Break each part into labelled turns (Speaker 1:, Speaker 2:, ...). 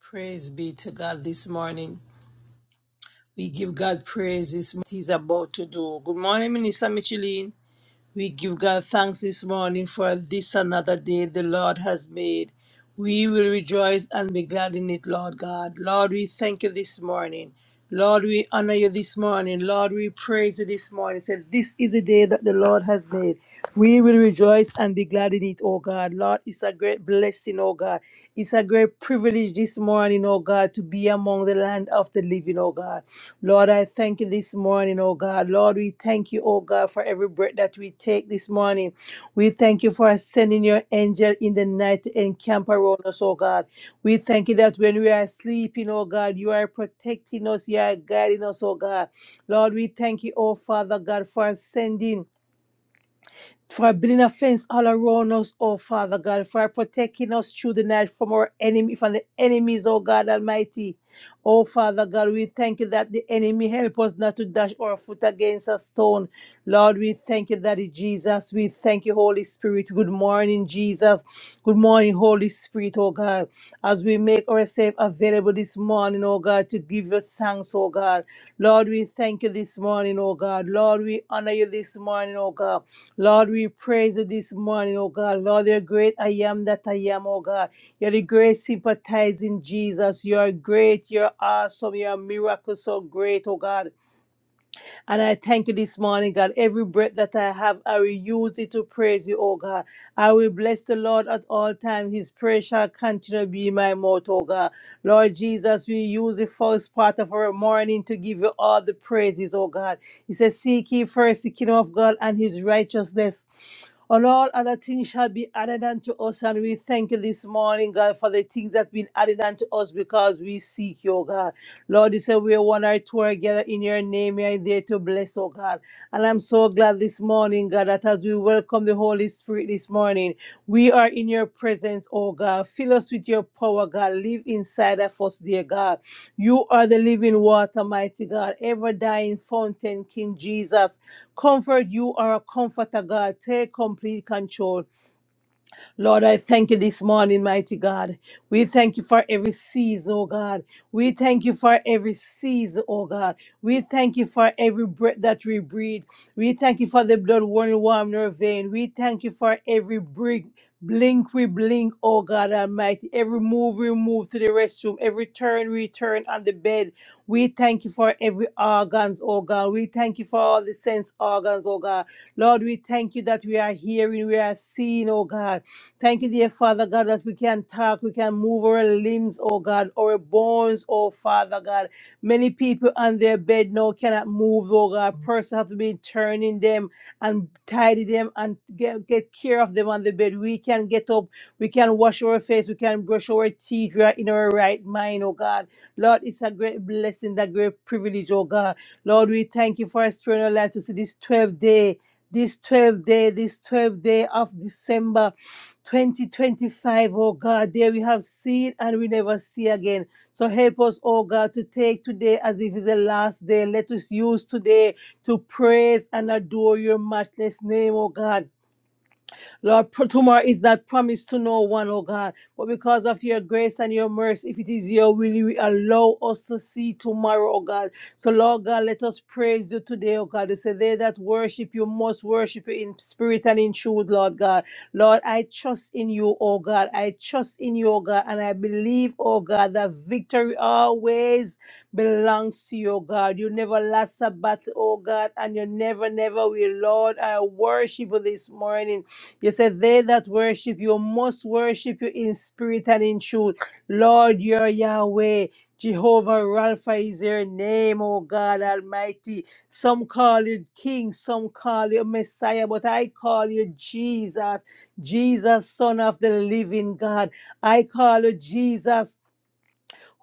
Speaker 1: Praise be to God this morning. We give God praise this morning. He's about to do. Good morning, Minister Micheline. We give God thanks this morning for this another day the Lord has made. We will rejoice and be glad in it, Lord God. Lord, we thank you this morning. Lord, we honor you this morning. Lord, we praise you this morning. Say, this is the day that the Lord has made. We will rejoice and be glad in it, oh God. Lord, it's a great blessing, oh God. It's a great privilege this morning, morning, oh God, to be among the land of the living, oh God. Lord, I thank you this morning, oh God. Lord, we thank you, oh God, for every breath that we take this morning. We thank you for sending your angel in the night to encamp around us, oh God. We thank you that when we are sleeping, oh God, you are protecting us, you are guiding us, oh God. Lord, we thank you, oh Father God, for sending for building a fence all around us, oh Father God, for protecting us through the night from our enemy, from the enemies, oh God Almighty. Oh Father God, we thank you that the enemy help us not to dash our foot against a stone. Lord, we thank you, Daddy Jesus. We thank you, Holy Spirit. Good morning, Jesus. Good morning, Holy Spirit, oh God. As we make ourselves available this morning, oh God, to give you thanks, oh God. Lord, we thank you this morning, oh God. Lord, we honor you this morning, oh God. Lord, we praise you this morning, oh God. Lord, you're great. I am that I am, oh God. You're the great sympathizing Jesus. You're great. You're awesome. You're a miracle so great, oh God. And I thank you this morning, God. Every breath that I have, I will use it to praise you, oh God. I will bless the Lord at all times. His praise shall continue to be in my mouth, oh God. Lord Jesus, we use the first part of our morning to give you all the praises, oh God. He says, Seek ye first the kingdom of God and his righteousness and all other things shall be added unto us. And we thank you this morning, God, for the things that have been added unto us because we seek you, oh God. Lord, you said we are one or two are together in your name. You are there to bless, oh God. And I'm so glad this morning, God, that as we welcome the Holy Spirit this morning, we are in your presence, oh God. Fill us with your power, God. Live inside of us, dear God. You are the living water, mighty God, ever dying fountain, King Jesus. Comfort, you are a comforter, God. Take complete control. Lord, I thank you this morning, mighty God. We thank you for every season, oh God. We thank you for every season, oh God. We thank you for every breath that we breathe. We thank you for the blood running warm in our vein. We thank you for every brick. Blink, we blink, oh God Almighty. Every move we move to the restroom, every turn we turn on the bed. We thank you for every organs, oh God. We thank you for all the sense organs, oh God. Lord, we thank you that we are hearing, we are seeing, oh God. Thank you, dear Father God, that we can talk, we can move our limbs, oh God, our bones, oh Father God. Many people on their bed now cannot move, oh God. Person have to be turning them and tidy them and get, get care of them on the bed. We can get up, we can wash our face, we can brush our teeth, we are in our right mind, oh God. Lord, it's a great blessing, that great privilege, oh God. Lord, we thank you for a spiritual life to see this 12th day. This 12th day, this 12th day of December, 2025, O God, there we have seen and we never see again. So help us, oh God, to take today as if it's the last day. Let us use today to praise and adore your matchless name, oh God. Lord, pro- tomorrow is not promised to no one, oh God. But because of your grace and your mercy, if it is your will, you will allow us to see tomorrow, oh God. So, Lord God, let us praise you today, oh God. You say, They that worship you must worship you in spirit and in truth, Lord God. Lord, I trust in you, oh God. I trust in you, oh God. And I believe, oh God, that victory always belongs to you, oh God. You never lost a battle, oh God, and you never, never will. Lord, I worship you this morning. You said, They that worship you must worship you in spirit and in truth. Lord, you're Yahweh. Jehovah Rapha is your name, O God Almighty. Some call you King, some call you Messiah, but I call you Jesus, Jesus, Son of the Living God. I call you Jesus,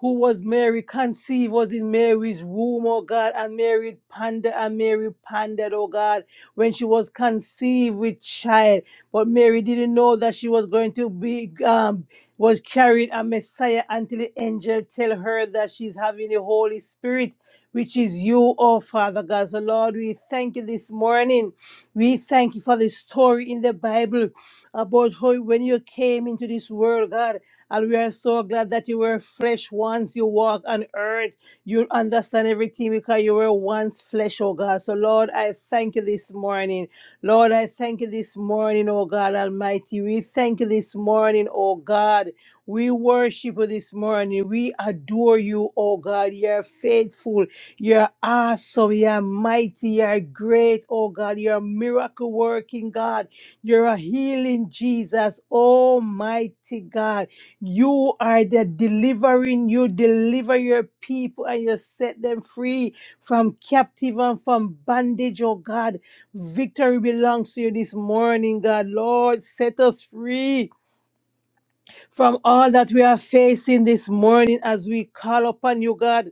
Speaker 1: who was Mary conceived, was in Mary's womb, oh God, and Mary pondered, and Mary pondered, oh God, when she was conceived with child. But Mary didn't know that she was going to be, um, was carried a Messiah until the angel tell her that she's having the Holy Spirit, which is you, oh Father God. So Lord, we thank you this morning. We thank you for the story in the Bible about how when you came into this world, God. And we are so glad that you were flesh once you walk on earth. You understand everything because you were once flesh, oh God. So, Lord, I thank you this morning. Lord, I thank you this morning, oh God Almighty. We thank you this morning, oh God. We worship you this morning. We adore you, oh God. You're faithful. You're awesome. You're mighty. You're great, oh God. You're a miracle working God. You're a healing Jesus, almighty God. You are the delivering. You deliver your people and you set them free from captive and from bondage, oh God. Victory belongs to you this morning, God. Lord, set us free from all that we are facing this morning as we call upon you, God.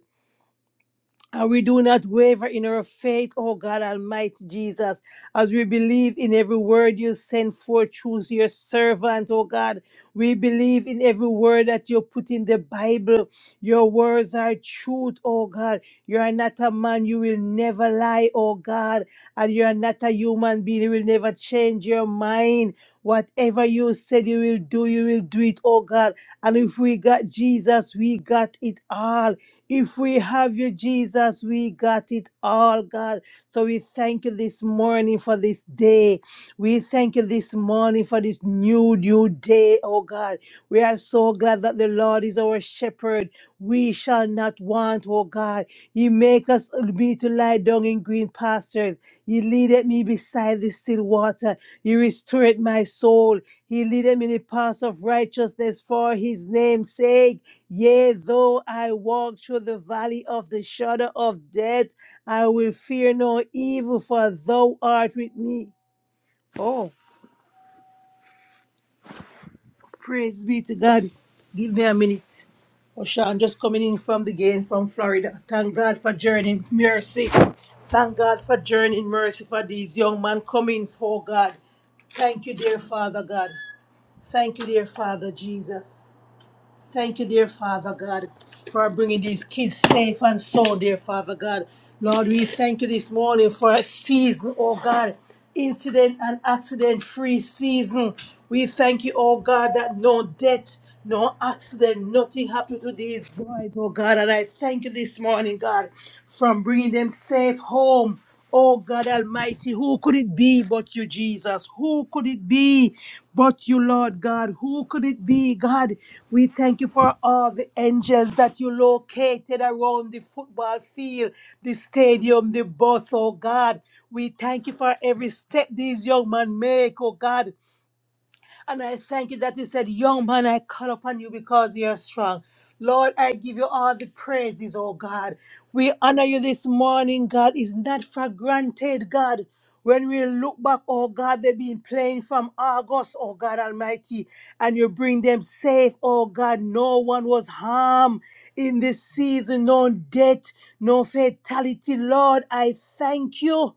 Speaker 1: And we do not waver in our faith, oh God Almighty Jesus, as we believe in every word you send forth through your servant, oh God. We believe in every word that you put in the Bible. Your words are truth, oh God. You are not a man, you will never lie, oh God. And you are not a human being, you will never change your mind. Whatever you said you will do, you will do it, oh God. And if we got Jesus, we got it all. If we have you, Jesus, we got it all, God. So we thank you this morning for this day. We thank you this morning for this new, new day, oh God. We are so glad that the Lord is our shepherd. We shall not want, oh God. He make us be to lie down in green pastures. He leadeth me beside the still water. He restored my soul. He leadeth me in the paths of righteousness for his name's sake. Yea, though I walk through the valley of the shadow of death, I will fear no evil, for thou art with me. Oh, praise be to God. Give me a minute. Oshan just coming in from the game from Florida. Thank God for journeying mercy. Thank God for journeying mercy for these young men coming for God. Thank you, dear Father God. Thank you, dear Father Jesus. Thank you, dear Father God, for bringing these kids safe and sound, dear Father God. Lord, we thank you this morning for a season, oh God, incident and accident free season. We thank you, oh God, that no death, no accident, nothing happened to these boys, oh God. And I thank you this morning, God, for bringing them safe home. Oh God Almighty, who could it be but you, Jesus? Who could it be but you, Lord God? Who could it be, God? We thank you for all the angels that you located around the football field, the stadium, the bus, oh God. We thank you for every step these young men make, oh God. And I thank you that you said, Young man, I call upon you because you're strong. Lord, I give you all the praises, oh God. We honor you this morning, God. It's not for granted, God. When we look back, oh God, they've been playing from August, oh God Almighty, and you bring them safe, oh God. No one was harmed in this season, no death, no fatality. Lord, I thank you.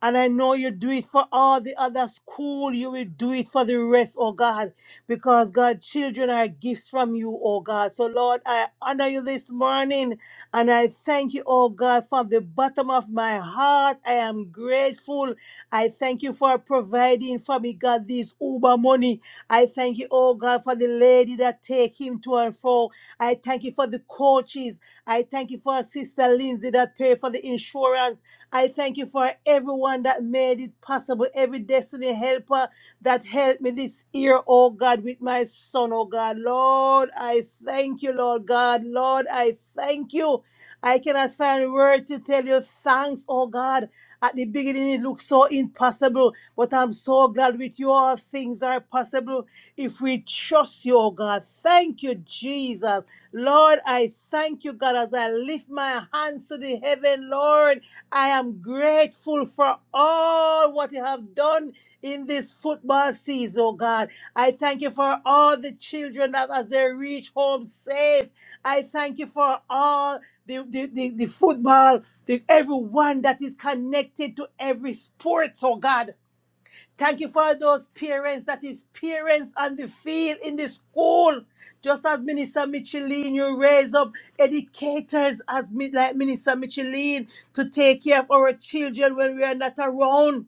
Speaker 1: And I know you do it for all the other school. You will do it for the rest, oh God, because God, children are gifts from you, oh God. So Lord, I honor you this morning and I thank you, oh God, from the bottom of my heart. I am grateful. I thank you for providing for me, God, this Uber money. I thank you, oh God, for the lady that take him to and fro. I thank you for the coaches. I thank you for Sister Lindsay that pay for the insurance. I thank you for everyone that made it possible, every destiny helper that helped me this year, oh God, with my son, oh God. Lord, I thank you, Lord God. Lord, I thank you. I cannot find words to tell you thanks, oh God. At the beginning, it looked so impossible, but I'm so glad with you. All things are possible if we trust you, oh God. Thank you, Jesus. Lord, I thank you, God, as I lift my hands to the heaven, Lord. I am grateful for all what you have done in this football season, oh God. I thank you for all the children that as they reach home safe. I thank you for all the, the, the, the football, the, everyone that is connected to every sport, oh God. Thank you for those parents that is parents on the field in the school. Just as Minister Micheline, you raise up educators as mi- like Minister Micheline to take care of our children when we are not around.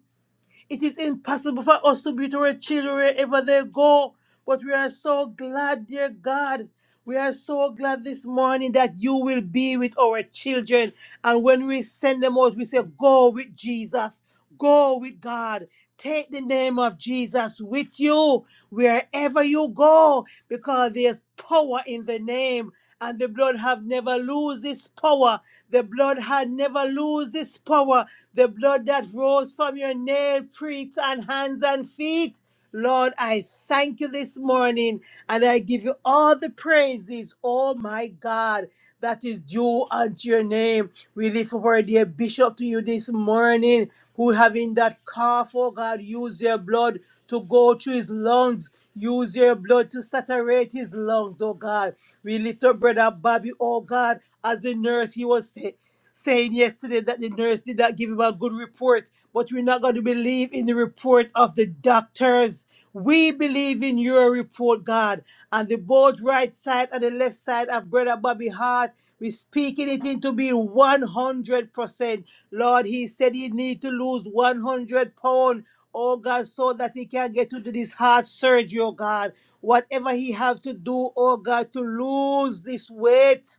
Speaker 1: It is impossible for us to be to our children wherever they go. But we are so glad, dear God. We are so glad this morning that you will be with our children. And when we send them out, we say, Go with Jesus. Go with God. Take the name of Jesus with you wherever you go because there's power in the name and the blood have never lose its power. The blood had never lose its power. The blood that rose from your nail pricks and hands and feet. Lord, I thank you this morning and I give you all the praises, oh my God, that is due unto your name. We lift up our dear bishop to you this morning, who having that cough, oh God, use your blood to go through his lungs. Use your blood to saturate his lungs, oh God. We lift up brother Bobby, oh God, as the nurse he was saying yesterday that the nurse did not give him a good report, but we're not going to believe in the report of the doctors. We believe in your report, God. And the both right side and the left side of Brother Bobby Hart, we're speaking it into being 100%. Lord, he said he need to lose 100 pounds. Oh God, so that he can get to do this heart surgery, oh God. Whatever he have to do, oh God, to lose this weight.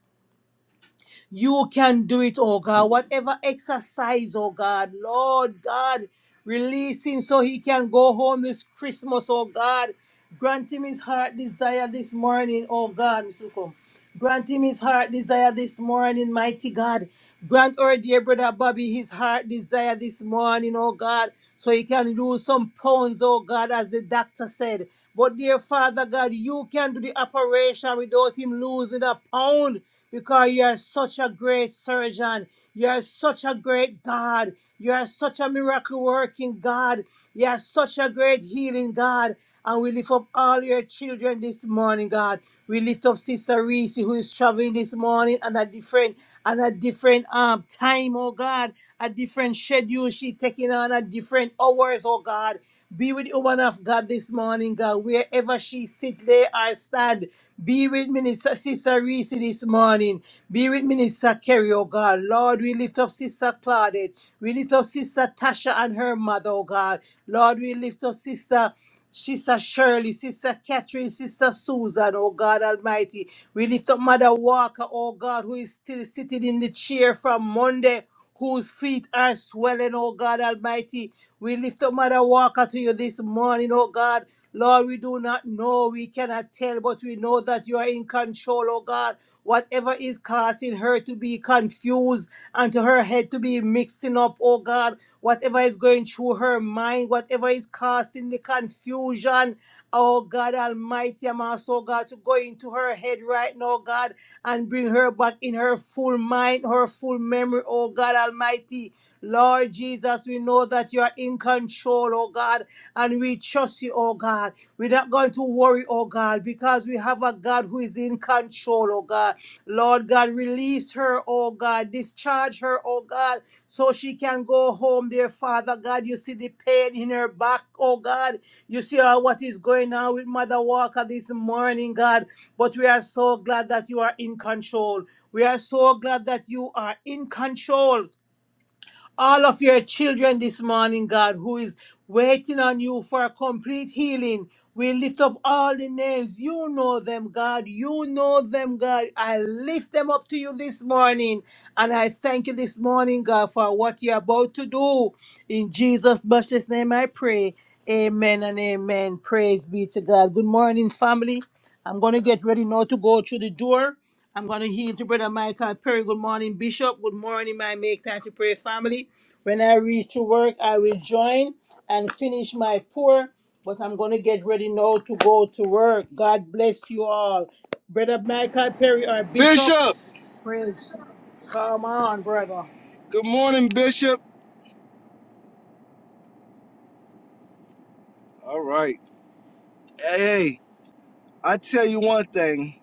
Speaker 1: You can do it, oh God. Whatever exercise, oh God, Lord God, release him so he can go home this Christmas, oh God. Grant him his heart desire this morning, oh God, Mr. Lukum. Grant him his heart desire this morning, mighty God. Grant our dear brother Bobby his heart desire this morning, oh God, so he can lose some pounds, oh God, as the doctor said. But dear Father God, you can do the operation without him losing a pound because you are such a great surgeon. You are such a great God. You are such a miracle working God. You are such a great healing God. And we lift up all your children this morning, God. We lift up Sister Reese, who is traveling this morning and a different and a different um time, oh God, a different schedule. She taking on a different hours, oh God. Be with the woman of God this morning, God. Wherever she sit, lay or stand, be with Minister Sister Reese this morning. Be with Minister Kerry, oh God. Lord, we lift up Sister Claudette. We lift up Sister Tasha and her mother, oh God. Lord, we lift up Sister. Sister Shirley, Sister Catherine, Sister Susan, oh God Almighty. We lift up Mother Walker, oh God, who is still sitting in the chair from Monday whose feet are swelling, oh God Almighty. We lift up Mother Walker to you this morning, oh God. Lord, we do not know, we cannot tell, but we know that you are in control, oh God. Whatever is causing her to be confused and to her head to be mixing up, oh God, whatever is going through her mind, whatever is causing the confusion, oh God Almighty, I'm also, God, to go into her head right now, God and bring her back in her full mind, her full memory, oh God Almighty. Lord Jesus, we know that you are in control, oh God, and we trust you, oh God. We're not going to worry, oh God, because we have a God who is in control, oh God. Lord God, release her, oh God. Discharge her, oh God, so she can go home, dear Father God. You see the pain in her back, oh God. You see uh, what is going on with Mother Walker this morning, God. But we are so glad that you are in control. We are so glad that you are in control all of your children this morning, God, who is waiting on you for a complete healing. We lift up all the names. You know them, God. You know them, God. I lift them up to you this morning. And I thank you this morning, God, for what you're about to do. In Jesus' precious name, I pray. Amen and amen. Praise be to God. Good morning, family. I'm going to get ready now to go through the door. I'm going to heal to Brother Michael Perry. Good morning, Bishop. Good morning, my Make Time to Pray family. When I reach to work, I will join and finish my pour, but I'm going to get ready now to go to work. God bless you all. Brother Michael Perry, our Bishop,
Speaker 2: Bishop,
Speaker 1: praise. Come on, brother.
Speaker 2: good morning, Bishop. All right. Hey, I tell you one thing.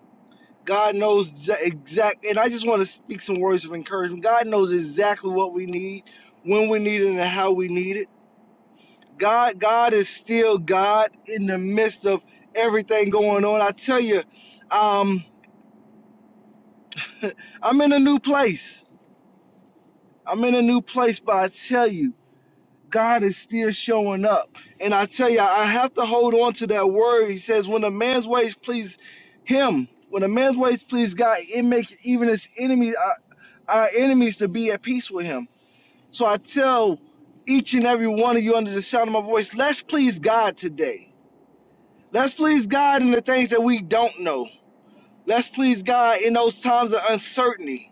Speaker 2: God knows exa- exact, and I just want to speak some words of encouragement. God knows exactly what we need, when we need it, and how we need it. God, God is still God in the midst of everything going on. I tell you, um, I'm in a new place. I'm in a new place, but I tell you. God is still showing up. And I tell you, I have to hold on to that word. He says, when a man's ways please him, when a man's ways please God, it makes even his enemies, our, our enemies, to be at peace with him. So I tell each and every one of you under the sound of my voice, let's please God today. Let's please God in the things that we don't know. Let's please God in those times of uncertainty.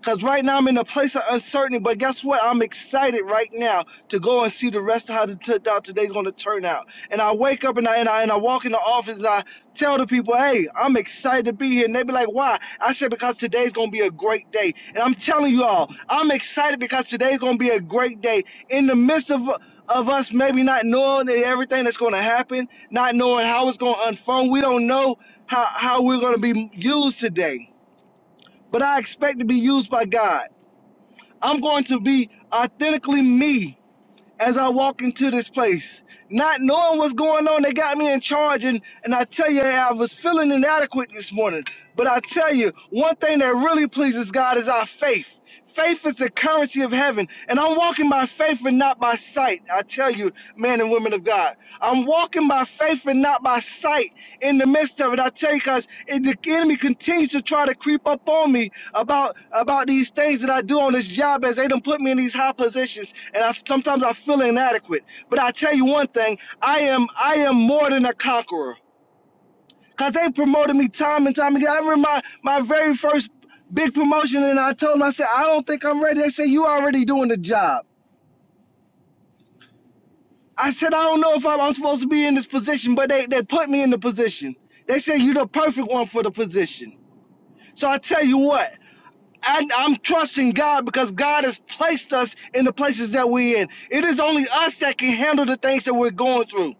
Speaker 2: Because right now I'm in a place of uncertainty, but guess what? I'm excited right now to go and see the rest of how, the how today's going to turn out. And I wake up and I, and, I, and I walk in the office and I tell the people, hey, I'm excited to be here. And they be like, why? I said, because today's going to be a great day. And I'm telling you all, I'm excited because today's going to be a great day. In the midst of, of us maybe not knowing everything that's going to happen, not knowing how it's going to unfold, we don't know how, how we're going to be used today. But I expect to be used by God. I'm going to be authentically me as I walk into this place. Not knowing what's going on, they got me in charge. And, and I tell you, I was feeling inadequate this morning. But I tell you, one thing that really pleases God is our faith. Faith is the currency of heaven. And I'm walking by faith and not by sight. I tell you, men and women of God, I'm walking by faith and not by sight in the midst of it, I take us, and the enemy continues to try to creep up on me about about these things that I do on this job as they don't put me in these high positions. And I sometimes I feel inadequate. But I tell you one thing, I am I am more than a conqueror. Cause they promoted me time and time again. I remember my, my very first big promotion and I told them, I said, I don't think I'm ready. They said, You already doing the job. I said, I don't know if I'm, I'm supposed to be in this position, but they, they put me in the position. They said, You're the perfect one for the position. So I tell you what, I, I'm trusting God because God has placed us in the places that we're in. It is only us that can handle the things that we're going through.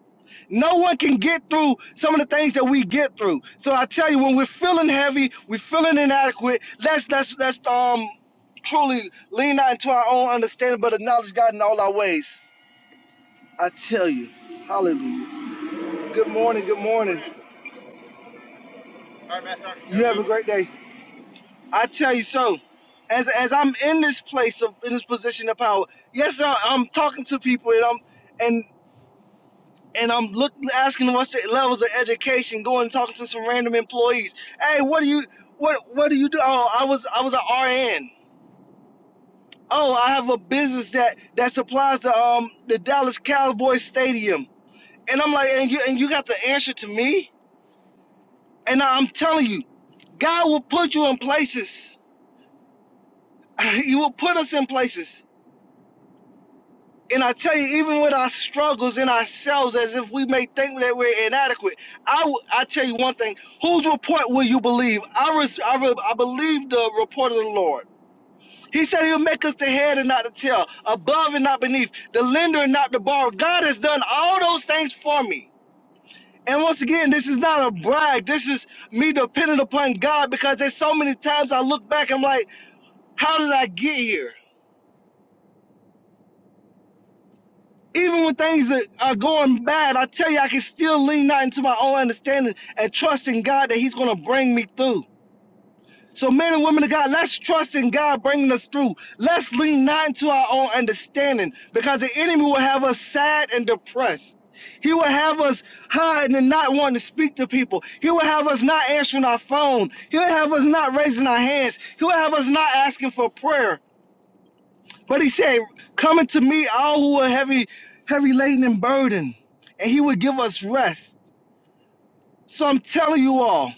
Speaker 2: No one can get through some of the things that we get through. So I tell you, when we're feeling heavy, we're feeling inadequate. Let's let's let's um truly lean not into our own understanding, but acknowledge God in all our ways. I tell you, Hallelujah. Good morning. Good morning. All right, Matt, sorry. You have a great day. I tell you something. As as I'm in this place of in this position of power, yes, I, I'm talking to people and I'm and and I'm look asking them what's their levels of education, going and talking to some random employees. Hey, what do you what what do you do? Oh, I was I was an RN. Oh, I have a business that that supplies the um the Dallas Cowboys stadium. And I'm like, and you and you got the answer to me? And I'm telling you, God will put you in places. He will put us in places And I tell you, even with our struggles in ourselves, as if we may think that we're inadequate, I, w- I tell you one thing: whose report will you believe? I, res, I, re, I believe the report of the Lord. He said He'll make us the head and not the tail, above and not beneath, the lender and not the borrower. God has done all those things for me. And once again, this is not a brag. This is me dependent upon God because there's so many times I look back, I'm like, how did I get here? even when things are, are going bad, I tell you, I can still lean out into my own understanding and trust in God that He's going to bring me through. So, men and women of God, let's trust in God bringing us through. Let's lean not into our own understanding because the enemy will have us sad and depressed. He will have us hiding and not wanting to speak to people. He will have us not answering our phone. He will have us not raising our hands. He will have us not asking for prayer. But he said, Coming to me, all who are heavy, heavy laden and burdened, and he would give us rest. So I'm telling you all,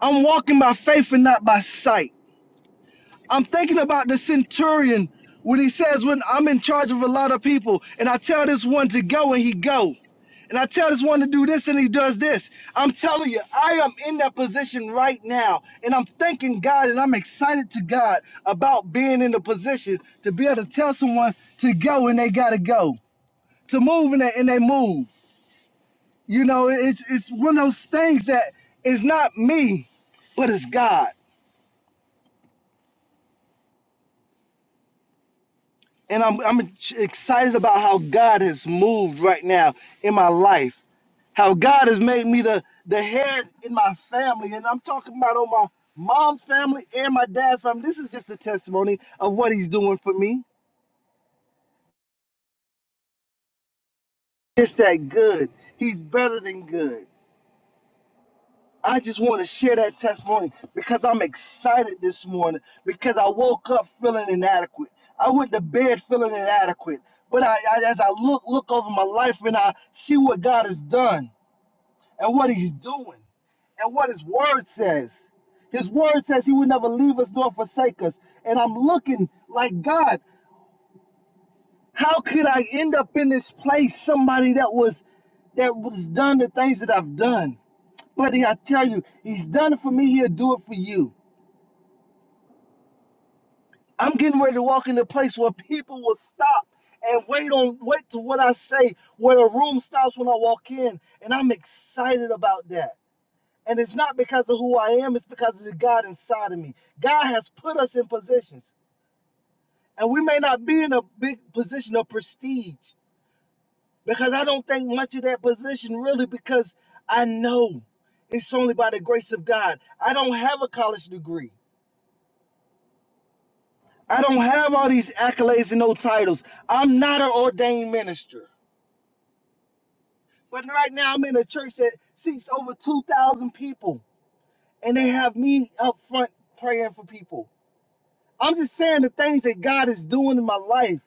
Speaker 2: I'm walking by faith and not by sight. I'm thinking about the centurion when he says, "When I'm in charge of a lot of people, and I tell this one to go, and he go, and I tell this one to do this, and he does this." I'm telling you, I am in that position right now, and I'm thanking God, and I'm excited to God about being in the position to be able to tell someone to go, and they gotta go, to move, and they, and they move. You know, it's it's one of those things that is not me, but it's God. And I'm, I'm excited about how God has moved right now in my life. how God has made me the, the head in my family. And I'm talking about on my mom's family and my dad's family. This is just a testimony of what he's doing for me. It's that good. He's better than good. I just want to share that testimony because I'm excited this morning because I woke up feeling inadequate. I went to bed feeling inadequate. But I, I, as I look look over my life and I see what God has done, and what he's doing and what his word says. His word says he would never leave us nor forsake us. And I'm looking like God, how could I end up in this place? Somebody that was that was done the things that I've done. Buddy, I tell you, he's done it for me, he'll do it for you. I'm getting ready to walk in a place where people will stop and wait on wait to what I say, where the room stops when I walk in. And I'm excited about that. And it's not because of who I am, it's because of the God inside of me. God has put us in positions. And we may not be in a big position of prestige because I don't think much of that position really because I know it's only by the grace of God. I don't have a college degree. I don't have all these accolades and no titles. I'm not an ordained minister. But right now I'm in a church that seats over 2,000 people and they have me up front praying for people. I'm just saying the things that God is doing in my life,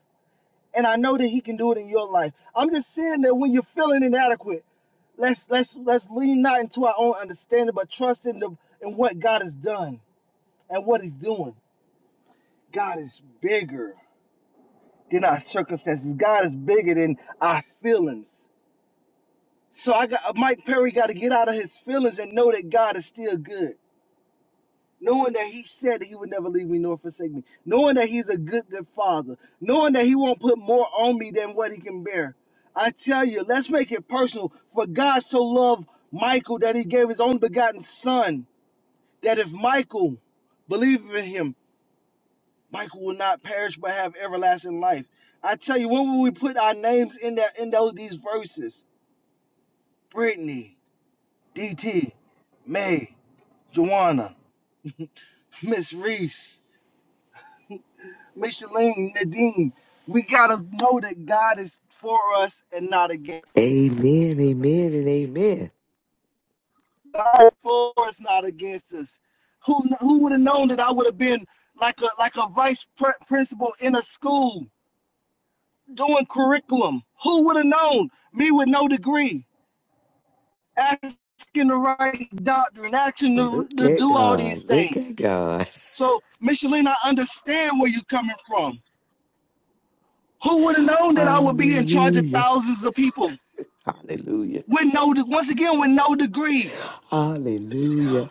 Speaker 2: and I know that He can do it in your life. I'm just saying that when you're feeling inadequate, let's let's let's lean not into our own understanding, but trust in the in what God has done and what He's doing. God is bigger than our circumstances. God is bigger than our feelings. So I got Mike Perry got to get out of his feelings and know that God is still good. knowing that he said that he would never leave me nor forsake me, knowing that he's a good, good father, knowing that he won't put more on me than what he can bear. I tell you, let's make it personal. For God so loved Michael that he gave his own begotten son, that if Michael believed in him, Michael will not perish but have everlasting life. I tell you, when will we put our names in that in those these verses? Brittany, DT, May, Joanna, Miss Reese. Micheline, Nadine, we gotta know that God is for us and not against. us.
Speaker 3: Amen, amen, and amen.
Speaker 2: God is for us, not against us. Who who would have known that I would have been like a like a vice principal in a school doing curriculum? Who would have known? Me with no degree, asking the right doctor and asking to,
Speaker 3: Look
Speaker 2: to
Speaker 3: at
Speaker 2: do all these
Speaker 3: God. Look at
Speaker 2: things.
Speaker 3: God.
Speaker 2: So, Micheline, I understand where you're coming from. Who would have known that I would be in charge of
Speaker 3: Hallelujah.
Speaker 2: thousands of people?
Speaker 3: Hallelujah.
Speaker 2: with no once again with no degree
Speaker 3: Hallelujah.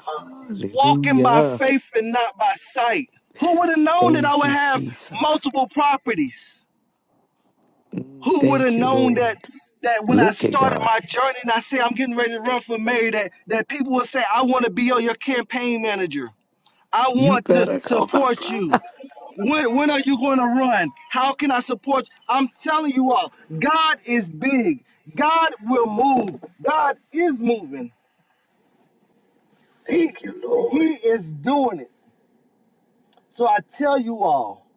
Speaker 2: walking by
Speaker 3: Hallelujah.
Speaker 2: faith and not by sight who would have known that i
Speaker 3: Thank
Speaker 2: would
Speaker 3: you,
Speaker 2: have
Speaker 3: Jesus.
Speaker 2: multiple properties
Speaker 3: Mm,
Speaker 2: who would have
Speaker 3: Thank you,
Speaker 2: known that
Speaker 3: Lord.
Speaker 2: that when i
Speaker 3: Look at
Speaker 2: started
Speaker 3: God.
Speaker 2: my journey and i say i'm getting ready to run for mayor that that people would say i want to be on your campaign manager i
Speaker 3: You
Speaker 2: want to
Speaker 3: better come, my
Speaker 2: support you
Speaker 3: brother.
Speaker 2: when, when are you going to run how can i support you? i'm telling you all god is big god will move god is moving He Thank you, Lord. he is doing it. So I tell you all,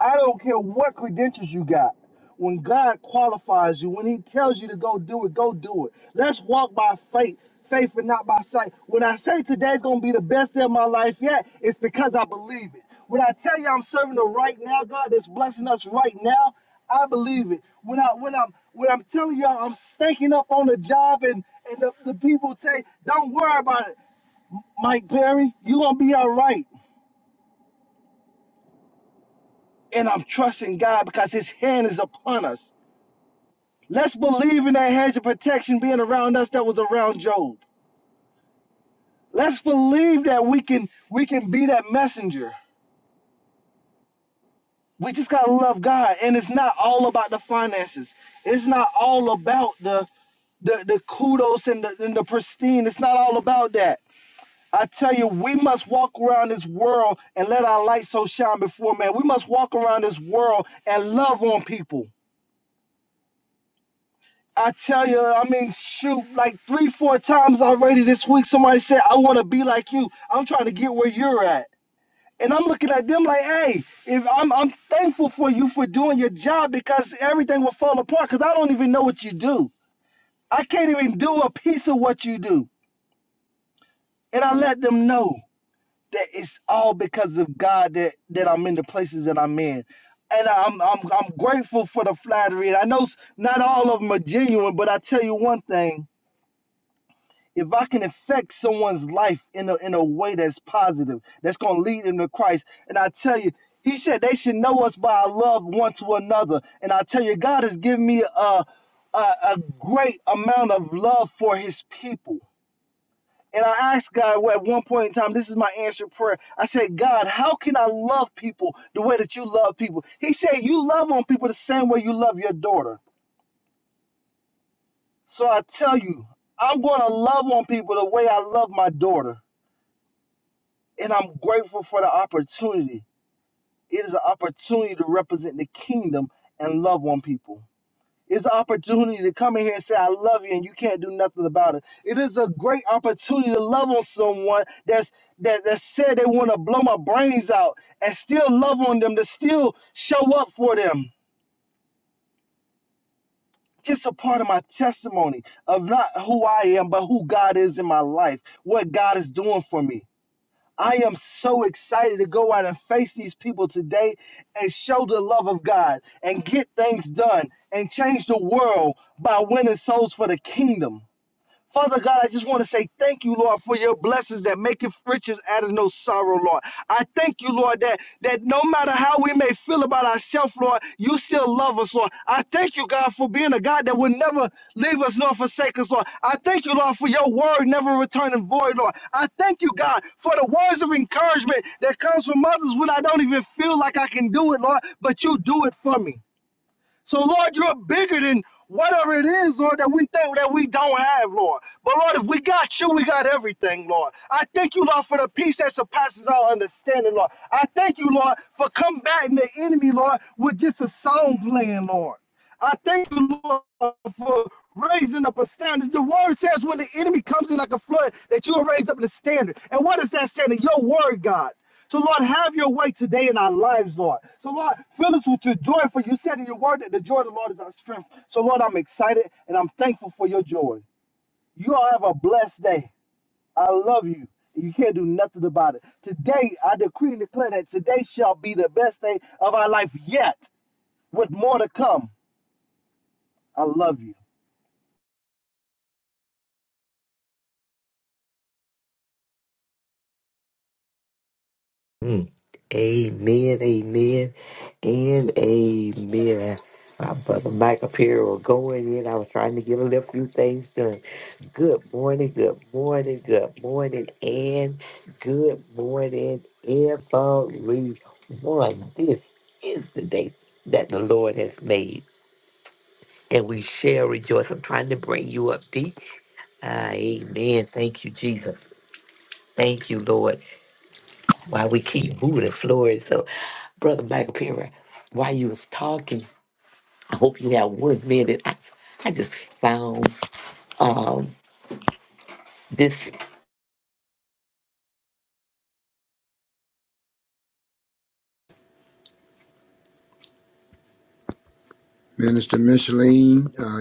Speaker 2: I don't care what credentials you got. When God qualifies you, when He tells you to go do it, go do it. Let's walk by faith, faith and not by sight. When I say today's gonna be the best day of my life yet, it's because I believe it. When I tell you I'm serving the right now, God that's blessing us right now, I believe it. When I when I'm when I'm telling y'all I'm staking up on the job and and the, the people say, don't worry about it. Mike Perry, you're going to be all right. And I'm trusting God because his hand is upon us. Let's believe in that hedge of protection being around us that was around Job. Let's believe that we can we can be that messenger. We just gotta love God. And it's not all about the finances. It's not all about the the, the kudos and the, and the pristine. It's not all about that. I tell you, we must walk around this world and let our light so shine before man. We must walk around this world and love on people. I tell you, I mean, shoot, like three, four times already this week, somebody said, I want to be like you. I'm trying to get where you're at. And I'm looking at them like, hey, if I'm, I'm thankful for you for doing your job because everything will fall apart because I don't even know what you do. I can't even do a piece of what you do. And I let them know that it's all because of God that, that I'm in the places that I'm in. And I'm, I'm, I'm grateful for the flattery. And I know s- not all of them are genuine, but I tell you one thing if I can affect someone's life in a in a way that's positive, that's gonna lead them to Christ, and I tell you, He said they should know us by our love one to another, and I tell you, God has given me a a, a great amount of love for His people. And I asked God well, at one point in time, this is my answer prayer. I said, God, how can I love people the way that you love people? He said, You love on people the same way you love your daughter. So I tell you, I'm going to love on people the way I love my daughter. and I'm grateful for the opportunity. It is an opportunity to represent the kingdom and love on people. It's an opportunity to come in here and say, I love you, and you can't do nothing about it. It is a great opportunity to love on someone that's that, that said they want to blow my brains out and still love on them, to still show up for them. It's a part of my testimony of not who I am, but who God is in my life, what God is doing for me. I am so excited to go out and face these people today and show the love of God and get things done and change the world by winning souls for the kingdom. Father God, I just want to say thank you, Lord, for your blessings that make maketh riches out of no sorrow, Lord. I thank you, Lord, that that no matter how we may feel about ourselves, Lord, you still love us, Lord. I thank you, God, for being a God that will never leave us nor forsake us, Lord. I thank you, Lord, for your word never returning void, Lord. I thank you, God, for the words of encouragement that comes from others when I don't even feel like I can do it, Lord, but you do it for me. So, Lord, you're bigger than whatever it is, Lord, that we think that we don't have, Lord. But, Lord, if we got you, we got everything, Lord. I thank you, Lord, for the peace that surpasses our understanding, Lord. I thank you, Lord, for combating the enemy, Lord, with just a song playing, Lord. I thank the Lord for raising up a standard. The word says when the enemy comes in like a flood, that you will raise up the standard. And what is that standard? Your word, God. So, Lord, have your way today in our lives, Lord. So, Lord, fill us with your joy, for you said in your word that the joy of the Lord is our strength. So, Lord, I'm excited and I'm thankful for your joy. You all have a blessed day. I love you. and You can't do nothing about it. Today, I decree and declare that today shall be the best day of our life yet, with more to come. I love you.
Speaker 3: Mm. Amen, amen, and amen. My brother Mike up here was going in. I was trying to get a little few things done. Good morning, good morning, good morning, and good morning, everyone. This is the day that the Lord has made, and we shall rejoice. I'm trying to bring you up, D. Ah, amen. Thank you, Jesus. Thank you, Lord. Why we keep moving Florida. So, Brother Michael Perry, while you was talking, I hope you have one minute. I, I just found um, this.
Speaker 4: Minister Micheline, uh,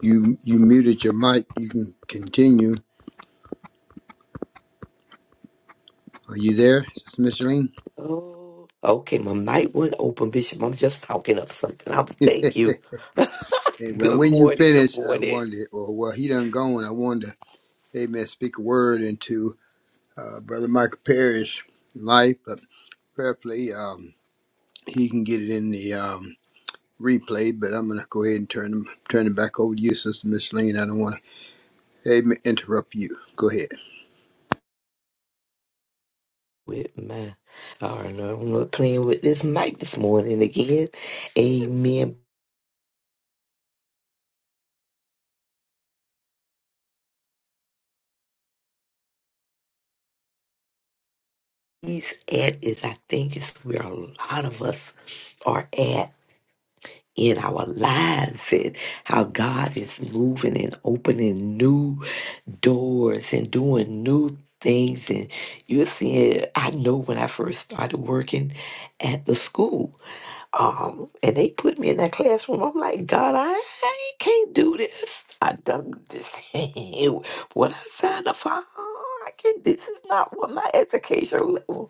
Speaker 4: you you muted your mic. You can continue. Are you there, Sister Micheline?
Speaker 3: Oh, okay. My mic wouldn't open, Bishop. I'm just talking up something. I'm thank you.
Speaker 4: Hey, well,
Speaker 3: Good
Speaker 4: when you
Speaker 3: morning. Good
Speaker 4: finish, I
Speaker 3: morning.
Speaker 4: wanted, or well, he done gone. I wanted to, amen, speak a word into uh, Brother Michael Perry's life, but prayerfully, um, he can get it in the um, replay. But I'm gonna go ahead and turn him turn it back over to you, Sister Micheline. I don't want to, amen, interrupt you. Go ahead.
Speaker 3: With my, I don't know. I'm not playing with this mic this morning again. Amen. peace, at is I think it's where a lot of us are at. in our lives and how God is moving and opening new doors and doing new things. And you're seeing, I know when I first started working at the school, um, and they put me in that classroom. I'm like, God, I, I can't do this. I done this. what I signed up for. I can't. This is not what my education level.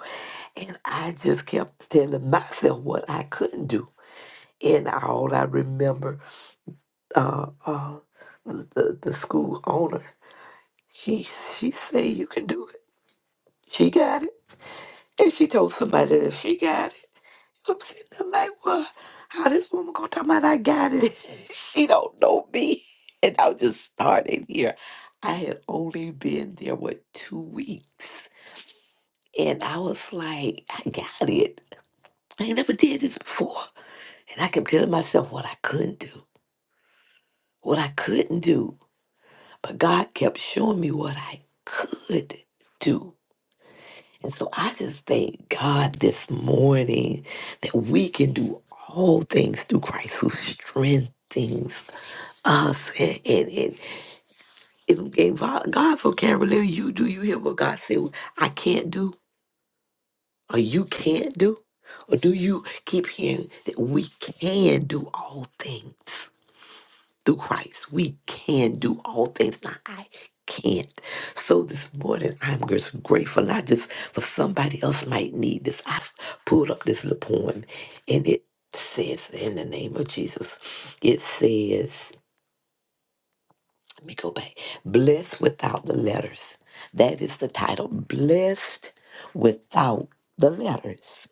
Speaker 3: And I just kept telling myself what I couldn't do in all I remember uh, uh, the the school owner. She she said you can do it. She got it, and she told somebody that she got it. I'm sitting there like, well, how this woman gonna talk about I got it? she don't know me, and I'm just starting here. I had only been there what two weeks, and I was like, I got it. I ain't never did this before, and I kept telling myself what I couldn't do, what I couldn't do But God kept showing me what I could do. And so I just thank God this morning that we can do all things through Christ who strengthens us. And, and, and if, if God so can't really you, do you hear what God said I can't do or you can't do? Or do you keep hearing that we can do all things? through Christ. We can do all things. Now, I can't. So this morning, I'm just grateful, not just for somebody else might need this. I pulled up this little poem, and it says, in the name of Jesus, it says, let me go back, blessed without the letters. That is the title, blessed without the letters.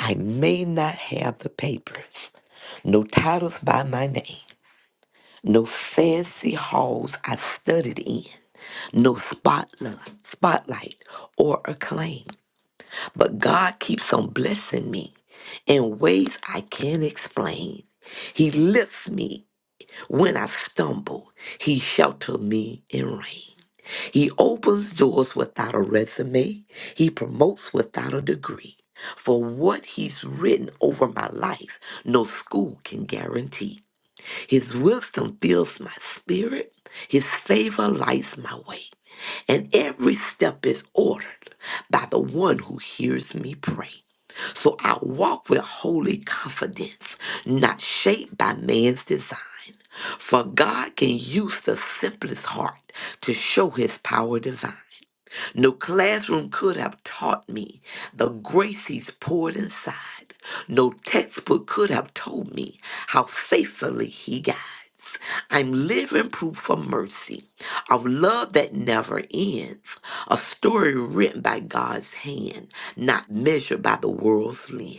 Speaker 3: I may not have the papers, no titles by my name no fancy halls I studied in, no spotlight, spotlight or acclaim. But God keeps on blessing me in ways I can't explain. He lifts me when I stumble. He shelters me in rain. He opens doors without a resume. He promotes without a degree. For what he's written over my life, no school can guarantee. His wisdom fills my spirit. His favor lights my way. And every step is ordered by the one who hears me pray. So I walk with holy confidence, not shaped by man's design. For God can use the simplest heart to show his power divine. No classroom could have taught me the grace he's poured inside. No textbook could have told me how faithfully he guides. I'm living proof of mercy, of love that never ends, a story written by God's hand, not measured by the world's lens.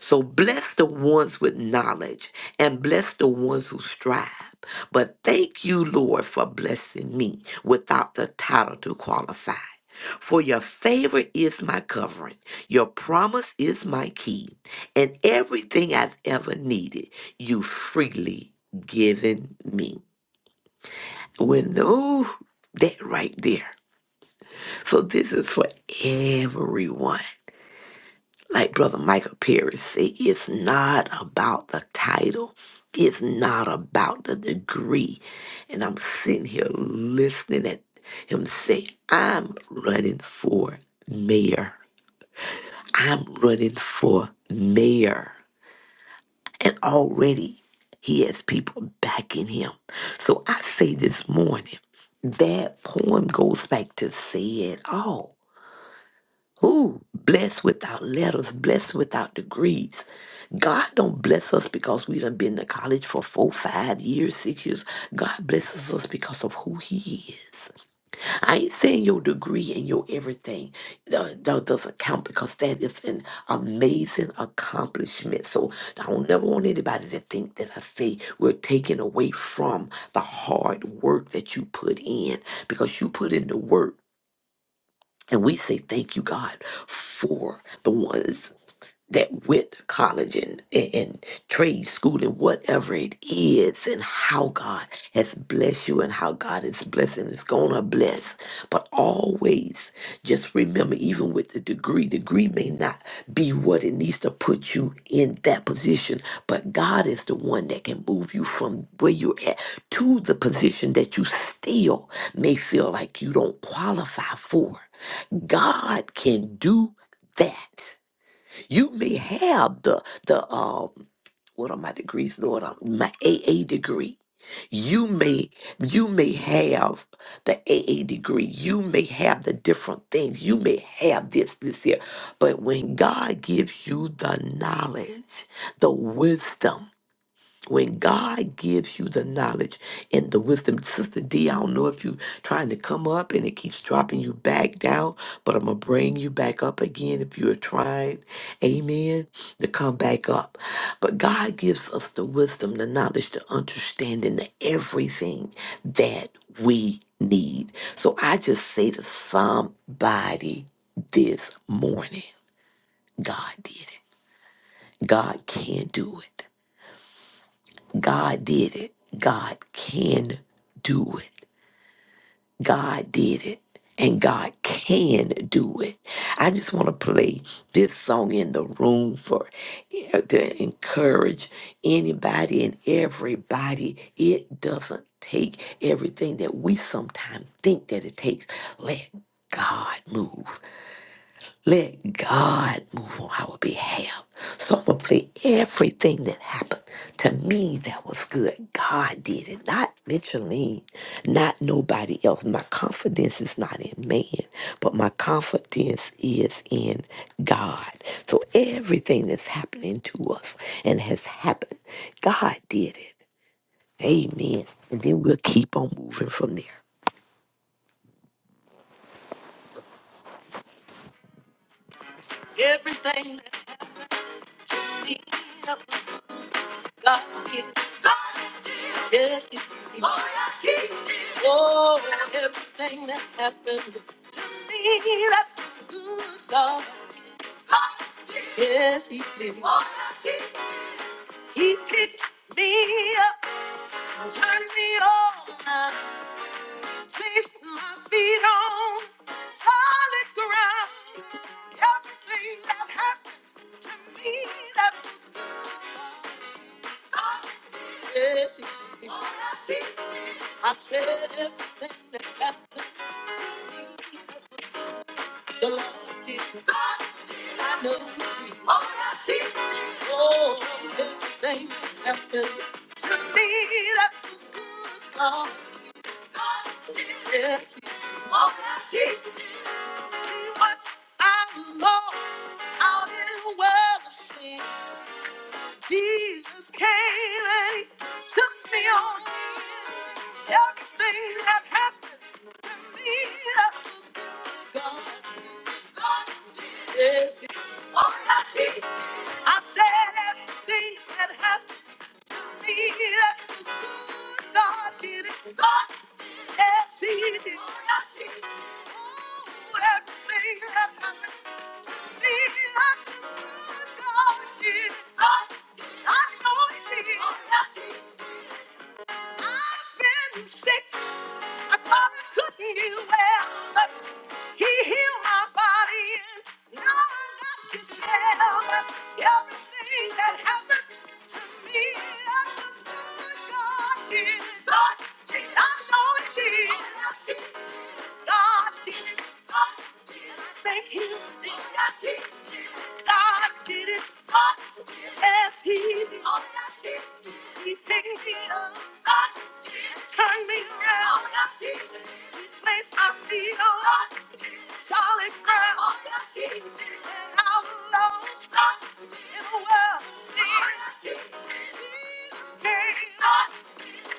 Speaker 3: So bless the ones with knowledge and bless the ones who strive. But thank you, Lord, for blessing me without the title to qualify. For your favor is my covering, your promise is my key, and everything I've ever needed, you freely given me. Well, no, that right there. So this is for everyone. Like Brother Michael Perry said, it's not about the title. It's not about the degree. And I'm sitting here listening at him say, I'm running for mayor. I'm running for mayor. And already he has people backing him. So I say this morning, that poem goes back to say it all who blessed without letters, blessed without degrees. God don't bless us because we done been to college for four, five years, six years. God blesses us because of who He is. I ain't saying your degree and your everything uh, that doesn't count because that is an amazing accomplishment. So I don't never want anybody to think that I say we're taking away from the hard work that you put in because you put in the work. And we say thank you, God, for the ones that went college and, and, and trade school and whatever it is, and how God has blessed you and how God is blessing is gonna bless. But always just remember, even with the degree, degree may not be what it needs to put you in that position, but God is the one that can move you from where you're at to the position that you still may feel like you don't qualify for. God can do that. You may have the the um what are my degrees, Lord? Um, My AA degree. You may you may have the AA degree. You may have the different things. You may have this this here. But when God gives you the knowledge, the wisdom, when God gives you the knowledge and the wisdom, Sister D, I don't know if you're trying to come up and it keeps dropping you back down, but I'm going to bring you back up again if you're trying, amen, to come back up. But God gives us the wisdom, the knowledge, the understanding, the everything that we need. So I just say to somebody this morning, God did it. God can do it. God did it. God can do it. God did it. And God can do it. I just want to play this song in the room for uh, to encourage anybody and everybody. It doesn't take everything that we sometimes think that it takes. Let God move. Let God move on our behalf. So I'm going to play everything that happened to me that was good. God did it, not Micheline, not nobody else. My confidence is not in man, but my confidence is in God. So everything that's happening to us and has happened, God did it. Amen. And then we'll keep on moving from there. Everything that did. God is God. Yes, he is. Oh, yes, he is. Oh, everything that happened to me that was good, God. God is- Yes, he did. Oh, yes, he did. He picked me up, turned me all around, placed my feet on solid ground. Everything that happened. I said everything that happened to me. that was good, The Lord did. God did. I know He did. Oh, yes, He did. Oh, everything that happened to me that was good. God, God did. Yes, He did. Oh, yes, He did. See what I lost out in the world. of sin. Jesus came and he took me on in. Everything that happened to me, that was good. God did. God did. Yes, he- oh, yes, he did. I said everything that happened to me, that was good. God did it. God did. Yes, he did. Oh, yes, he did. Oh, everything that happened Everything that happened to me, I'm the did. I know it did. God did it. God did it. Thank him. Yes, he did. God did it. God did it. Yes, he did. Oh, yes, he did. He picked me up. God did it. Turned me around. Oh, yes, he did. He placed my feet on God did it. solid ground. Oh, yes, he did.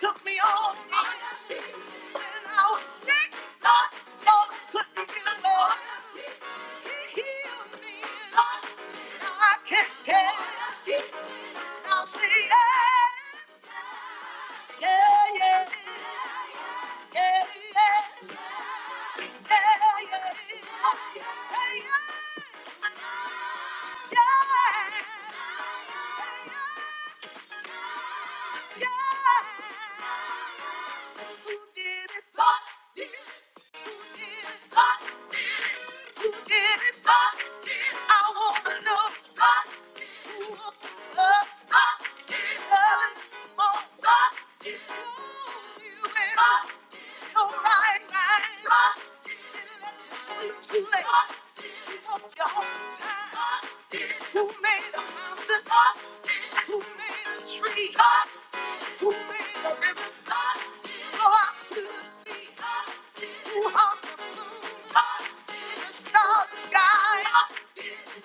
Speaker 3: Took me all when I was sick, Lord, couldn't get me, and I can't tell. I'll see it. Yeah, yeah. Yeah, yeah. Yeah, yeah. Hey, yeah. Yeah. Yeah. Who did it? Who made a mountain? Who made a tree? Who made the river? Who carved the moon? Who painted the stars in the sky?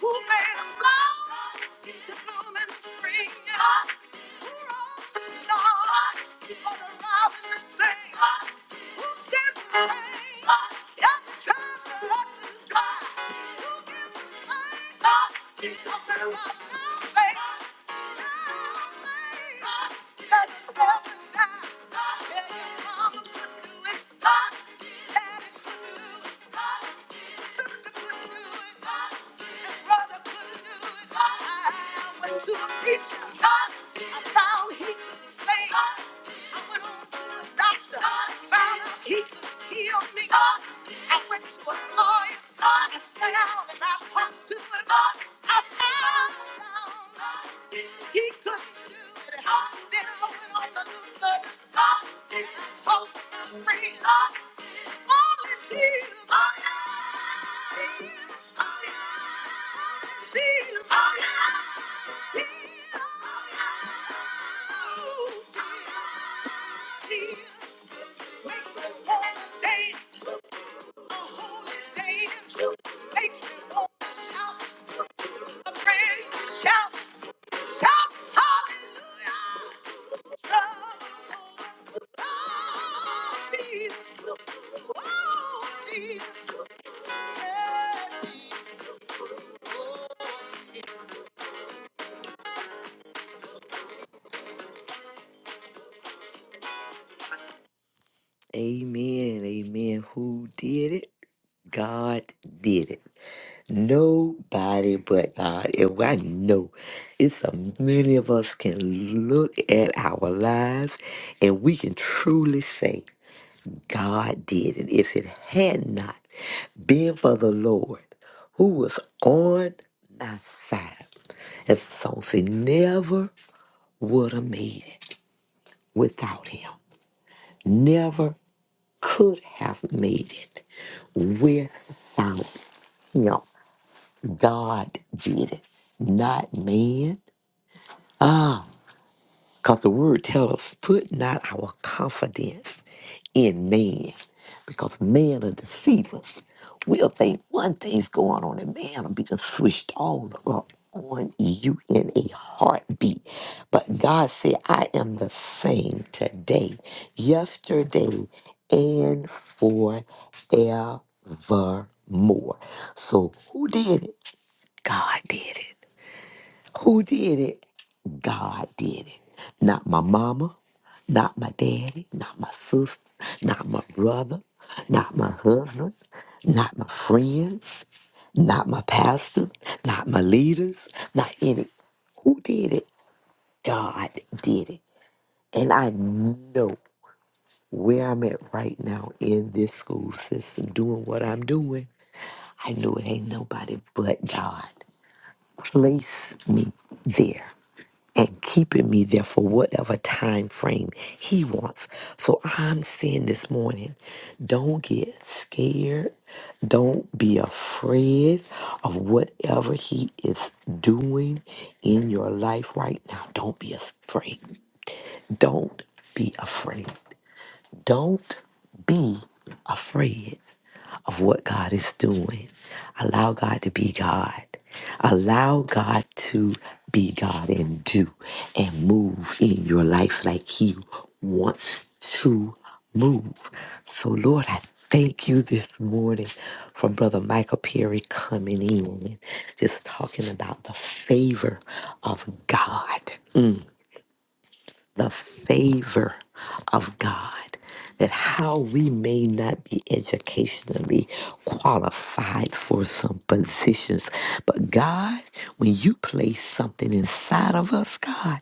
Speaker 3: Who made the flowers bloom in the spring? Who wrote the songs for the rhymes we sing? Who sings the pain every time the heart is broken? Who gives us life? Who gives us love? To a preacher, I found he could save. I went on to a doctor, found he could heal me. I went to a Lord, I found myself, and I talked to him. I found that he could do it all. Then I went on the road, and Lord, he talked to my friends. Only Jesus, only Jesus, only Jesus, only Jesus makes me wanna dance. Amen, amen. Who did it? God did it. Nobody but God. And I know it's so many of us can look at our lives and we can truly say God did it. If it had not been for the Lord who was on my side, as the song said, never would have made it without him. Never could have made it without him. God did it, not man. Ah, Because the word tells us, put not our confidence in man, because man will deceive us. We'll think one thing's going on, and man will be just switched all up on you in a heartbeat. But God said, I am the same today, yesterday, and forevermore. So who did it? God did it. Who did it? God did it. Not my mama, not my daddy, not my sister, not my brother, not my husband, not my friends, not my pastor, not my leaders, not any. Who did it? God did it. And I know where I'm at right now in this school system, doing what I'm doing. I know it ain't nobody but God. Place me there. and keeping me there for whatever time frame he wants. So I'm saying this morning, don't get scared. Don't be afraid of whatever he is doing in your life right now. Don't be afraid. Don't be afraid. Don't be afraid of what God is doing. Allow God to be God. Allow God to be God and do and move in your life like He wants to move. So, Lord, I thank you this morning for Brother Michael Perry coming in and just talking about the favor of God the favor of God, that how we may not be educationally qualified for some positions, but God, when you place something inside of us, God,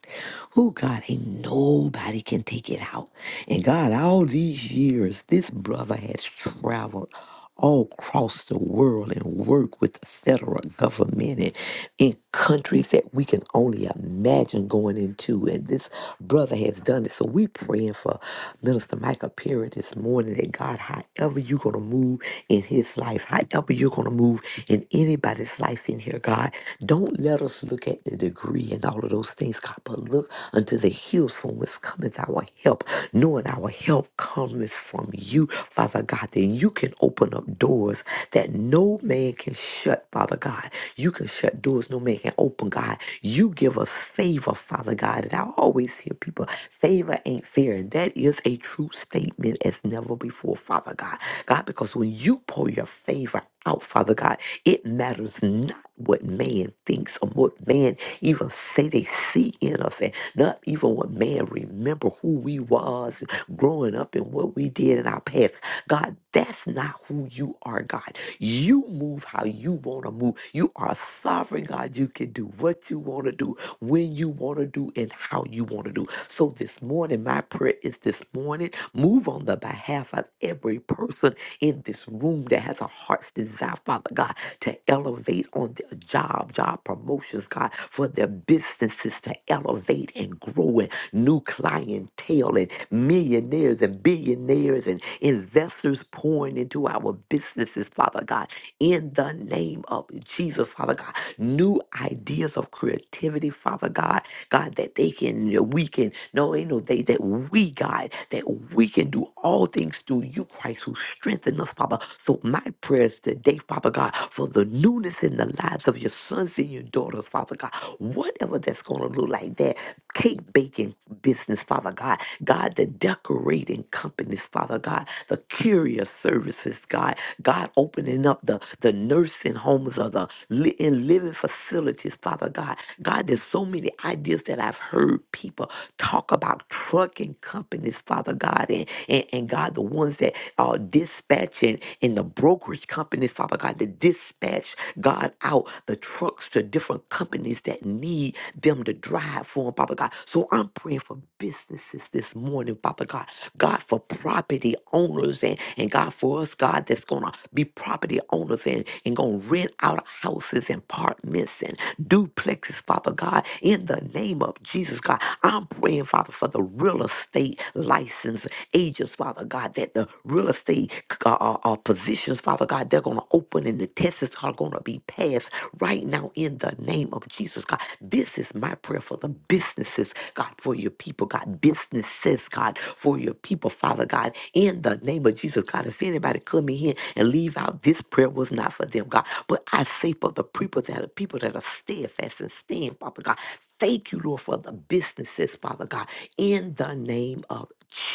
Speaker 3: who God ain't nobody can take it out. And God, all these years, this brother has traveled all across the world and work with the federal government and in countries that we can only imagine going into. And this brother has done it. So we praying for Minister Michael Perry this morning that God, however you're going to move in his life, however you're going to move in anybody's life in here, God, don't let us look at the degree and all of those things, God, but look unto the hills from whence cometh our help, knowing our help cometh from you, Father God, then you can open up doors that no man can shut, Father God. You can shut doors no man can open, God. You give us favor, Father God. And I always hear people, favor ain't fair. And that is a true statement as never before, Father God. God, because when you pour your favor out, Father God, it matters not what man thinks or what man even say they see in us. Not even when man remember who we was growing up and what we did in our past. God, that's not who you are, God. You move how you want to move. You are sovereign, God. You can do what you want to do, when you want to do, and how you want to do. So this morning, my prayer is this morning, move on the behalf of every person in this room that has a heart's desire, Father God to elevate on their job, job promotions, God, for their businesses to elevate and grow and new clientele and millionaires and billionaires and investors pouring into our businesses, Father God, in the name of Jesus, Father God. New ideas of creativity, Father God God, that they can, that we can, no, ain't no they, that we, God, that we can do all things through you, Christ, who strengthen us, Papa. So my prayers today, Father God, for the newness in the lives of your sons and your daughters, Father God, whatever that's going to look like that cake baking business, Father God, God, the decorating companies, Father God, the courier services, God, God, opening opening up the, the nursing homes or the li- in living facilities, Father God. God, there's so many ideas that I've heard people talk about trucking companies, Father God, and, and, and God, the ones that are dispatching in the brokerage companies, Father God, to dispatch, God, out the trucks to different companies that need them to drive for 'em, Father God. So I'm praying for business businesses this morning, Father God. God, for property owners and, and God, for us, God, that's going to be property owners and, and going to rent out houses and apartments and duplexes, Father God. In the name of Jesus, God, I'm praying, Father, for the real estate license agents, Father God, that the real estate uh, uh, uh, positions, Father God, they're going to open and the tests are going to be passed, business right now in the name of Jesus, God. This is my prayer for the businesses, God, for your people, God. Businesses, God, for your people, Father God, in the name of Jesus, God. If anybody come in here and leave out, this prayer was not for them, God. But I say for the people that are people that are steadfast and stand, Father God. Thank you, Lord, for the businesses, Father God, in the name of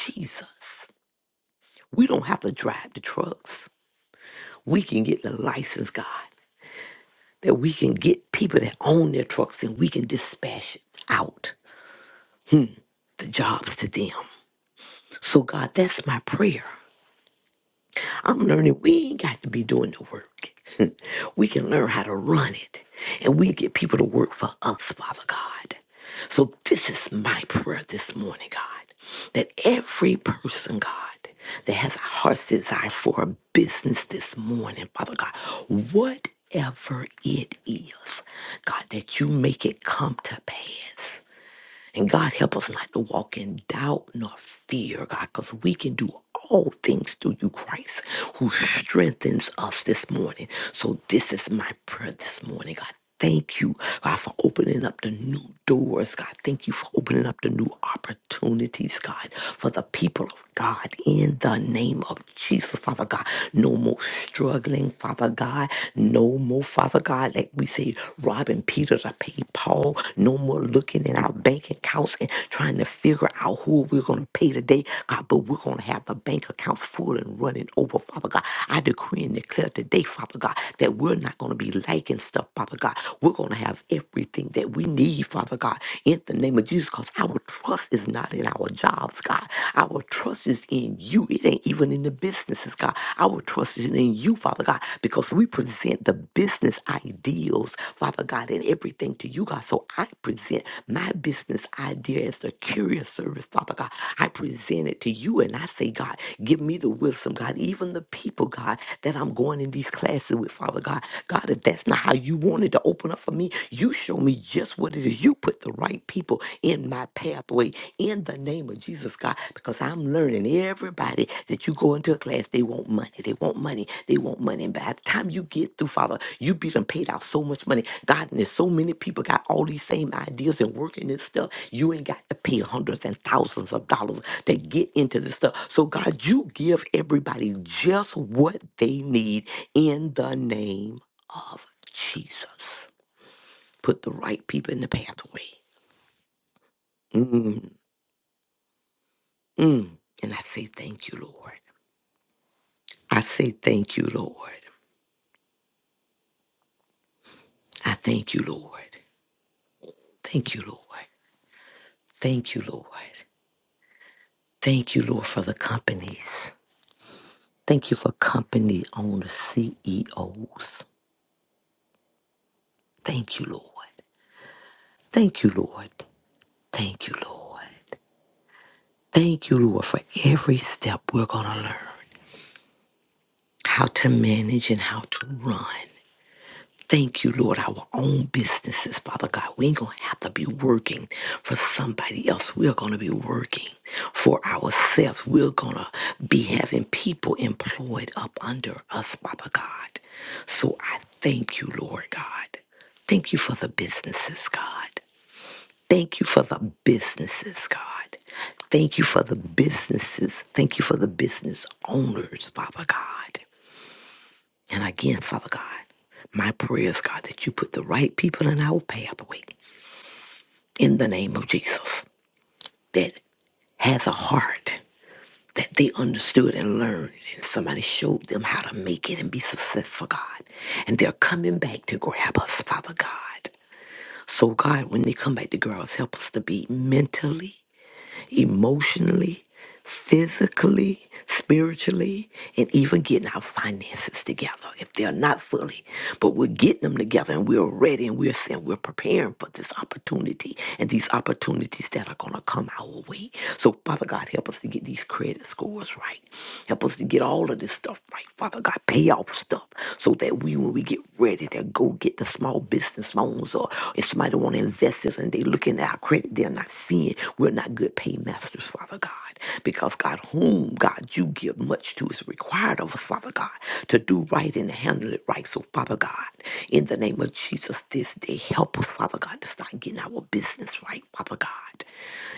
Speaker 3: Jesus. We don't have to drive the trucks. We can get the license, God that we can get people that own their trucks and we can dispatch out the jobs to them. So, God, that's my prayer I'm learning we ain't got to be doing the work. we can learn how to run it, and we get people to work for us, Father God. So this is my prayer this morning, God, that every person, God, that has a heart's desire for a business this morning, Father God, whatever it is, God, that you make it come to pass. And God, help us not to walk in doubt nor fear, God, because we can do all things through you, Christ, who strengthens us this morning. So this is my prayer this morning, God. Thank you, God, for opening up the new doors, God. Thank you for opening up the new opportunities, God, for the people of God in the name of Jesus, Father God. No more struggling, Father God. No more Father God, like we say, robbing Peter to pay Paul. No more looking in our bank accounts and trying to figure out who we're going to pay today, God, but we're going to have the bank accounts full and running over, Father God. I decree and declare today, Father God, that we're not going to be liking stuff, Father God. We're going to have everything that we need, Father God, in the name of Jesus, because our trust is not in our jobs, God. Our trust is in you. It ain't everything, even in the businesses, God. Our trust is in you, Father God, because we present the business ideals, Father God, and everything to you, God. So I present my business idea as the courier service, Father God. I present it to you and I say, God, give me the wisdom, God, even the people, God, that I'm going in these classes with, Father God. God, if that's not how you wanted to open up for me, you show me just what it is. You put the right people people in my pathway in the name of Jesus, God, because I'm learning everybody that you go into a class, they want money, they want money, they want money. And by the time you get through, Father, you be done paid out so much money. God, and there's so many people got all these same ideas and working this stuff. You ain't got to pay hundreds and thousands of dollars to get into this stuff. So, God, you give everybody just what they need in the name of Jesus. Put the right people in the pathway. Mm-hmm. Mm. And I say, Thank you, Lord. I say, Thank you, Lord. I thank you, Lord. Thank you, Lord. Thank you, Lord. Thank you, Lord, for the companies. Thank you for company owner CEOs. Thank you, Lord. Thank you, Lord. Thank you, Lord. Thank you, Lord, for every step we're going to learn how to manage and how to run. Thank you, Lord, our own businesses, Father God. We ain't going to have to be working for somebody else. We're going to be working for ourselves. We're going to be having people employed up under us, Father God. So I thank you, Lord God. Thank you for the businesses, God. Thank you for the businesses, God. Thank you for the businesses. Thank you for the business owners, Father God. And again, Father God, my prayer is, God, that you put the right people in our pathway in the name of Jesus that has a heart that they understood and learned, and somebody showed them how to make it and be successful, God. And they're coming back to grab us, Father God. So, God, when they come back to grab us, help us to be mentally emotionally, physically, spiritually, and even getting our finances together if they're not fully. But we're getting them together and we're ready and we're saying we're preparing for this opportunity and these opportunities that are going to come our way. So, Father God, help us to get these credit scores right. Help us to get all of this stuff right. Father God, pay off stuff so that we, when we get ready to go get the small business loans or if somebody want to invest in us and they looking at our credit, they're not seeing sin. We're not good paymasters, Father God, because God, whom God you give much to is required of us, Father God, to do right and handle it right. So, Father God, in the name of Jesus, this day, help us, Father God, to start getting our business right, Father God.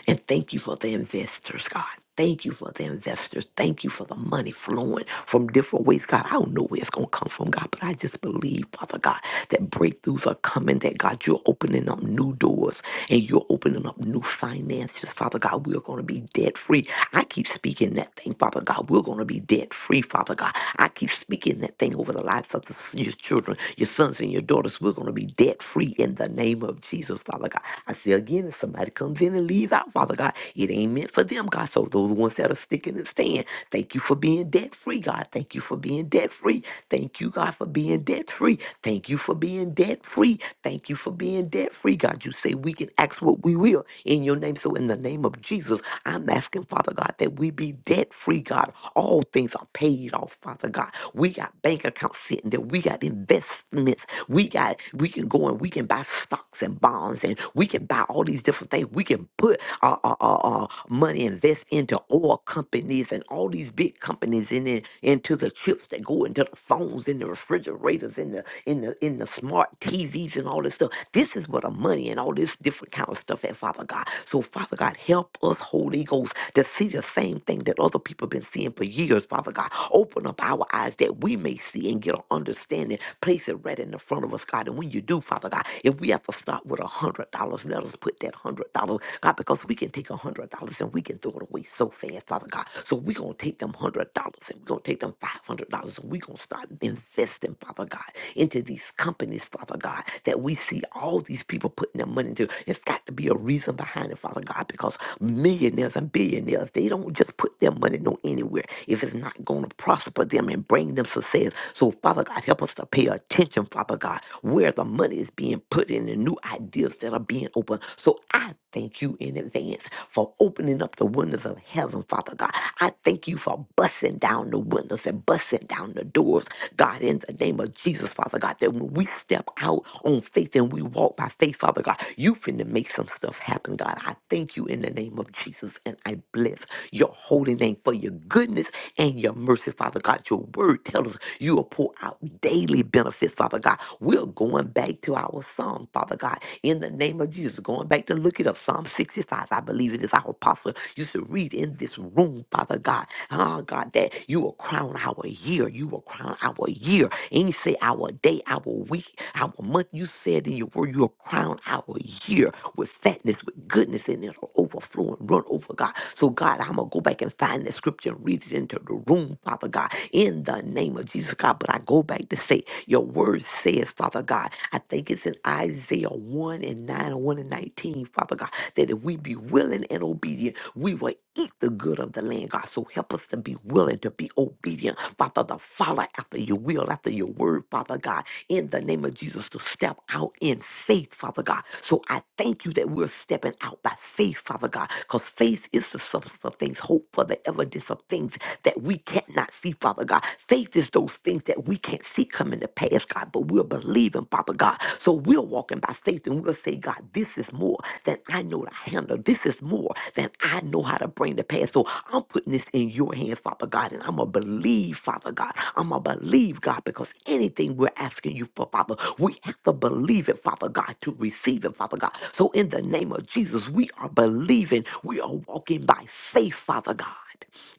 Speaker 3: And thank you for the investors, God. Thank you for the investors. Thank you for the money flowing from different ways, God. I don't know where it's going to come from, God, but I just believe, Father God, that breakthroughs are coming, that God, you're opening up new doors and you're opening up new finances, Father God. We're going to be debt free. I keep speaking that thing, Father God. We're going to be debt free, Father God. I keep speaking that thing over the lives of the, your children, your sons and your daughters. We're going to be debt free in the name of Jesus, Father God. I say again, if somebody comes in and leaves out, Father God, it ain't meant for them, God. So those ones that are sticking and staying, thank you for being debt free, God. Thank you for being debt free. Thank you, God, for being debt free. Thank you for being debt free. Thank you for being debt free, God. You say we can ask what we will in your name. So in the name of Jesus, I'm asking, Father God, that we be debt free, God. All things are paid off, Father God. We got bank accounts sitting there. We got investments investments. We got we can go and we can buy stocks and bonds and we can buy all these different things. We can put our, our, our, our money invest into oil companies and all these big companies in it, into the chips that go into the phones, in the refrigerators, in the in the in the smart TVs and all this stuff. This is where the money and all this different kind of stuff at Father God. So Father God, help us, Holy Ghost, to see the same thing that other people been seeing for years, Father God. God. Open up our eyes that we may see and get an understanding. Place it right in the front of us, God. And when you do, Father God, if we have to start with a hundred dollars, let us put that hundred dollars, God, because we can take a hundred dollars and we can throw it away so fast, Father God. So we're gonna take them hundred dollars and we're gonna take them five hundred dollars and we're gonna start investing, Father God, into these companies, Father God, that we see all these people putting their money into. It's got to be a reason behind it, Father God, because many millionaires and billionaires, they don't just put their money no anywhere if it's not going to prosper them and bring them success. So, Father God, help us to pay attention, Father God, where the money is being put in and new ideas that are being opened. So, I thank you in advance for opening up the windows of heaven, Father God. I thank you for busting down the windows and busting down the doors, God, in the name of Jesus, Father God, that when we step out on faith and we walk by by faith, Father God. You finna make some stuff happen, God. I thank you in the name of Jesus and I bless your holy name for your goodness and your mercy, Father God. Your word tells us you will pour out daily benefits, Father God. We're going back to our Psalm, Father God, in the name of Jesus. Going back to look it up, Psalm 65, I believe it is our apostle used to read in this room, Father God. Oh, God, that you will crown our year. You will crown our year and he said, Our day, our week, our month, you said in your word, you'll crown our year with fatness, with goodness, and it'll overflow and run over, God. So, God, I'm going to go back and find that scripture and read it into the room, Father God, in the name of Jesus, God. But I go back to say, Your word says, Father God, I think it's in Isaiah 1 and 9, 1 and 19, Father God, that if we be willing and obedient, we will eat the good of the land, God. So help us to be willing to be obedient, Father, to follow after your will, after your word, Father God, in the name of Jesus, to step out in faith, Father God. So I thank you that we're stepping out by faith, Father God, because faith is the substance of things, hope for the evidence of things that we cannot see, Father God. Faith is those things that we can't see coming to pass, God, but we're believing, Father God. So we're walking by faith and we'll say, God, this is more than I know to handle. This is more than I know how to bring to pass. So I'm putting this in your hands, Father God, and I'm going to believe, Father God. I'm going to believe, God, because anything we're asking you for, Father, we have to believe it, Father God, to receive it, Father God. So in the name of Jesus, we are believing. We are walking by faith, Father God.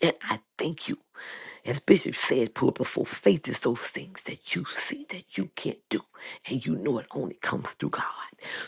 Speaker 3: And I thank you as Bishop said, poor before faith is those things that you see that you can't do, and you know it only comes through God.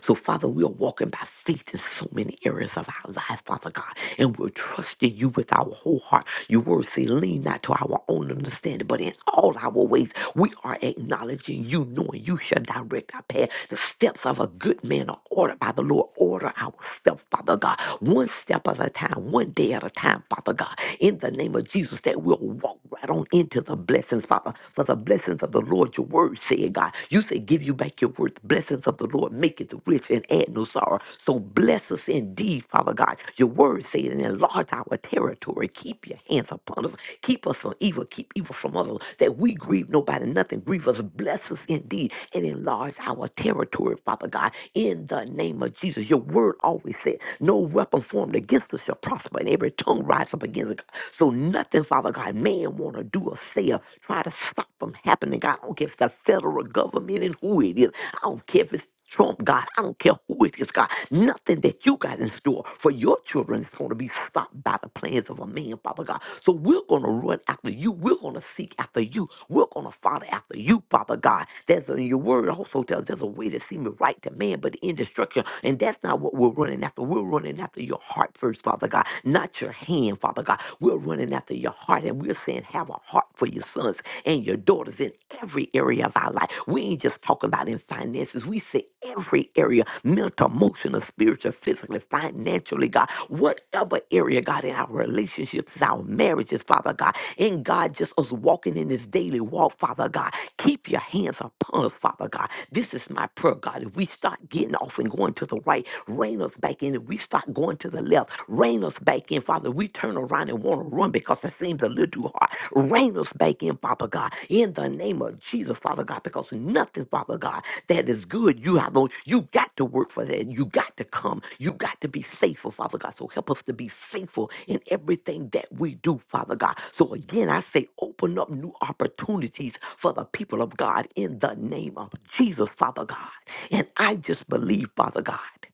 Speaker 3: So, Father, we are walking by faith in so many areas of our life, Father God, and we're trusting you with our whole heart. Your word say, lean not to our own understanding, but in all our ways, we are acknowledging you, knowing you shall direct our path. The steps of a good man are ordered by the Lord. Order our steps, Father God, one step at a time, one day at a time, Father God. In the name name of Jesus that we'll walk right on into the blessings, Father. For the blessings of the Lord, your word said, God. You said, give you back your word. The blessings of the Lord make it rich and add no sorrow. So bless us indeed, Father God. Your word said, and enlarge our territory. Keep your hands upon us. Keep us from evil. Keep evil from us. That we grieve nobody, nothing grieve us. Bless us indeed and enlarge our territory, Father God. In the name of Jesus, your word always said, no weapon formed against us shall prosper, and every tongue will rise up against it. God. So nothing, Father God, man want to do or say or try to stop from happening. God, I don't care if it's the federal government and who it is. I don't care if it's Trump, God. I don't care who it is, God. Nothing that you got in store for your children is going to be stopped by the plans of a man, Father God. So we're going to run after you. We're going to seek after you. We're going to follow after you, Father God. There's a, your word also tells there's a way that seems right to man, but in destruction. And that's not what we're running after. We're running after your heart first. Father God, not your hand, Father God. We're running after your heart and we're saying, have a heart for your sons and your daughters in every area of our life. We ain't just talking about in finances. We say every area, mental, emotional, spiritual, physically, financially, God, whatever area, God, in our relationships, our marriages, Father God, and God, just us walking in this daily walk, Father God. Keep your hands upon us, Father God. This is my prayer, God. If we start getting off and going to the right, rein us back in. If we we start going to the left. Rein us back in, Father. We turn around and want to run because it seems a little too hard. Rein us back in, Father God, in the name of Jesus, Father God, because nothing, Father God, that is good, you have on, you got to work for that. You got to come. You got to be faithful, Father God. So help us to be faithful in everything that we do, Father God. So again, I say, open up new opportunities for the people of God in the name of Jesus, Father God. And I just believe, Father God.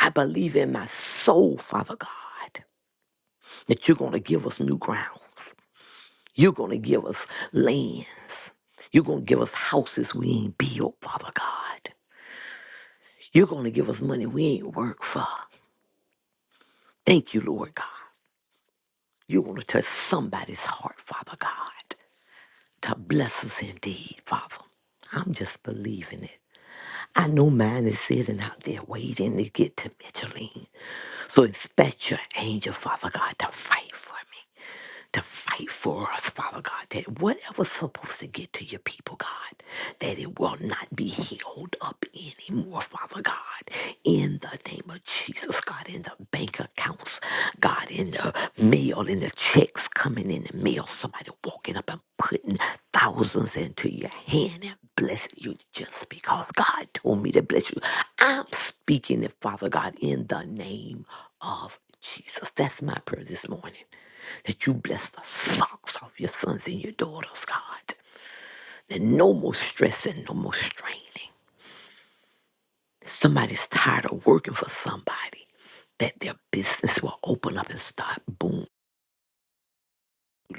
Speaker 3: I believe in my soul, Father God, that you're going to give us new grounds. You're going to give us lands. You're going to give us houses we ain't built, Father God. You're going to give us money we ain't worked for. Thank you, Lord God. You're going to touch somebody's heart, Father God, to bless us indeed, Father. I'm just believing it. I know mine is sitting out there waiting to get to Micheline. So expect your angel, Father God, to fight for me. to fight for us, Father God, that whatever's supposed to get to your people, God, that it will not be held up anymore, Father God, in the name of Jesus, God, in the bank accounts, God, in the mail, in the checks coming in the mail, somebody walking up and putting thousands into your hand and blessing you just because God told me to bless you. I'm speaking it, Father God, in the name of Jesus, that's my prayer this morning. That you bless the socks off your sons and your daughters, God. And no more stress and no more straining. Somebody's tired of working for somebody. That their business will open up and start boom.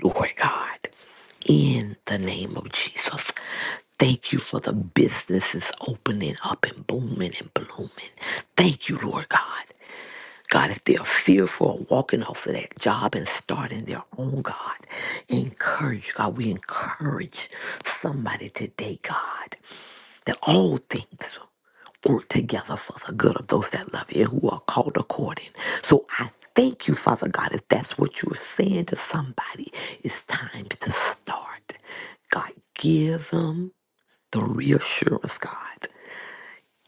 Speaker 3: Lord God, in the name of Jesus, thank you for the businesses opening up and booming and blooming. Thank you, Lord God. God, if they're fearful of walking off of that job and starting their own, God, encourage, God, we encourage somebody today, God, that all things work together for the good of those that love you, who are called according. So I thank you, Father God, if that's what you're saying to somebody, it's time to start. God, give them the reassurance, God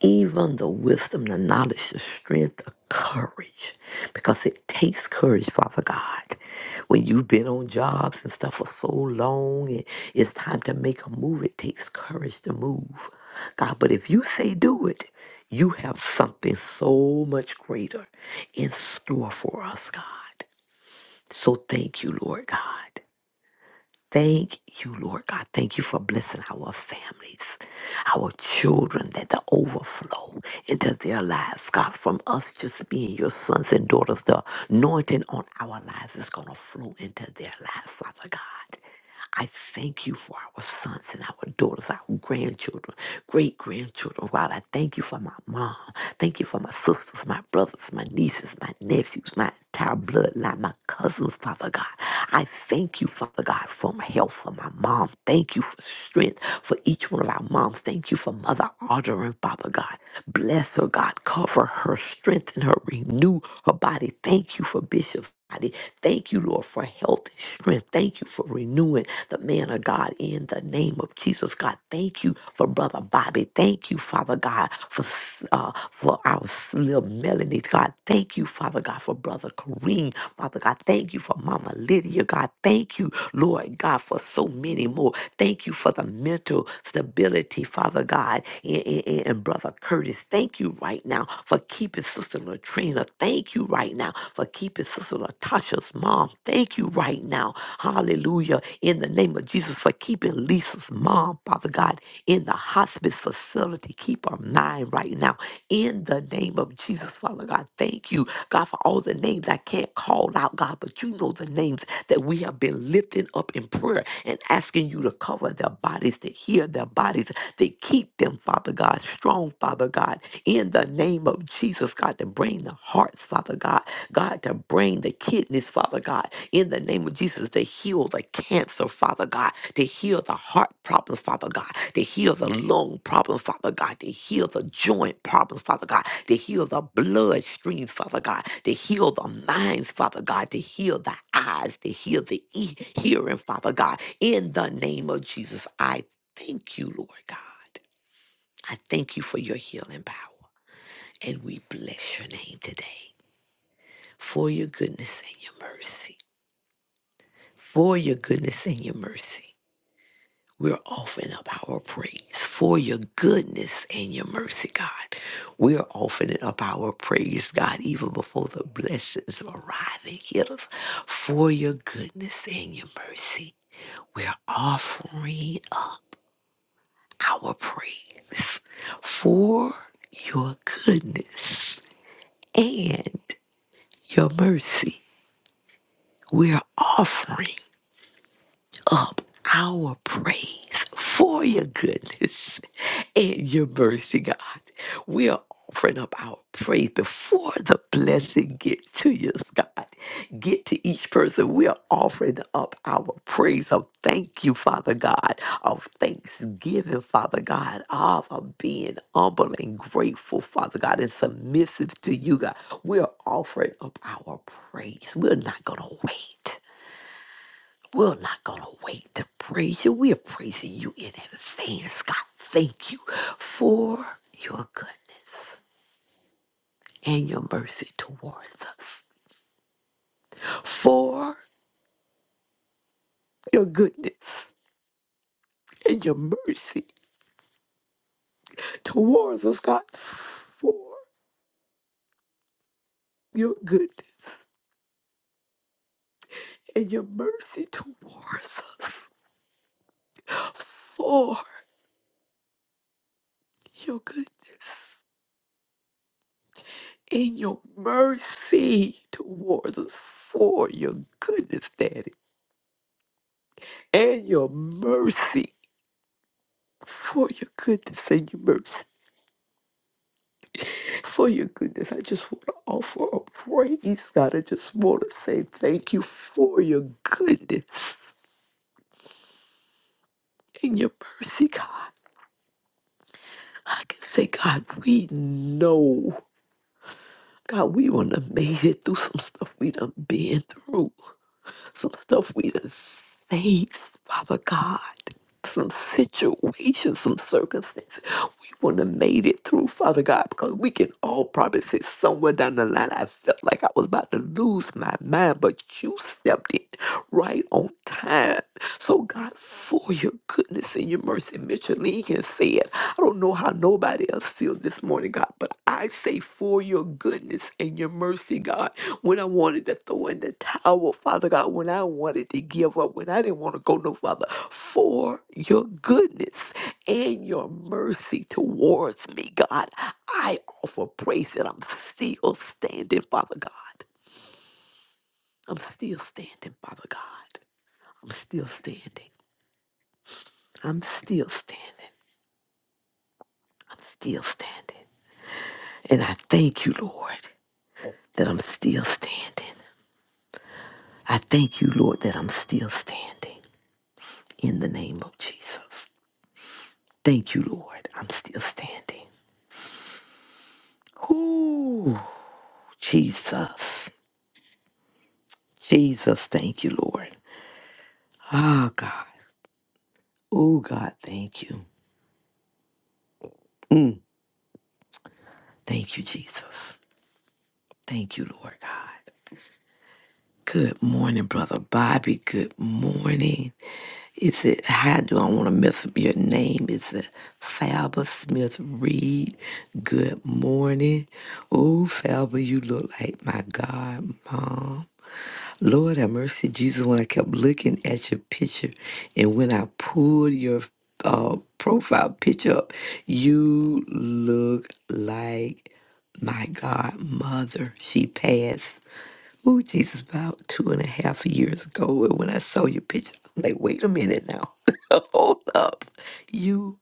Speaker 3: even the wisdom, the knowledge, the strength, the courage, because it takes courage, Father God. When you've been on jobs and stuff for so long, and it's time to make a move, it takes courage to move, God. But if you say do it, you have something so much greater in store for us, God. So thank you, Lord God. Thank you, Lord God. Thank you for blessing our families, our children, that the overflow into their lives, God, from us just being your sons and daughters, the anointing on our lives is going to flow into their lives, Father God. I thank you for our sons and our daughters, our grandchildren, great grandchildren. God, I thank you for my mom. Thank you for my sisters, my brothers, my nieces, my nephews, my entire bloodline, my cousins, Father God. I thank you, Father God, for my health, for my mom. Thank you for strength for each one of our moms. Thank you for Mother Audrey, and Father God. Bless her, God. Cover her, strengthen her, renew her body. Thank you for Bishop body. Thank you, Lord, for health and strength. Thank you for renewing the man of God in the name of Jesus, God. Thank you for Brother Bobby. Thank you, Father God, for uh, for our little Melanie, God. Thank you, Father God, for Brother Kareem. Father God, thank you for Mama Lydia. God, thank you, Lord God, for so many more. Thank you for the mental stability, Father God, and, and, and Brother Curtis. Thank you right now for keeping Sister Latrina. Thank you right now for keeping Sister Latasha's mom. Thank you right now, hallelujah, in the name of Jesus, for keeping Lisa's mom, Father God, in the hospice facility. Keep her mind right now in the name of Jesus, Father God. Thank you God, for all the names I can't call out, God, but you know the names that we have been lifting up in prayer and asking you to cover their bodies, to heal their bodies, to keep them, Father God, strong, Father God, in the name of Jesus, God, to bring the hearts, Father God, God, to bring the kidneys, Father God, in the name of Jesus, to heal the cancer, Father God, to heal the heart problems, Father God, to heal the lung problems, Father God, to heal the joint problems, Father God, to heal the bloodstreams, Father God, to heal the minds, Father God, to heal the eyes, to heal the e- hearing, Father God. In the name of Jesus, I thank you, Lord God. I thank you for your healing power. And we bless your name today for your goodness and your mercy. For your goodness and your mercy. We're offering up our praise for your goodness and your mercy, God. We're offering up our praise, God, even before the blessings arrive and hit us for your goodness and your mercy. We're offering up our praise for your goodness and your mercy. We're offering up our praise for your goodness and your mercy, God. We are offering up our praise before the blessing get to you, God. Get to each person. We are offering up our praise of thank you, Father God, of thanksgiving, Father God, of our being humble and grateful, Father God, and submissive to you, God. We are offering up our praise. We're not going to wait. We're not going to wait to praise you. We are praising you in advance, God. Thank you for your goodness and your mercy towards us. For your goodness and your mercy towards us, God. For your goodness and your mercy towards us. For your goodness and your mercy towards us. For your goodness, Daddy and your mercy for your goodness and your mercy for your goodness. I just want to offer a praise, God. I just want to say thank you for your goodness and your mercy, God. I can say, God, we know. God, we done made it through some stuff we done been through. some stuff we done faced, Father God. Some situations, some circumstances we wouldn't have made it through, Father God, because we can all probably say somewhere down the line, I felt like I was about to lose my mind, but you stepped in right on time. So, God, for your goodness and your mercy, Micheline said. I don't know how nobody else feels this morning, God, but I say for your goodness and your mercy, God, when I wanted to throw in the towel, Father God, when I wanted to give up, when I didn't want to go no farther, for your goodness and your mercy towards me, God, I offer praise that I'm still standing, Father God. I'm still standing, Father God. I'm still standing. I'm still standing. I'm still standing. And I thank you, Lord. that I'm still standing. I thank you, Lord, that I'm still standing in the name of Jesus. Thank you, Lord, I'm still standing. Ooh, Jesus. Jesus, thank you, Lord. Ah, God. Oh, God, thank you. Mm, thank you, Jesus. Thank you, Lord God. Good morning, Brother Bobby. Good morning. Is it how do I want to mess up your name? Is it Falba Smith Reed? Good morning. Oh, Falba, you look like my God, Mom. Lord have mercy, Jesus. When I kept looking at your picture, and when I pulled your uh, profile picture up, you look like my godmother. She passed Oh Jesus, about two and a half years ago. And when I saw your picture, I'm like, wait a minute now. Hold up. You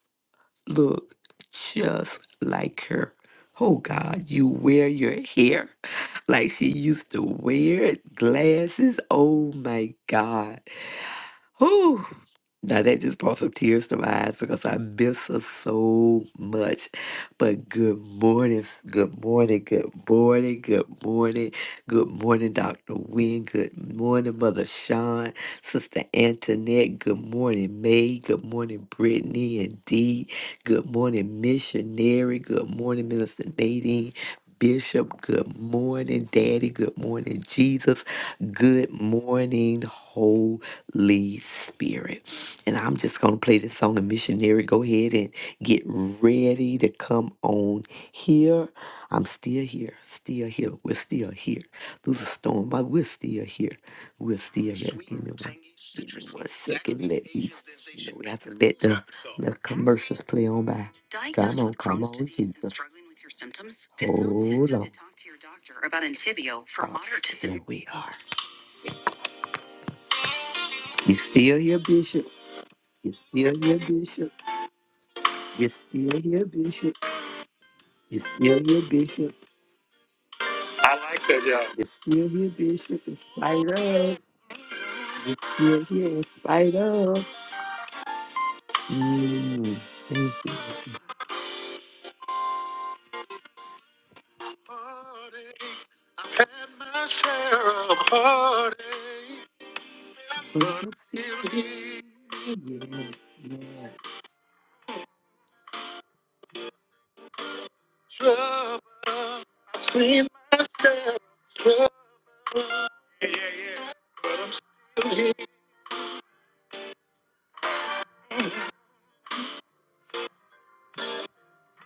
Speaker 3: look just like her. Oh, God, you wear your hair like she used to wear it, glasses. Oh, my God. Whew. Now that just brought some tears to my eyes because I miss her so much. But good morning, good morning, good morning, good morning, good morning, Dr. Wynne. Good morning, Mother Sean, Sister Antoinette. Good morning, May. Good morning, Brittany and Dee. Good morning, Missionary. Good morning, Minister Nadine. Bishop, good morning, Daddy. Good morning, Jesus. Good morning, whole. Lee Spirit. And I'm just going to play this song, and missionary, go ahead and get ready to come on here. I'm still here, still here. We're still here through the storm, but we're still here. We're still here. Give me one, give me one second. Let me, you know, we have to let the, the commercials play on by. We are. You still here, Bishop? You still here, Bishop? You still here, Bishop? You still here, Bishop? You still here, Bishop? In spite of. You're here in spite of. Mm, thank you. Heartaches. I've had my share of heartaches, But but I'm still I'm still here. here. Yeah, yeah. Trouble. I've seen my share of trouble. Yeah, yeah, yeah. But I'm still here.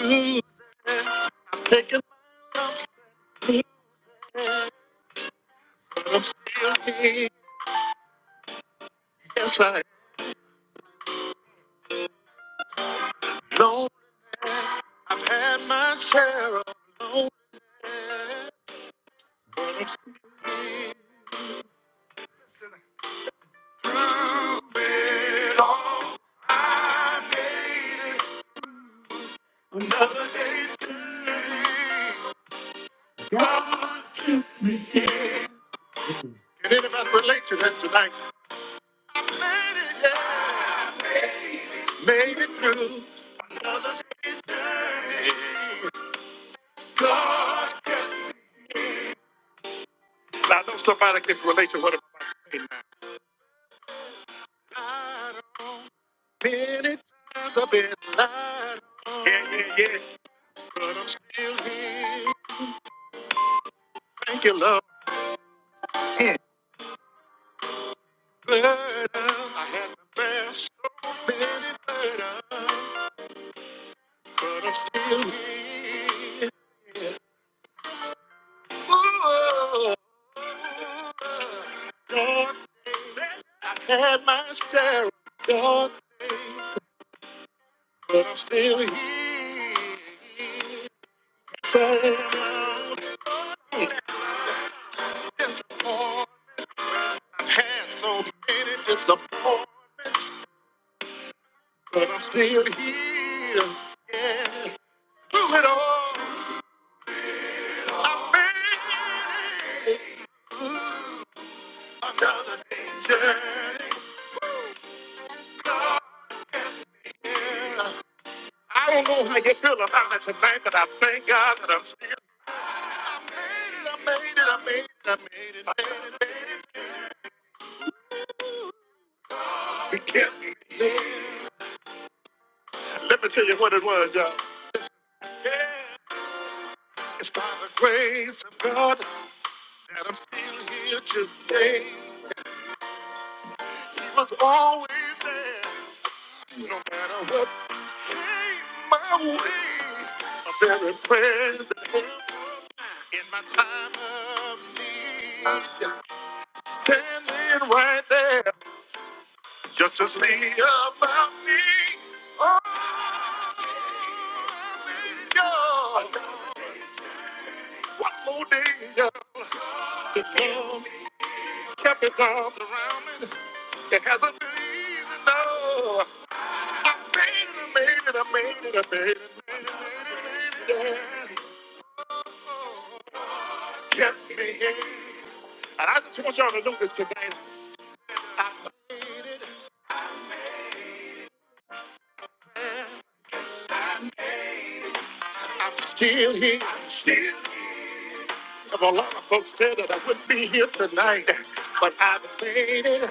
Speaker 3: Ooh, Taking me, but I'm still here. Yes, I know. I've had my share of loneliness. Can anybody relate to that tonight? Made it through. God. Now, I know somebody can relate to what I'm about to say now. Been it, I've been lied on. Yeah, yeah, yeah. But I'm still here. Thank you, love. But I had the best, so many burdens, but I'm still here. Ooh, dark days, I had my share of dark days, but I'm still here. Somehow, disappointed. I've had so many disappointments, but I'm still here. Yeah, through it all, I made it. Another day journey. I don't know how you feel about it tonight, but I thank God that I'm still. I made it, I made it, I made it, I made it, made it, made it. He kept me. Yeah. Let me tell you what it was, y'all. It's, yeah, it's by the grace of God that I'm still here today. He was always there, no matter what came my way. A very present help in my time of need. Standing right there. Justice Lee about me, only God. One more day of the love kept his arms around me. It hasn't been easy, no. I made it, I made it, I made it, I made it, made it, made it, yeah. Kept me here. And I just want y'all to know this today. I made it. I'm still here. If a lot of folks said that I wouldn't be here tonight, but I made it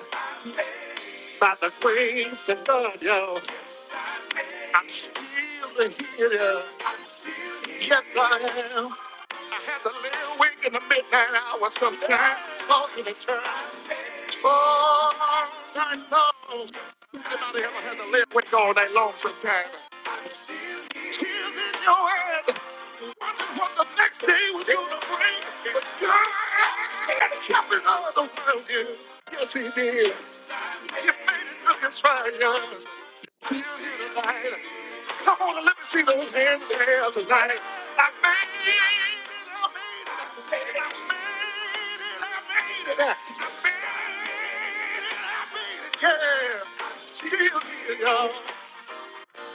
Speaker 3: by the grace of God, yo. I'm still a healer. Yes, I am. I had to lay awake in the midnight hour sometimes. tossing and turning Oh, I know. Anybody ever had to lay awake all night long sometimes? Tears in your eyes. Wondering what the next day was going to bring. But God kept it all the world. Yes, He did. He made it look as fine. here tonight. Come on and let me see those hands there tonight. I made it, I made it, I made it, I made it, I made it, I made it, yeah. I'm still here, y'all,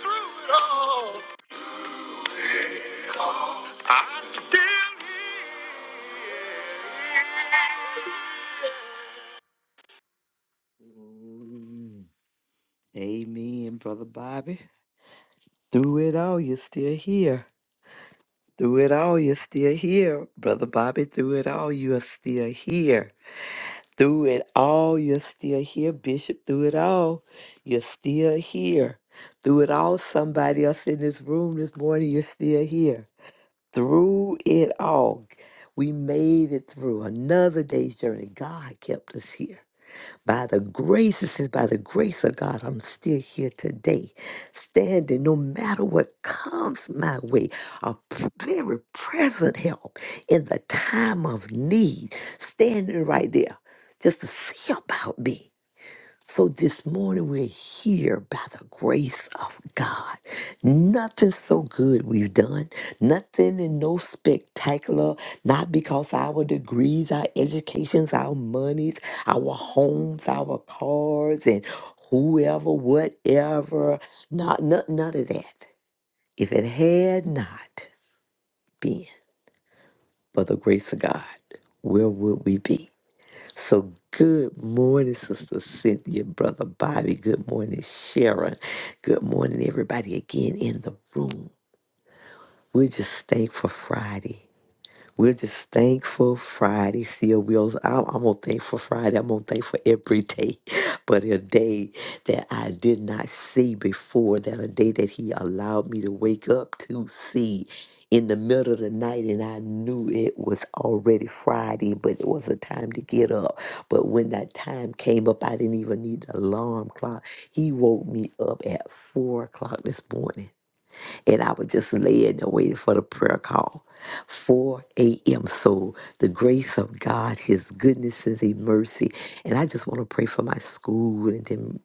Speaker 3: through it all. I'm still here. Mm, Amen, Brother Bobby. Through it all, you're still here. Through it all, you're still here. Brother Bobby, through it all, you are still here. Through it all, you're still here. Bishop, through it all, you're still here. Through it all, somebody else in this room this morning, you're still here. Through it all, we made it through another day's journey. God kept us here. By the grace, it says, by the grace of God, I'm still here today, standing no matter what comes my way, a p- very present help in the time of need, standing right there just to see about me. So this morning we're here by the grace of God. Nothing so good we've done, nothing and no spectacular, not because our degrees, our educations, our monies, our homes, our cars, and whoever, whatever, not, not none of that. If it had not been for the grace of God, where would we be? So good morning, Sister Cynthia, Brother Bobby. Good morning, Sharon. Good morning, everybody again in the room. We're just thankful for Friday. We're just thankful Friday. See, we also, I'm, I'm gonna thank for Friday. I'm gonna thank for every day, but a day that I did not see before, that a day that He allowed me to wake up to see in the middle of the night, and I knew it was already Friday, but it was a time to get up. But when that time came up, I didn't even need the alarm clock. He woke me up at four o'clock this morning and I was just laying there waiting for the prayer call. 4 a.m. So the grace of God, His goodness and His mercy. And I just want to pray for my school and then.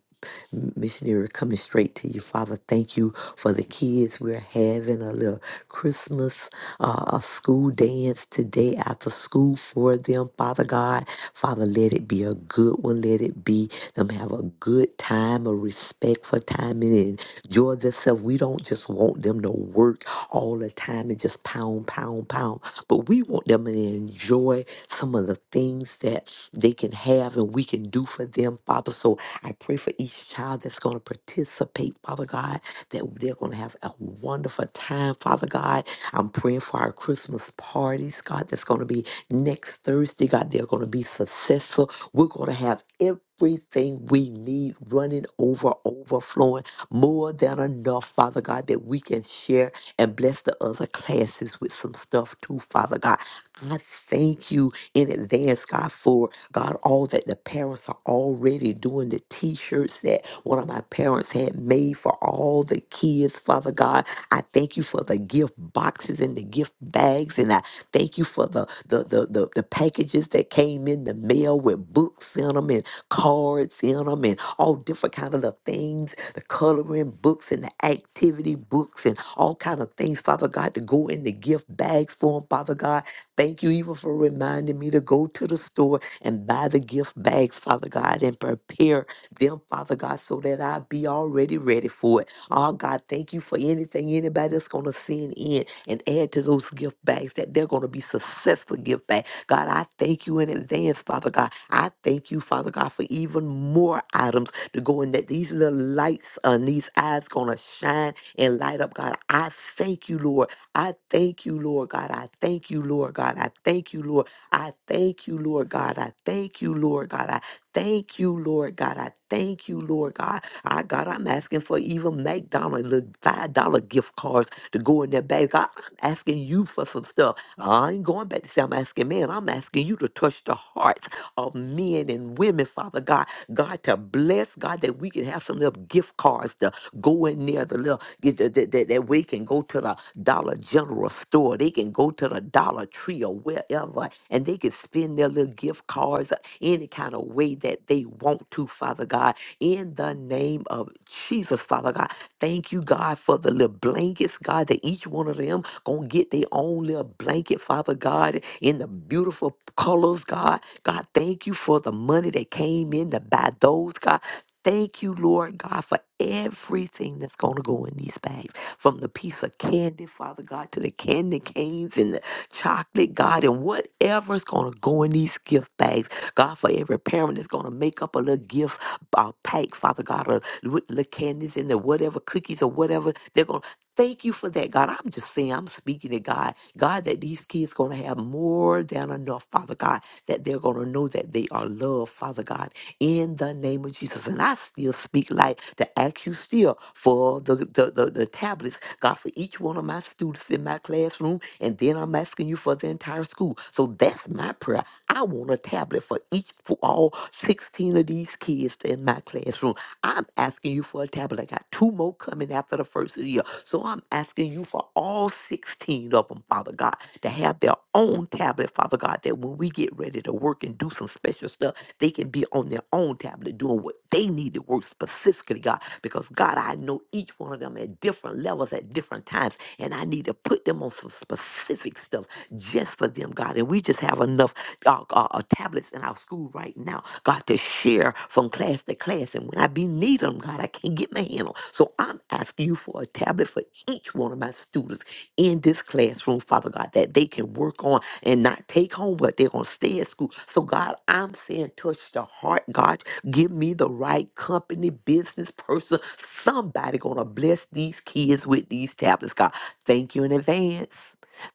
Speaker 3: Missionary coming straight to you. Father, thank you for the kids. We're having a little Christmas uh, a school dance today after school for them, Father God. Father, let it be a good one. Let it be them have a good time, a respectful time, and enjoy themselves. We don't just want them to work all the time and just pound, pound, pound, but we want them to enjoy some of the things that they can have and we can do for them, Father. So I pray for each child that's going to participate, Father God, that they're going to have a wonderful time, Father God. I'm praying for our Christmas parties, God, that's going to be next Thursday, God. They're going to be successful. We're going to have everything we need running over, overflowing, more than enough, Father God, that we can share and bless the other classes with some stuff too, Father God. I thank you in advance, God, for God, all that the parents are already doing, the t shirts that one of my parents had made for all the kids, Father God. I thank you for the gift boxes and the gift bags, and I thank you for the the the the, the packages that came in the mail with books in them and cards in them and all different kind of little things, the coloring books and the activity books and all kind of things, Father God, to go in the gift bags for them, Father God. Thank you even for reminding me to go to the store and buy the gift bags, Father God, and prepare them, Father God, so that I be already ready for it. Oh God, thank you for anything anybody that's gonna send in and add to those gift bags that they're gonna be successful gift bags. God, I thank you in advance, Father God. I thank you, Father God, for even more items to go in that these little lights on these eyes gonna shine and light up, God. I thank you, Lord I thank you, Lord God. I thank you, Lord God. I thank you, Lord. I thank you, Lord God. I thank you, Lord God. I thank you, Lord God. I thank you, Lord God. I God, I'm asking for even McDonald's little five dollar gift cards to go in their bag. God, I'm asking you for some stuff. I ain't going back to say I'm asking man. I'm asking you to touch the hearts of men and women, Father God. God to bless God that we can have some little gift cards to go in there, the little that, that, that, that we can go to the Dollar General store. They can go to the Dollar Tree or wherever, and they can spend their little gift cards uh, any kind of way that they want to, Father God. In the name of Jesus, Father God, thank you, God, for the little blankets, God, that each one of them gonna get their own little blanket, Father God, in the beautiful colors, God. God, thank you for the money that came in to buy those, God. Thank you, Lord God, for everything that's going to go in these bags. From the piece of candy, Father God, to the candy canes and the chocolate, God, and whatever's going to go in these gift bags. God, for every parent that's going to make up a little gift uh, pack, Father God, or with little candies and the whatever cookies or whatever they're going to. Thank you for that, God. I'm just saying, I'm speaking to God. God, that these kids going to have more than enough, Father God, that they're going to know that they are loved, Father God in the name of Jesus. And I still speak life to ask you still for the, the, the, the tablets, God, for each one of my students in my classroom. And then I'm asking you for the entire school. So that's my prayer. I want a tablet for each, for all 16 of these kids in my classroom. I'm asking you for a tablet. I got two more coming after the first of the year. So I'm asking you for all 16 of them, Father God, to have their own tablet, Father God, that when we get ready to work and do some special stuff, they can be on their own tablet doing what they need to work specifically, God. Because God, I know each one one of them at different levels at different times. And I need to put them on some specific stuff just for them, God. And we just have enough uh, uh, uh, tablets in our school right now, God, to share from class to class. And when I be need them, God, I can't get my hand on. So I'm asking you for a tablet for each one of my students in this classroom, Father God, that they can work on and not take home but they're going to stay at school. So, God, I'm saying touch the heart, God. Give me the right company, business person. Somebody gonna bless these kids with these tablets, God. Thank you in advance.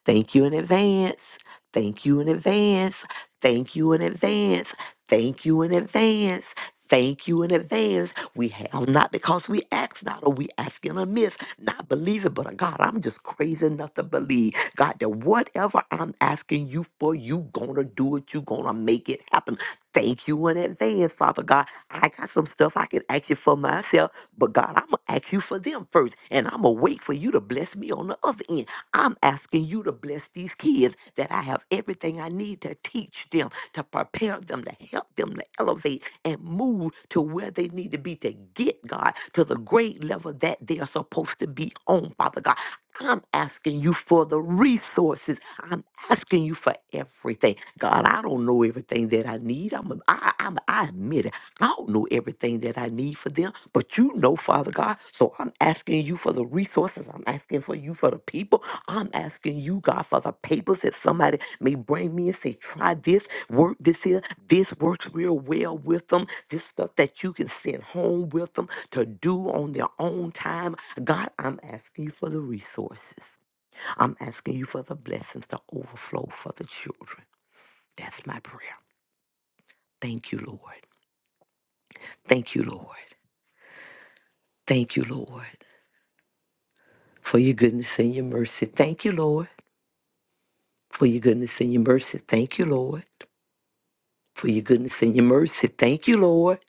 Speaker 3: Thank you in advance. Thank you in advance. Thank you in advance. Thank you in advance. Thank you in advance. We have not because we ask not, or we asking in amiss, not believing, but uh, God, I'm just crazy enough to believe, God, that whatever I'm asking you for, you gonna do it, you gonna make it happen. Thank you in advance, Father God. I got some stuff I can ask you for myself, but God, I'm going to ask you for them first, and I'm going to wait for you to bless me on the other end. I'm asking you to bless these kids that I have everything I need to teach them, to prepare them, to help them to elevate and move to where they need to be to get, God, to the grade level that they are supposed to be on, Father God. I'm asking you for the resources I'm asking you for everything. God, I don't know everything that I need. I'm, a- I, I'm, I admit it. I don't know everything that I need for them, but you know, Father God. So I'm asking you for the resources. I'm asking for you for the people. I'm asking you, God, for the papers that somebody may bring me and say, try this, work this here. This works real well with them. This stuff that you can send home with them to do on their own time. God, I'm asking you for the resources. I'm asking you for the blessings to overflow for the children. That's my prayer. Thank you, Lord. Thank you, Lord. Thank you, Lord, for your goodness and your mercy. Thank you, Lord, for your goodness and your mercy. Thank you, Lord, for your goodness and your mercy. Thank you, Lord.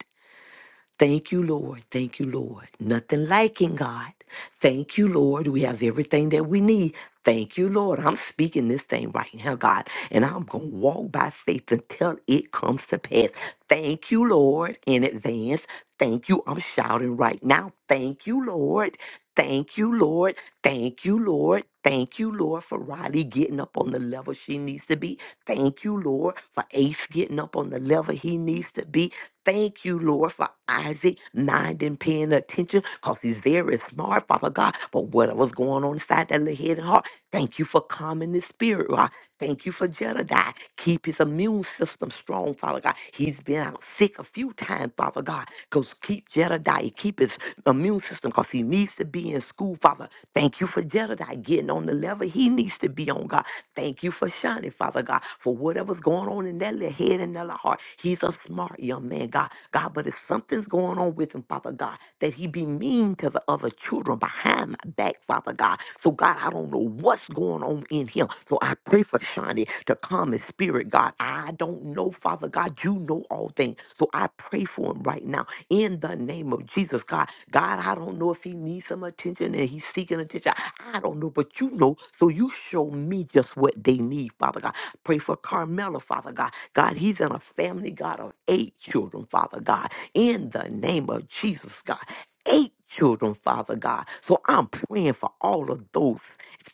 Speaker 3: Thank you, Lord. Thank you, Lord. Nothing like it, God. Thank you, Lord. We have everything that we need. Thank you, Lord. I'm speaking this thing right now, God, and I'm going to walk by faith until it comes to pass. Thank you, Lord, in advance. Thank you. I'm shouting right now. Thank you, Lord. Thank you, Lord. Thank you, Lord. Thank you, Lord, for Riley getting up on the level she needs to be. Thank you, Lord, for Ace getting up on the level he needs to be. Thank you, Lord, for Isaac minding, paying attention because he's very smart, Father God. But what was going on inside that little head and heart, thank you for calming his spirit, Lord. Thank you for Jedediah. Keep his immune system strong, Father God. He's been out sick a few times, Father God. Because keep Jedediah, keep his immune system because he needs to be in school, Father. Thank you for Jedediah getting on the level he needs to be on, God. Thank you for Shani, Father God, for whatever's going on on in that little head and that little heart. He's a smart young man, God. God, but if something's going on with him, Father God, that he be mean to the other children behind my back, Father God. So, God, I don't know what's going on in him. So I pray for Shawnee to calm his spirit, God. I don't know, Father God. You know all things. So I pray for him right now in the name of Jesus, God. God, I don't know if he needs some attention and he's seeking attention. I don't know, but you know. So you show me just what they need, Father God. Pray for Carmela, Father God. God, he's in a family, God, of eight children, Father God. In the name of Jesus, God. Eight children, Father God. So I'm praying for all of those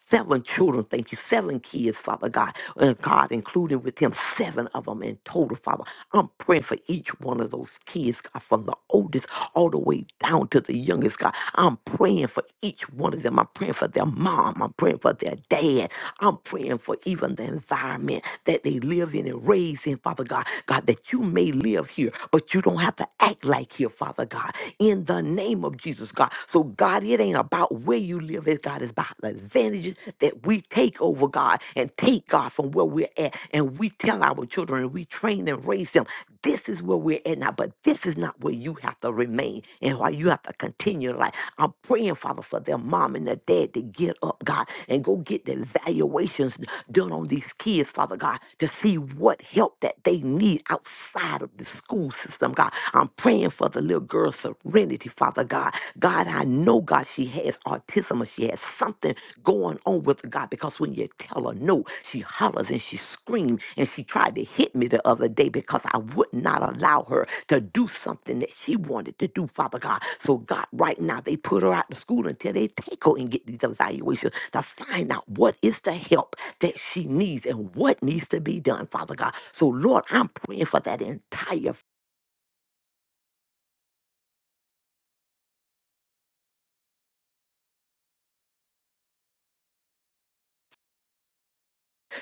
Speaker 3: seven children, thank you, seven kids, Father God, and God, including with him, seven of them in total, Father. I'm praying for each one of those kids, God, from the oldest all the way down to the youngest, God. I'm praying for each one of them. I'm praying for their mom. I'm praying for their dad. I'm praying for even the environment that they live in and raise in, Father God. God, that you may live here, but you don't have to act like here, Father God, in the name of Jesus, God. So, God, it ain't about where you live, it's God, it's about the advantages that we take over, God, and take God from where we're at. And we tell our children and we train and raise them. This is where we're at now, but this this is not where you have to remain and why you have to continue life. I'm praying, Father, for their mom and their dad to get up, God, and go get the evaluations done on these kids, Father God, to see what help that they need outside of the school system, God. I'm praying for the little girl's serenity, Father God. God, I know, God, she has autism or she has something going on on with God because when you tell her no, she hollers and she screams and she tried to hit me the other day because I would not allow her to do something that she wanted to do, Father God. So, God, right now, they put her out to school until they take her and get these evaluations to find out what is the help that she needs and what needs to be done, Father God. So, Lord, I'm praying for that entire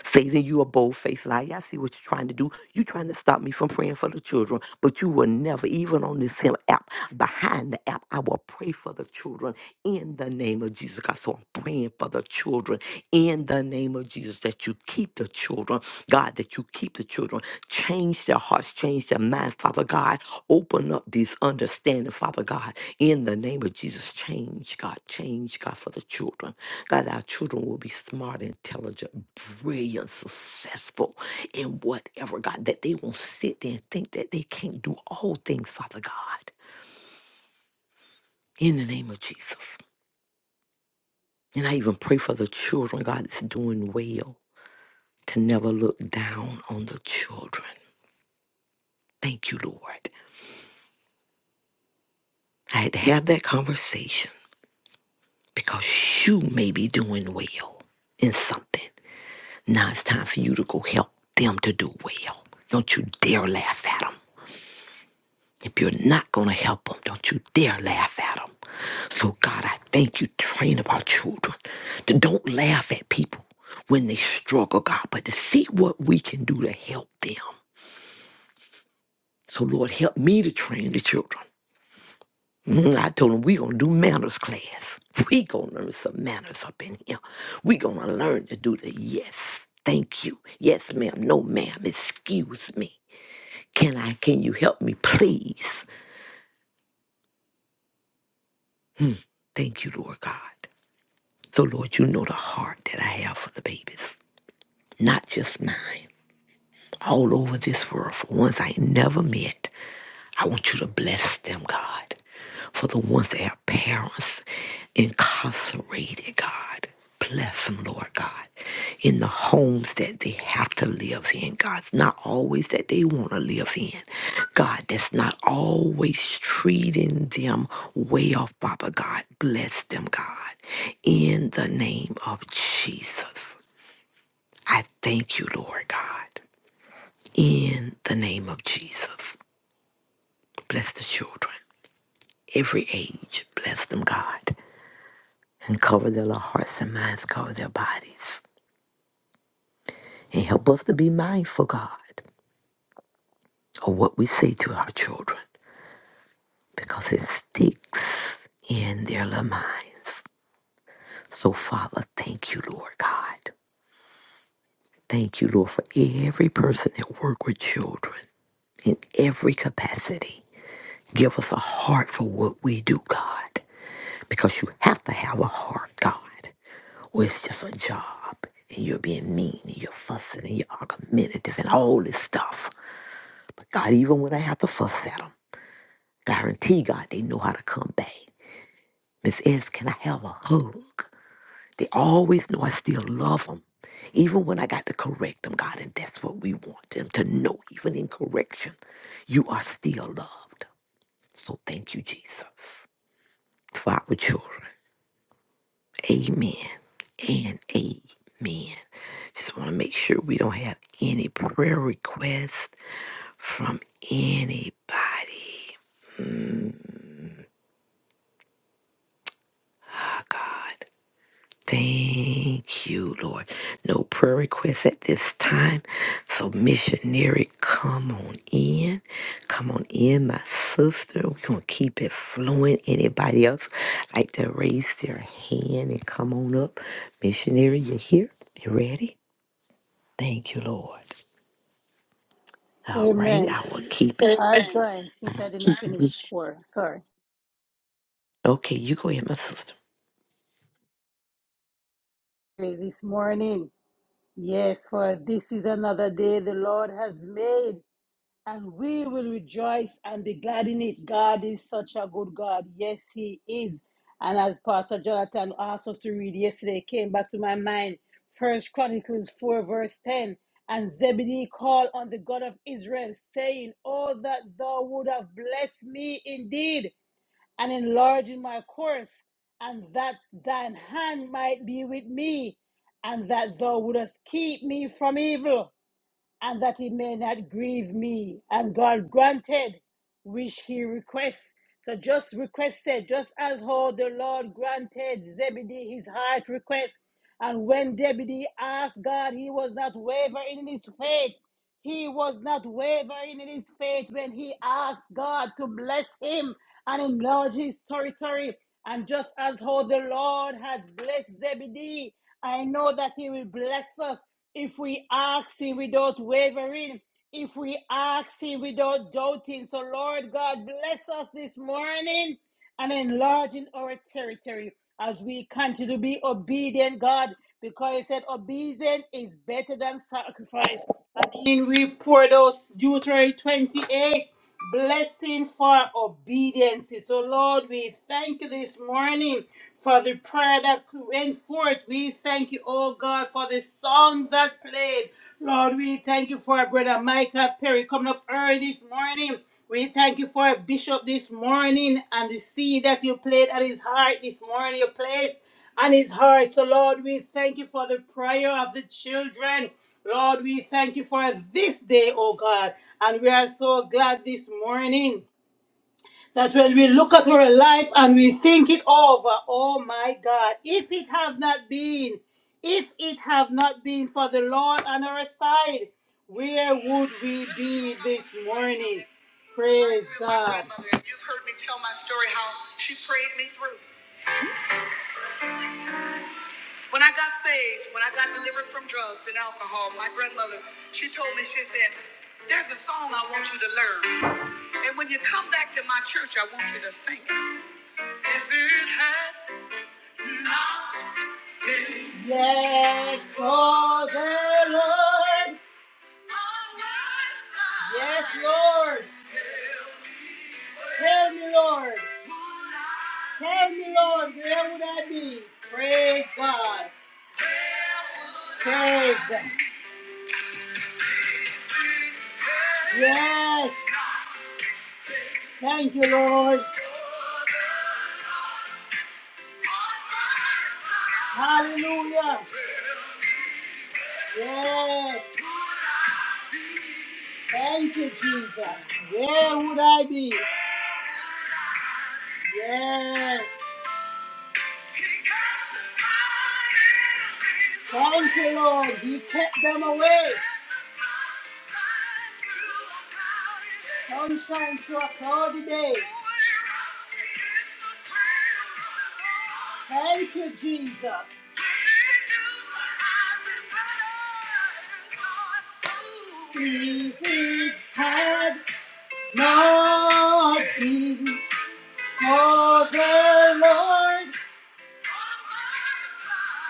Speaker 3: Satan, you a bold faced liar. I see what you're trying to do. you trying to stop me from praying for the children, but you will never, even on this him app, behind the app, I will pray for the children in the name of Jesus. God, so I'm praying for the children in the name of Jesus that you keep the children, God, that you keep the children. Change their hearts, change their minds, Father God. Open up this understanding, Father God, in the name of Jesus. Change, God, change, God, for the children. God, our children will be smart, intelligent, brilliant, successful in whatever, God, that they won't sit there and think that they can't do all things, Father God, in the name of Jesus. And I even pray for the children, God, that's doing well, to never look down on the children. Thank you, Lord. I had to have that conversation because you may be doing well in something. Now it's time for you to go help them to do well. Don't you dare laugh at them. If you're not going to help them, don't you dare laugh at them. So, God, I thank you. Train up our children to don't laugh at people when they struggle, God, but to see what we can do to help them. So, Lord, help me to train the children. Mm, I told them we going to do manners class. we going to learn some manners up in here. we going to learn to do the yes. Thank you. Yes, ma'am. No, ma'am. Excuse me. Can I, can you help me, please? Thank you, Lord God. So, Lord, you know the heart that I have for the babies, not just mine, all over this world, for ones I never met. I want you to bless them, God, for the ones that have parents incarcerated, God. Bless them, Lord God, in the homes that they have to live in, God. It's not always that they want to live in. God, that's not always treating them way off, Baba God. Bless them, God, in the name of Jesus. I thank you, Lord God, in the name of Jesus. Bless the children. every age. Bless them, God, and cover their little hearts and minds, cover their bodies, and help us to be mindful, God, of what we say to our children because it sticks in their little minds. So, Father, thank you, Lord God. Thank you, Lord, for every person that work with children in every capacity. Give us a heart for what we do, God, because you have to have a heart, God. where it's just a job and you're being mean and you're fussing and you're argumentative and all this stuff. But God, even when I have to fuss at them, guarantee God they know how to come back. Miss S, can I have a hug? They always know I still love them. Even when I got to correct them, God, and that's what we want them to know, even in correction, you are still loved. So thank you, Jesus, for our children. Amen and amen. Just want to make sure we don't have any prayer requests from anybody. My God. Thank you, Lord. No prayer requests at this time. So, missionary, come on in. Come on in, my sister. We're going to keep it flowing. Anybody else like to raise their hand and come on up? Missionary, you here? You ready? Thank you, Lord. All right,
Speaker 1: Amen.
Speaker 3: I will keep it.
Speaker 1: I'll join since I didn't finish pour. Sorry.
Speaker 3: Okay, you go ahead, my sister.
Speaker 1: Praise This morning. Yes, for this is another day the Lord has made. And we will rejoice and be glad in it. God is such a good God. Yes, He is. And as Pastor Jonathan asked us to read yesterday, it came back to my mind. First Chronicles 4, verse 10. And Zebedee called on the God of Israel, saying, Oh, that thou would have blessed me indeed, and enlarged in my course, and that thine hand might be with me, and that thou wouldest keep me from evil and that he may not grieve me. And God granted which he requests. So just requested, just as how the Lord granted Zebedee his heart request. And when Zebedee asked God, he was not wavering in his faith. He was not wavering in his faith when he asked God to bless him and enlarge his territory. And just as how the Lord had blessed Zebedee, I know that he will bless us if we asking without wavering, if we asking without doubting. So, Lord God, bless us this morning and enlarging our territory as we continue to be obedient, God, because He said obedience is better than sacrifice. And in we pour those Deuteronomy 28 blessing for obedience. So, Lord, we thank you this morning for the prayer that went forth. We thank you, oh God, for the songs that played. Lord, we thank you for our brother Michael Perry coming up early this morning. We thank you for our bishop this morning and the seed that you played at his heart this morning, You place and his heart. So, Lord, we thank you for the prayer of the children. Lord, we thank you for this day, oh God. And we are so glad this morning that when we look at our life and we think it over, oh my God, if it have not been, if it have not been for the Lord on our side, where would we be this morning? Praise God. My grandmother, You've heard me tell my story how she prayed me through. When I got saved, when I got delivered from drugs and alcohol, my grandmother, she told me, she said, there's a song I want you to learn. And when you come back to my church, I want you to sing it. If it had not been yes, for the Lord Yes, Lord. Tell me, Lord. Tell me, Lord, where would I be? Praise God. Praise God. Yes. Thank you, Lord. Hallelujah. Yes. Thank you, Jesus. Where would I be? Yes. Thank you, Lord. You kept them away. Sunshine through a cloudy day. Thank you, Jesus. If it had not been for the Lord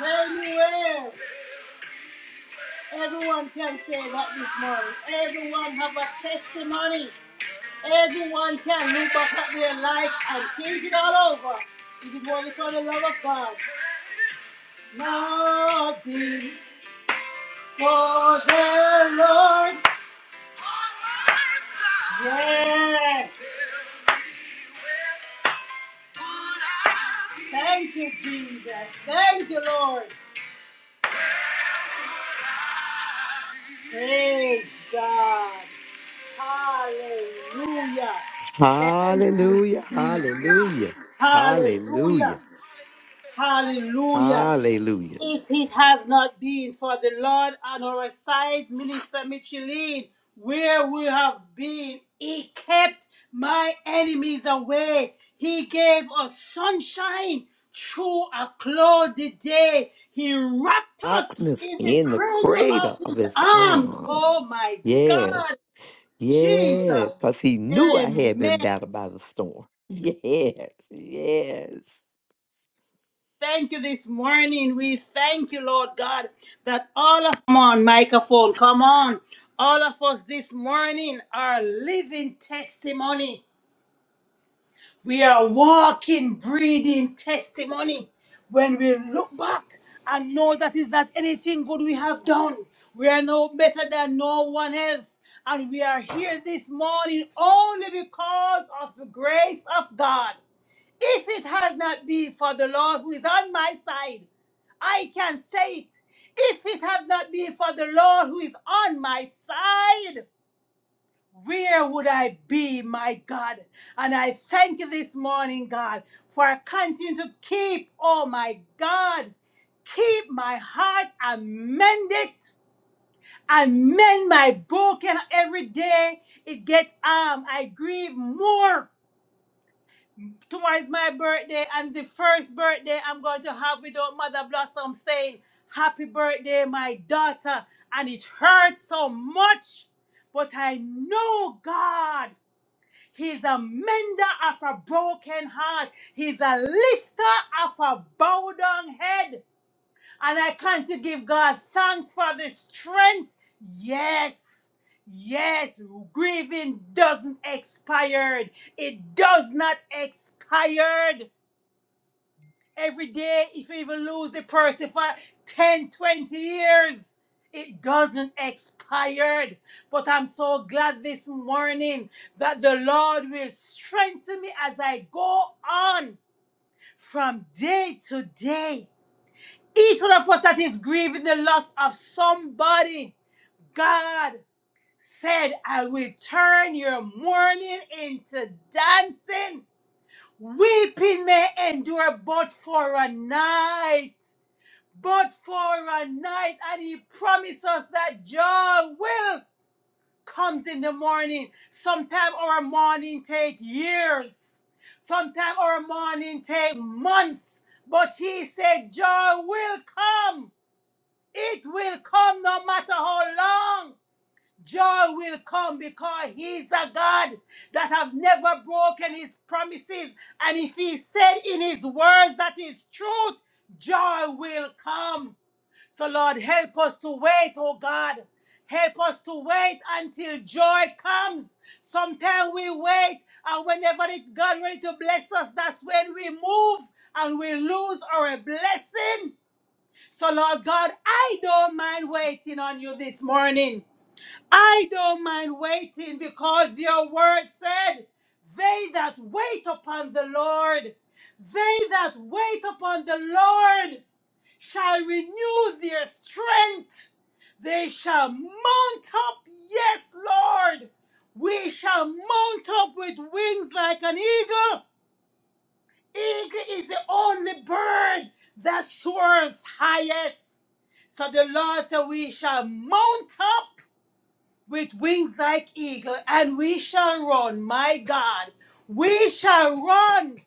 Speaker 1: Anywhere, everyone can say that this morning. Everyone have a testimony. Everyone can look back at their life and change it all over. It is what we call the love of God. Nothing for the Lord. Yes. Thank you, Jesus. Thank you, Lord. Praise God. Hallelujah. Thank you,
Speaker 3: Hallelujah,
Speaker 1: Jesus.
Speaker 3: hallelujah,
Speaker 1: Hallelujah.
Speaker 3: hallelujah,
Speaker 1: Hallelujah.
Speaker 3: hallelujah.
Speaker 1: If it had not been for the Lord on our side, Minister Micheline, where we have been, He kept my enemies away. He gave us sunshine through a cloudy day. He wrapped us
Speaker 3: Darkness
Speaker 1: in the
Speaker 3: in the
Speaker 1: cradle of
Speaker 3: cradle of
Speaker 1: His
Speaker 3: his
Speaker 1: arms.
Speaker 3: arms.
Speaker 1: Oh my God.
Speaker 3: Yes,
Speaker 1: Jesus.
Speaker 3: yes, because he knew I had
Speaker 1: Amen.
Speaker 3: been battered by the storm. Yes, yes.
Speaker 1: Thank you this morning. We thank you, Lord God, that all of come on, microphone, come on. All of us this morning are living testimony. We are walking, breathing testimony. When we look back and know that is not anything good we have done, we are no better than no one else. And we are here this morning only because of the grace of God. If it had not been for the Lord who is on my side, I can say it. If it had not been for the Lord who is on my side, where would I be, my God? And I thank you this morning, God, for continuing to keep, oh my God, keep my heart and mend it. and mend my broken every day. It gets um, I grieve more Tomorrow is my birthday, and the first birthday I'm going to have without Mother Blossom saying, Happy birthday, my daughter. And it hurts so much. But I know God. He's a mender of a broken heart. He's a lifter of a bowed down head. And I come to give God thanks for the strength. Yes, yes, grieving doesn't expire. It does not expire. Every day, if you even lose the person for 10, 20 years, it doesn't expire. But I'm so glad this morning that the Lord will strengthen me as I go on from day to day. Each one of us that is grieving the loss of somebody, God said, I will turn your mourning into dancing. Weeping may endure but for a night but for a night, and he promised us that joy will comes in the morning. Sometimes our morning take years, sometimes our morning take months, but he said joy will come. It will come no matter how long. Joy will come because he's a God that have never broken his promises. And if he said in his words that is truth, joy will come. So, Lord, help us to wait, oh God. Help us to wait until joy comes. Sometimes we wait, and whenever it, God ready to bless us, that's when we move and we lose our blessing. So, Lord God, I don't mind waiting on you this morning. I don't mind waiting because your word said, They that wait upon the Lord, they that wait upon the Lord shall renew their strength. They shall mount up, yes, Lord. We shall mount up with wings like an eagle. Eagle is the only bird that soars highest. So the Lord said, We shall mount up with wings like eagle and we shall run, my God. We shall run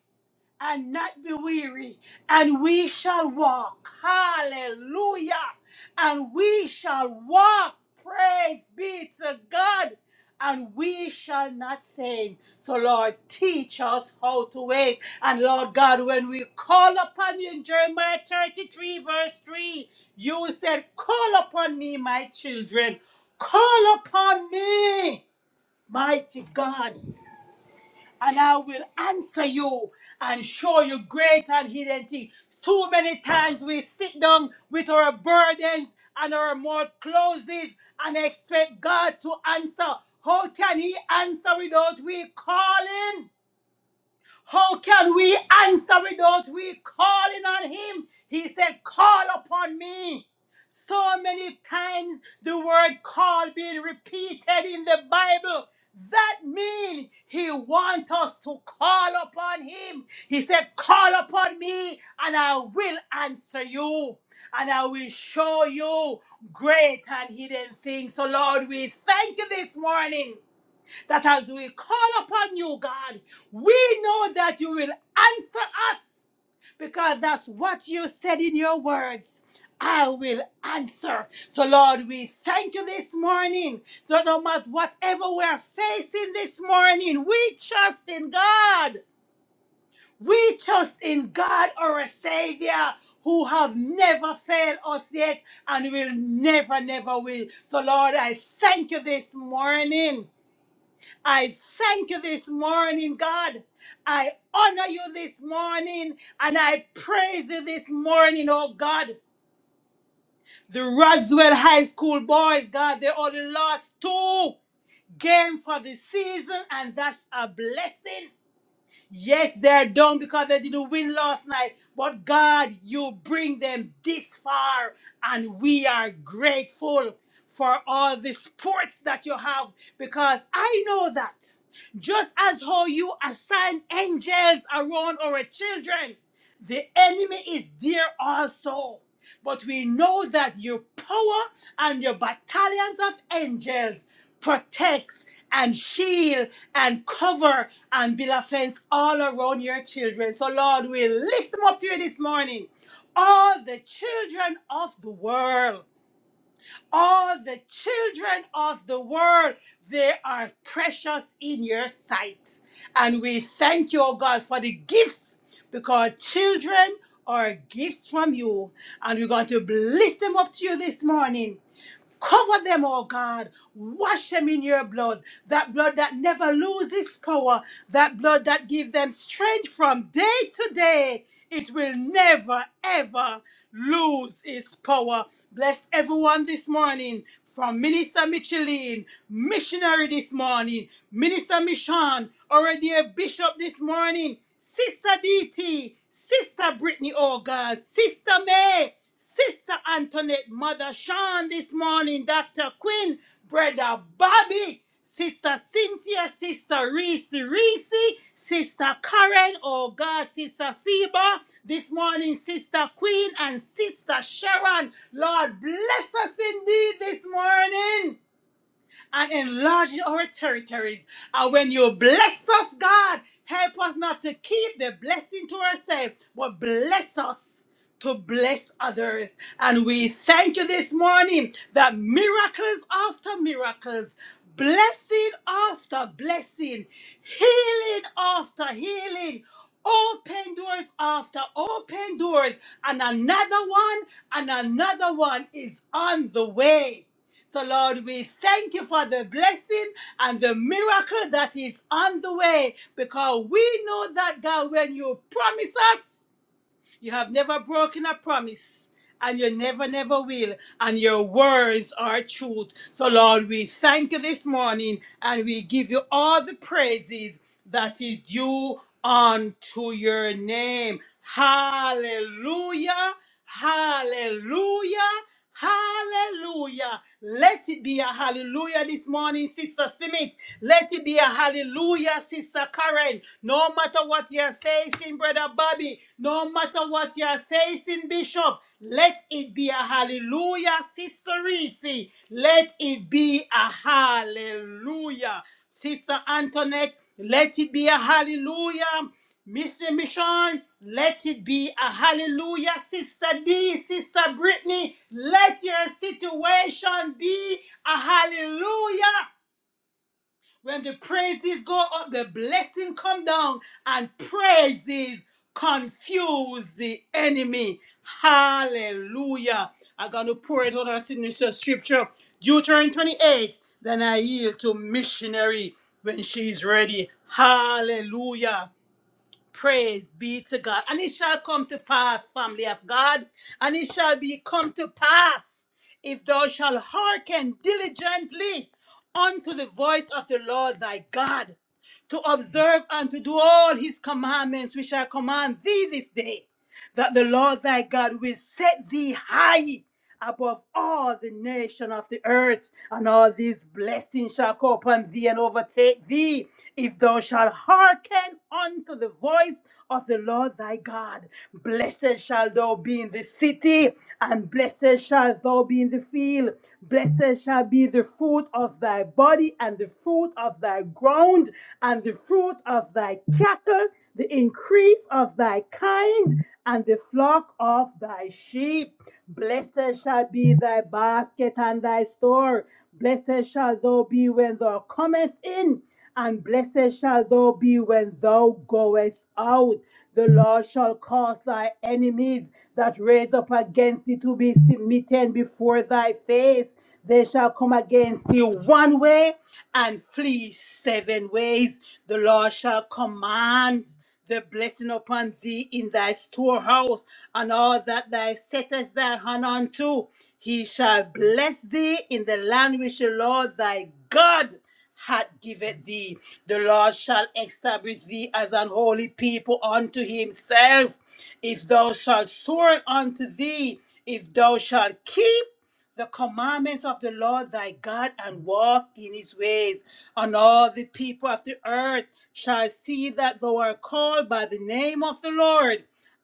Speaker 1: and not be weary, and we shall walk. Hallelujah. And we shall walk. Praise be to God. And we shall not faint. So, Lord, teach us how to wait. And, Lord God, when we call upon you in Jeremiah 33, verse 3, you said, Call upon me, my children. Call upon me, mighty God and I will answer you and show you great and hidden things. Too many times we sit down with our burdens and our mouth closes and expect God to answer. How can He answer without we calling? How can we answer without we calling on him? He said, Call upon me. So many times the word call being repeated in the Bible. That means he wants us to call upon him. He said, Call upon me, and I will answer you, and I will show you great and hidden things. So, Lord, we thank you this morning that as we call upon you, God, we know that you will answer us because that's what you said in your words. I will answer. So, Lord, we thank you this morning that no matter whatever we're facing this morning, we trust in God. We trust in God, our Savior, who have never failed us yet and will never, never will. So, Lord, I thank you this morning I thank you this morning, God. I honor you this morning and I praise you this morning, oh God. The Roswell High School boys, God, they only lost two games for the season, and that's a blessing. Yes, they're down because they didn't win last night. But God, you bring them this far, and we are grateful for all the sports that you have because I know that just as how you assign angels around our children, the enemy is there also. But we know that your power and your battalions of angels protects and shield and cover and build a fence all around your children. So, Lord, we lift them up to you this morning. All the children of the world, all the children of the world, they are precious in your sight. And we thank you, oh God, for the gifts because children are gifts from you. And we're going to lift them up to you this morning Cover them, oh God. Wash them in your blood. That blood that never loses power. That blood that gives them strength from day to day. It will never, ever lose its power. Bless everyone this morning from Minister Micheline, missionary this morning, Minister Michon, our dear bishop this morning, Sister DT, Sister Brittany, oh God, Sister May. Sister Antoinette, Mother Sean this morning, Dr. Quinn, Brother Bobby, Sister Cynthia, Sister Reese Reese, Sister Karen, oh God, Sister Phoebe, this morning, Sister Queen and Sister Sharon. Lord, bless us indeed this morning and enlarging our territories. And when you bless us, God, help us not to keep the blessing to ourselves, but bless us to bless others. And we thank you this morning that miracles after miracles, blessing after blessing, healing after healing. Open doors after open doors, and another one, and another one is on the way. So, Lord, we thank you for the blessing and the miracle that is on the way because we know that, God, when you promise us, you have never broken a promise, and you never, never will. And your words are truth. So, Lord, we thank you this morning and we give you all the praises that is due unto your name. Hallelujah! Hallelujah! Hallelujah. Let it be a hallelujah this morning, Sister Simit. Let it be a hallelujah, Sister Karen. No matter what you're facing, facing, Brother Bobby, no matter what you're facing, Bishop, let it be a hallelujah, Sister Reese. Let it be a hallelujah, Sister Antoinette. Let it be a hallelujah. Mr. Mission, let it be a hallelujah, Sister D, Sister Brittany. Let your situation be a hallelujah. When the praises go up, the blessing come down, and praises confuse the enemy. Hallelujah. I'm going to pour it out our signature scripture. Deuteronomy 28. Then I yield to missionary when she's ready. Hallelujah. Praise be to God. And it shall come to pass, family of God, and it shall be come to pass if thou shalt hearken diligently unto the voice of the Lord thy God to observe and to do all his commandments which I command thee this day, that the Lord thy God will set thee high above all the nation of the earth, and all these blessings shall come upon thee and overtake thee, if thou shalt hearken unto the voice of the Lord thy God. Blessed shall thou be in the city, and blessed shall thou be in the field. Blessed shall be the fruit of thy body, and the the fruit of thy ground, and the fruit of thy cattle, the increase of thy kind, and the flock of thy sheep. Blessed shall be thy basket and thy store. Blessed shall thou be when thou comest in, and blessed shall thou be when thou goest out. The Lord shall cause thy enemies that raise up against thee to be smitten before thy face. They shall come against you one way and flee seven ways. The Lord shall command the blessing upon thee in thy storehouse and all that thou settest thy hand unto. He shall bless thee in the land which the Lord thy God hath given thee. The Lord shall establish thee as an holy people unto himself. If thou shalt swear unto thee, if thou shalt keep the commandments of the Lord thy God and walk in his ways. And all the people of the earth shall see that thou art called by the name of the Lord,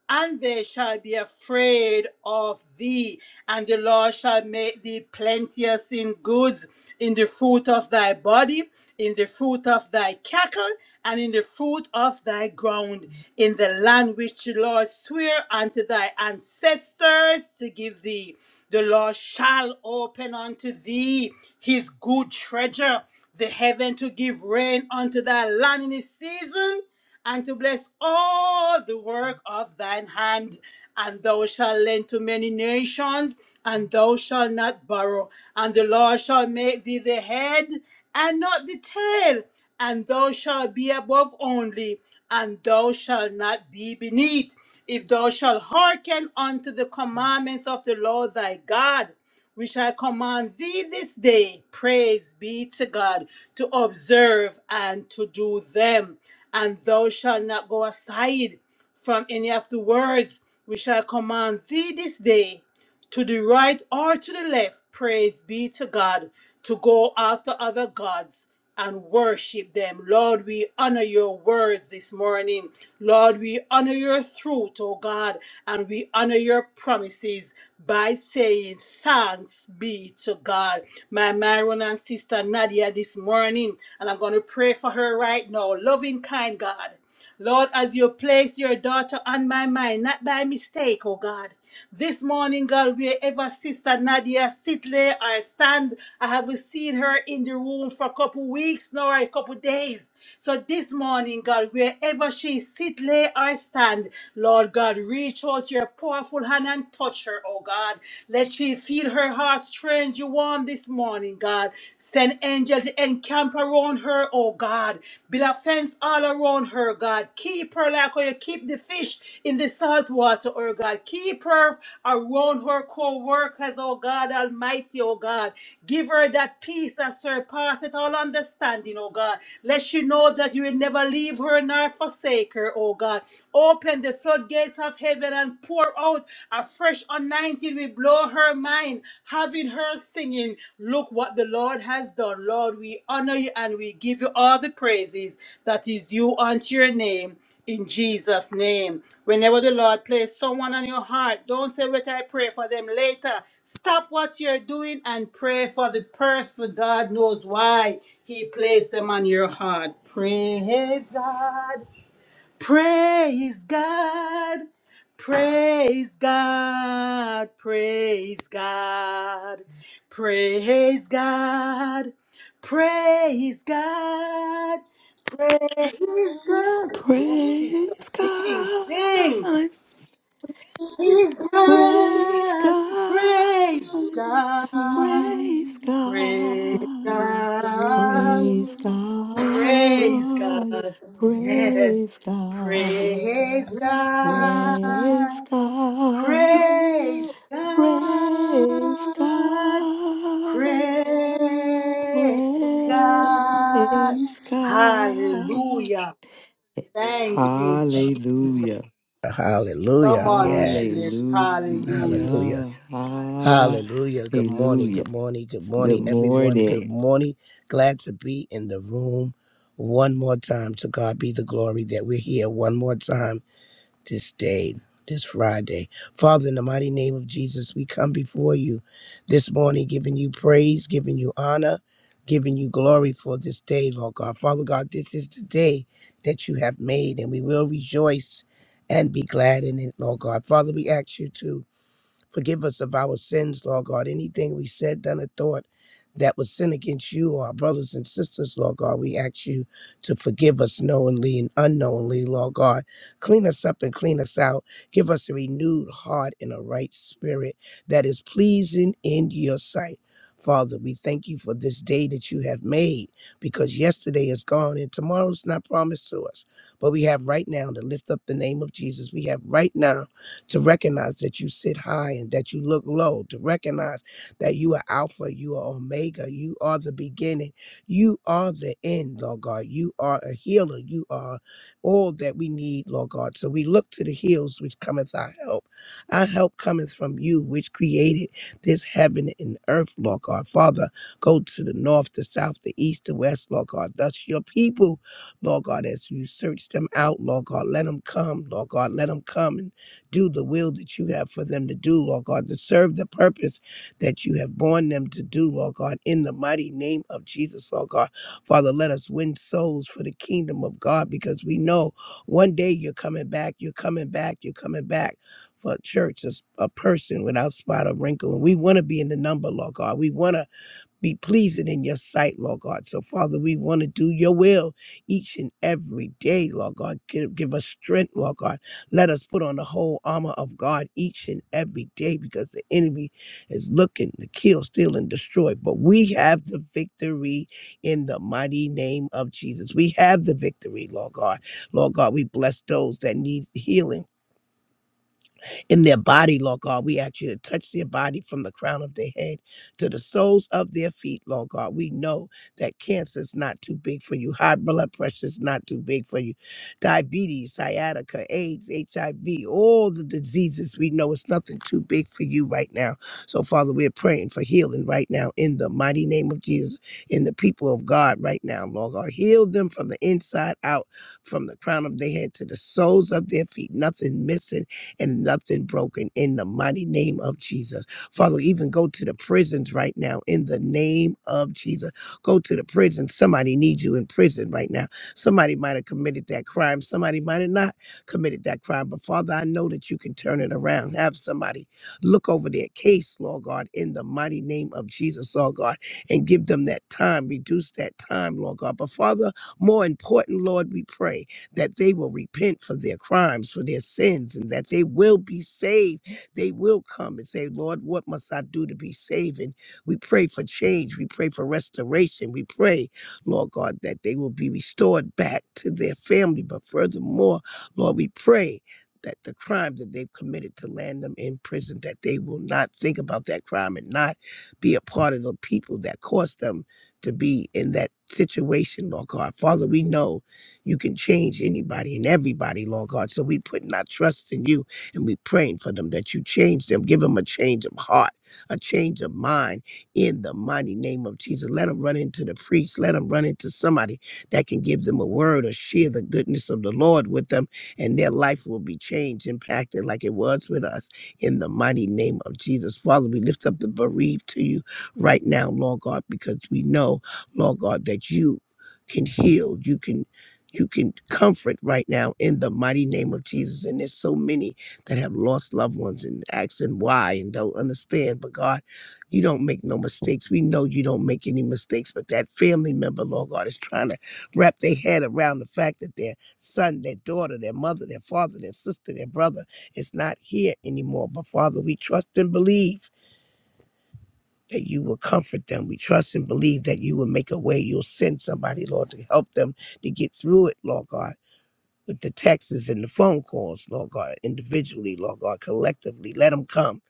Speaker 1: and they shall be afraid of thee. And the Lord shall make thee plenteous in goods in the fruit of thy body, in the fruit of thy cattle, and in the fruit of thy ground, in the land which the Lord sware unto thy ancestors to give thee. The Lord shall open unto thee his good treasure, the heaven to give rain unto thy land in his season, and to bless all the work of thine hand. And thou shalt lend to many nations, and thou shalt not borrow. And the Lord shall make thee the head and not the tail, and thou shalt be above only, and thou shalt not be beneath. If thou shalt hearken unto the commandments of the Lord thy God, which I command thee this day, praise be to God, to observe and to do them. And thou shalt not go aside from any of the words which I command thee this day, to the right or to the left, praise be to God, to go after other gods and worship them. Lord, we honor your words this morning. Lord, we honor your truth, oh God, and we honor your promises by saying thanks be to God. My Myron and sister Nadia this morning, and I'm going to pray for her right now. Loving kind God. Lord, as you place your daughter on my mind, not by mistake, oh God. This morning, God, wherever Sister Nadia sit, lay, or stand, I haven't seen her in the room for a couple weeks now, or a couple days. So this morning, God, wherever she sit, lay, or stand, Lord God, reach out your powerful hand and touch her, oh God. Let she feel her heart strange warm this morning, God. Send angels to encamp around her, oh God. Build a fence all around her, God. Keep her like how you keep the fish in the salt water, oh God. Keep her around her co-workers, oh God Almighty, oh God. Give her that peace that surpasses all understanding, oh God. Let she know that you will never leave her nor forsake her, oh God. Open the floodgates of heaven and pour out a fresh fresh anointing will blow her mind, having her singing, Look what the Lord has done. Lord, we honor you and we give you all the praises that is due unto your name. In Jesus' name. Whenever the Lord places someone on your heart, don't say, Wait, I pray for them later. Stop what you're doing and pray for the person. God knows why He placed them on your heart. Praise God. Praise God. Praise God. Praise God. Praise God. Praise God. Praise God. Yes, sister.
Speaker 3: Praise
Speaker 1: Sing, sing.
Speaker 3: God,
Speaker 1: Praise
Speaker 3: praise
Speaker 1: God.
Speaker 3: God,
Speaker 1: Praise God.
Speaker 3: praise
Speaker 1: Praise
Speaker 3: God.
Speaker 1: God.
Speaker 3: Praise
Speaker 1: Praise
Speaker 3: God,
Speaker 1: God. Yes.
Speaker 3: praise God,
Speaker 1: Praise
Speaker 3: praise
Speaker 1: God.
Speaker 3: God,
Speaker 1: Praise
Speaker 3: praise
Speaker 1: God.
Speaker 3: God,
Speaker 1: Praise God.
Speaker 3: praise God.
Speaker 1: Hallelujah. Thank you, Jesus.
Speaker 3: Hallelujah,
Speaker 1: Come
Speaker 5: Hallelujah.
Speaker 1: on, missionary.
Speaker 5: Yes.
Speaker 1: Hallelujah.
Speaker 5: Hallelujah.
Speaker 3: hallelujah,
Speaker 5: Hallelujah. Good morning.
Speaker 3: hallelujah.
Speaker 5: Good morning. Good
Speaker 3: Good
Speaker 5: morning, everyone. Good
Speaker 3: morning.
Speaker 5: morning. Glad to be in the room one more time. To God be the glory that we're here one more time this day, this Friday. Father, in the mighty name of Jesus, we come before you this morning, giving you praise, giving you honor, giving you glory for this day, Lord God. Father God, this is the day that you have made, and we will rejoice and be glad in it, Lord God. Father, we ask you to. Forgive us of our sins, Lord God. Anything we said, done, or thought that was sin against you or our brothers and sisters, Lord God, we ask you to forgive us knowingly and unknowingly, Lord God. Clean us up and clean us out. Give us a renewed heart and a right spirit that is pleasing in your sight. Father, we thank you for this day that you have made because yesterday is gone and tomorrow's not promised to us. But we have right now to lift up the name of Jesus. We have right now to recognize that you sit high and that you look low, to recognize that you are Alpha, you are Omega, you are the beginning, you are the end, Lord God. You are a healer, you are all that we need, Lord God. So we look to the hills which cometh our help. Our help cometh from you, which created this heaven and earth, Lord God. Father, go to the north, the south, the east, the west, Lord God. Thus your people Lord God, as you search them out, Lord God, let them come, Lord God, let them come do the will that you have for them to do, Lord God, to serve the purpose that you have born them to do, Lord God, in the mighty name of Jesus, Lord God. Father, let us win souls for the kingdom of God because we know one day you're coming back, you're coming back, you're coming back. For a church, as a person without spot or wrinkle. And we want to be in the number, Lord God. We want to be pleasing in your sight, Lord God. So, Father, we want to do your will each and every day, Lord God. Give, give us strength, Lord God. Let us put on the whole armor of God each and every day because the enemy is looking to kill, steal, and destroy. But we have the victory in the mighty name of Jesus. We have the victory, Lord God. Lord God, we bless those that need healing in their body, Lord God. We ask you to touch their body from the crown of their head to the soles of their feet, Lord God. We know that cancer is not too big for you, high blood pressure is not too big for you, diabetes, sciatica, AIDS, HIV, all the diseases we know its nothing too big for you right now. So, Father, we're praying for healing right now in the mighty name of Jesus, in the people of God right now, Lord God. Heal them from the inside out, from the crown of their head to the soles of their feet, nothing missing and nothing broken in the mighty name of Jesus. Father, even go to the prisons right now in the name of Jesus. Go to the prison. Somebody needs you in prison right now. Somebody might have committed that crime. Somebody might have not committed that crime. But Father, I know that you can turn it around. Have somebody look over their case, Lord God, in the mighty name of Jesus, Lord God, and give them that time, reduce that time, Lord God. But Father, more important, Lord, we pray that they will repent for their crimes, for their sins, and that they will be saved. They will come and say, Lord, what must I do to be saved? And we pray for change. We pray for restoration. We pray, Lord God, that they will be restored back to their family. But furthermore, Lord, we pray. That the crime that they've committed to land them in prison, that they will not think about that crime and not be a part of the people that caused them to be in that situation, Lord God. Father, we know you can change anybody and everybody, Lord God. So we putting our trust in you and we praying for them that you change them. Give them a change of heart, a change of mind in the mighty name of Jesus. Let them run into the priest. Let them run into somebody that can give them a word or share the goodness of the Lord with them and their life will be changed, impacted like it was with us in the mighty name of Jesus. Father, we lift up the bereaved to you right now, Lord God, because we know, Lord God, that you can heal. You can you can comfort right now in the mighty name of Jesus. And there's so many that have lost loved ones and asking why and don't understand. But God, you don't make no mistakes. We know you don't make any mistakes, but that family member, Lord God, is trying to wrap their head around the fact that their son, their daughter, their mother, their father, their sister, their brother is not here anymore. But Father, we trust and believe. That you will comfort them. We trust and believe that you will make a way. You'll send somebody, Lord, to help them to get through it, Lord God with the texts and the phone calls, Lord God, individually, Lord God, collectively. Let them come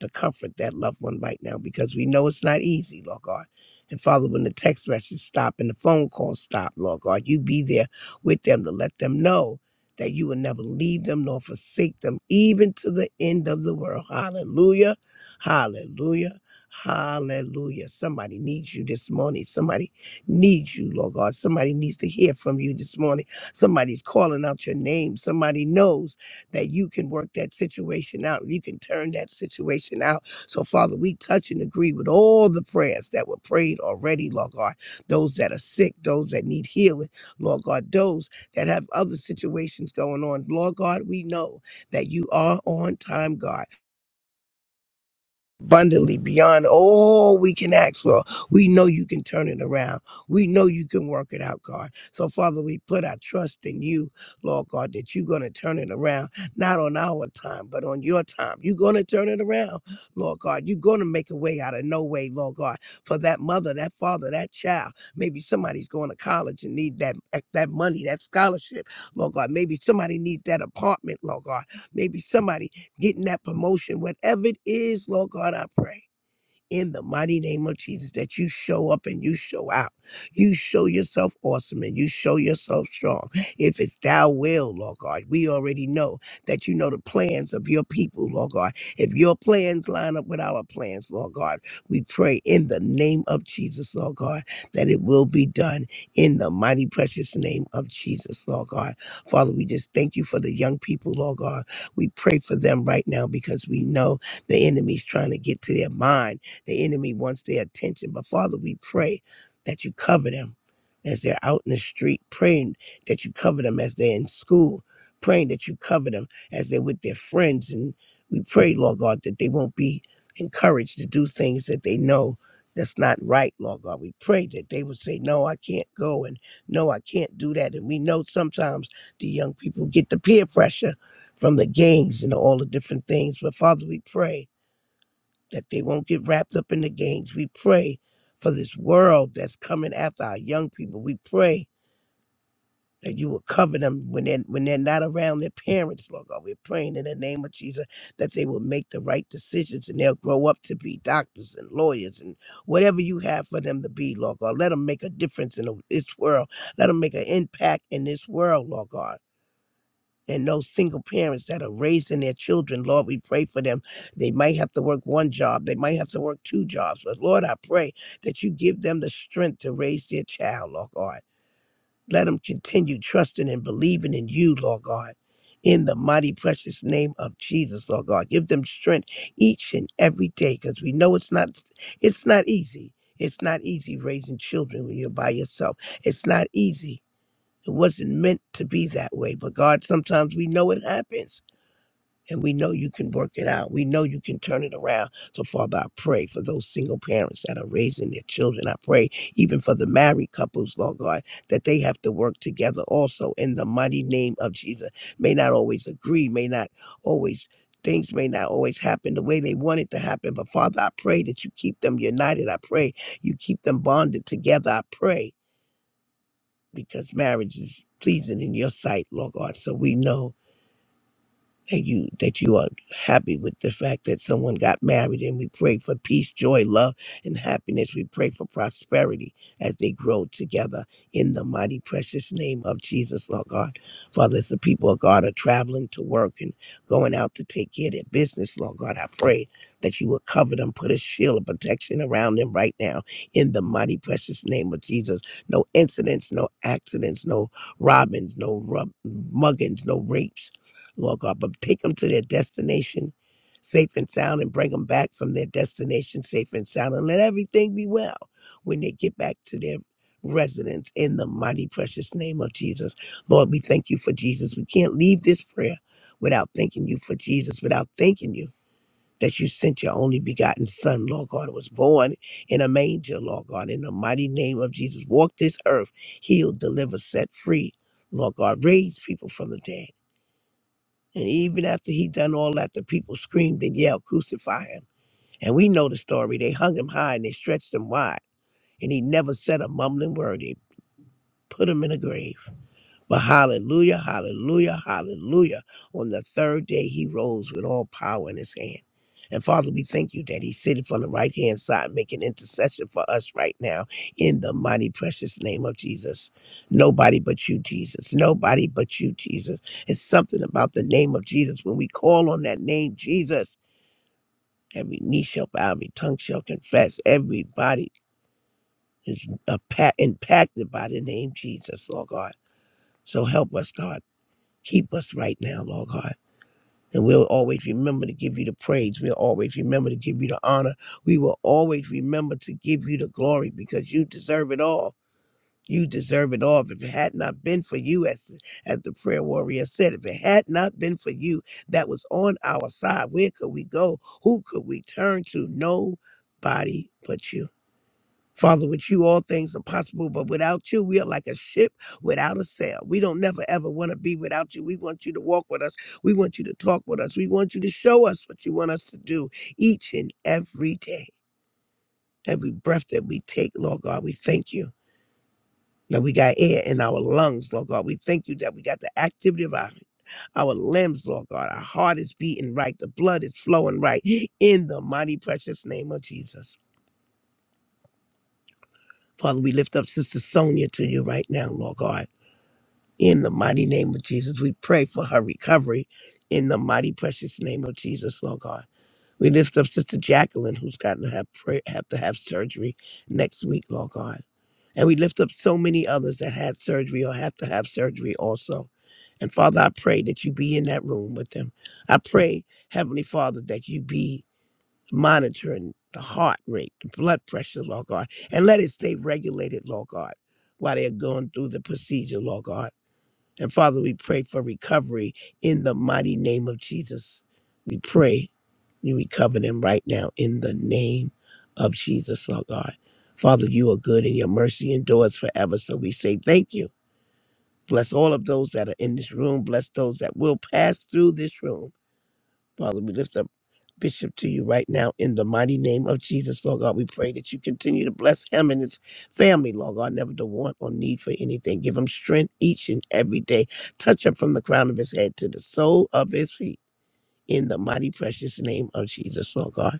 Speaker 5: to comfort that loved one right now because we know it's not easy, Lord God. And Father, when the text messages stop and the phone calls stop, Lord God, you be there with them to let them know that you will never leave them nor forsake them, even to the end of the world. Hallelujah. Hallelujah. Hallelujah. Somebody needs you this morning. Somebody needs you, Lord God. Somebody needs to hear from you this morning. Somebody's calling out your name. Somebody knows that you can work that situation out. You can turn that situation out. So, Father, we touch and agree with all the prayers that were prayed already, Lord God. Those that are sick, those that need healing, Lord God, those that have other situations going on. Lord God, we know that you are on time, God abundantly beyond all we can ask for. We know you can turn it around. We know you can work it out, God. So, Father, we put our trust in you, Lord God, that you're going to turn it around, not on our time, but on your time. You're going to turn it around, Lord God. You're going to make a way out of no way, Lord God, for that mother, that father, that child. Maybe somebody's going to college and need that, eh, that money, that scholarship, Lord God. Maybe somebody needs that apartment, Lord God. Maybe somebody getting that promotion, whatever it is, Lord God, I pray in the mighty name of Jesus that you show up and you show out. You show yourself awesome and you show yourself strong. If it's thou will, Lord God, we already know that you know the plans of your people, Lord God. If your plans line up with our plans, Lord God, we pray in the name of Jesus, Lord God, that it will be done in the mighty precious name of Jesus, Lord God. Father, we just thank you for the young people, Lord God. We pray for them right now because we know the enemy's trying to get to their mind the enemy wants their attention. But Father, we pray that you cover them as they're out in the street, praying that you cover them as they're in school, praying that you cover them as they're with their friends. And we pray, Lord God, that they won't be encouraged to do things that they know that's not right, Lord God. We pray that they would say, No, I can't go, and no, I can't do that. And we know sometimes the young people get the peer pressure from the gangs and all the different things. But Father, we pray that they won't get wrapped up in the gains. We pray for this world that's coming after our young people. We pray that you will cover them when they're, when they're not around their parents, Lord God. We're praying in the name of Jesus that they will make the right decisions and they'll grow up to be doctors and lawyers and whatever you have for them to be, Lord God. Let them make a difference in this world. Let them make an impact in this world, Lord God and those single parents that are raising their children. Lord, we pray for them. They might have to work one job, they might have to work two jobs. But Lord, I pray that you give them the strength to raise their child, Lord God. Let them continue trusting and believing in you, Lord God. In the mighty precious name of Jesus, Lord God. Give them strength each and every day. Because we know it's not it's not easy. It's not easy raising children when you're by yourself. It's not easy it wasn't meant to be that way. But God, sometimes we know it happens and we know you can work it out. We know you can turn it around. So, Father, I pray for those single parents that are raising their children. I pray even for the married couples, Lord God, that they have to work together also in the mighty name of Jesus. May not always agree, may not always. Things may not always happen the way they want it to happen, but Father, I pray that you keep them united. I pray you keep them bonded together. I pray because marriage is pleasing in your sight, Lord God. So we know that you that you are happy with the fact that someone got married and we pray for peace joy love and happiness we pray for prosperity as they grow together in the mighty precious name of jesus lord god father as the people of god are traveling to work and going out to take care of their business lord god i pray that you will cover them put a shield of protection around them right now in the mighty precious name of jesus no incidents no accidents no robbings no rub- muggings no rapes Lord God, but take them to their destination safe and sound and bring them back from their destination safe and sound and let everything be well when they get back to their residence in the mighty precious name of Jesus. Lord, we thank you for Jesus. We can't leave this prayer without thanking you for Jesus, without thanking you. That you sent your only begotten Son, Lord God, who was born in a manger, Lord God, in the mighty name of Jesus. Walk this earth, heal, deliver, set free, Lord God. Raise people from the dead and even after he done all that, the people screamed and yelled, Crucify him. And we know the story. They hung him high and they stretched him wide. And he never said a mumbling word. They put him in a grave. But hallelujah, hallelujah, hallelujah. On the third day, he rose with all power in his hand. And Father, we thank you that he's sitting on the right hand side making intercession for us right now in the mighty, precious name of Jesus. Nobody but you, Jesus. Nobody but you, Jesus. It's something about the name of Jesus. When we call on that name, Jesus, every knee shall bow, every tongue shall confess, everybody is uh, pa- impacted by the name Jesus, Lord God. So help us, God. Keep us right now, Lord God. And we'll always remember to give you the praise. We'll always remember to give you the honor. We will always remember to give you the glory because you deserve it all. You deserve it all. If it had not been for you, as, as the prayer warrior said, if it had not been for you that was on our side, where could we go? Who could we turn to? Nobody but you. Father, with you all things are possible, but without you, we are like a ship without a sail. We don't never ever want to be without you. We want you to walk with us. We want you to talk with us. We want you to show us what you want us to do each and every day. Every breath that we take, Lord God, we thank you that we got air in our lungs, Lord God. We thank you that we got the activity of our, our limbs, Lord God. Our heart is beating right. The blood is flowing right in the mighty, precious name of Jesus. Father, we lift up Sister Sonia to you right now, Lord God. In the mighty name of Jesus, we pray for her recovery in the mighty precious name of Jesus, Lord God. We lift up Sister Jacqueline, who's got to have, pray, have to have surgery next week, Lord God. And we lift up so many others that had surgery or have to have surgery also. And Father, I pray that you be in that room with them. I pray, Heavenly Father, that you be monitoring the heart rate, the blood pressure, Lord God, and let it stay regulated, Lord God, while they're going through the procedure, Lord God. And Father, we pray for recovery in the mighty name of Jesus. We pray you recover them right now in the name of Jesus, Lord God. Father, you are good and your mercy endures forever. So we say thank you. Bless all of those that are in this room. Bless those that will pass through this room. Father, we lift up Bishop to you right now in the mighty name of Jesus, Lord God. We pray that you continue to bless him and his family, Lord God, never to want or need for anything. Give him strength each and every day. Touch him from the crown of his head to the sole of his feet. In the mighty precious name of Jesus, Lord God.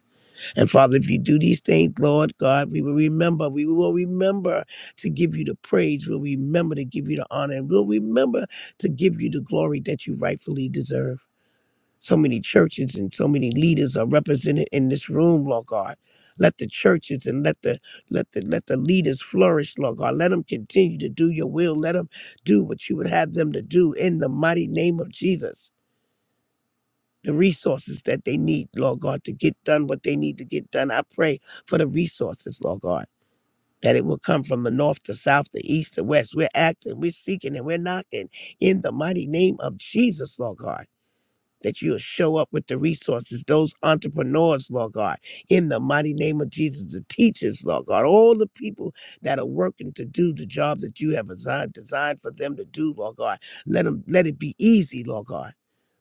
Speaker 5: And Father, if you do these things, Lord God, we will remember. We will remember to give you the praise. We'll remember to give you the honor. And we'll remember to give you the glory that you rightfully deserve. So many churches and so many leaders are represented in this room, Lord God. Let the churches and let the let the let the leaders flourish, Lord God. Let them continue to do your will. Let them do what you would have them to do in the mighty name of Jesus. The resources that they need, Lord God, to get done what they need to get done. I pray for the resources, Lord God, that it will come from the north to south, to east to west. We're asking, we're seeking, and we're knocking in the mighty name of Jesus, Lord God that you'll show up with the resources, those entrepreneurs, Lord God, in the mighty name of Jesus, the teachers, Lord God, all the people that are working to do the job that you have designed, designed for them to do, Lord God. Let them let it be easy, Lord God.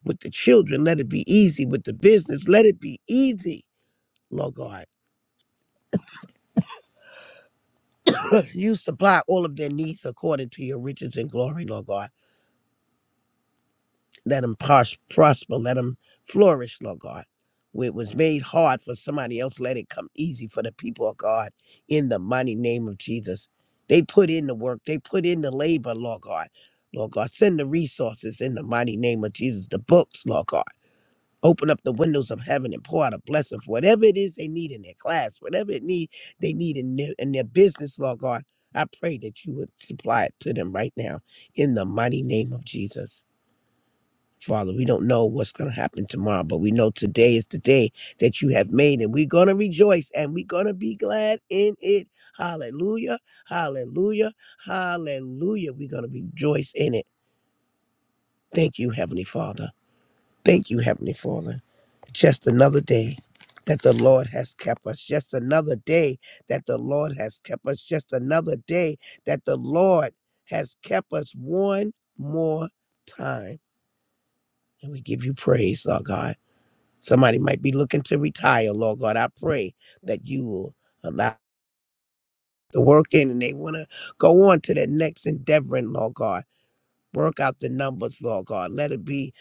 Speaker 5: With the children, let it be easy. With the business, let it be easy, Lord God. you supply all of their needs according to your riches and glory, Lord God. Let them pros- prosper. Let them flourish, Lord God. Where it was made hard for somebody else, let it come easy for the people of God in the mighty name of Jesus. They put in the work, they put in the labor, Lord God. Lord God, send the resources in the mighty name of Jesus, the books, Lord God. Open up the windows of heaven and pour out a blessing for whatever it is they need in their class, whatever it need they need in their, in their business, Lord God. I pray that you would supply it to them right now in the mighty name of Jesus. Father, we don't know what's going to happen tomorrow, but we know today is the day that you have made, and we're going to rejoice and we're going to be glad in it. Hallelujah, hallelujah, hallelujah. We're going to rejoice in it. Thank you, Heavenly Father. Thank you, Heavenly Father. Just another day that the Lord has kept us. Just another day that the Lord has kept us. Just another day that the Lord has kept us one more time. And we give you praise, our God. Somebody might be looking to retire, Lord God. I pray that you will allow the work in and they want to go on to their next endeavor, and Lord God. Work out the numbers, Lord God. Let it be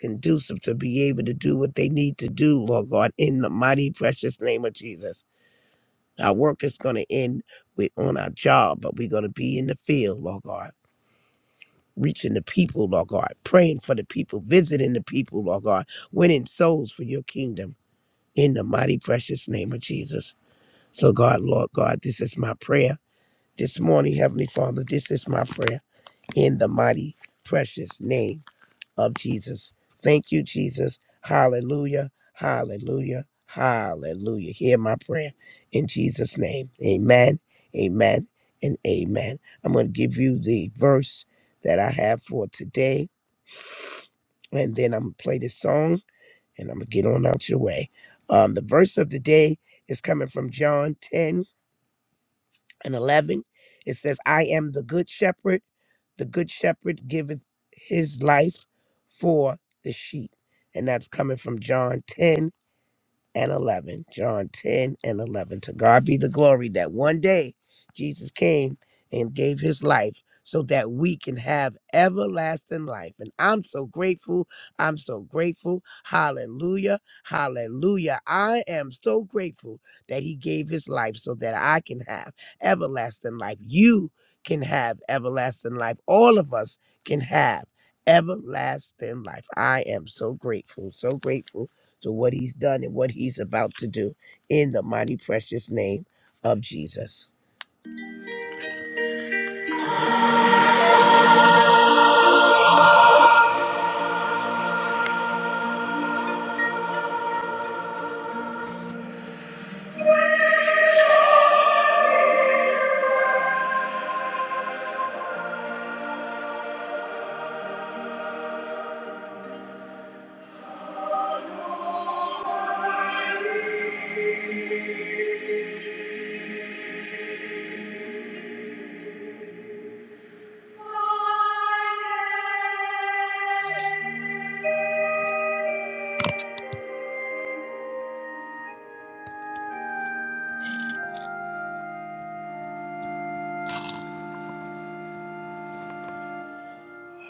Speaker 5: conducive to be able to do what they need to do, Lord God, in the mighty precious name of Jesus. Our work is going to end with on our job, but we're going to be in the field, Lord God, reaching the people, Lord God, praying for the people, visiting the people, Lord God, winning souls for your kingdom in the mighty precious name of Jesus. So, God, Lord God, this is my prayer this morning, Heavenly Father. This is my prayer in the mighty, precious name of Jesus. Thank you, Jesus. Hallelujah. Hallelujah. Hallelujah. Hear my prayer in Jesus' name. Amen. Amen. And amen. I'm going to give you the verse that I have for today, and then I'm going to play this song and I'm going to get on out your way. Um, the verse of the day is coming from John 10 and 11. It says, I am the good shepherd. The good shepherd giveth his life for the sheep. And that's coming from John 10 and 11. John 10 and 11. To God be the glory that one day Jesus came and gave his life so that we can have everlasting life. And I'm so grateful. I'm so grateful. Hallelujah. Hallelujah. I am so grateful that he gave his life so that I can have everlasting life. You can have everlasting life. All of us can have everlasting life. I am so grateful. So grateful to what he's done and what he's about to do in the mighty precious name of Jesus. Our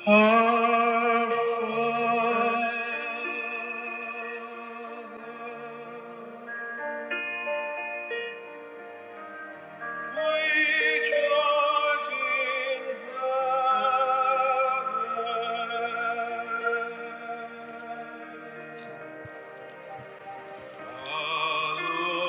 Speaker 5: Father, which art in heaven, Thy will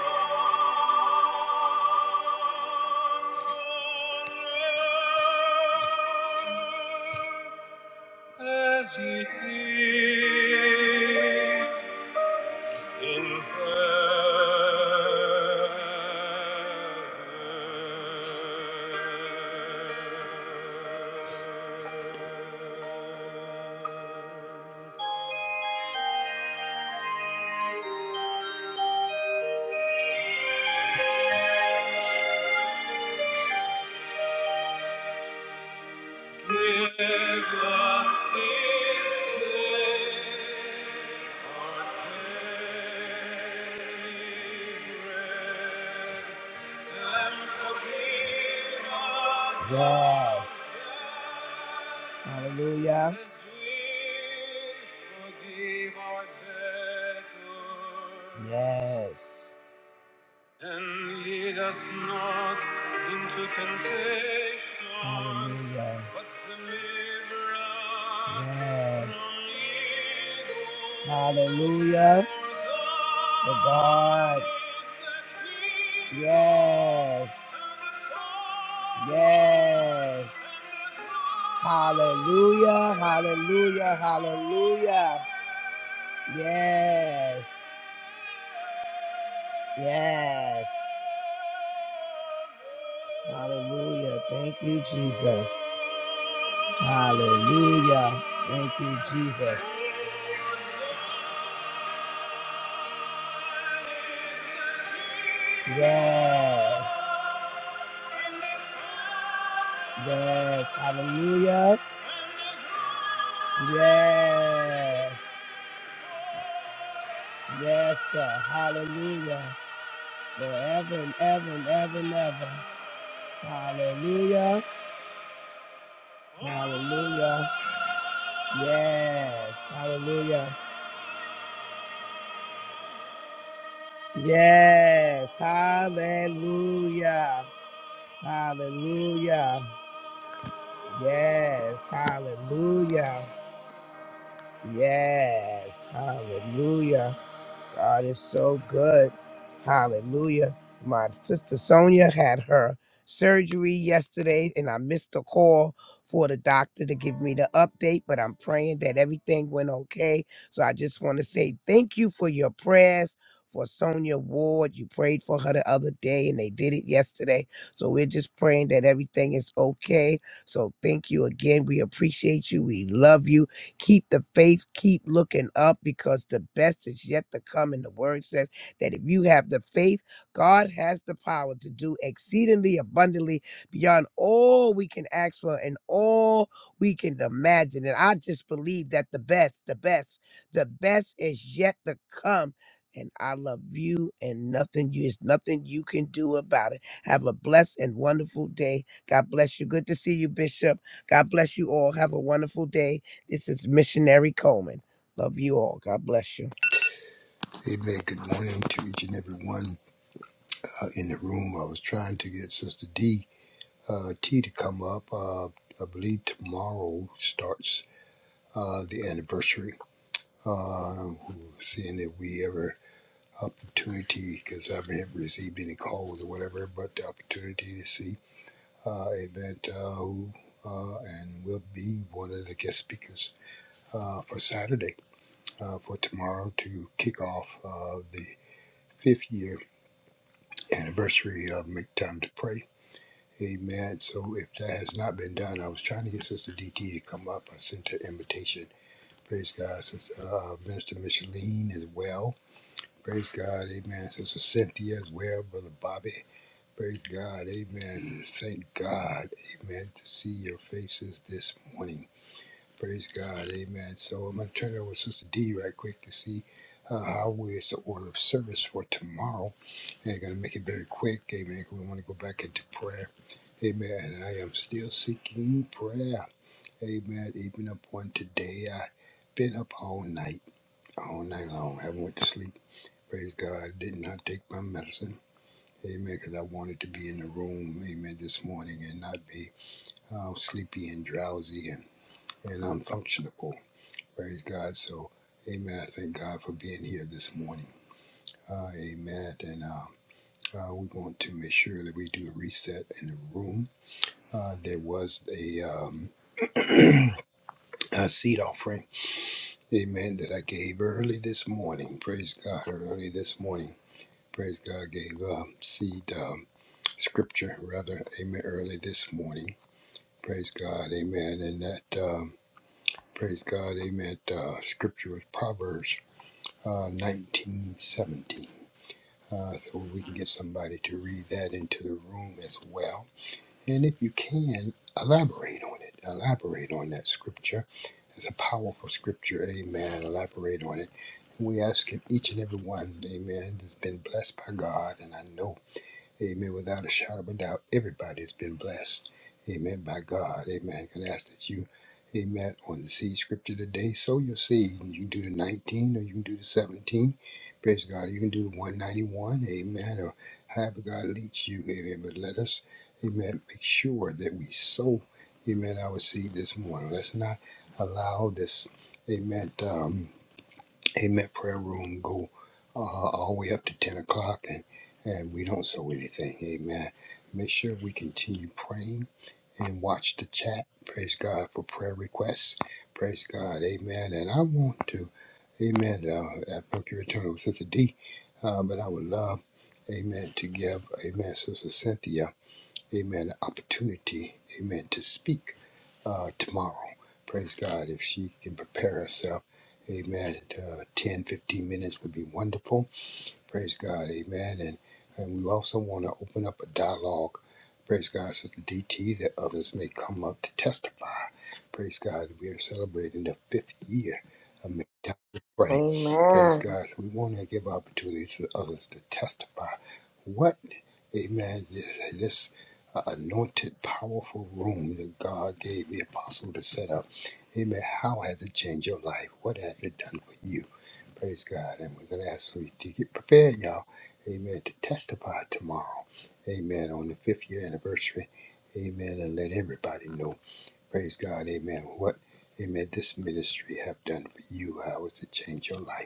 Speaker 5: be As it is in heaven. Give Yes. Hallelujah. Yes. And lead us not into temptation, Hallelujah. but deliver us Yes. from evil. Hallelujah. The God. Yes. Yes. Hallelujah. Hallelujah. Hallelujah. Yes. Yes. Hallelujah. Thank you, Jesus. Hallelujah. Thank you, Jesus. Yes. Yes. Hallelujah. Yes. Yes, sir. Hallelujah. Forever and ever and ever and ever. Hallelujah. Hallelujah. Yes. Hallelujah. Yes. Hallelujah. Hallelujah. Yes. Hallelujah. Yes, hallelujah. God is so good. Hallelujah. My sister Sonia had her surgery yesterday, and I missed the call for the doctor to give me the update, but I'm praying that everything went okay. So I just want to say thank you for your prayers. For Sonia Ward, you prayed for her the other day and they did it yesterday. So we're just praying that everything is okay. So thank you again. We appreciate you. We love you. Keep the faith, keep looking up because the best is yet to come. And the word says that if you have the faith, God has the power to do exceedingly abundantly beyond all we can ask for and all we can imagine. And I just believe that the best, the best, the best is yet to come. And I love you, and nothing you is nothing you can do about it. Have a blessed and wonderful day. God bless you. Good to see you, Bishop. God bless you all. Have a wonderful day. This is Missionary Coleman. Love you all. God bless you.
Speaker 4: Amen. Good morning to each and every one uh, in the room. I was trying to get Sister D. uh, tea to come up. Uh, I believe tomorrow starts uh, the anniversary. Uh, seeing if we ever opportunity, because I haven't received any calls or whatever, but the opportunity to see uh, event uh, who uh, and will be one of the guest speakers uh, for Saturday uh, for tomorrow to kick off uh, the fifth year anniversary of Make Time to Pray Amen. So if that has not been done, I was trying to get Sister DT to come up. I sent her invitation. Praise God. Sister uh, Minister Micheline as well. Praise God. Amen. Sister Cynthia as well. Brother Bobby. Praise God. Amen. Thank God. Amen. To see your faces this morning. Praise God. Amen. So I'm going to turn it over to Sister D right quick to see uh, how we is the order of service for tomorrow. And going to make it very quick. Amen. 'cause We want to go back into prayer. Amen. And I am still seeking prayer. Amen. Even up on today, I've been up all night, all night long. I haven't went to sleep. Praise God. Did not take my medicine. Amen. Because I wanted to be in the room. Amen. This morning and not be uh, sleepy and drowsy and, and unfunctionable. Praise God. So, amen. I thank God for being here this morning. Uh, amen. And uh, uh, we want to make sure that we do a reset in the room. Uh, there was a, um, a seed offering, amen, that I gave early this morning. Praise God. Early this morning. Praise God. Gave um, seed um, scripture, rather, amen, early this morning. Praise God. Amen. And that, um, praise God. Amen. Uh, scripture was Proverbs uh, nineteen seventeen. uh, so we can get somebody to read that into the room as well. And if you can, elaborate on it. Elaborate on that scripture. It's a powerful scripture. Amen. Elaborate on it. We ask it each and every one. Amen. That's been blessed by God, and I know. Amen. Without a shadow of a doubt, everybody's been blessed. Amen. By God. Amen. Can I ask that you, amen, on the seed scripture today, sow your seed. You can do the 19 or you can do the 17. Praise God. You can do the 191. Amen. Or however God leads you. Amen. But let us, amen, make sure that we sow, amen, our seed this morning. Let's not allow this, amen, um, Amen. Prayer room go uh, all the way up to 10 o'clock and, and we don't sow anything. Amen. Make sure we continue praying and watch the chat. Praise God for prayer requests. Praise God. Amen. And I want to, amen, uh, I think you return with Sister D, uh, but I would love, amen, to give, amen, Sister Cynthia amen, an opportunity, amen, to speak uh, tomorrow. Praise God. If she can prepare herself, amen, uh, 10, fifteen minutes would be wonderful. Praise God. Amen. And and we also want to open up a dialogue. Praise God, so the DT that others may come up to testify. Praise God. We are celebrating the fifth year of Make Time to Pray. Praise
Speaker 6: Amen.
Speaker 4: God. So we want to give opportunities for others to testify. What, amen, this, this uh, anointed, powerful room that God gave the apostle to set up. Amen. How has it changed your life? What has it done for you? Praise God. And we're going to ask for you to get prepared, y'all. Amen. To testify tomorrow. Amen. On the fifth year anniversary. Amen. And let everybody know. Praise God. Amen. What, amen, this ministry have done for you. How it's to change your life.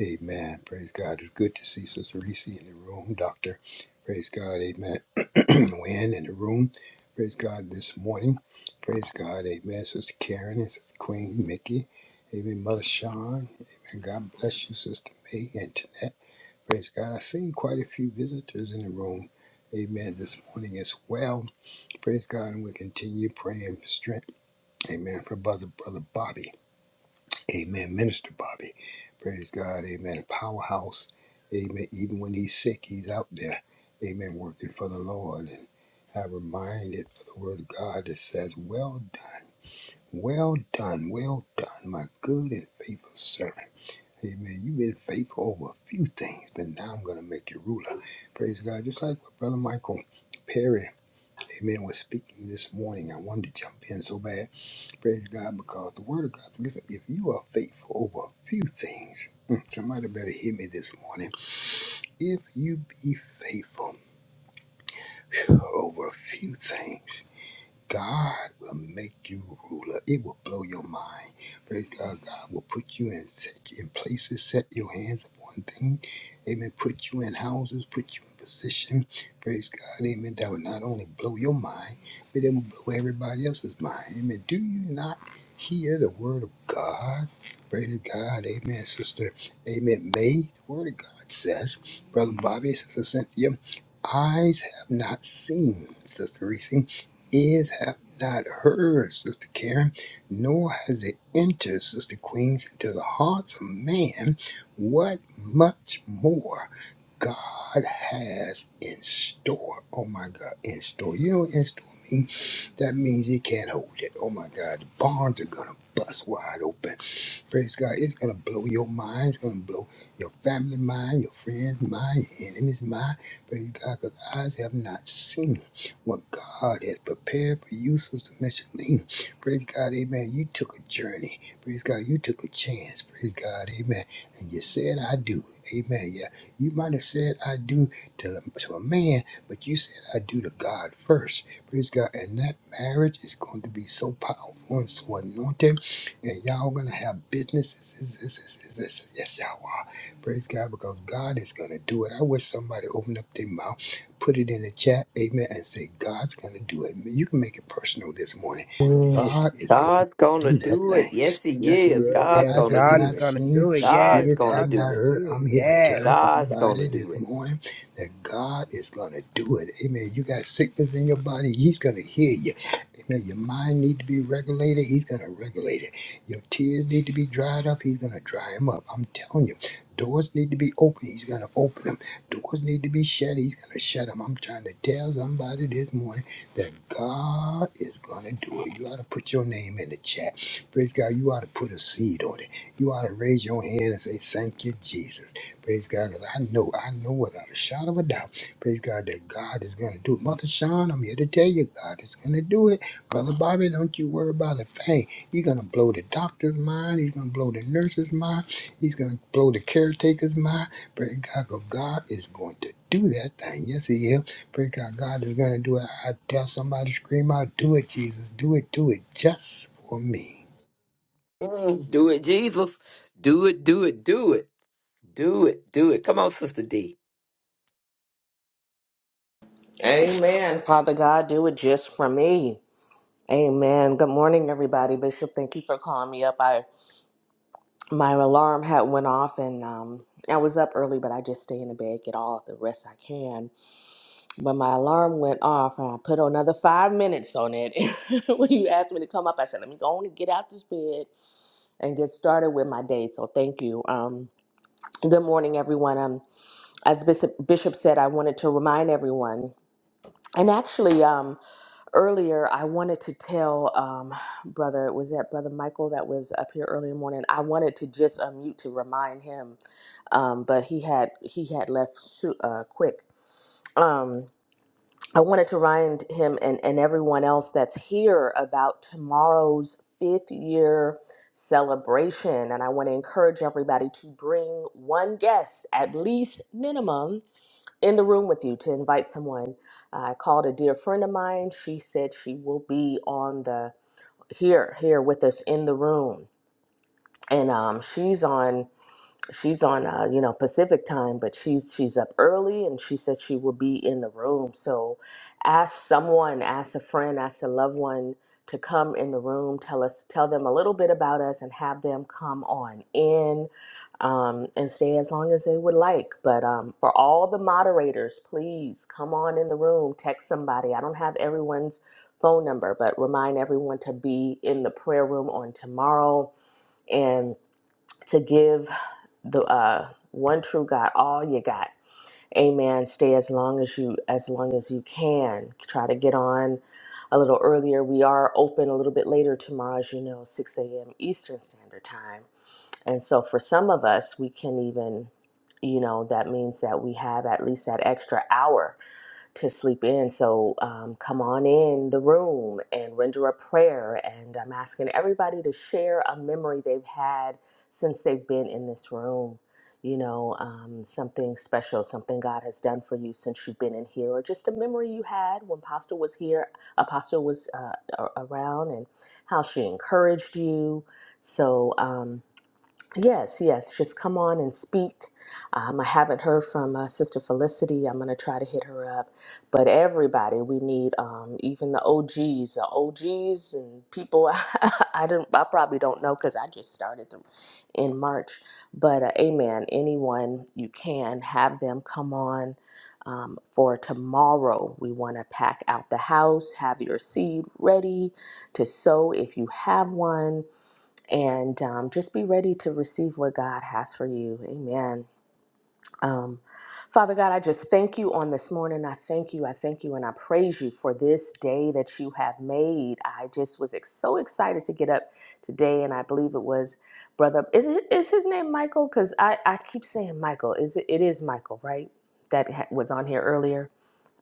Speaker 4: Amen. Praise God. It's good to see Sister Reese in the room, Doctor. Praise God. Amen. Wynn in the room. Praise God this morning. Praise God. Amen. Sister Karen and Sister Queen Mickey. Amen. Mother Sean. Amen. God bless you, Sister May and Tanette. Praise God. I've seen quite a few visitors in the room. Amen. This morning as well. Praise God. And we continue praying for strength. Amen. For brother, brother Bobby. Amen. Minister Bobby. Praise God. Amen. A powerhouse. Amen. Even when he's sick, he's out there. Amen. Working for the Lord. And I'm reminded of the word of God that says, Well done. Well done. Well done, my good and faithful servant. Amen. You've been faithful over a few things, but now I'm going to make you ruler. Praise God. Just like what Brother Michael Perry, amen, was speaking this morning. I wanted to jump in so bad. Praise God, because the Word of God, listen, if you are faithful over a few things, mm, somebody better hear me this morning. If you be faithful over a few things, God will make you ruler. It will blow your mind. Praise God. God will put you in set in places, set your hands upon things. Amen. Put you in houses, put you in position. Praise God. Amen. That will not only blow your mind, but it will blow everybody else's mind. Amen. Do you not hear the word of God? Praise God. Amen. Sister. Amen. May the word of God says, Brother Bobby, Sister Cynthia, eyes have not seen, Sister Reese ears have not heard, Sister Karen, nor has it entered, Sister Queens, into the hearts of man what much more God has in store. Oh my God, in store. You know what in store means? That means it can't hold it. Oh my God, the barns are gonna bust wide open. Praise God, it's gonna blow your mind. It's gonna blow your family mind, your friends mind, your enemies mind. Praise God, because eyes have not seen what God has prepared for you, Sister Micheline. Praise God, Amen. You took a journey. Praise God, you took a chance. Praise God, Amen. And you said, "I do." Amen. Yeah, you might have said, "I do" to, to a man, but you said, "I do" to God first. Praise God. And that marriage is going to be so powerful and so anointed. And y'all going to have businesses. Yes, yes, yes, yes, yes, y'all are. Praise God because God is going to do it. I wish somebody opened up their mouth, put it in the chat, amen, and say, God's going to do it. Man, You can make it personal this morning. God is going to do that thing. Yes, your
Speaker 5: Yes,
Speaker 4: eyes have
Speaker 5: God is
Speaker 4: not
Speaker 5: going to do
Speaker 4: seen,
Speaker 5: it. Yes,
Speaker 4: ears have
Speaker 5: God's going
Speaker 4: not
Speaker 5: to
Speaker 4: heard.
Speaker 5: do it.
Speaker 4: I'm here to
Speaker 5: Yes.
Speaker 4: tell somebody this morning that God is going to do it. Amen. You got sickness in your body, He's going to heal you. Amen. Your mind need to be regulated, He's going to regulate it. Your tears need to be dried up, He's going to dry them up. I'm telling you. Doors need to be open, He's going to open them. Doors need to be shut, He's going to shut them. I'm trying to tell somebody this morning that God is going to do it. You ought to put your name in the chat. Praise God. You ought to put a seed on it. You ought to raise your hand and say, Thank you, Jesus. Praise God, 'cause I know, I know without a shadow of a doubt, praise God, that God is going to do it. Mother Sean, I'm here to tell you, God is going to do it. Brother Bobby, don't you worry about a thing. He's going to blow the doctor's mind. He's going to blow the nurse's mind. He's going to blow the caretaker's mind. Praise God, 'cause God is going to do that thing. Yes, He is. Praise God, God is going to do it. I tell somebody, scream out, do it, Jesus. Do it, do it just for me.
Speaker 3: Mm, do it, Jesus. Do it, do it, do it. Do it, do it. Come on, Sister D.
Speaker 6: Amen. Father God, do it just for me. Amen. Good morning, everybody. Bishop, thank you for calling me up. I my alarm had went off, and um, I was up early, but I just stay in the bed, get all the rest I can. But my alarm went off, and I put another five minutes on it. when you asked me to come up, I said, "Let me go on and get out this bed and get started with my day." So thank you. Um, good morning, everyone. Um, as Bishop Bishop said, I wanted to remind everyone, and actually, um. earlier i wanted to tell um, brother was that brother michael that was up here early in the morning i wanted to just unmute to remind him um, but he had he had left shoo- uh, quick um, i wanted to remind him and, and everyone else that's here about tomorrow's fifth year celebration and i want to encourage everybody to bring one guest at least minimum in the room with you to invite someone. I called a dear friend of mine. She said she will be on the here here with us in the room, and um, she's on she's on uh, you know Pacific time, but she's she's up early and she said she will be in the room. So ask someone, ask a friend, ask a loved one to come in the room, tell us tell them a little bit about us and have them come on in um, and stay as long as they would like. But um, for all the moderators, please come on in the room, text somebody. I don't have everyone's phone number, but remind everyone to be in the prayer room on tomorrow and to give the uh, one true God all you got. Amen. Stay as long as you as long as you can. Try to get on a little earlier. We are open a little bit later tomorrow, as you know, 6 a.m. Eastern Standard Time. And so for some of us, we can even, you know, that means that we have at least that extra hour to sleep in. So um, come on in the room and render a prayer. And I'm asking everybody to share a memory they've had since they've been in this room. You know, um, something special, something God has done for you since you've been in here, or just a memory you had when Apostle was here, Apostle was uh, a- around, and how she encouraged you. So, um, Yes, yes, just come on and speak. Um, I haven't heard from uh, Sister Felicity. I'm going to try to hit her up. But everybody, we need um, even the OGs, the OGs and people I don't, I probably don't know because I just started them in March. But uh, amen, anyone you can have them come on. Um, for tomorrow, we want to pack out the house, have your seed ready to sow if you have one and um, just be ready to receive what God has for you. Amen. Um, Father God, I just thank you on this morning. I thank you. I thank you and I praise you for this day that you have made. I just was ex- so excited to get up today, and I believe it was brother. Is it is his name Michael? Because I I keep saying Michael. Is it? It is Michael, right? That ha- was on here earlier.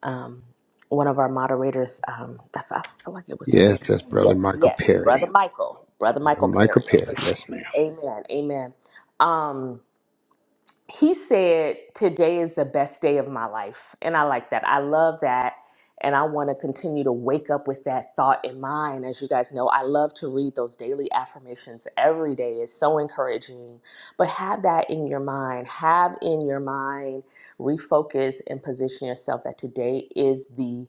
Speaker 6: Um, one of our moderators, um, I, f- I feel like it was something.
Speaker 4: Yes, that's Brother
Speaker 6: Yes,
Speaker 4: Michael
Speaker 6: yes, Brother
Speaker 4: Perry.
Speaker 6: Michael, Brother Michael
Speaker 4: Brother Michael
Speaker 6: Perry. Okay,
Speaker 4: Perry, yes, ma'am.
Speaker 6: Amen, Amen. Um, he said, Today is the best day of my life. And I like that. I love that. And I want to continue to wake up with that thought in mind. As you guys know, I love to read those daily affirmations every day. It's so encouraging. But have that in your mind. Have in your mind, refocus and position yourself that today is the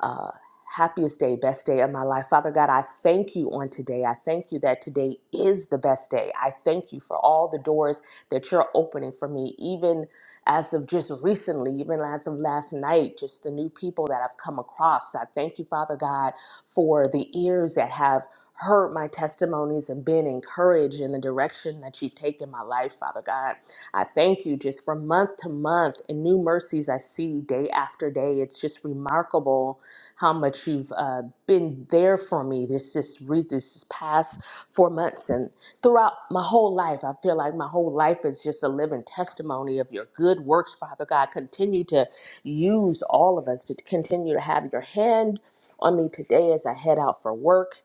Speaker 6: uh, happiest day, best day of my life. Father God, I thank you on today. I thank you that today is the best day. I thank you for all the doors that you're opening for me, even as of just recently, even as of last night, just the new people that I've come across. I thank you, Father God, for the ears that have heard my testimonies and been encouraged in the direction that you've taken my life, Father God. I thank you just from month to month and new mercies I see day after day. It's just remarkable how much you've uh, been there for me this this, re- this past four months and. Throughout my whole life, I feel like my whole life is just a living testimony of your good works, Father God. Continue to use all of us to continue to have your hand on me today as I head out for work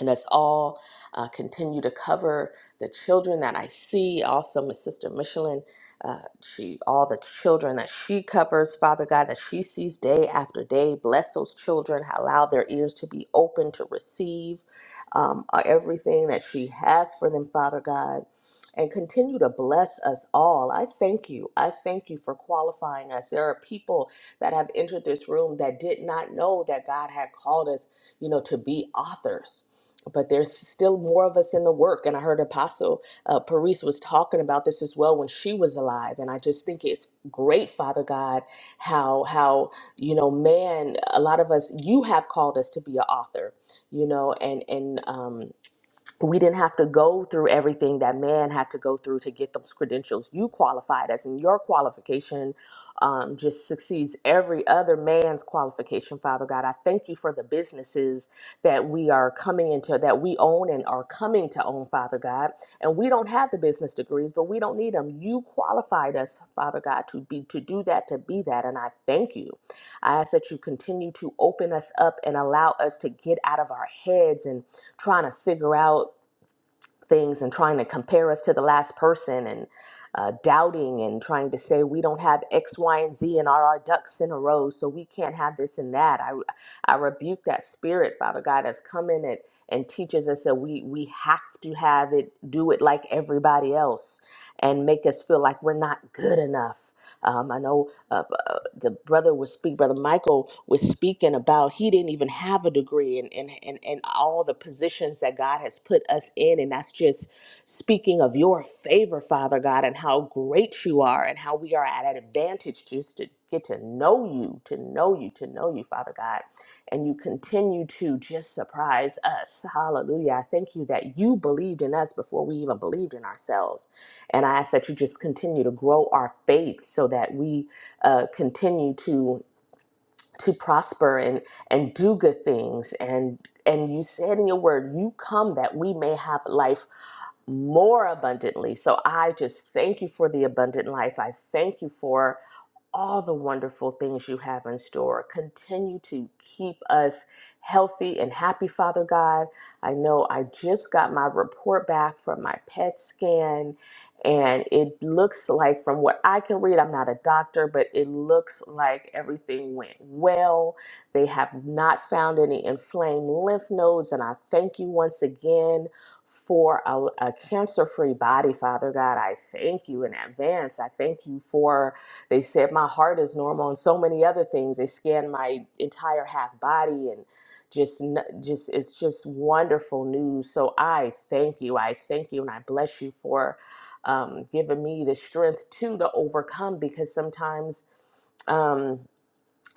Speaker 6: and us all uh, continue to cover the children that I see. Also, my sister Michelin, uh, she all the children that she covers, Father God, that she sees day after day. Bless those children. Allow their ears to be open to receive um, uh, everything that she has for them, Father God. And continue to bless us all. I thank you. I thank you for qualifying us. There are people that have entered this room that did not know that God had called us, you know, to be authors but there's still more of us in the work. And I heard Apostle uh, Paris was talking about this as well when she was alive. And I just think it's great, Father God, how how you know, man, a lot of us, you have called us to be an author, you know, and and um we didn't have to go through everything that man had to go through to get those credentials. You qualified as in your qualification um, just succeeds every other man's qualification, Father God. I thank you for the businesses that we are coming into, that we own and are coming to own, Father God. And we don't have the business degrees, but we don't need them. You qualified us, Father God, to be to do that, to be that. And I thank you. I ask that you continue to open us up and allow us to get out of our heads and trying to figure out things and trying to compare us to the last person and uh, doubting and trying to say we don't have X, Y, and Z and are our ducks in a row, so we can't have this and that. I, I rebuke that spirit, Father God, that's come in it and teaches us that we we have to have it, do it like everybody else. And make us feel like we're not good enough. Um, I know. Uh, the brother was speak brother michael was speaking about he didn't even have a degree and and and, and all the positions that god has put us in and that's just speaking of your favor father god and how great you are and how we are at an advantage just to get to know you to know you to know you father god and you continue to just surprise us hallelujah i thank you that you believed in us before we even believed in ourselves and i ask that you just continue to grow our faith so that we uh, continue to to prosper and and do good things and and you said in your word you come that we may have life more abundantly so i just thank you for the abundant life i thank you for all the wonderful things you have in store. Continue to keep us healthy and happy, Father God. I know I just got my report back from my PET scan, and it looks like, from what I can read, I'm not a doctor, but it looks like everything went well. They have not found any inflamed lymph nodes, and I thank you once again for a, a cancer free body, Father God. I thank you in advance. I thank you for. They said my heart is normal and so many other things. They scanned my entire half body and just n- just it's just wonderful news. So I thank you. I thank you and I bless you for um, giving me the strength too to overcome because sometimes. Um,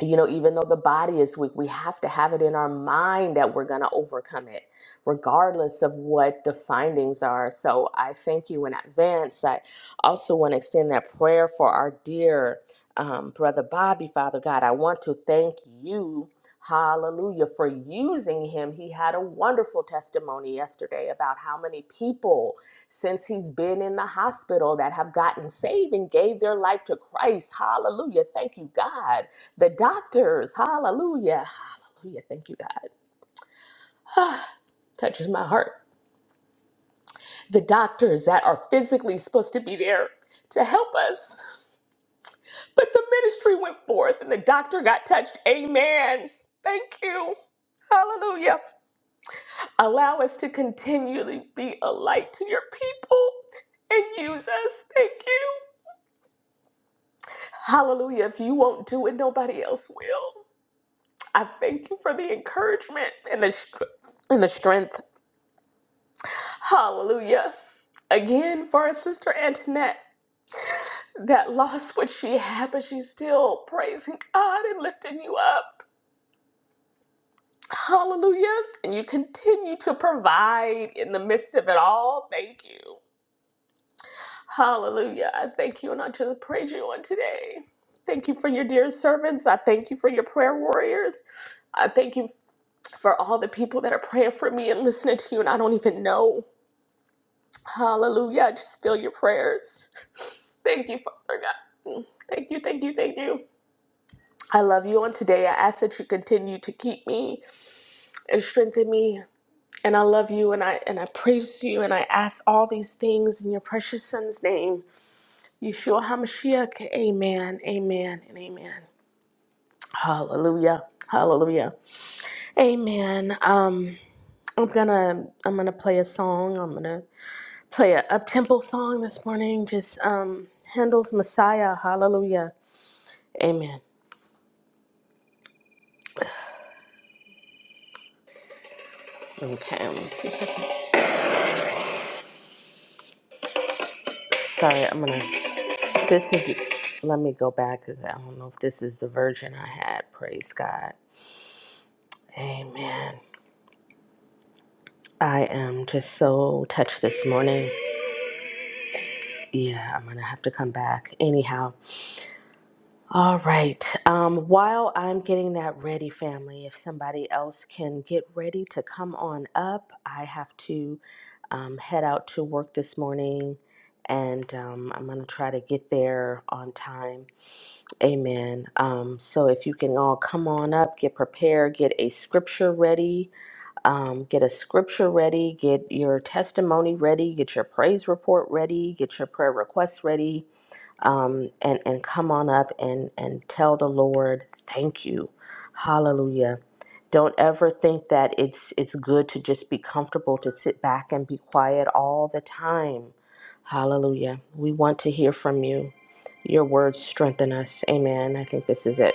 Speaker 6: you know, even though the body is weak, we have to have it in our mind that we're going to overcome it, regardless of what the findings are. So I thank you in advance. I also want to extend that prayer for our dear um, brother Bobby, Father God. I want to thank you. Hallelujah for using him. He had a wonderful testimony yesterday about how many people since he's been in the hospital that have gotten saved and gave their life to Christ. Hallelujah. Thank you, God the doctors, hallelujah, hallelujah, thank you, God. Touches my heart. The doctors that are physically supposed to be there to help us. But the ministry went forth and the doctor got touched. Amen. Thank you. Hallelujah. Allow us to continually be a light to your people and use us. Thank you. Hallelujah. If you won't do it, nobody else will. I thank you for the encouragement and the, str- and the strength. Hallelujah. Again, for our sister Antoinette that lost what she had, but she's still praising God and lifting you up. Hallelujah. And you continue to provide in the midst of it all. Thank you. Hallelujah. I thank you and I just praise you on today. Thank you for your dear servants. I thank you for your prayer warriors. I thank you for all the people that are praying for me and listening to you, and I don't even know. Hallelujah. I just feel your prayers. Thank you, Father God. Mm. Thank you, thank you, thank you. I love you on today. I ask that you continue to keep me and strengthen me. And I love you and I and I praise you and I ask all these things in your precious son's name. Yeshua HaMashiach. Amen. Amen and amen. Hallelujah. Hallelujah. Amen. Um I'm gonna I'm gonna play a song. I'm gonna play a up-tempo song this morning. Just um, Handel's Messiah. Hallelujah. Amen. Okay. Let me see. if I can- Sorry, I'm gonna. This is. Let me go back because I don't know if this is the version I had. Praise God. Amen. I am just so touched this morning. Yeah, I'm gonna have to come back anyhow. All right. Um, while I'm getting that ready, family, if somebody else can get ready to come on up, I have to um, head out to work this morning and um, I'm going to try to get there on time. Amen. Um, so if you can all come on up, get prepared, get a scripture ready um, get a scripture ready, get your testimony ready, get your praise report ready, get your prayer requests ready, um, and and come on up and and tell the Lord thank you, Hallelujah. Don't ever think that it's it's good to just be comfortable to sit back and be quiet all the time, Hallelujah. We want to hear from you. Your words strengthen us. Amen. I think this is it.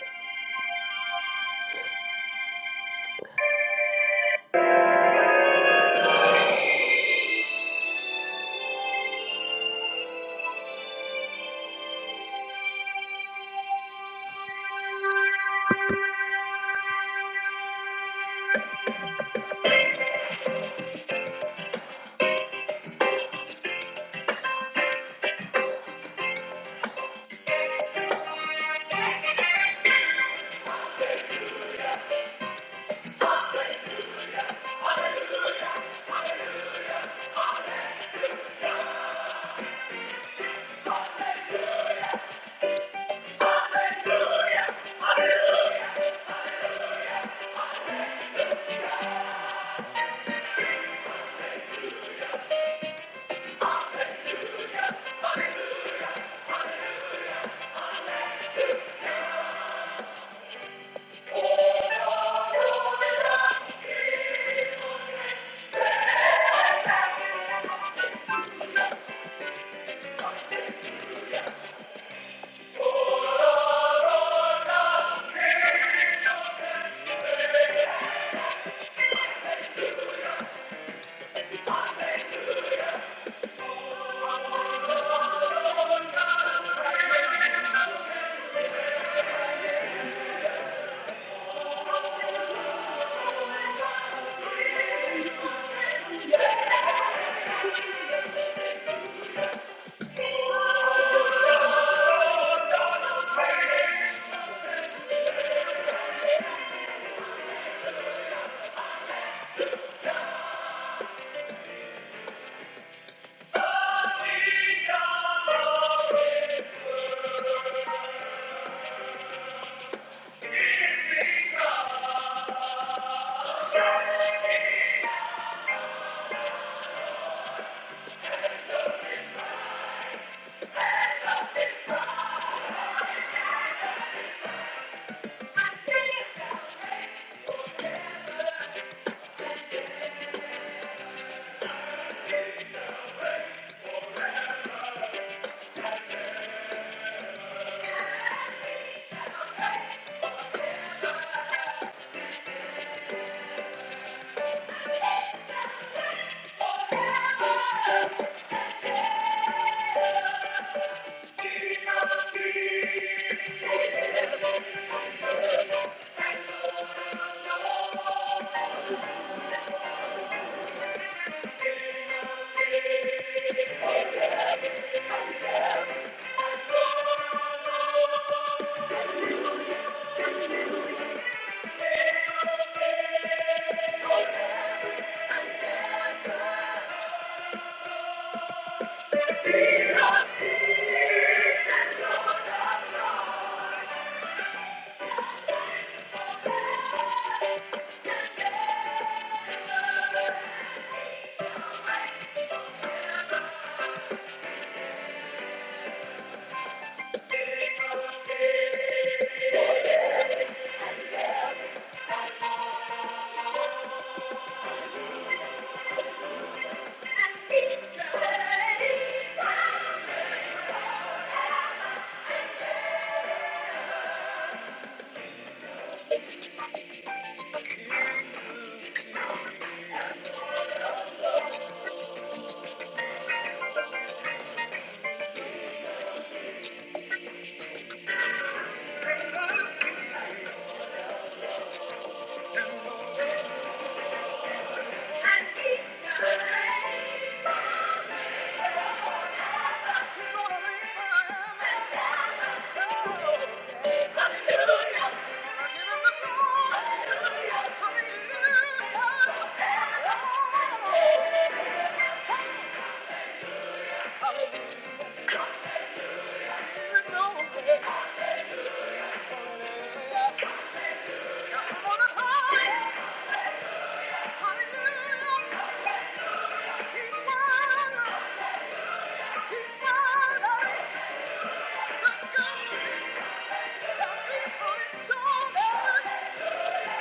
Speaker 6: Thank you.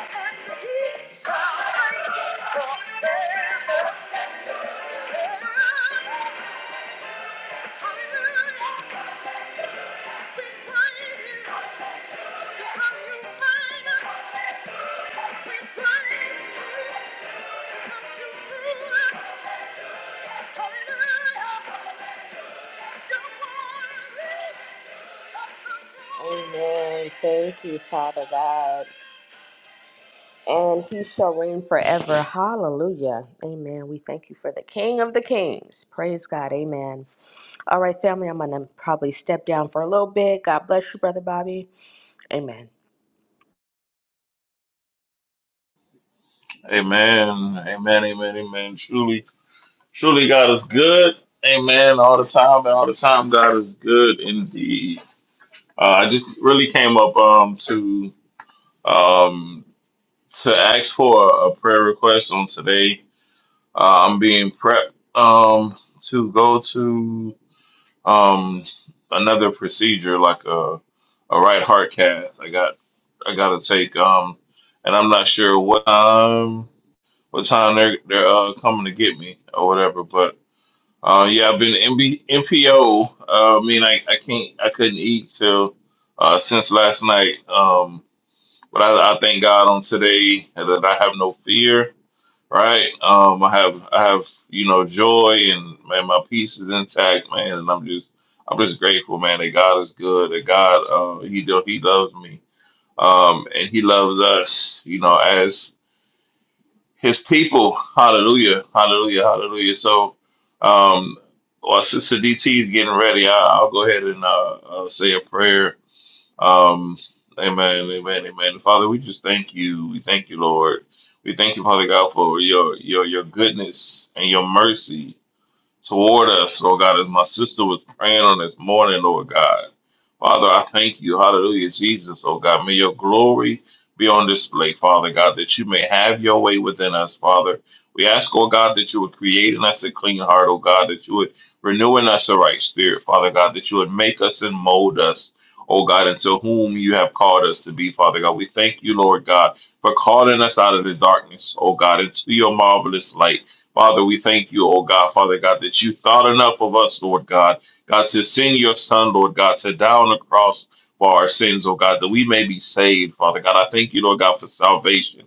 Speaker 6: Amen. Thank you, Father God. and he shall reign forever. Hallelujah. Amen. We thank you for the King of the Kings. Praise God. Amen. All right, family, I'm going to probably step down for a little bit. God bless you, Brother Bobby. Amen.
Speaker 7: Amen. Amen. Amen. Amen. Truly, truly, God is good. Amen. All the time and all the time, God is good indeed. Uh, I just really came up um, to um, to ask for a prayer request on today. Uh, I'm being prepped um, to go to um, another procedure, like a a right heart cath. I got I got to take, um, and I'm not sure what time. what time they're they're uh, coming to get me or whatever. But uh, yeah, I've been MB, MPO. Uh, I mean, I, I can't I couldn't eat till uh, since last night. Um, but I, I thank God on today that I have no fear. Right. Um, I have I have you know joy and man, my peace is intact, man, and I'm just I'm just grateful, man, that God is good, that God uh, he do, he loves me. Um, and he loves us, you know, as his people. Hallelujah. Hallelujah. Hallelujah. So, um, while Sister DT is getting ready, I, I'll go ahead and uh, uh, say a prayer. Um, amen. Amen. Amen. Father, we just thank you. We thank you, Lord. We thank you, Father God, for your your your goodness and your mercy toward us, Lord God, as my sister was praying on this morning, Lord God. Father, I thank you. Hallelujah, Jesus, oh God. May your glory be on display, Father God, that you may have your way within us, Father. We ask, oh God, that you would create in us a clean heart, oh God, that you would renew in us a right spirit, Father God, that you would make us and mold us. Oh God, into whom you have called us to be, Father God. We thank you, Lord God, for calling us out of the darkness, oh God, into your marvelous light. Father, we thank you, oh God, Father God, that you thought enough of us, Lord God, God, to send your Son, Lord God, to die on the cross for our sins, oh God, that we may be saved, Father God. I thank you, Lord God, for salvation.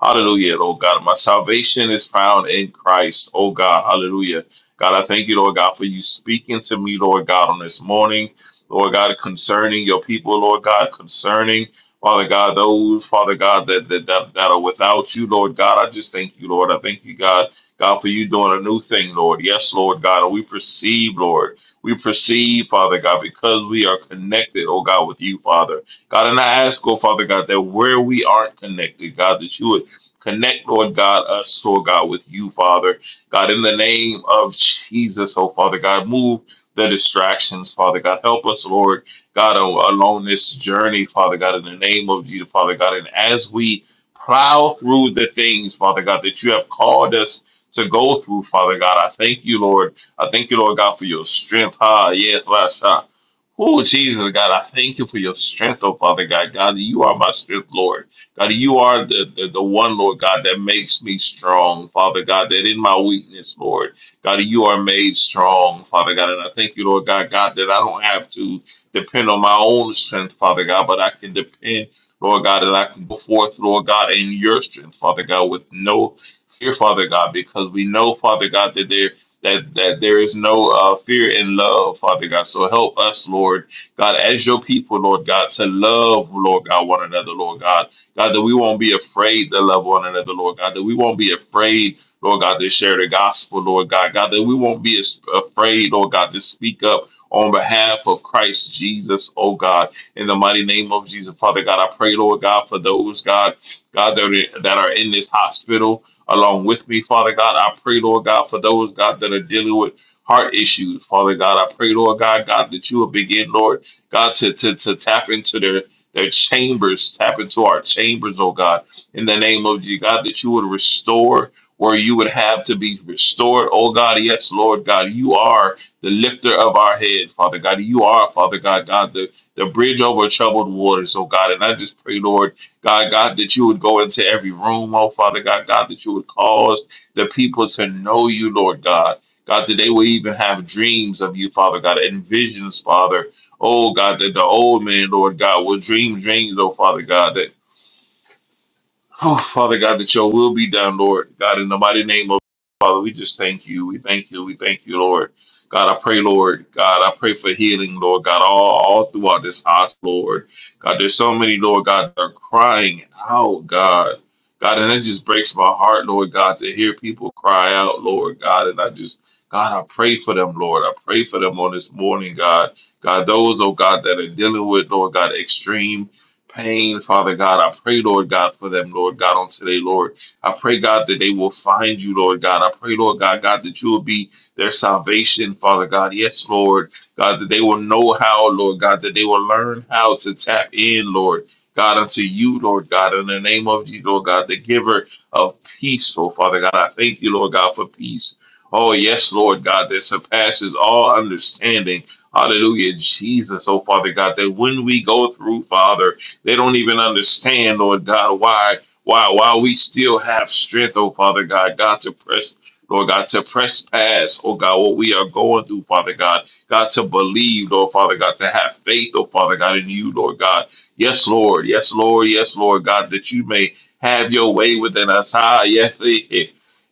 Speaker 7: Hallelujah, oh God. My salvation is found in Christ, oh God. Hallelujah. God, I thank you, Lord God, for you speaking to me, Lord God, on this morning, Lord God, concerning your people, Lord God, concerning, Father God, those, Father God, that, that, that, that are without you, Lord God. I just thank you, Lord. I thank you, God God, for you doing a new thing, Lord. Yes, Lord God. And we perceive, Lord. We perceive, Father God, because we are connected, oh God, with you, Father. God, and I ask, oh Father God, that where we aren't connected, God, that you would connect, Lord God, us, oh God, with you, Father. God, in the name of Jesus, oh Father God, move the distractions, Father God. Help us, Lord God, a- along this journey, Father God, in the name of Jesus, Father God. And as we plow through the things, Father God, that you have called us to go through, Father God. I thank you, Lord. I thank you, Lord God, for your strength. Ah, yes, last shot. Oh, Jesus, God, I thank you for your strength, oh, Father God. God, you are my strength, Lord. God, you are the, the, the one, Lord God, that makes me strong, Father God, that in my weakness, Lord, God, you are made strong, Father God. And I thank you, Lord God, God, that I don't have to depend on my own strength, Father God, but I can depend, Lord God, that I can go forth, Lord God, in your strength, Father God, with no fear, Father God, because we know, Father God, that there that that there is no uh, fear in love, Father God. So help us, Lord God, as your people, Lord God, to love, Lord God, one another, Lord God, God, that we won't be afraid to love one another, Lord God, that we won't be afraid. Lord God, to share the gospel, Lord God. God, that we won't be as afraid, Lord God, to speak up on behalf of Christ Jesus, oh God. In the mighty name of Jesus, Father God, I pray, Lord God, for those, God, God, that are, that are in this hospital, along with me, Father God. I pray, Lord God, for those, God, that are dealing with heart issues, Father God. I pray, Lord God, God, that you will begin, Lord, God, to, to, to tap into their their chambers, tap into our chambers, oh God, in the name of you, God, that you would restore where you would have to be restored, oh God. Yes, Lord God, you are the lifter of our head, Father God. You are, Father God, God, the, the bridge over troubled waters, oh God. And I just pray, Lord. God, God, that you would go into every room, oh Father God, God, that you would cause the people to know you, Lord God. God, that they will even have dreams of you, Father God, and visions, Father. Oh God, that the old man, Lord God, will dream dreams, oh Father God. Oh, Father God, that your will be done, Lord. God, in the mighty name of Father, we just thank you. We thank you. We thank you, Lord. God, I pray, Lord. God, I pray for healing, Lord. God, all, all throughout this hospital, Lord. God, there's so many, Lord God, that are crying out, God. God, and it just breaks my heart, Lord God, to hear people cry out, Lord God. And I just, God, I pray for them, Lord. I pray for them on this morning, God. God, those, oh God, that are dealing with, Lord God, extreme pain, Father God. I pray, Lord God, for them, Lord God, on today, Lord. I pray, God, that they will find you, Lord God. I pray, Lord God, God, that you will be their salvation, Father God. Yes, Lord. God, that they will know how, Lord God, that they will learn how to tap in, Lord. God, unto you, Lord God, in the name of Jesus, Lord God, the giver of peace, oh Father God. I thank you, Lord God, for peace. Oh, yes, Lord God, that surpasses all understanding. Hallelujah, Jesus, oh Father God, that when we go through, Father, they don't even understand, Lord God, why why why we still have strength, oh Father God, God to press, Lord God, to press past, oh God, what we are going through, Father God. God to believe, Lord Father God, to have faith, oh Father God, in you, Lord God. Yes, Lord, yes, Lord, yes, Lord God, that you may have your way within us. Ah, yes. eh, eh.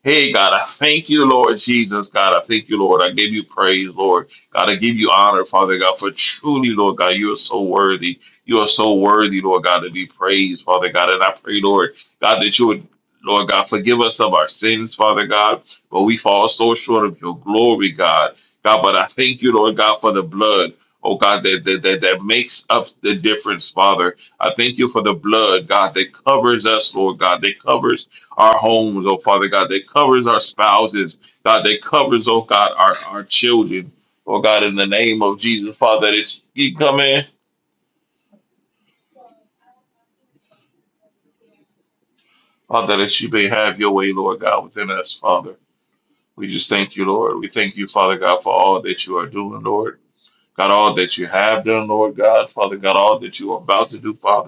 Speaker 7: Hey God, I thank you, Lord Jesus. God, I thank you, Lord. I give you praise, Lord. God, I give you honor, Father God, for truly, Lord God, you are so worthy. You are so worthy, Lord God, to be praised, Father God. And I pray, Lord God, that you would, Lord God, forgive us of our sins, Father God, but we fall so short of your glory, God. God, but I thank you, Lord God, for the blood. Oh God, that, that, that, that makes up the difference, Father. I thank you for the blood, God, that covers us, Lord God, that covers our homes, oh Father God, that covers our spouses, God, that covers, oh God, our, our children. Oh God, in the name of Jesus, Father, that it's, you come in. Father, that you may have your way, Lord God, within us, Father. We just thank you, Lord. We thank you, Father God, for all that you are doing, Lord. God, all that you have done, Lord God, Father God, all that you are about to do, Father.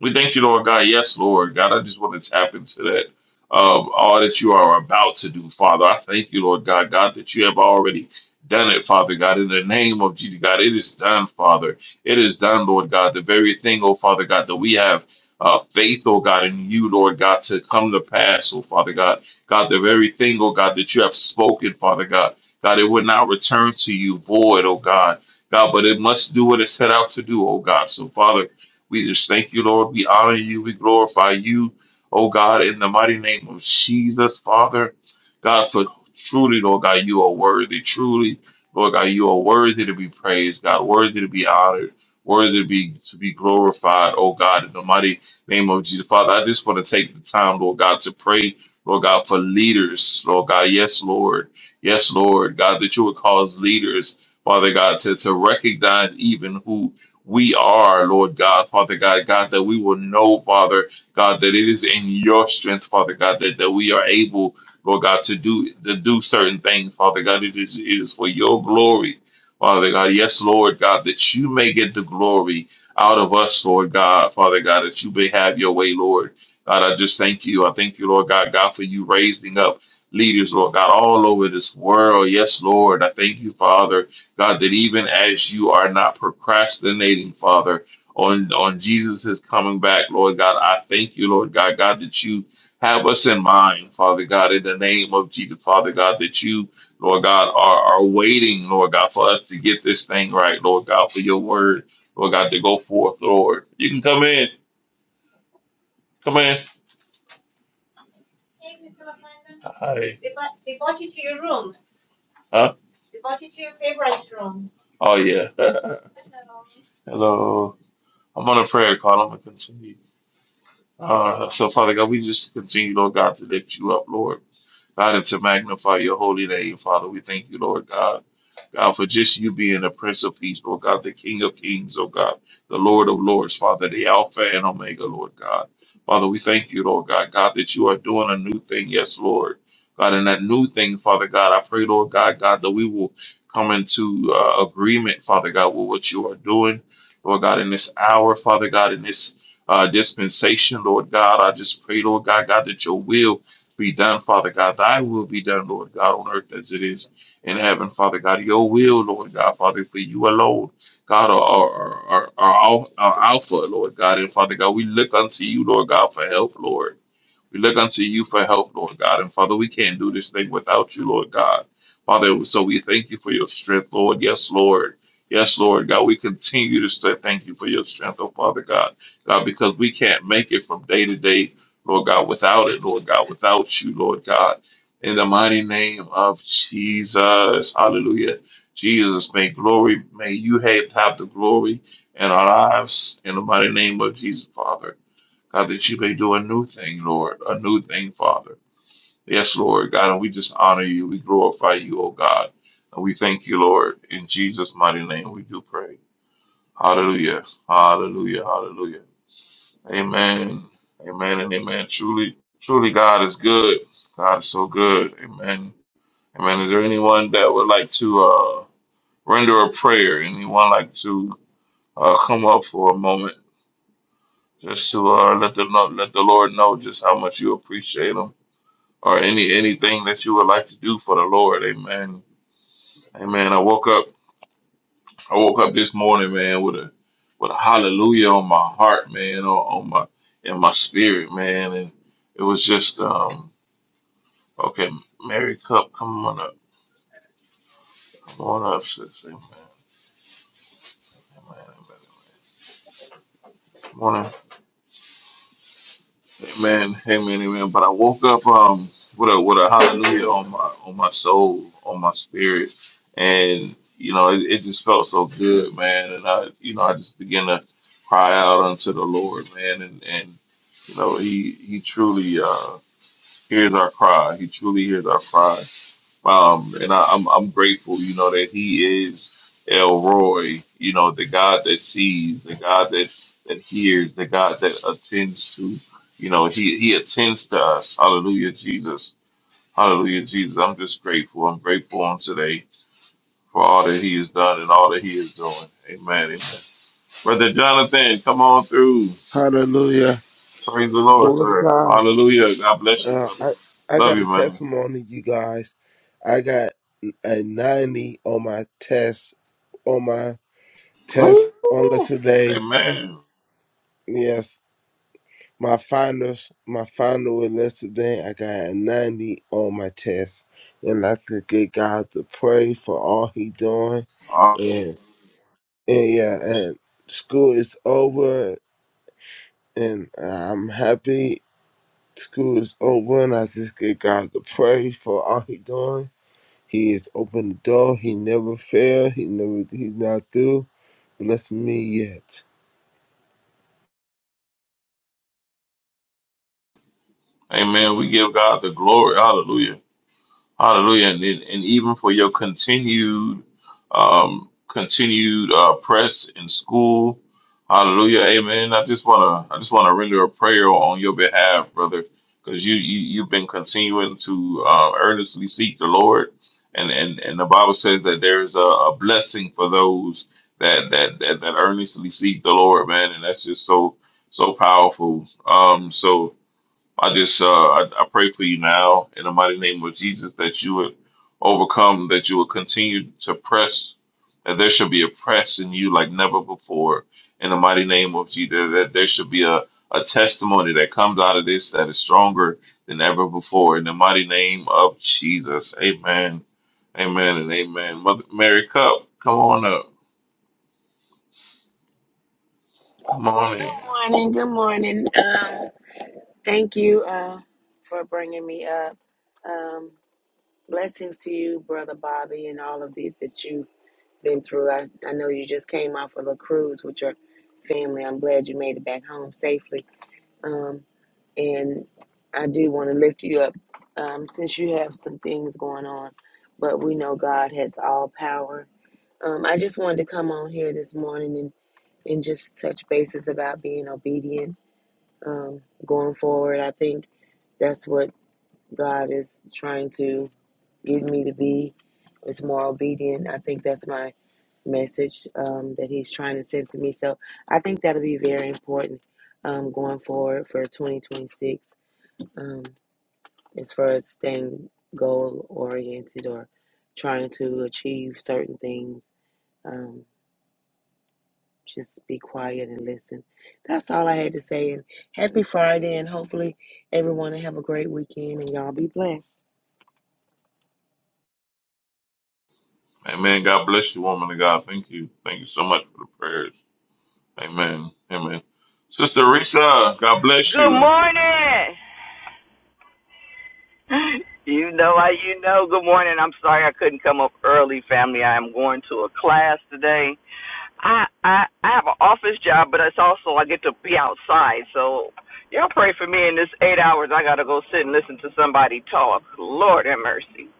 Speaker 7: We thank you, Lord God. Yes, Lord God. I just want to tap into that. Um, all that you are about to do, Father. I thank you, Lord God. God, that you have already done it, Father God. In the name of Jesus, God, it is done, Father. It is done, Lord God. The very thing, oh Father God, that we have uh, faith, oh God, in you, Lord God, to come to pass, oh Father God. God, the very thing, oh God, that you have spoken, Father God. God, it would not return to you void, oh God. God, but it must do what it set out to do, oh God. So, Father, we just thank you, Lord. We honor you. We glorify you, oh God, in the mighty name of Jesus, Father. God, for truly, Lord God, you are worthy. Truly, Lord God, you are worthy to be praised, God, worthy to be honored, worthy to be to be glorified, oh God, in the mighty name of Jesus. Father, I just want to take the time, Lord God, to pray, Lord God, for leaders, Lord God. Yes, Lord. Yes, Lord. God, that you would cause leaders, Father God, to, to recognize even who we are, Lord God, Father God, God, that we will know, Father God, that it is in your strength, Father God, that, that we are able, Lord God, to do to do certain things, Father God. It is, it is for your glory, Father God. Yes, Lord God, that you may get the glory out of us, Lord God, Father God, that you may have your way, Lord. God, I just thank you. I thank you, Lord God, God, for you raising up leaders, Lord God, all over this world. Yes, Lord. I thank you, Father. God, that even as you are not procrastinating, Father, on, on Jesus' coming back, Lord God, I thank you, Lord God, God, that you have us in mind, Father God, in the name of Jesus, Father God, that you, Lord God, are, are waiting, Lord God, for us to get this thing right, Lord God, for your word, Lord God, to go forth, Lord. You can come in. Come in. Hi. Huh? Oh, yeah. Hello. I'm on a prayer call. I'm going to continue. Uh, so, Father God, we just continue, Lord God, to lift you up, Lord. God, and to magnify your holy name, Father. We thank you, Lord God. God, for just you being the Prince of Peace, Lord God, the King of Kings, oh God, the Lord of Lords, Father, the Alpha and Omega, Lord God. Father, we thank you, Lord God, God, that you are doing a new thing, yes, Lord. God, and that new thing, Father God, I pray, Lord God, God, that we will come into uh, agreement, Father God, with what you are doing, Lord God, in this hour, Father God, in this uh, dispensation, Lord God. I just pray, Lord God, God, that your will be done, Father God. Thy will be done, Lord God, on earth as it is in heaven, Father God. Your will, Lord God, Father, for you alone, God, are, are, are, are, are Alpha, Lord God. And Father God, we look unto you, Lord God, for help, Lord. We look unto you for help, Lord God. And Father, we can't do this thing without you, Lord God. Father, so we thank you for your strength, Lord. Yes, Lord. Yes, Lord God, we continue to say thank you for your strength, oh Father God. God, because we can't make it from day to day, Lord God, without it, Lord God, without you, Lord God. In the mighty name of Jesus. Hallelujah. Jesus, may glory, may you have, have the glory in our lives. In the mighty name of Jesus, Father. God, that you may do a new thing, Lord, a new thing, Father. Yes, Lord, God, and we just honor you. We glorify you, oh God. And we thank you, Lord. In Jesus' mighty name, we do pray. Hallelujah. Hallelujah. Hallelujah. Amen. Amen and amen. Truly, truly, God is good. God is so good. Amen. Amen. Is there anyone that would like to uh, render a prayer? Anyone like to uh, come up for a moment just to uh, let, them know, let the Lord know just how much you appreciate them? or any anything that you would like to do for the Lord. Amen. Amen. I woke up I woke up this morning, man, with a with a hallelujah on my heart, man, on, on my in my spirit, man. And it was just um okay, Mary Cup, come on up. Come on up, sis. Amen. Amen. Amen. Morning. Amen, amen, amen. But I woke up um with a with a hallelujah on my on my soul, on my spirit, and you know it, it just felt so good, man. And I you know I just began to cry out unto the Lord, man, and and you know he he truly uh hears our cry. He truly hears our cry. Um, and I, I'm I'm grateful, you know, that He is El Roy, you know, the God that sees, the God that that hears, the God that attends to, you know, He He attends to us. Hallelujah, Jesus. Hallelujah, Jesus. I'm just grateful. I'm grateful on today for all that He has done and all that He is doing. Amen. Amen. Brother Jonathan, come on through.
Speaker 8: Hallelujah.
Speaker 7: Praise the Lord,
Speaker 8: Glory to
Speaker 7: sir.
Speaker 8: God.
Speaker 7: Hallelujah. God bless you,
Speaker 8: Uh,
Speaker 7: brother.
Speaker 8: I, I
Speaker 7: Love
Speaker 8: got a
Speaker 7: you, man.
Speaker 8: testimony, you guys. I got a 90 on my test, on my
Speaker 7: Woo!
Speaker 8: test on yesterday.
Speaker 7: Amen.
Speaker 8: Yes, my finals, my final was yesterday. I got a 90 on my test. And I could get God to pray for all he doing. And, and yeah, and school is over. And I'm happy School is open. I just get God to praise for all He doing. He is open the door. He never failed. He never. He's not through. Bless me yet.
Speaker 7: Amen. We give God the glory. Hallelujah. Hallelujah. And, and and even for your continued, um, continued uh, press in school. Hallelujah. Amen. I just wanna, I just wanna render a prayer on your behalf, brother, because you, you you've been continuing to uh, earnestly seek the Lord, and and and the Bible says that there is a, a blessing for those that, that that that earnestly seek the Lord, man, and that's just so so powerful. Um, so I just uh, I, I pray for you now in the mighty name of Jesus that you would overcome, that you would continue to press, that there should be a press in you like never before. In the mighty name of Jesus, that there should be a, a testimony that comes out of this that is stronger than ever before. In the mighty name of Jesus, Amen, Amen, and Amen. Mother Mary Cup, come on up, come on in.
Speaker 9: morning. Good morning. Um, thank you uh, for bringing me up. Um, blessings to you, brother Bobby, and all of these that you've been through. I, I know you just came off of a cruise with your family. I'm glad you made it back home safely. Um, and I do want to lift you up um, since you have some things going on, but we know God has all power. Um, I just wanted to come on here this morning and, and just touch bases about being obedient um, going forward. I think that's what God is trying to get me to be is more obedient. I think that's my message um, that He's trying to send to me. So I think that'll be very important um, going forward for 2026 um, as far as staying goal oriented or trying to achieve certain things. Um, Just be quiet and listen. That's all I had to say. And happy Friday, and hopefully everyone will have a great weekend, and y'all be blessed.
Speaker 7: Amen. God bless you, woman of God. Thank you, thank you so much for the prayers. Amen. Amen. Sister Risa, God bless
Speaker 10: Good
Speaker 7: you.
Speaker 10: morning. You know how you know. Good morning. I'm sorry I couldn't come up early, family. I am going to a class today. I I I have an office job, but it's also I get to be outside. So y'all pray for me in this eight hours. I gotta go sit and listen to somebody talk. Lord have mercy.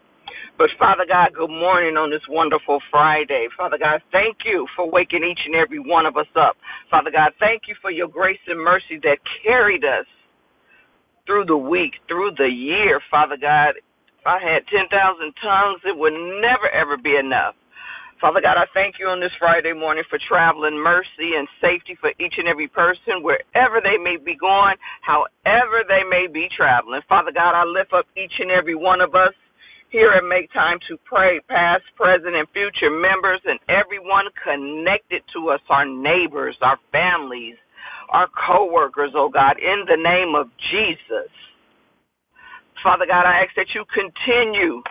Speaker 10: But Father God, good morning on this wonderful Friday. Father God, thank you for waking each and every one of us up. Father God, thank you for your grace and mercy that carried us. through the week, through the year, Father God. If I had 10,000 tongues, it would never, ever be enough. Father God, I thank you on this Friday morning for traveling mercy and safety for each and every person, wherever they may be going, however they may be traveling. Father God, I lift up each and every one of us here and make time to pray, past, present, and future members, and everyone connected to us, our neighbors, our families, our co workers, oh God, in the name of Jesus. Father God, I ask that you continue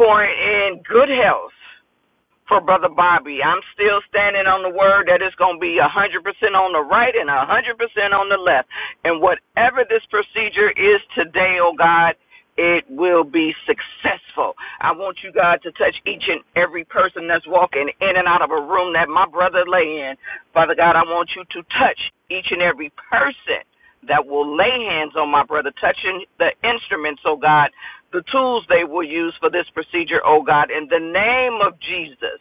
Speaker 10: pouring in good health for Brother Bobby. I'm still standing on the word that it's going to be 100% on the right and 100% on the left. And whatever this procedure is today, oh God, it will be successful. I want you, God, to touch each and every person that's walking in and out of a room that my brother lay in. Father God, I want you to touch each and every person that will lay hands on my brother, touching the instruments, oh God, the tools they will use for this procedure, oh God, in the name of Jesus.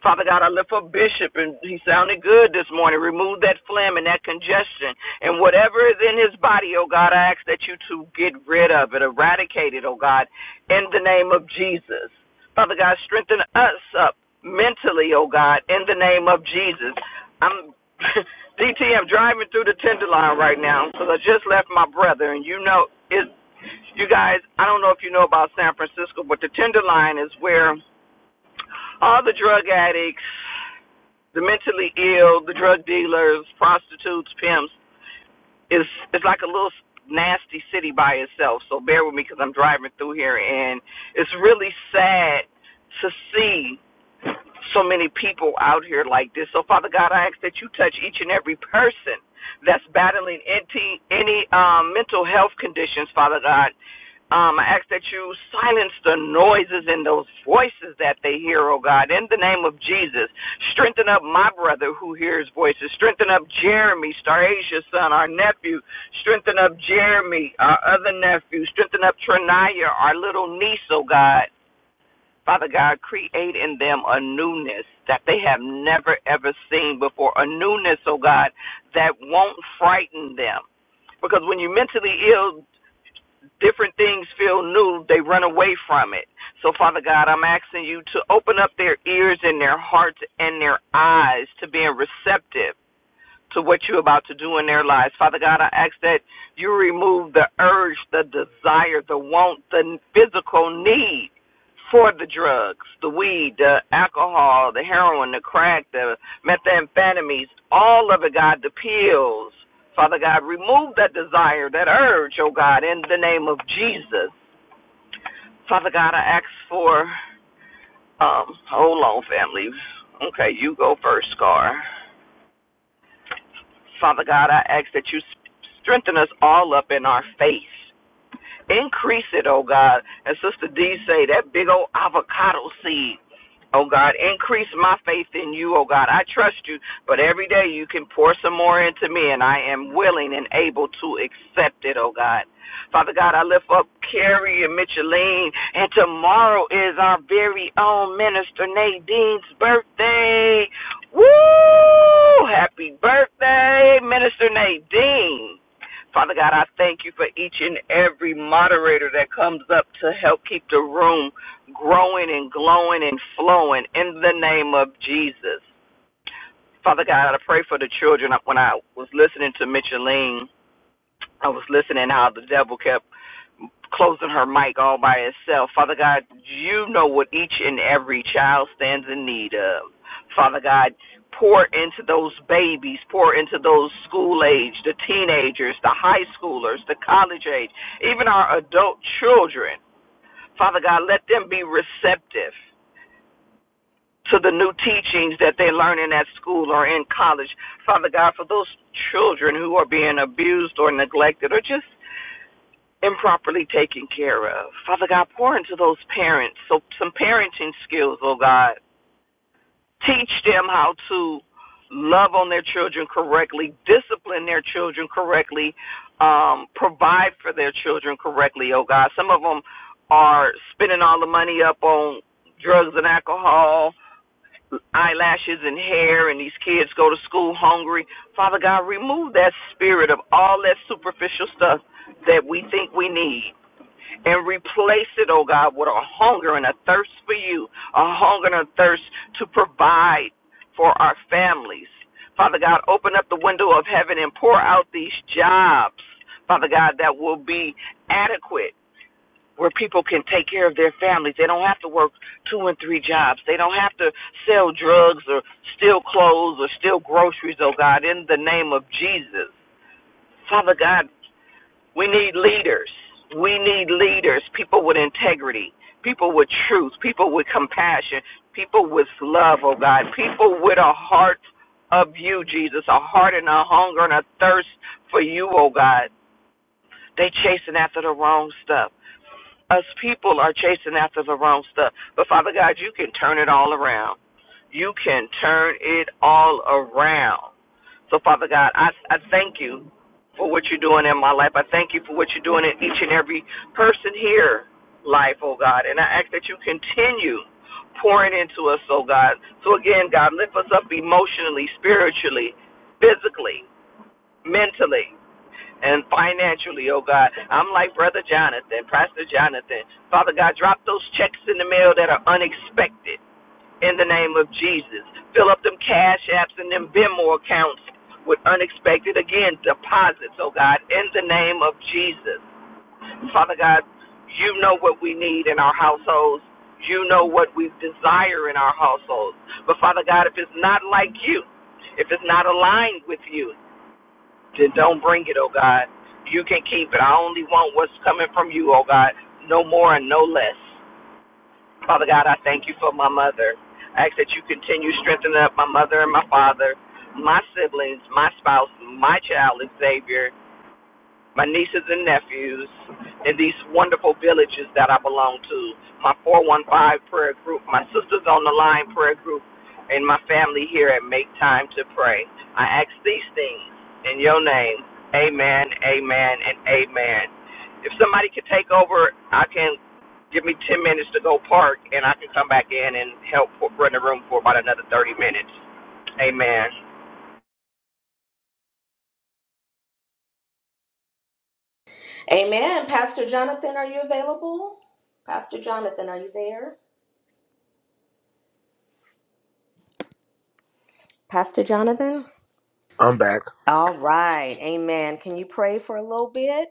Speaker 10: Father God, I lift up Bishop, and he sounded good this morning. Remove that phlegm and that congestion and whatever is in his body, oh God, I ask that you to get rid of it, eradicate it, oh God, in the name of Jesus. Father God, strengthen us up mentally, oh God, in the name of Jesus. I'm DT, I'm driving through the Tenderloin right now because I just left my brother, and you know it, you guys, I don't know if you know about San Francisco, but the Tenderloin is where all the drug addicts, the mentally ill, the drug dealers, prostitutes, pimps is it's like a little nasty city by itself. So bear with me because I'm driving through here, and it's really sad to see so many people out here like this. So, Father God, I ask that you touch each and every person that's battling any, any um, mental health conditions, Father God. Um, I ask that you silence the noises and those voices that they hear, oh God, in the name of Jesus. Strengthen up my brother who hears voices. Strengthen up Jeremy, Starasia's son, our nephew. Strengthen up Jeremy, our other nephew. Strengthen up Trinaya, our little niece, oh God. Father God, create in them a newness that they have never ever seen before, a newness, oh God, that won't frighten them. Because when you're mentally ill, different things feel new, they run away from it. So, Father God, I'm asking you to open up their ears and their hearts and their eyes to being receptive to what you're about to do in their lives. Father God, I ask that you remove the urge, the desire, the want, the physical need for the drugs, the weed, the alcohol, the heroin, the crack, the methamphetamines, all of it, God, the pills. Father God, remove that desire, that urge, oh God, in the name of Jesus. Father God, I ask for, um, hold on, family. Okay, you go first, Scar. Father God, I ask that you strengthen us all up in our faith. Increase it, oh God. And Sister D say that big old avocado seed. Oh God, increase my faith in you, oh God. I trust you, but every day you can pour some more into me, and I am willing and able to accept it, oh God. Father God, I lift up Carrie and Micheline, and tomorrow is our very own minister Nadine's birthday. Woo! Happy birthday, Minister Nadine. Father God, I thank you for each and every moderator that comes up to help keep the room growing and glowing and flowing in the name of Jesus. Father God, I pray for the children. When I was listening to Micheline, I was listening how the devil kept closing her mic all by itself. Father God, you know what each and every child stands in need of. Father God, pour into those babies, pour into those school age, the teenagers, the high schoolers, the college age, even our adult children. Father God, let them be receptive to the new teachings that they're learning at school or in college. Father God, for those children who are being abused or neglected or just improperly taken care of. Father God, pour into those parents so some parenting skills, oh God. Teach them how to love on their children correctly, discipline their children correctly, um, provide for their children correctly, oh God. Some of them are spending all the money up on drugs and alcohol, eyelashes and hair, and these kids go to school hungry. Father God, remove that spirit of all that superficial stuff that we think we need and replace it, oh God, with a hunger and a thirst for you, a hunger and a thirst to provide for our families. Father God, open up the window of heaven and pour out these jobs, Father God, that will be adequate. Where people can take care of their families. They don't have to work two and three jobs. They don't have to sell drugs or steal clothes or steal groceries, oh God, in the name of Jesus. Father God, we need leaders. We need leaders, people with integrity, people with truth, people with compassion, people with love, oh God, people with a heart of you, Jesus, a heart and a hunger and a thirst for you, oh God. They chasing after the wrong stuff. Us people are chasing after the wrong stuff. But Father God, you can turn it all around. You can turn it all around. So, Father God, I, I thank you for what you're doing in my life. I thank you for what you're doing in each and every person here life, oh God. And I ask that you continue pouring into us, oh God. So again, God, lift us up emotionally, spiritually, physically, mentally, and financially, oh God. I'm like Brother Jonathan, Pastor Jonathan. Father God, drop those checks in the mail that are unexpected in the name of Jesus. Fill up them cash apps and them Venmo accounts with unexpected, again, deposits, oh God, in the name of Jesus. Father God, you know what we need in our households. You know what we desire in our households. But Father God, if it's not like you, if it's not aligned with you, then don't bring it, oh God. You can keep it. I only want what's coming from you, oh God. No more and no less. Father God, I thank you for my mother. I ask that you continue strengthening up my mother and my father, my siblings, my spouse, my child, and Savior my nieces and nephews in these wonderful villages that I belong to, my 415 prayer group, my Sisters on the Line prayer group, and my family here at Make Time to Pray. I ask these things in your name. Amen, amen, and amen. If somebody could take over, I can give me 10 minutes to go park, and I can come back in and help for, run the room for about another 30 minutes. Amen.
Speaker 6: Amen. Pastor Jonathan, are you available? Pastor Jonathan, are you there? Pastor Jonathan?
Speaker 8: I'm back.
Speaker 6: All right. Amen. Can you pray for a little bit?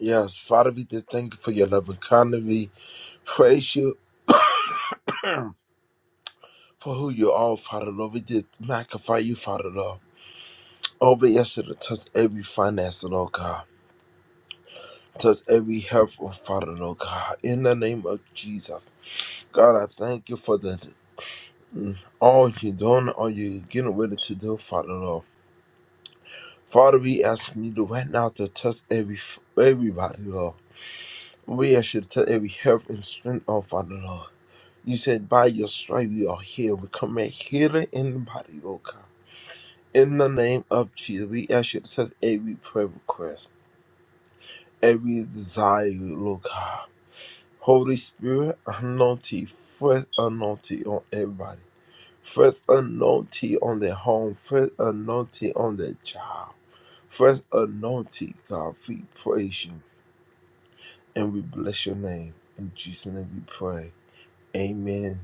Speaker 8: Yes, Father, we just thank you for your love. loving kindness. We praise you for who you are, Father Lord. We just magnify you, Father Lord. Oh, we ask to touch every finance, Lord God. Touch every health, oh, Father Lord God. In the name of Jesus, God, I thank you for the. all you're doing, all you getting ready to do, Father Lord. Father, we asking you to right now to touch every everybody, Lord. We ask you to touch every health and strength, oh Father Lord. You said by your stripe we are healed. We command healing in the body, oh God. In the name of Jesus, we ask you to touch every prayer request, every desire, Lord God. Holy Spirit, anointing, fresh anointing on everybody. First anointing on their home, first anointing on their job, first anointing, God, we praise you and we bless your name. In Jesus' name we pray. Amen.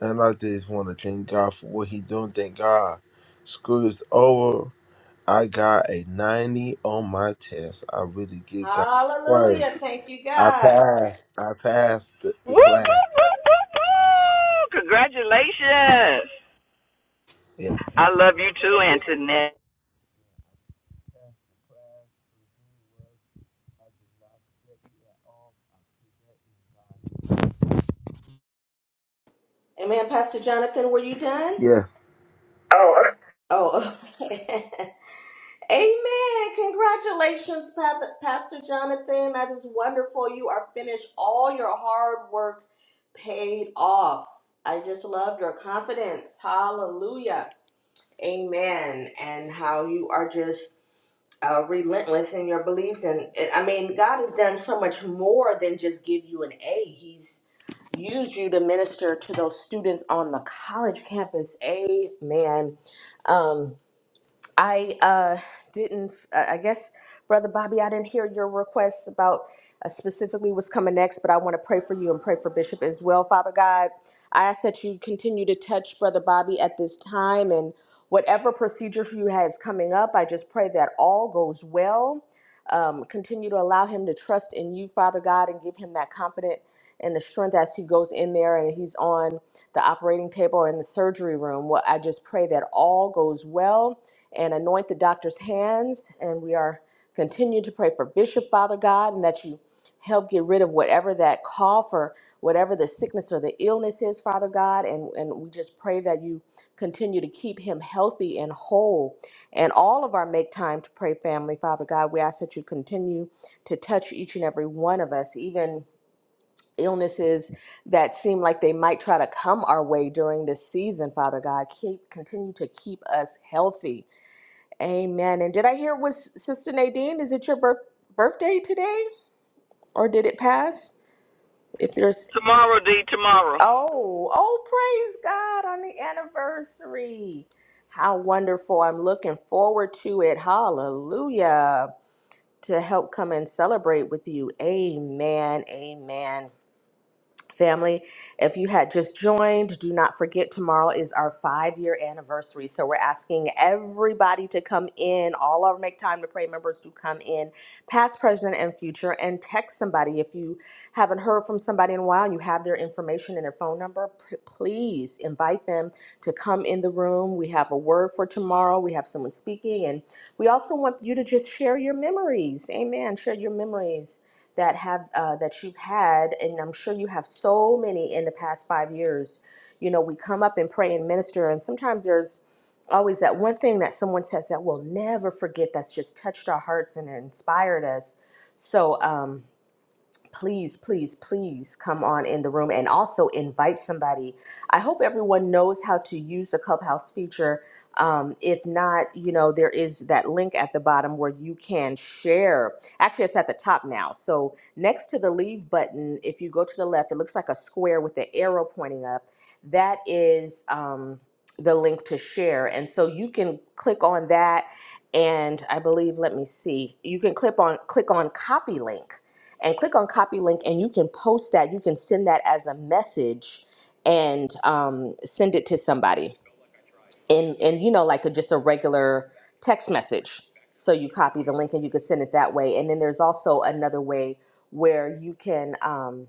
Speaker 8: And I just want to thank God for what He doing. Thank God. School is over. I got a 90 on my test. I really give God
Speaker 6: Hallelujah.
Speaker 8: praise.
Speaker 6: Thank you,
Speaker 8: I
Speaker 6: God.
Speaker 8: passed. I passed the, the
Speaker 10: Woo, woo,
Speaker 8: class.
Speaker 10: woo, woo, woo! Congratulations!
Speaker 8: Yeah.
Speaker 10: I love you too, Antoinette.
Speaker 6: Amen. Pastor Jonathan, were you done?
Speaker 8: Yes.
Speaker 6: Oh, Amen. Congratulations, Path- Pastor Jonathan. That is wonderful. You are finished. All your hard work paid off. I just love your confidence. Hallelujah. Amen. And how you are just uh, relentless in your beliefs. And and, I mean, God has done so much more than just give you an A. He's used you to minister to those students on the college campus. Amen. Um, I uh, didn't, I I guess, Brother Bobby, I didn't hear your request about uh, specifically what's coming next, but I want to pray for you and pray for Bishop as well, Father God. I ask that you continue to touch Brother Bobby at this time and whatever procedure you has coming up, I just pray that all goes well um, continue to allow him to trust in you, Father God, and give him that confidence and the strength as he goes in there and he's on the operating table or in the surgery room. Well, I just pray that all goes well and anoint the doctor's hands. And we are continue to pray for Bishop, Father God, and that you help get rid of whatever that call for whatever the sickness or the illness is father god and and we just pray that you continue to keep him healthy and whole and all of our make time to pray family father god we ask that you continue to touch each and every one of us even illnesses that seem like they might try to come our way during this season father god keep continue to keep us healthy amen and did i hear was sister nadine is it your birth, birthday today or did it pass if there's
Speaker 10: Tomorrow, D, tomorrow.
Speaker 6: oh, oh praise God on the anniversary. How wonderful. I'm looking forward to it. Hallelujah. To help come and celebrate with you. Amen. Amen. Family, if you had just joined, do not forget tomorrow is our five year anniversary. So we're asking everybody to come in, all our Make Time to Pray members to come in, past, present, and future, and text somebody. If you haven't heard from somebody in a while and you have their information and their phone number, p- please invite them to come in the room. We have a word for tomorrow, we have someone speaking, and we also want you to just share your memories. Amen. Share your memories that have uh, that you've had, and I'm sure you have so many in the past five years. You know, we come up and pray and minister, and sometimes there's always that one thing that someone says that we'll never forget. That's just touched our hearts and inspired us. So. Um, please, please, please come on in the room and also invite somebody. I hope everyone knows how to use the Clubhouse feature. Um, if not, you know, there is that link at the bottom where you can share. Actually, it's at the top now. So next to the leave button, if you go to the left, it looks like a square with the arrow pointing up. That is um, the link to share. And so you can click on that and I believe let me see you can click on click on copy link and click on copy link and you can post that you can send that as a message and um, send it to somebody and and you know like a, just a regular text message so you copy the link and you can send it that way and then there's also another way where you can um,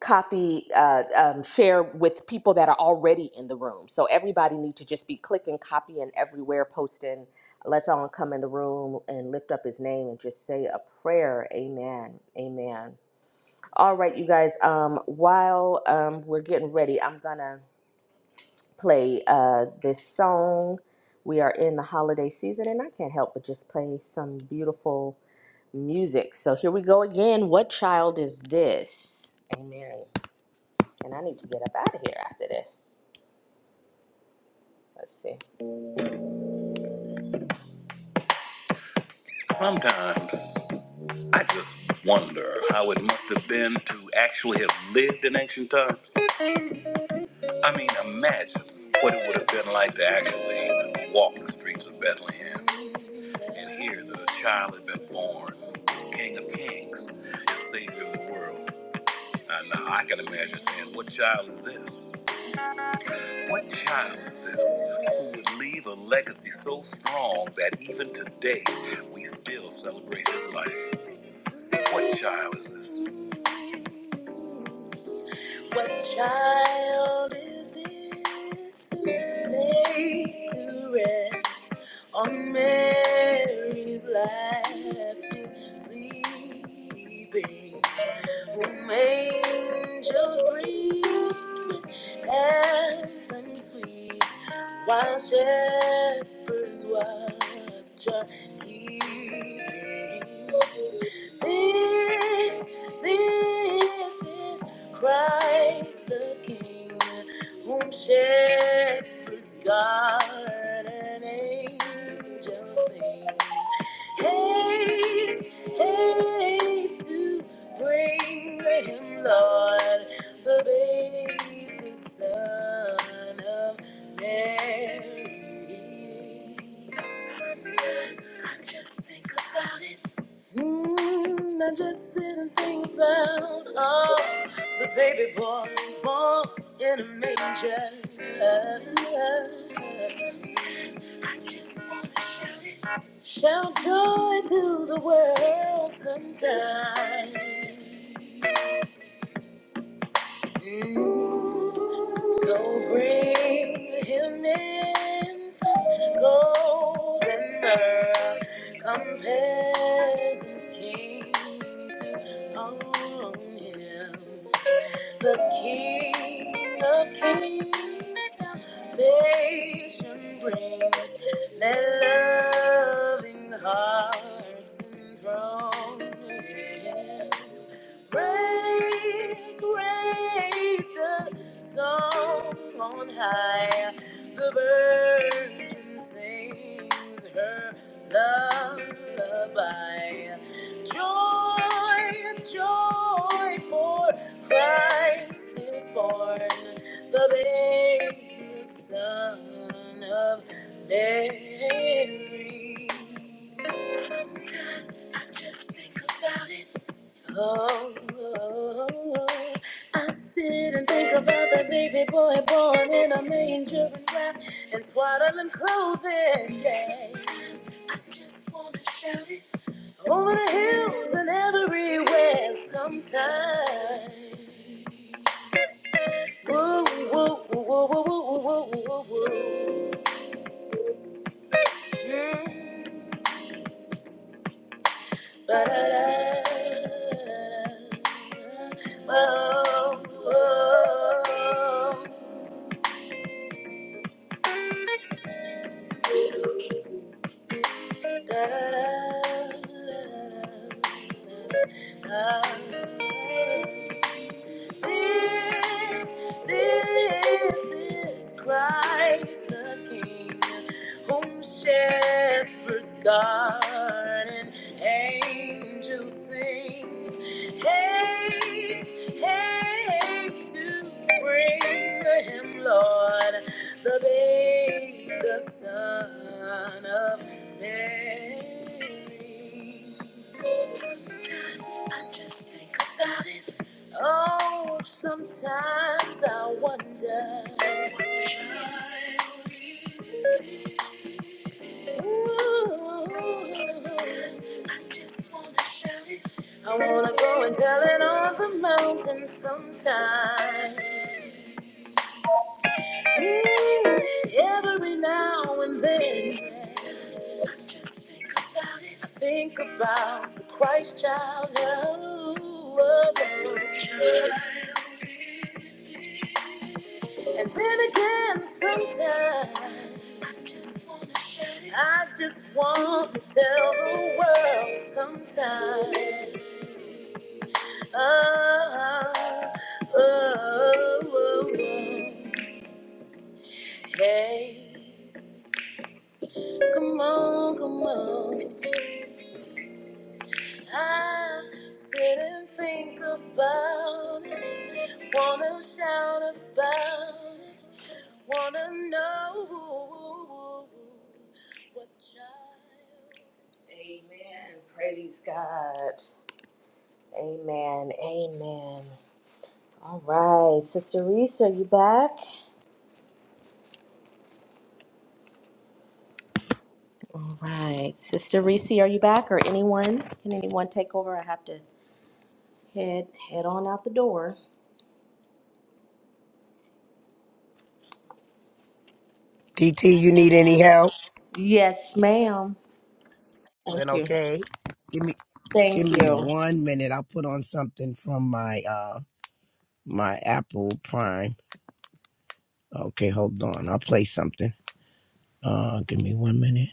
Speaker 6: copy uh, um, share with people that are already in the room so everybody need to just be clicking copying everywhere posting let's all come in the room and lift up his name and just say a prayer amen amen all right, you guys. Um, while um, we're getting ready, I'm gonna play uh, this song. We are in the holiday season, and I can't help but just play some beautiful music. So here we go again. What child is this? Amen. And I need to get up out of here after this. Let's see. Sometimes I just wonder how it must have been to actually have lived in ancient times. I mean, imagine what it would have been like to actually walk the streets of Bethlehem. And here the child had been born, King of Kings, and Savior of the world. Now, now I can imagine saying, What child is this? What child is this who would leave a legacy so strong that even today we still celebrate his life? What child is this? What child is this who's laid to rest on Mary's lap is sleeping? Whom angels greet with anthem sweet? While shepherds watch are keeping. This, this is Christ the King, whom shepherds guard and angels sing. Haste, haste to bring him, Lord, the baby son of Mary. I just think about it. Mm, I just sit and think about oh, the baby boy born in a manger. I just wanna Shout joy to the world sometime. Mm. So bring him incense, gold and myrrh. Compare the king to own him. The King of Kings, salvation brings. Let loving hearts enthrone. Him. Praise, praise the song on high. The virgin sings her lullaby. Joy, joy, for Christ is born, the babe, the son of Mary. Oh, oh, oh, I sit and think about that baby boy born in a manger and wrapped in swaddling clothing. Yeah. Over the hills and everywhere sometimes. Woo, woo, woo, woo, woo, woo, woo, woo, woo. Mm. Ba-da-da. Oh, oh. This, this is Christ the King, whom shepherds guard and angels sing. Haste, haste to bring to Him, Lord. The babe, the son of Mary. Oh, sometimes I wonder. Ooh, I wanna go and tell it on the mountain sometime. every now and then I think about the Christ child. Oh, oh, oh. And then again, sometimes I just want to tell the world sometimes. Oh, oh, oh, oh, hey, come on, come on. I sit and think about it, wanna shout about it, wanna know what child. God. Amen. Amen. All right, Sister Reese, are you back? All right, Sister Reese, are you back, or anyone? Can anyone take over? I have to head head on out the door.
Speaker 5: TT, you need any help?
Speaker 6: Yes, ma'am. Thank
Speaker 5: Then
Speaker 6: you.
Speaker 5: okay. Give me give
Speaker 6: Thank
Speaker 5: me
Speaker 6: you.
Speaker 5: 1 minute. I'll put on something from my uh my Apple Prime. Okay, hold on. I'll play something. Uh give me 1 minute.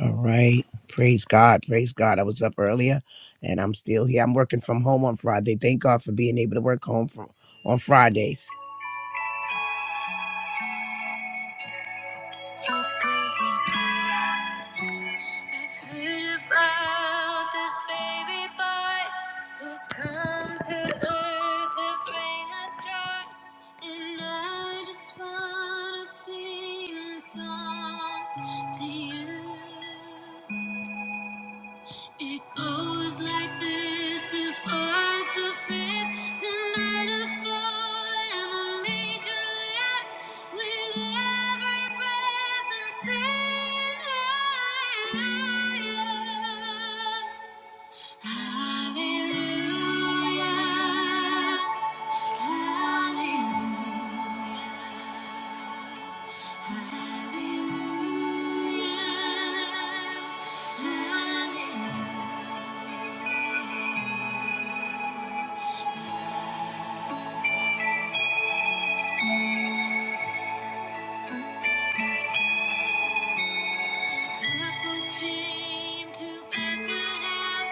Speaker 5: All right. Praise God. Praise God. I was up earlier and I'm still here. I'm working from home on Friday. Thank God for being able to work home from on Fridays. I've heard about this baby boy who's come to earth to bring us joy, and I just wanna sing a song to you. It goes like this the fourth, the fifth, the minor fall, and the major lift. With every breath, I'm singing higher. Hallelujah. Hallelujah. Hallelujah. Hallelujah. couple came to Bethlehem,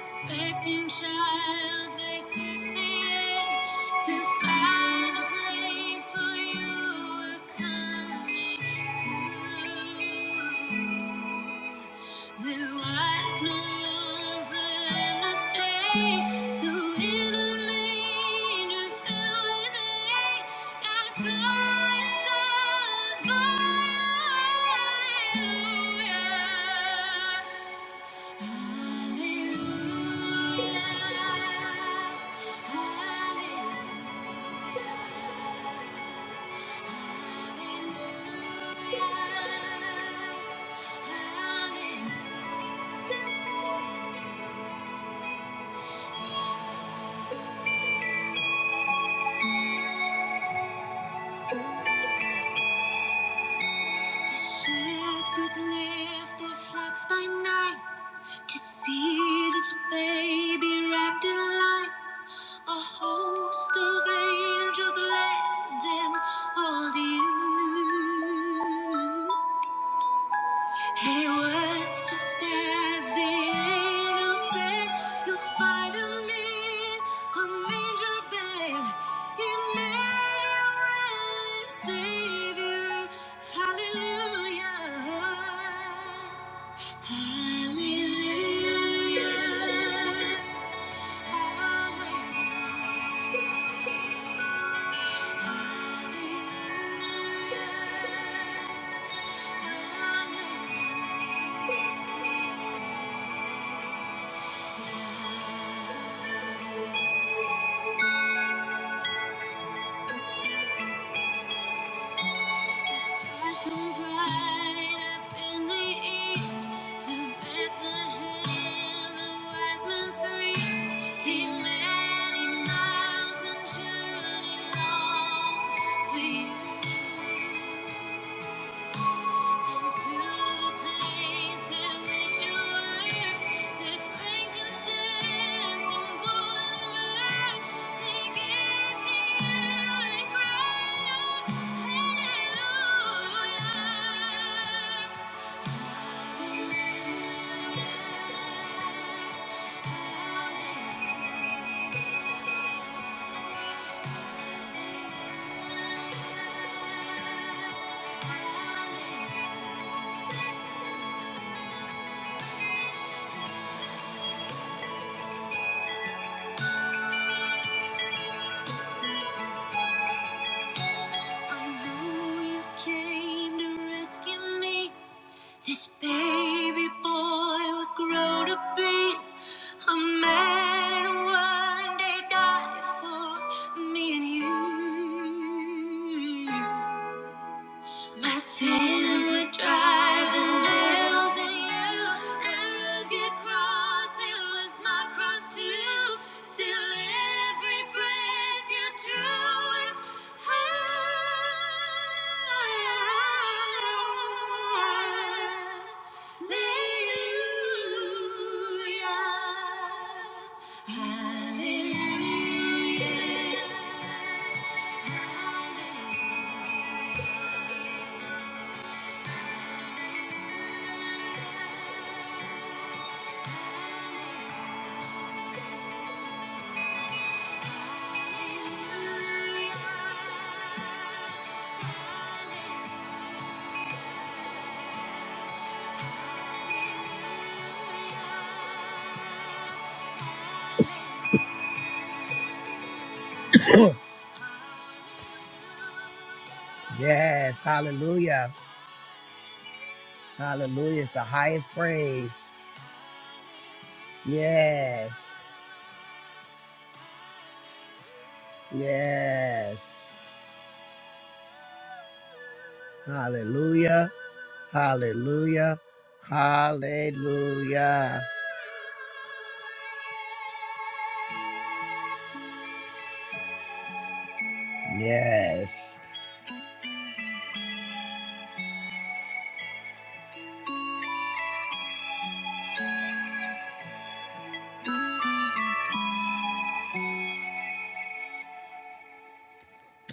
Speaker 5: expecting child they searched the air to find a place for you were coming soon. There was no room for them to stay, so in a manger filled with hay, our son's born. Hallelujah, hallelujah, hallelujah. hallelujah. The shepherds lift their flocks by night to see this baby wrapped in light. A host of angels led them all to you. And it was just as the angel said, You'll find a man, a manger bound, Emmanuel and Savior. Hallelujah. Hallelujah. Hallelujah. Hallelujah. The stars shone bright up in the east. To Bethlehem, the wise men three came many miles and journeyed long for you. I know you came to rescue me. This baby boy would grow to be a man and one day die for me and you. My sins would drive the nails in you. Arrogant cross, it was my cross too. Still, every breath you drew was hallelujah, hallelujah, hallelujah. Yes, hallelujah. Hallelujah is the highest praise. Yes, yes. Hallelujah, hallelujah, hallelujah. Yes.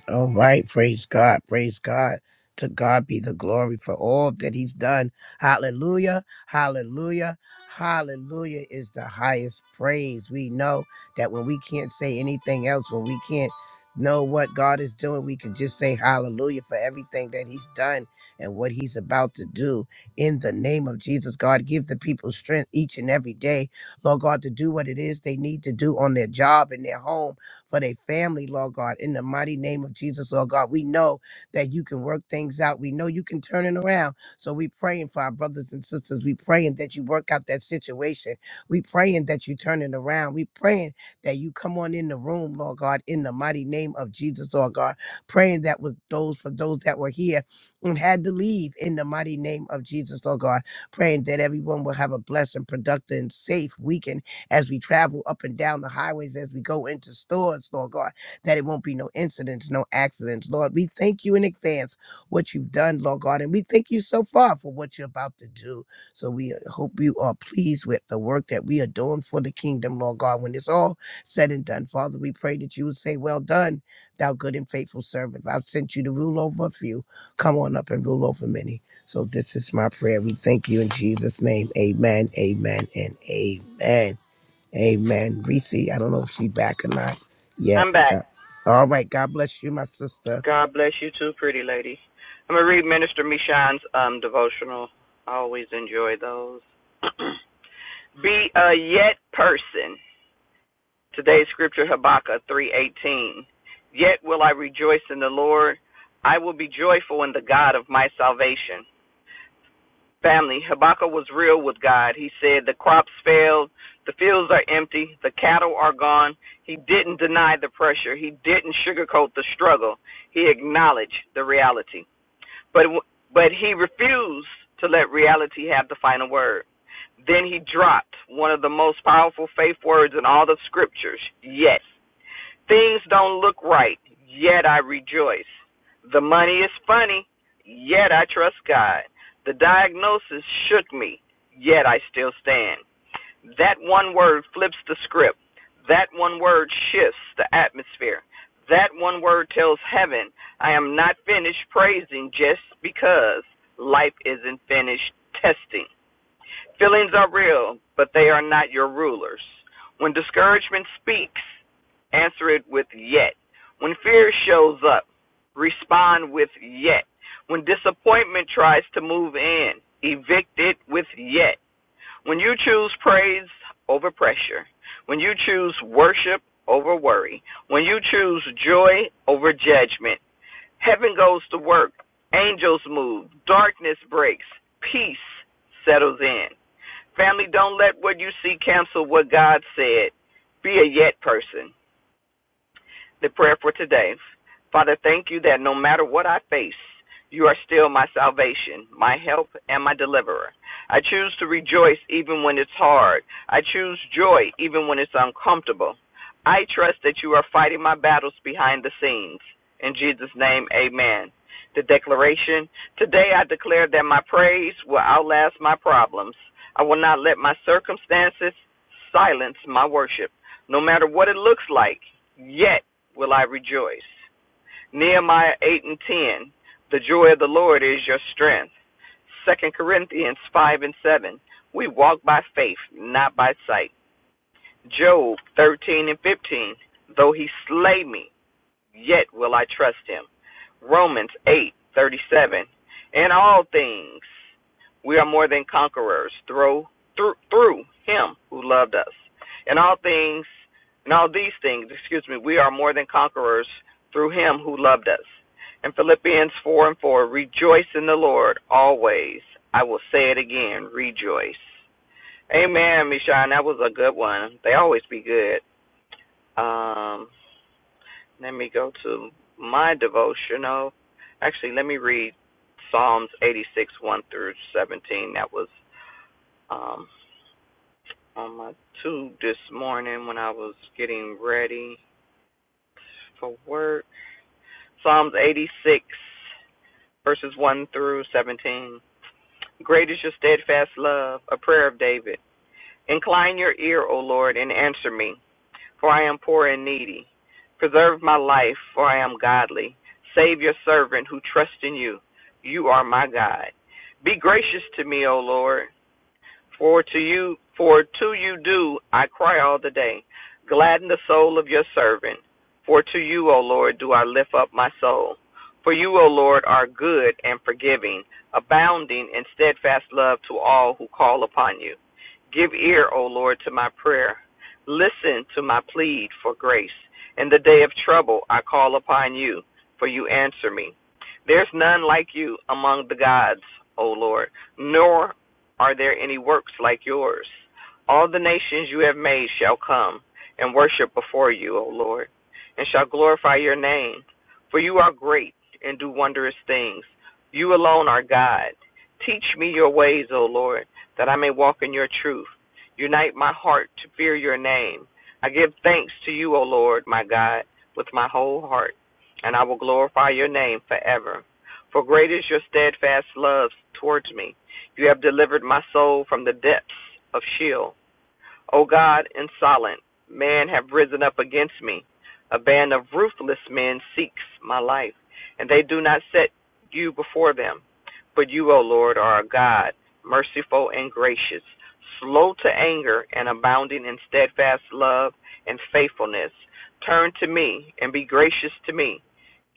Speaker 5: All right, praise God, praise God. To God be the glory for all that He's done. Hallelujah, hallelujah, hallelujah is the highest praise. We know that when we can't say anything else, when we can't know what God is doing, we can just say hallelujah for everything that He's done and what He's about to do. In the name of Jesus, God, give the people strength each and every day, Lord God, to do what it is they need to do on their job, in their home for their family, Lord God. In the mighty name of Jesus, Lord God, we know that you can work things out. We know you can turn it around. So we praying for our brothers and sisters. We praying that you work out that situation. We praying that you turn it around. We praying that you come on in the room, Lord God, in the mighty name of Jesus, Lord God. Praying that was those for those that were here and had to leave in the mighty name of Jesus, Lord God. Praying that everyone will have a blessed, productive, and safe weekend as we travel up and down the highways, as we go into stores, Lord God, that it won't be no incidents, no accidents. Lord, we thank you in advance what you've done, Lord God, and we thank you so far for what you're about to do. So we uh, hope you are pleased with the work that we are doing for the kingdom, Lord God. When it's all said and done, Father, we pray that you would say, Well done, thou good and faithful servant. I've sent you to rule over a few. Come on up and rule over many. So this is my prayer. We thank you in Jesus' name. Amen, amen, and amen. Amen. Reese, I don't know if she's back or not yet.
Speaker 10: I'm back.
Speaker 5: God. All right. God bless you, my sister.
Speaker 10: God bless you too, pretty lady. I'm gonna read Minister Michon's um devotional. I always enjoy those. Be a yet person. Today's scripture Habakkuk three eighteen. Yet will I rejoice in the Lord. I will be joyful in the God of my salvation. Family, Habakkuk was real with God. He said, The crops failed, the fields are empty, the cattle are gone. He didn't deny the pressure, he didn't sugarcoat the struggle. He acknowledged the reality. But, but he refused to let reality have the final word. Then he dropped one of the most powerful faith words in all the scriptures, yes. Things don't look right, yet I rejoice. The money is funny, yet I trust God. The diagnosis shook me, yet I still stand. That one word flips the script. That one word shifts the atmosphere. That one word tells heaven, I am not finished praising just because life isn't finished testing. Feelings are real, but they are not your rulers. When discouragement speaks, answer it with yet. When fear shows up, respond with yet. When disappointment tries to move in, evict it with yet. When you choose praise over pressure, when you choose worship over worry, when you choose joy over judgment, heaven goes to work, angels move, darkness breaks, peace settles in. Family, don't let what you see cancel what God said. Be a yet person. The prayer for today. Father, thank you that no matter what I face, you are still my salvation, my help, and my deliverer. I choose to rejoice even when it's hard. I choose joy even when it's uncomfortable. I trust that you are fighting my battles behind the scenes. In Jesus' name, amen. The declaration Today I declare that my praise will outlast my problems. I will not let my circumstances silence my worship, no matter what it looks like. Yet, will I rejoice. Nehemiah 8 and 10, the joy of the Lord is your strength. Second Corinthians 5 and 7, we walk by faith, not by sight. Job 13 and 15, though he slay me, yet will I trust him. Romans eight thirty seven. In all things we are more than conquerors through through through him who loved us. In all things in all these things, excuse me, we are more than conquerors through him who loved us. In Philippians four and four, rejoice in the Lord always. I will say it again, rejoice. Amen, Michonne. That was a good one. They always be good. Um. Let me go to my devotional. Actually, let me read Psalms 86, 1 through 17. That was um, on my tube this morning when I was getting ready for work. Psalms 86, verses 1 through 17. Great is your steadfast love, a prayer of David. Incline your ear, O Lord, and answer me. for I am poor and needy. Preserve my life, for I am godly. Save your servant who trusts in you. You are my God. Be gracious to me, O Lord. For to you, for to you do I cry all the day. Gladden the soul of your servant. For to you, O Lord, do I lift up my soul. For you, O Lord, are good and forgiving, abounding in steadfast love to all who call upon you. Give ear, O Lord, to my prayer. Listen to my plead for grace. In the day of trouble, I call upon you, for you answer me. There's none like you among the gods, O Lord, nor are there any works like yours? All the nations you have made shall come and worship before you, O Lord, and shall glorify your name. For you are great and do wondrous things. You alone are God. Teach me your ways, O Lord, that I may walk in your truth. Unite my heart to fear your name. I give thanks to you, O Lord, my God, with my whole heart, and I will glorify your name forever. For great is your steadfast love towards me you have delivered my soul from the depths of Sheol. O God, insolent, man have risen up against me. A band of ruthless men seeks my life, and they do not set you before them. But you, O Lord, are a God, merciful and gracious, slow to anger, and abounding in steadfast love and faithfulness. Turn to me and be gracious to me.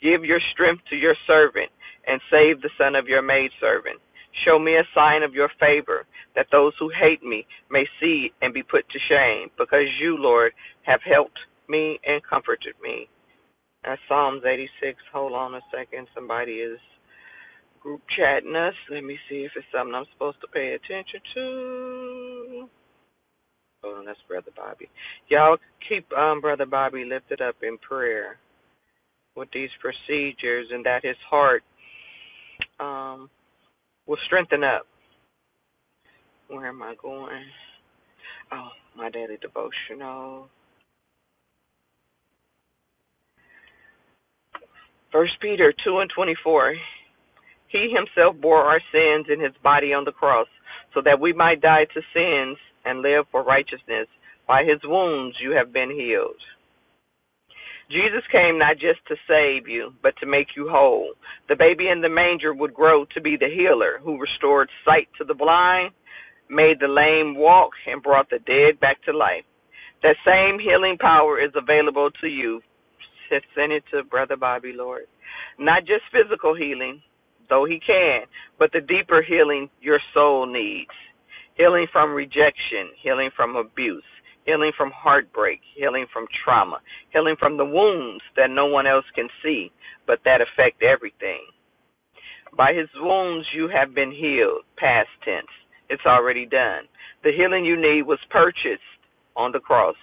Speaker 10: Give your strength to your servant, and save the son of your maidservant. Show me a sign of your favor that those who hate me may see and be put to shame, because you, Lord, have helped me and comforted me. That's Psalms 86. Hold on a second. Somebody is group chatting us. Let me see if it's something I'm supposed to pay attention to. Hold on, that's Brother Bobby. Y'all keep um, Brother Bobby lifted up in prayer with these procedures and that his heart um, will strengthen up. Where am I going? Oh, my daily devotional. First Peter two and twenty four. He himself bore our sins in his body on the cross, so that we might die to sins and live for righteousness. By his wounds you have been healed. Jesus came not just to save you, but to make you whole. The baby in the manger would grow to be the healer who restored sight to the blind, made the lame walk, and brought the dead back to life. That same healing power is available to you. Just Send it to Brother Bobby, Lord. Not just physical healing, though he can, but the deeper healing your soul needs. Healing from rejection, healing from abuse, healing from heartbreak, healing from trauma, healing from the wounds that no one else can see, but that affect everything. By his wounds you have been healed. Past tense. It's already done. The healing you need was purchased on the cross.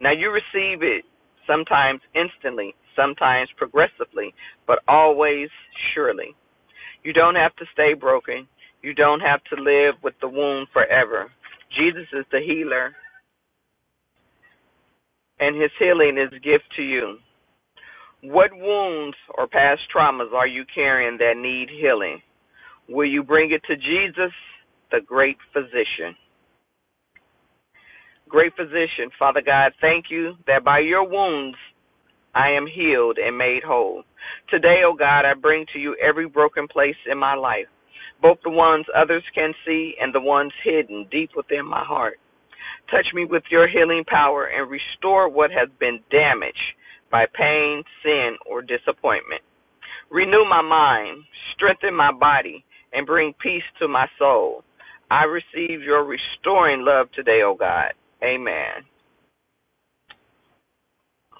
Speaker 10: Now you receive it sometimes instantly, sometimes progressively, but always surely. You don't have to stay broken. You don't have to live with the wound forever. Jesus is the healer, and his healing is a gift to you. What wounds or past traumas are you carrying that need healing? Will you bring it to Jesus, the great physician? Great physician, Father God, thank you that by your wounds I am healed and made whole. Today, O God, I bring to you every broken place in my life, both the ones others can see and the ones hidden deep within my heart. Touch me with your healing power and restore what has been damaged by pain, sin, or disappointment. Renew my mind, strengthen my body, and bring peace to my soul. I receive your restoring love today, O God. Amen.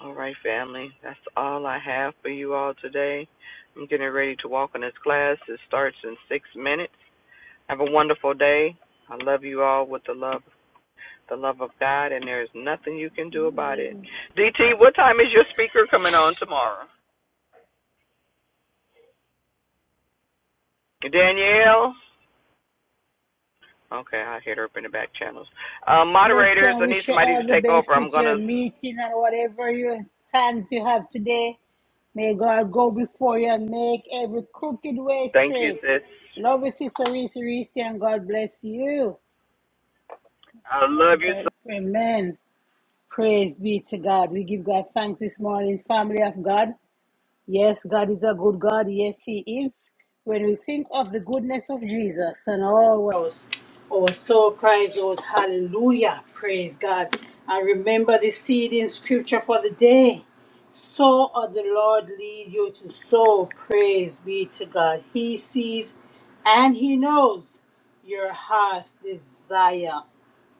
Speaker 10: All right, family. That's all I have for you all today. I'm getting ready to walk in this class. It starts in six minutes. Have a wonderful day. I love you all with the love the love of God and there is nothing you can do about it. DT, what time is your speaker coming on tomorrow? Danielle? Okay, I'll hit her up in the back channels. Uh,
Speaker 1: Bless you
Speaker 10: moderators,
Speaker 1: and
Speaker 10: I need
Speaker 1: wish you
Speaker 10: somebody
Speaker 1: all
Speaker 10: to
Speaker 1: the
Speaker 10: take over.
Speaker 1: best
Speaker 10: I'm
Speaker 1: with
Speaker 10: going
Speaker 1: your
Speaker 10: to
Speaker 1: meeting and whatever your plans you have today. May God go before you and make every crooked way
Speaker 10: thank you,
Speaker 1: straight.
Speaker 10: sis.
Speaker 1: Love you, Sister Reese Reese, and God bless you.
Speaker 10: I love you, so.
Speaker 1: God, amen. Praise be to God. We give God thanks this morning, family of God. Yes, God is a good God. Yes, He is. When we think of the goodness of Jesus and all else, our soul cries out, Hallelujah! Praise God. And remember the seed in Scripture for the day. So ought the Lord lead you to sow. Praise be to God. He sees and He knows your heart's desire.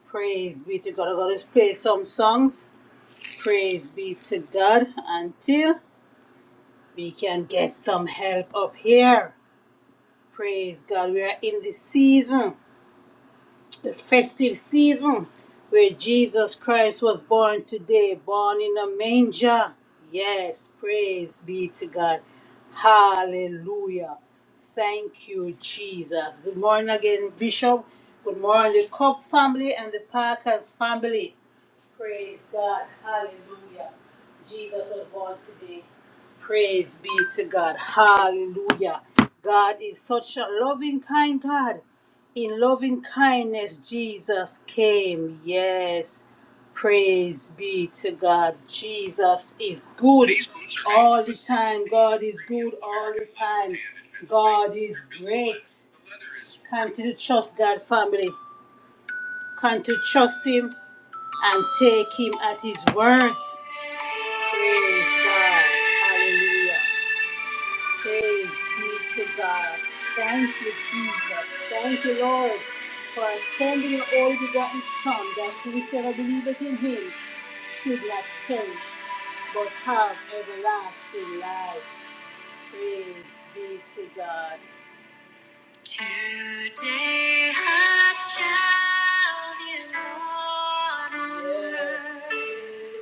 Speaker 1: Praise be to God. I'm going to play some songs. Praise be to God. Until we can get some help up here. Praise God, we are in the season the festive season where Jesus Christ was born today, born in a manger. Yes, praise be to God. Hallelujah. Thank you, Jesus. Good morning again, Bishop. Good morning, the Cobb family and the Parkers family. Praise God. Hallelujah. Jesus was born today. Praise be to God. Hallelujah. God is such a loving, kind God. In loving kindness, Jesus came. Yes. Praise be to God. Jesus is good all the time. God is good all the time. God is great. Continue to trust God, family. Continue to trust Him and take Him at His words. Praise God. Hallelujah. Praise be to God. Thank you, Jesus. Thank you, Lord, for sending your only begotten Son, that whosoever believeth in him should not perish, but have everlasting life. Praise be to God. Today a child is born on earth.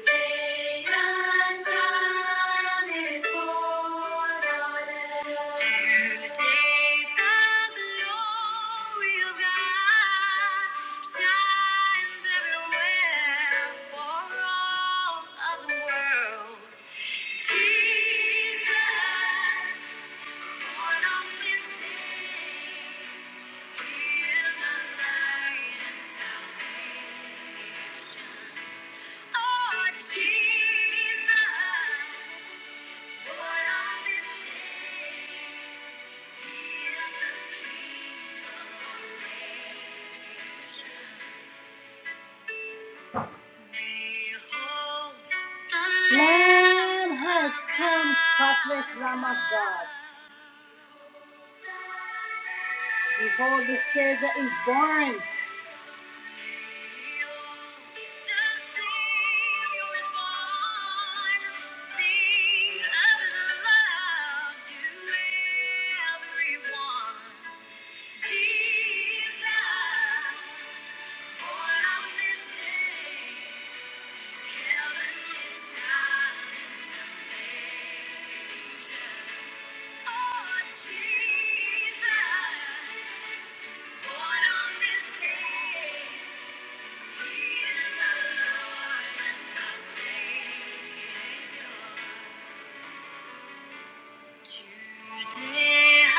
Speaker 1: Today a child is born on earth. Today the glory of God shines everywhere for all of the world. Jesus, born on this day. Lamb has come, spotless Lamb of God. Behold, the Savior is born. Jesus, born on this day. Today our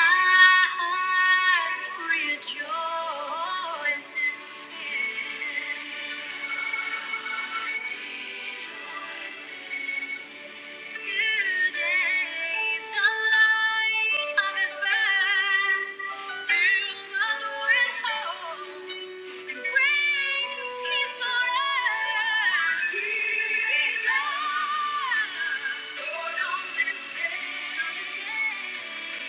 Speaker 1: hearts rejoice in Him. Rejoice Today, the light of His birth fills us with hope and brings peace on earth. He Lord. Born this day,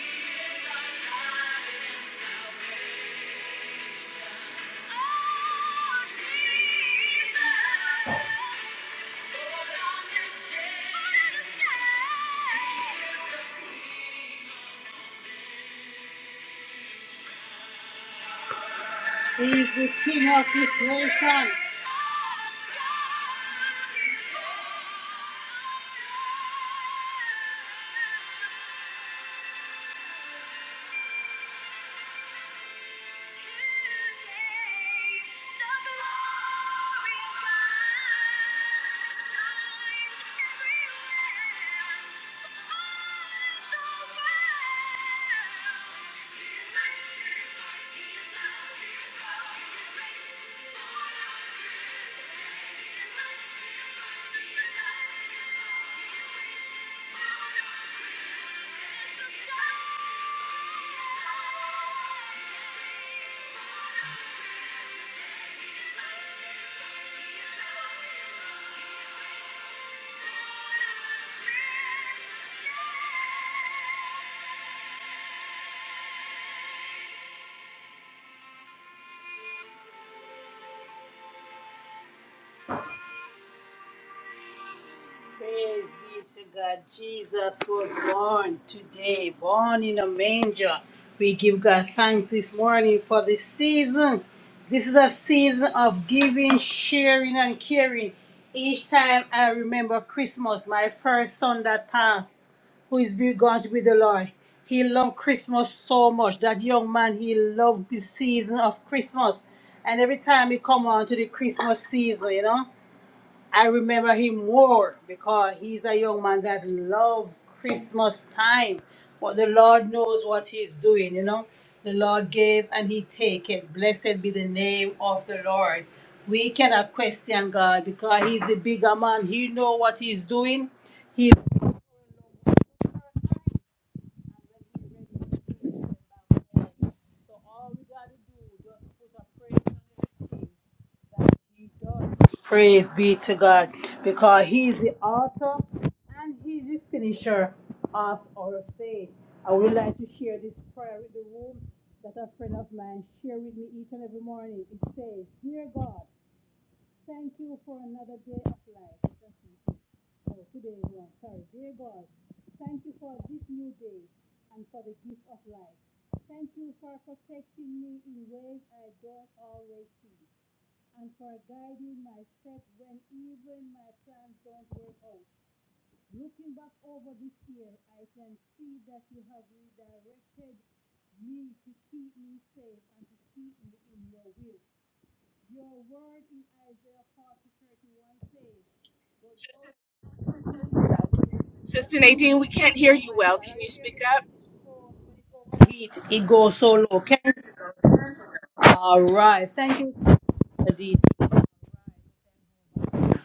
Speaker 1: He is our light and salvation. Oh, Jesus. He's the king of this nation. Thank you. Yeah. Praise be to God. Jesus was born today, born in a manger. We give God thanks this morning for this season. This is a season of giving, sharing, and caring. Each time I remember Christmas, my first son that passed, who is be- going to be the Lord. He loved Christmas so much. That young man, he loved the season of Christmas. And every time we come on to the Christmas season, you know. I remember him more because he's a young man that loves Christmas time. But the Lord knows what he's doing, you know. The Lord gave and he take it. Blessed be the name of the Lord. We cannot question God because he's a bigger man. He know what he's doing. He so praise Praise be to God, because he's the author and he's the finisher of our faith. I would like to share this prayer with the room that a friend of mine shared with me each and every morning. It says, Dear God. Thank you for another day of life. Oh, today is one. Sorry. Dear God, thank you for this new day and for the gift of life. Thank you for protecting me in ways I don't always see and for guiding my steps when even my plans don't work out. Looking back over this year, I can see that you have redirected me to keep me safe and to keep me in your will. Your word in Isaiah 40 thirty-one says, Oh my God, are you hearing me now? This phone, when it's overheat, it goes so low. Can All right. Thank you, Sister D.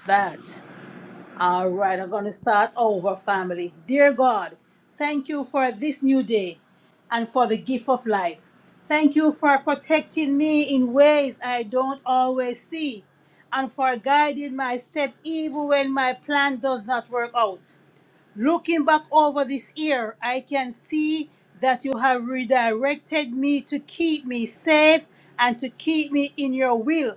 Speaker 1: That. All right, I'm going to start over, family. Dear God, thank you for this new day and for the gift of life. Thank you for protecting me in ways I don't always see and for guiding my step even when my plan does not work out. Looking back over this year, I can see that you have redirected me to keep me safe and to keep me in your will.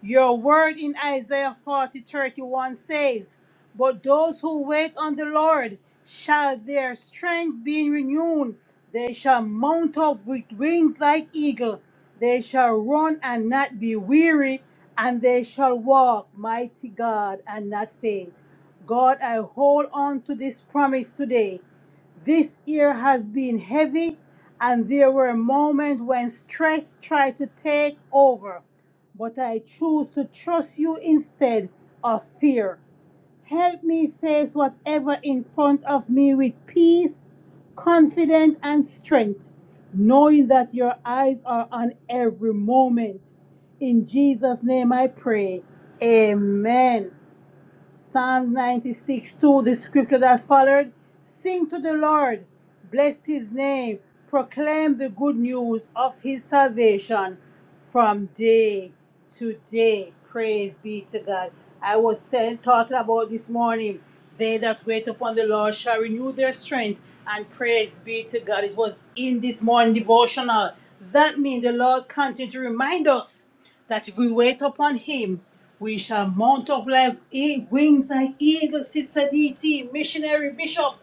Speaker 1: Your word in Isaiah 40 31 says, But those who wait on the Lord shall their strength be renewed. They shall mount up with wings like eagle. They shall run and not be weary, and they shall walk, mighty God, and not faint. God, I hold on to this promise today. This year has been heavy, and there were moments when stress tried to take over but I choose to trust you instead of fear. Help me face whatever in front of me with peace, confidence, and strength, knowing that your eyes are on every moment. In Jesus' name I pray. Amen. Psalms 96 2, the scripture that followed Sing to the Lord, bless his name, proclaim the good news of his salvation from day to day. Praise be to God. I was saying, talking about this morning, they that wait upon the Lord shall renew their strength, and praise be to God. It was in this morning devotional. That means the Lord continues to remind us that if we wait upon him, we shall mount up like e- wings like eagles, Sister DT, missionary bishop,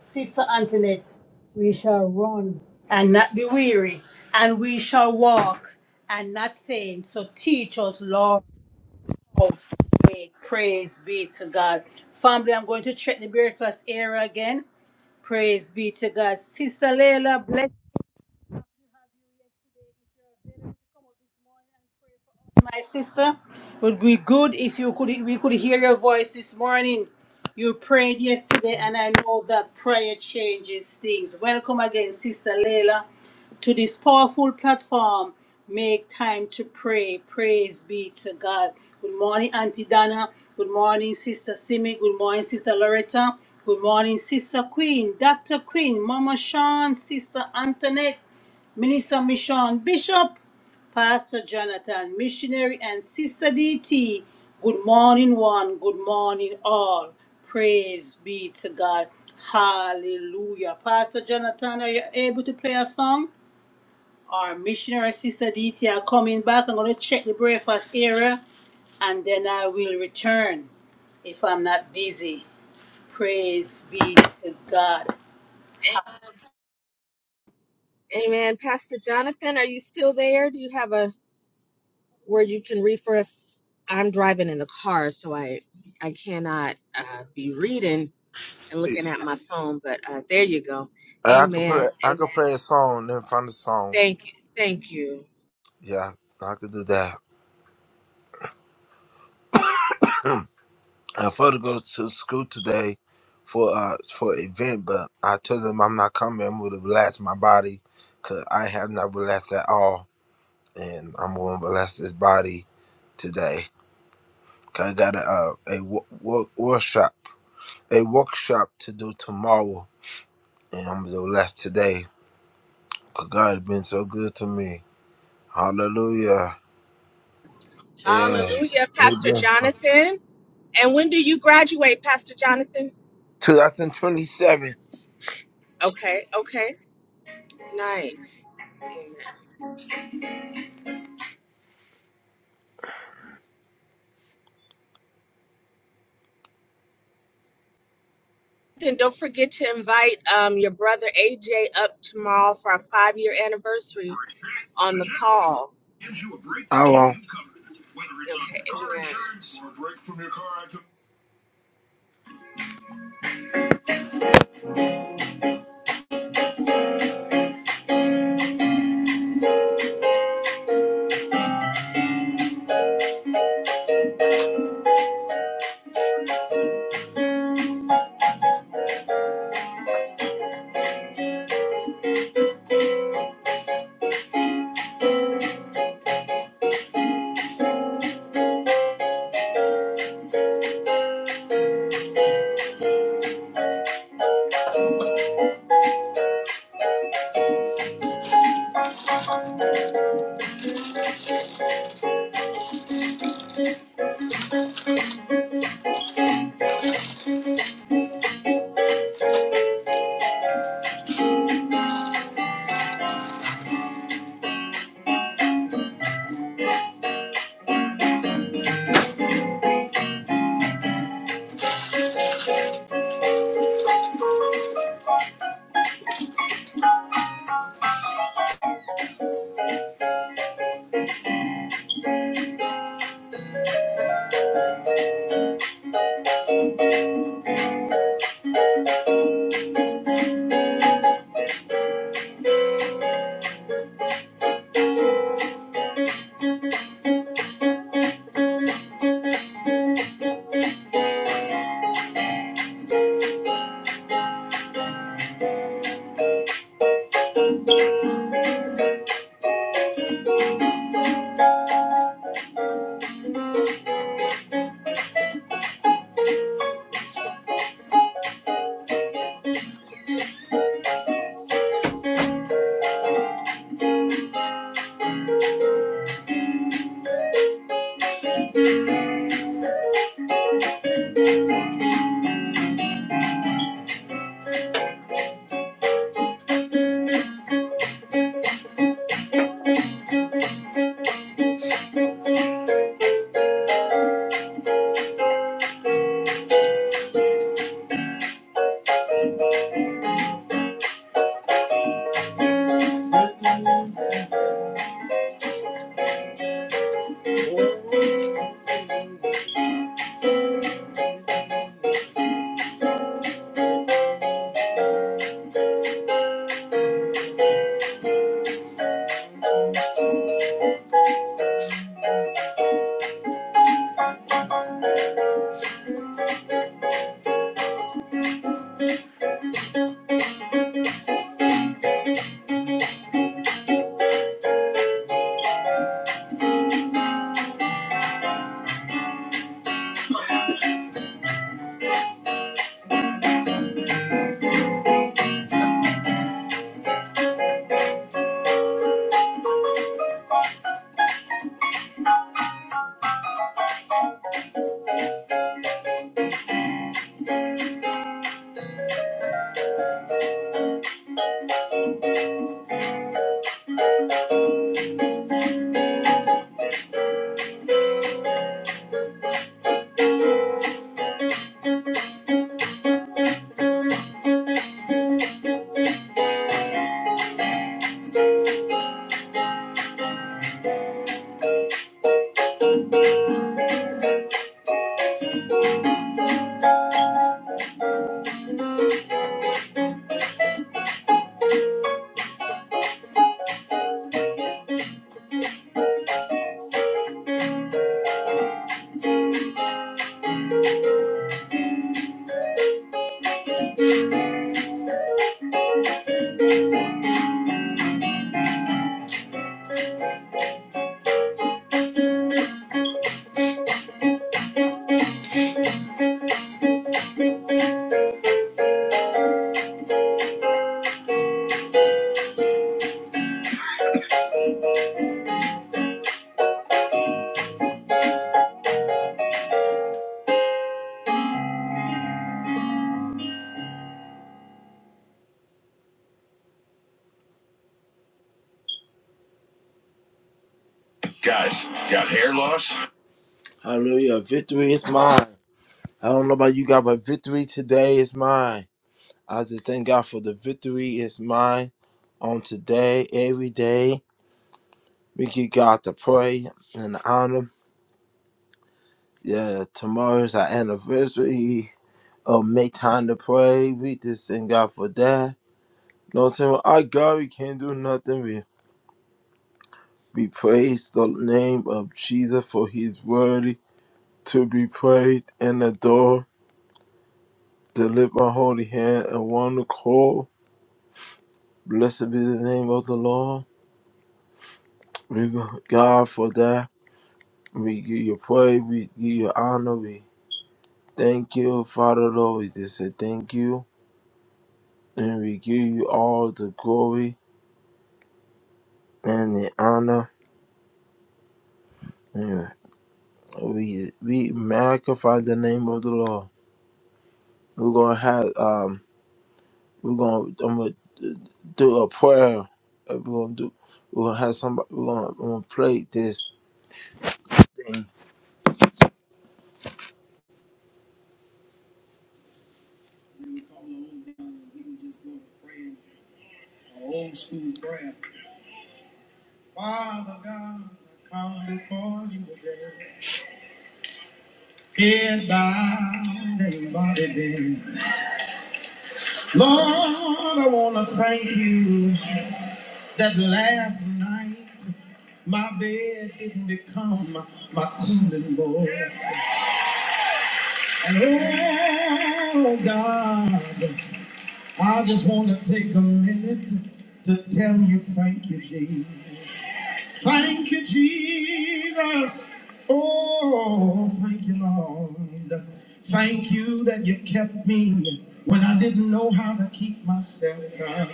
Speaker 1: Sister Antoinette. We shall run and not be weary, and we shall walk and not faint. So teach us, Lord, how to wait. Praise be to God. Family, I'm going to check the breakfast area again. Praise be to God. Sister Layla, bless. My sister, it would be good if you could we could hear your voice this morning. You prayed yesterday, and I know that prayer changes things. Welcome again, Sister Layla, to this powerful platform. Make time to pray. Praise be to God. Good morning, Auntie Donna. Good morning, Sister Simi. Good morning, Sister Loretta. Good morning, Sister Queen, Dr. Queen, Mama Sean, Sister Antoinette, Minister Michon, Bishop. Pastor Jonathan, missionary, and Sister DT. Good morning, one. Good morning, all. Praise be to God. Hallelujah. Pastor Jonathan, are you able to play a song? Our missionary, Sister DT, are coming back. I'm going to check the breakfast area and then I will return if I'm not busy. Praise be to God.
Speaker 6: Amen. Pastor Jonathan, are you still there? Do you have a where you can read for us? I'm driving in the car, so I I cannot uh, be reading and looking at my phone. But uh, there you go.
Speaker 8: I could
Speaker 6: Amen.
Speaker 8: play. I
Speaker 6: Amen.
Speaker 8: could play a song, then find a song.
Speaker 6: Thank you. Thank you.
Speaker 8: Yeah, I could do that. I thought to go to school today for uh for an event, but I told them I'm not coming. I'm gonna relax my body, cause I have not relaxed at all, and I'm gonna relax this body today. 'Cause I got a uh, a wo- wo- workshop a workshop to do tomorrow, and I'm gonna relax today God has been so good to me. Hallelujah. Yeah.
Speaker 6: Hallelujah,
Speaker 8: He
Speaker 6: Pastor
Speaker 8: been so-
Speaker 6: Jonathan. And when do you graduate, Pastor Jonathan?
Speaker 8: 2027.
Speaker 6: Okay, okay. Nice. Amen. Then don't forget to invite um, your brother AJ up tomorrow for our five year anniversary on the call.
Speaker 8: I won't.
Speaker 6: Okay, amen.
Speaker 8: Guys, got hair loss? Hallelujah. Victory is mine. I don't know about you guys, but victory today is mine. I just thank God for the victory is mine on today, every day. We give God the praise and the honor. Yeah, tomorrow's our anniversary of Make Time to Pray. We just thank God for that. No, saying Well, our God, we can't do nothing. We, we praise the name of Jesus for he's worthy to be praised and adored. To lift my holy hand and one to call. Blessed be the name of the Lord. We thank God for that. We give you praise. We give you honor. We thank you, Father Lord. We just say thank you. And we give you all the glory and the honor. Yeah, we we magnify the name of the Lord. We're gonna have um we're gonna I'm gonna do a prayer. Uh, We're gonna do we're gonna have somebody we're gonna, we're gonna play this thing. Old school prayer. Father God, I come before you today. Head bowed and body bent. Lord, I wanna thank you. that last night my bed didn't become my cooling board. And oh God, I just want to take a minute to tell you thank you, Jesus. Thank you, Jesus. Oh, thank you, Lord. Thank you that you kept me when I didn't know how to keep myself. God.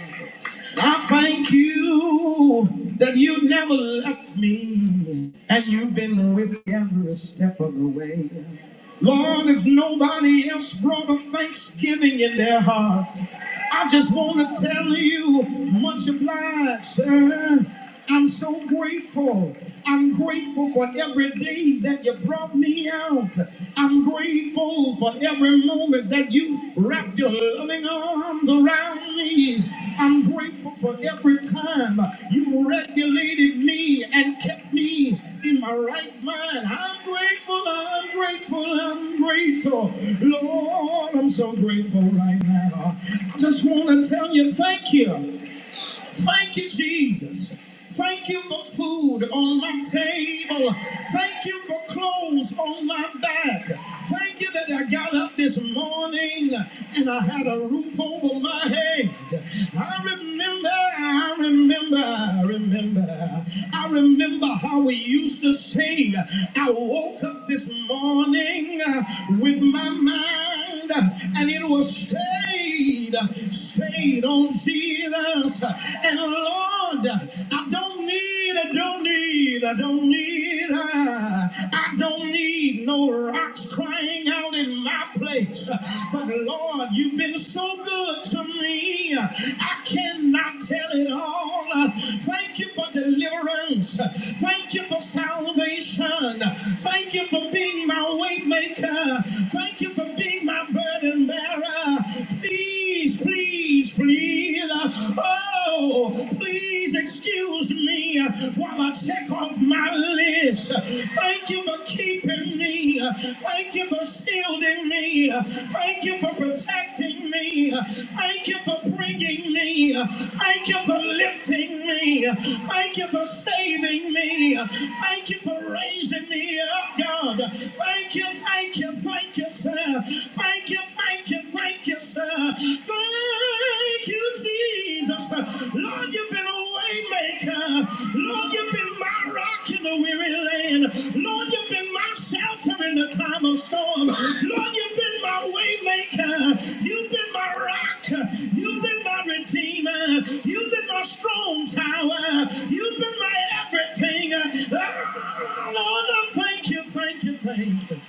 Speaker 8: I thank you that you never left me and you've been with me every step of the way. Lord, if nobody else brought a thanksgiving in their hearts, I just want to tell you, much obliged, sir. I'm so grateful. I'm grateful for every day that you brought me out. I'm grateful for every moment that you wrapped your loving arms around me. I'm grateful for every time you regulated me and kept me in my right mind. I'm grateful, I'm grateful, I'm grateful. Lord, I'm so grateful right now. I just want to tell you thank you. Thank you, Jesus. Thank you for food on my table. Thank you for clothes on my back. Thank you that I got up this morning and I had a roof over my head. I remember, I remember, I remember, I remember how we used to sing. I woke up this morning with my mind hand and it was stayed, stayed on Jesus. And Lord, I don't need, I don't need, I don't need, uh, I don't need no rocks crying out in my place. But Lord, you've been so good to me. I cannot tell it all. Thank you for deliverance. Thank you for salvation. Thank you for being my way maker. Thank you Thank you for being my burden bearer. Please, please, please. Oh, please excuse me while I check off my list. Thank you for keeping me. Thank you for shielding me. Thank you for protecting me. Thank you for bringing me. Thank you for lifting me. Thank you for saving me. Thank you for raising me up, God. Thank you, thank you, you, thank you, sir. Thank you, thank you, thank you, sir. Thank you, Jesus. Lord, you've been a way maker. Lord, you've been my rock in the weary land. Lord, you've been my shelter in the time of storm. Lord, you've been my way maker. You've been my rock. You've been my redeemer. You've been my strong tower. You've been my everything. Ah, Lord, I thank you, thank you, thank you.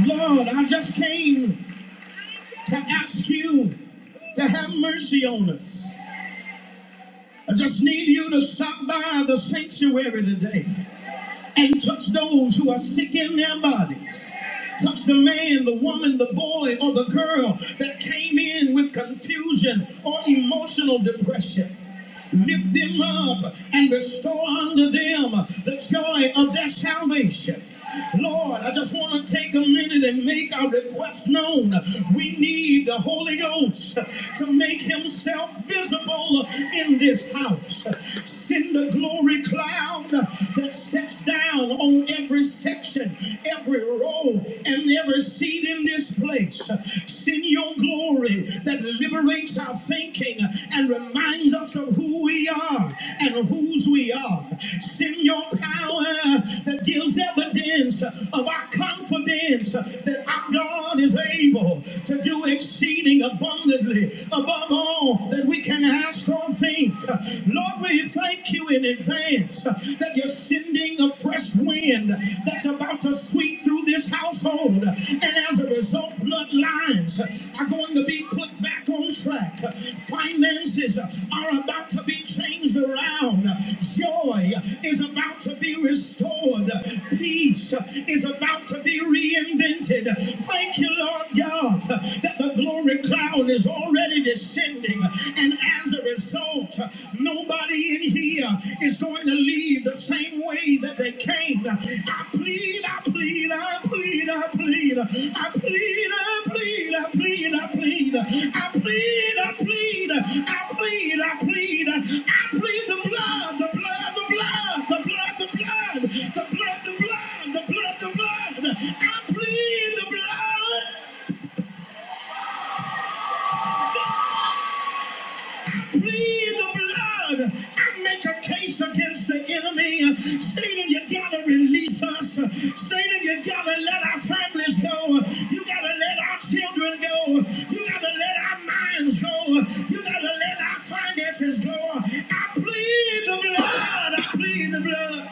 Speaker 8: Lord, I just came to ask you to have mercy on us. I just need you to stop by the sanctuary today and touch those who are sick in their bodies. Touch the man, the woman, the boy, or the girl that came in with confusion or emotional depression. Lift them up and restore unto them the joy of their salvation. Lord, I just want to take a minute and make our request known. We need the Holy Ghost to make himself visible in this house. Send the glory cloud that sets down on every section, every row, and every seat in this place. Send your glory that liberates our thinking and reminds reminds us of who we are and whose we are. Send your power that gives evidence of our confidence that our God is able to do exceeding abundantly above all that we can ask or think. Lord, we thank you in advance that you're sending a fresh wind that's about to sweep through this house household. And as a result, bloodlines are going to be put back on track. Finances are about to be changed around. Joy is about to be restored. Peace is about to be reinvented. Thank you, Lord God, that the glory cloud is already descending. And as a result, nobody Nobody in here is going to leave the same way that they came. I plead, I plead, I plead, I plead, I plead, I plead, I plead, I plead, I plead, I plead, I plead, I plead, I plead the blood, the blood, the blood, the blood, the blood, the blood, the blood, the blood, the blood. I plead the blood. Plead the blood. I make a case against the enemy. Satan, you gotta release us. Satan, you gotta let our families go. You gotta let our children go. You gotta let our minds go. You gotta let our finances go. I plead the blood. I plead the blood.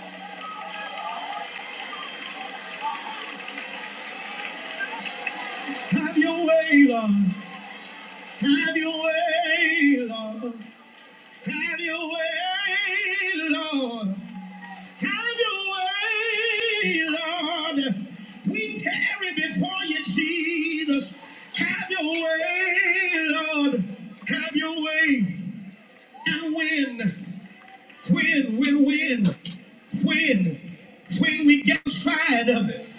Speaker 8: Have your way, Lord. Have your way, Lord. Have your way, Lord. Have your way, Lord. We tarry before you, Jesus. Have your way, Lord. Have your way and win. Win, win, win. Win. When we get tired of it,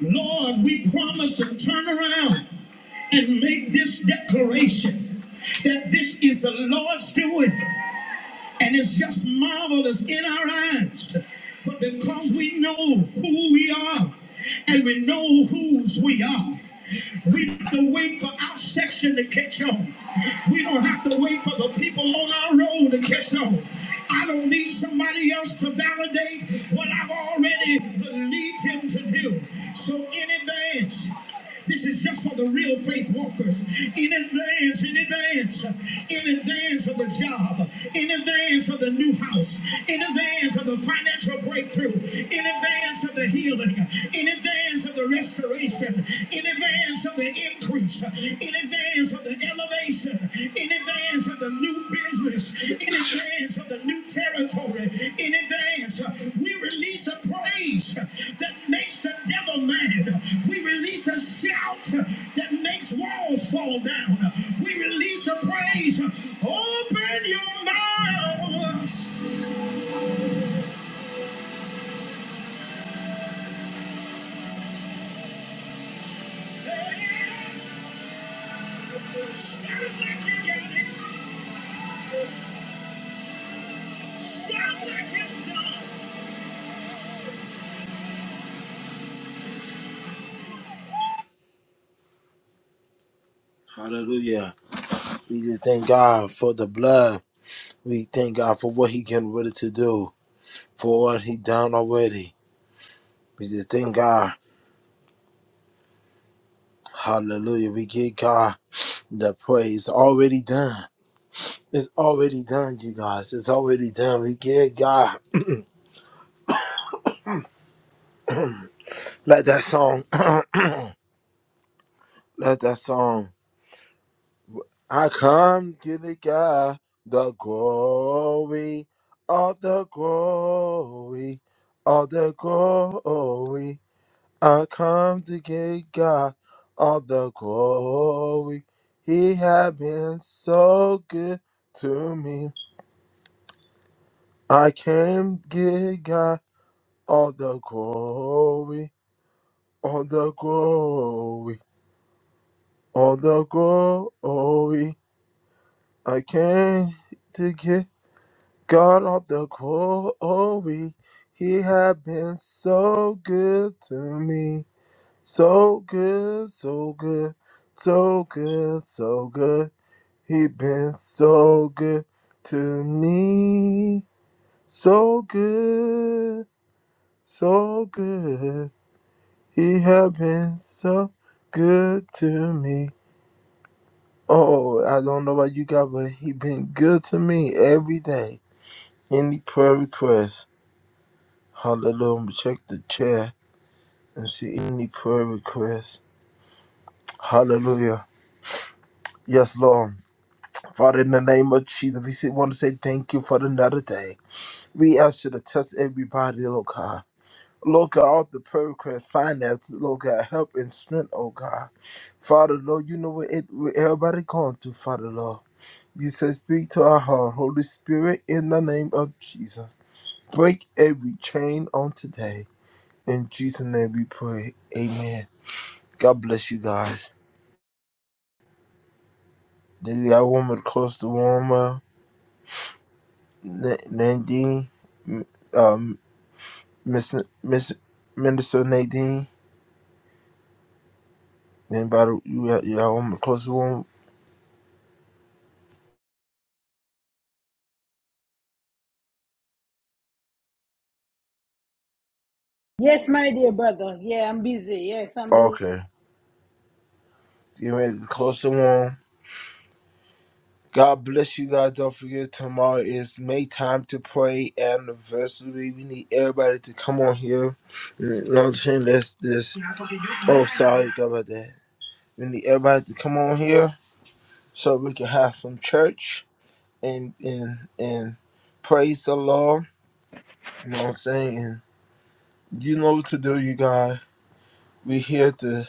Speaker 8: Lord, we promise to turn around and make this declaration that this is the Lord's doing and it's just marvelous in our eyes. But because we know who we are and we know whose we are, we don't have to wait for our section to catch on. We don't have to wait for the people on our road to catch on. I don't need somebody else to validate what I've already believed him to do. So in advance, this is just for the real faith walkers. In advance, in advance, in advance of the job, in advance of the new house, in advance of the financial breakthrough, in advance of the healing, in advance of the restoration, in advance of the increase, in advance of the elevation, in advance of the new business, in advance of the new territory, in advance. uh, We release a praise uh, that makes the devil mad. We release a shout uh, that makes walls fall down. We release a praise. uh, Open your mouth. Shout like you got it. Shout like it's done. Hallelujah. We just thank God for the blood. We thank God for what He getting ready to do, for what He done already. We just thank God. Hallelujah. We give God the praise already done. It's already done, you guys. It's already done. We give God. Let that song. Let that song. I come give the God the glory of the glory of the glory. I come to give God all the glory. He has been so good to me. I came to give God all the glory, all the glory, all the glory. I came to give God all the glory. He has been so good to me. So good, so good, so good, so good. He been so good to me, so good, so good. He have been so good to me. Oh, I don't know about you guys, but he been good to me every day. Any prayer request, hallelujah. Check the chat and see any prayer request, hallelujah. Yes, Lord. Father, in the name of Jesus, we want to say thank you for another day. We ask you to touch everybody, Lord God. Lord God, all the prayer requests, finances, Lord God, help and strength, oh God. Father, Lord, you know what, it, what everybody going through, Father, Lord. You said, speak to our heart, Holy Spirit, in the name of Jesus. Break every chain on today. In Jesus' name we pray. Amen. God bless you guys. Do you got woman close to warmer? Na- Nadine? M- Um, Miss, Miss Minister Nadine? Anybody? You got, you got woman close to warmer?
Speaker 1: Yes, my dear brother. Yeah, I'm busy. Yes, I'm busy.
Speaker 8: Okay. Get ready to close the room. God bless you guys. Don't forget tomorrow is May time to pray anniversary. We need everybody to come on here. You know what I'm saying? Let's just Oh sorry about that. We need everybody to come on here so we can have some church and and and praise the Lord. You know what I'm saying? And you know what to do, you guys. We here to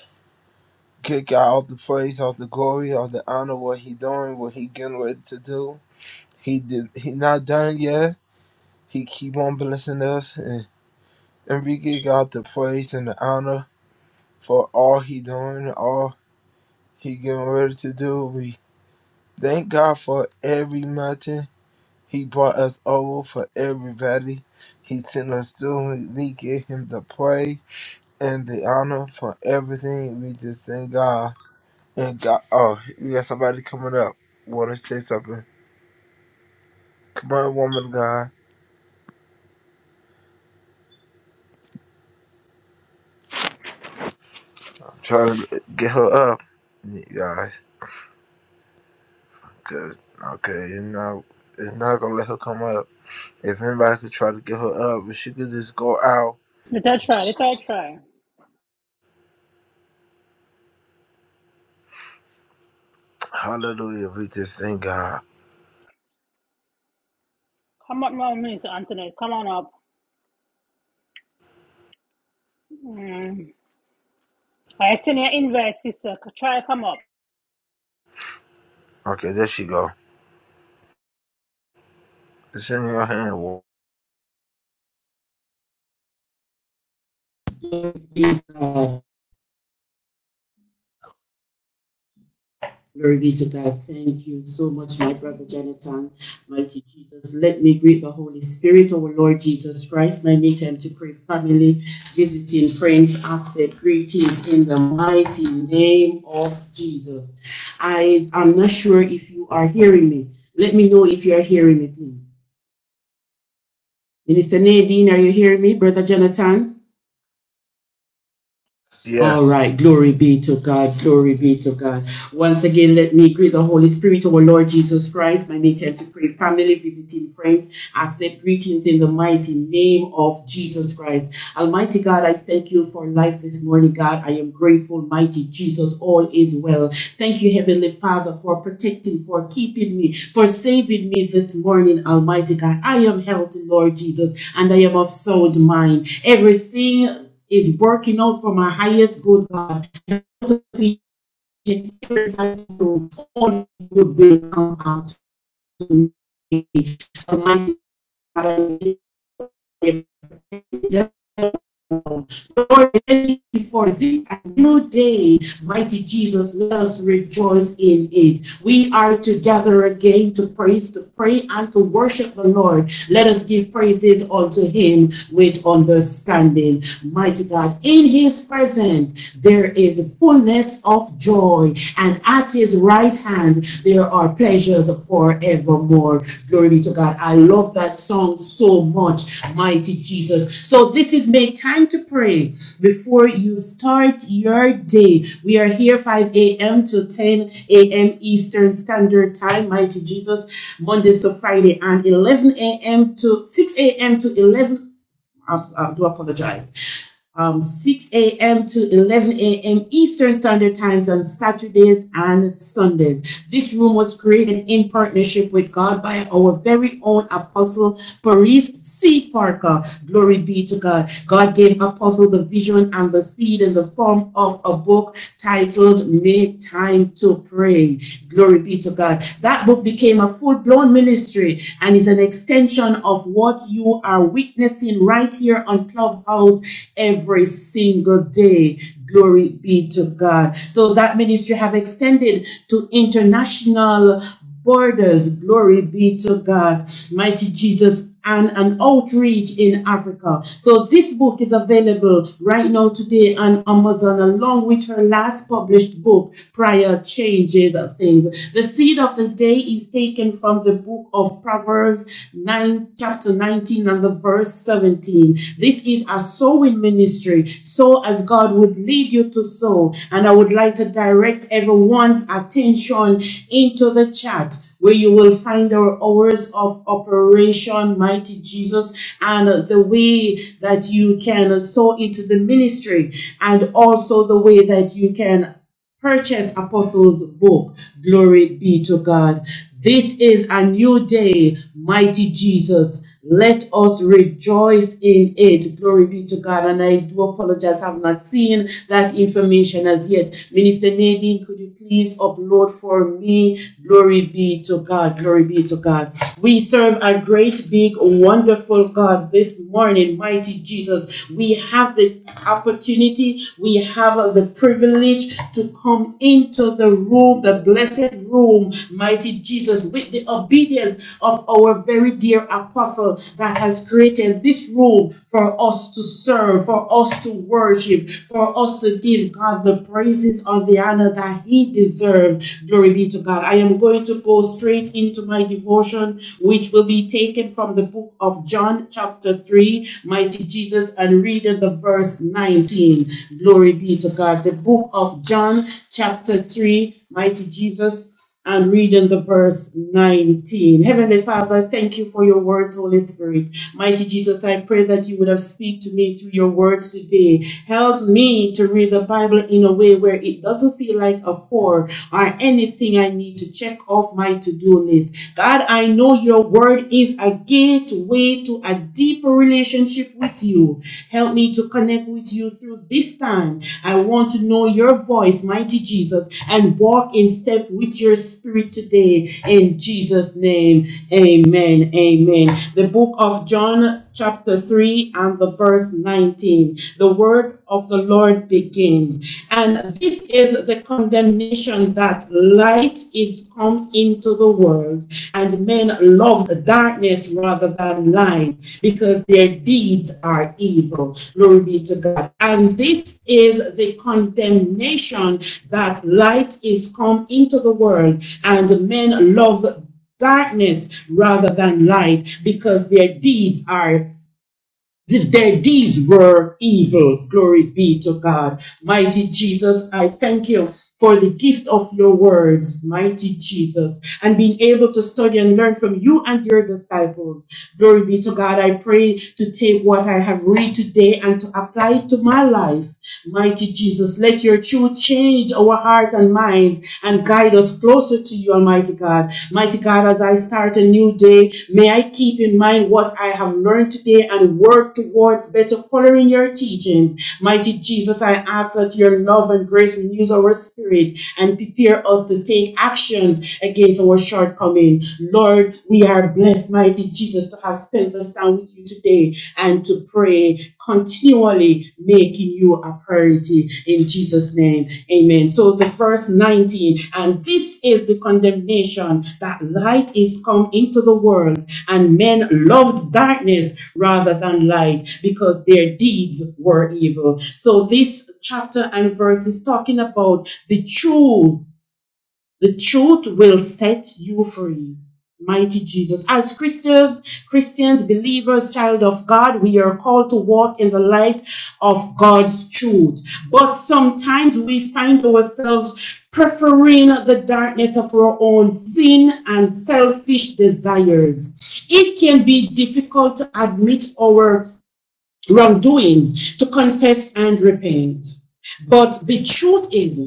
Speaker 8: get God all the praise, all the glory, all the honor, what he doing, what he getting ready to do. He did. He not done yet. He keep on blessing us, and Enrique got the praise and the honor for all he doing, all he getting ready to do. We thank God for every mountain he brought us over, for every valley he sent us through. and We give him the praise and the honor for everything. We just thank God. And God, oh, we got somebody coming up. Want to say something? Come on, woman, of God. Try to get her up. you Guys. Cause okay, it's not it's not gonna let her come up. If anybody could try to get her up, if she could just go out,
Speaker 1: Let I try. Let I try.
Speaker 8: hallelujah, we just thank God.
Speaker 1: Come up now, Minister Anthony. Come on up. Mm. I send your invite, sister. Try come up.
Speaker 8: Okay, there she go. It's in your hand.
Speaker 11: Be thou Glory be to God. Thank you so much, my brother Jonathan. Mighty Jesus. Let me greet the Holy Spirit, our Lord Jesus Christ. My make time to pray family, visiting friends, accept greetings in the mighty name of Jesus. I am not sure if you are hearing me. Let me know if you are hearing me, please. Minister Nadine, are you hearing me, brother Jonathan? All
Speaker 8: Yes.
Speaker 11: right. Glory be to God. Glory be to God. Once again, let me greet the Holy Spirit, our Lord Jesus Christ, my nature to pray, family, visiting friends, accept greetings in the mighty name of Jesus Christ. Almighty God, I thank you for life this morning, God. I am grateful, mighty Jesus, all is well. Thank you, Heavenly Father, for protecting, for keeping me, for saving me this morning, Almighty God. I am healthy, Lord Jesus, and I am of sound mind. Everything is working out for my highest good, God it's so all would be come out to be the Lord, thank you for this new day. Mighty Jesus, let us rejoice in it. We are together again to praise, to pray, and to worship the Lord. Let us give praises unto Him with understanding. Mighty God, in His presence there is fullness of joy, and at His right hand there are pleasures forevermore. Glory be to God. I love that song so much much, mighty Jesus. So this is make time to pray before you start your day. We are here 5 a.m. to 10 a.m. Eastern Standard Time, mighty Jesus, Mondays to Friday, and 11 a.m. to 6 a.m. to 11. I, I do apologize um, 6 a.m. to 11 a.m. Eastern Standard Times on Saturdays and Sundays. This room was created in partnership with God by our very own Apostle Paris C. Parker. Glory be to God. God gave Apostle the vision and the seed in the form of a book titled Make Time to Pray. Glory be to God. That book became a full blown ministry and is an extension of what you are witnessing right here on Clubhouse every single day. Glory be to God. So that ministry have extended to international borders. Glory be to God. Mighty Jesus and an outreach in Africa. So this book is available right now today on Amazon along with her last published book, Prior Changes of Things. The seed of the day is taken from the book of Proverbs 9, chapter 19 and the verse 17. This is a sow in ministry, sow as God would lead you to sow. And I would like to direct everyone's attention into the chat where you will find our hours of operation, mighty Jesus, and the way that you can sow into the ministry, and also the way that you can Purchase Apostles' Book. Glory be to God. This is a new day, mighty Jesus. Let us rejoice in it. Glory be to God. And I do apologize, I have not seen that information as yet. Minister Nadine, could you please upload for me? Glory be to God. Glory be to God. We serve a great, big, wonderful God this morning, mighty Jesus we have the opportunity, we have uh, the privilege to come into the room, the blessed room, mighty Jesus, with the obedience of our very dear apostle that has created this room for us to serve, for us to worship, for us to give God the praises or the honor that he deserves. Glory be to God. I am going to go straight into my devotion, which will be be taken from the book of John, chapter 3, mighty Jesus, and reading the verse 19. Glory be to God. The book of John, chapter 3, mighty Jesus, and reading the verse 19. Heavenly Father, thank you for your words, Holy Spirit. Mighty Jesus, I pray that you would have speak to me through your words today. Help me to read the Bible in a way where it doesn't feel like a chore or anything everything I need to check off my to do list. God, I know your word is a gateway to a deeper relationship with you. Help me to connect with you through this time. I want to know your voice, mighty Jesus, and walk in step with your spirit today. In Jesus' name, amen. Amen. The book of John chapter 3 and the verse 19. The word of the Lord begins. And this is the condemnation that light is come into the world, and men love the darkness rather than light, because their deeds are evil. Glory be to God. And this is the condemnation that light is come into the world, and men love darkness rather than light because their deeds are their deeds were evil. Glory be to God. Mighty Jesus, I thank you for the gift of your words, mighty Jesus, and being able to study and learn from you and your disciples. Glory be to God. I pray to take what I have read today and to apply it to my life Mighty Jesus, let your truth change our hearts and minds and guide us closer to you, Almighty God. Mighty God, as I start a new day, may I keep in mind what I have learned today and work towards better following your teachings. Mighty Jesus, I ask that your love and grace renews our spirit and prepare us to take actions against our shortcomings. Lord, we are blessed, mighty Jesus, to have spent this time with you today and to pray continually, making you a priority in Jesus' name. Amen. So the verse 19, and this is the condemnation that light is come into the world, and men loved darkness rather than light because their deeds were evil. So this chapter and verse is talking about the true the truth will set you free. Mighty Jesus. As Christians, Christians, believers, child of God, we are called to walk in the light of God's truth. But sometimes we find ourselves preferring the darkness of our own sin and selfish desires. It can be difficult to admit our wrongdoings to confess and repent. But the truth is,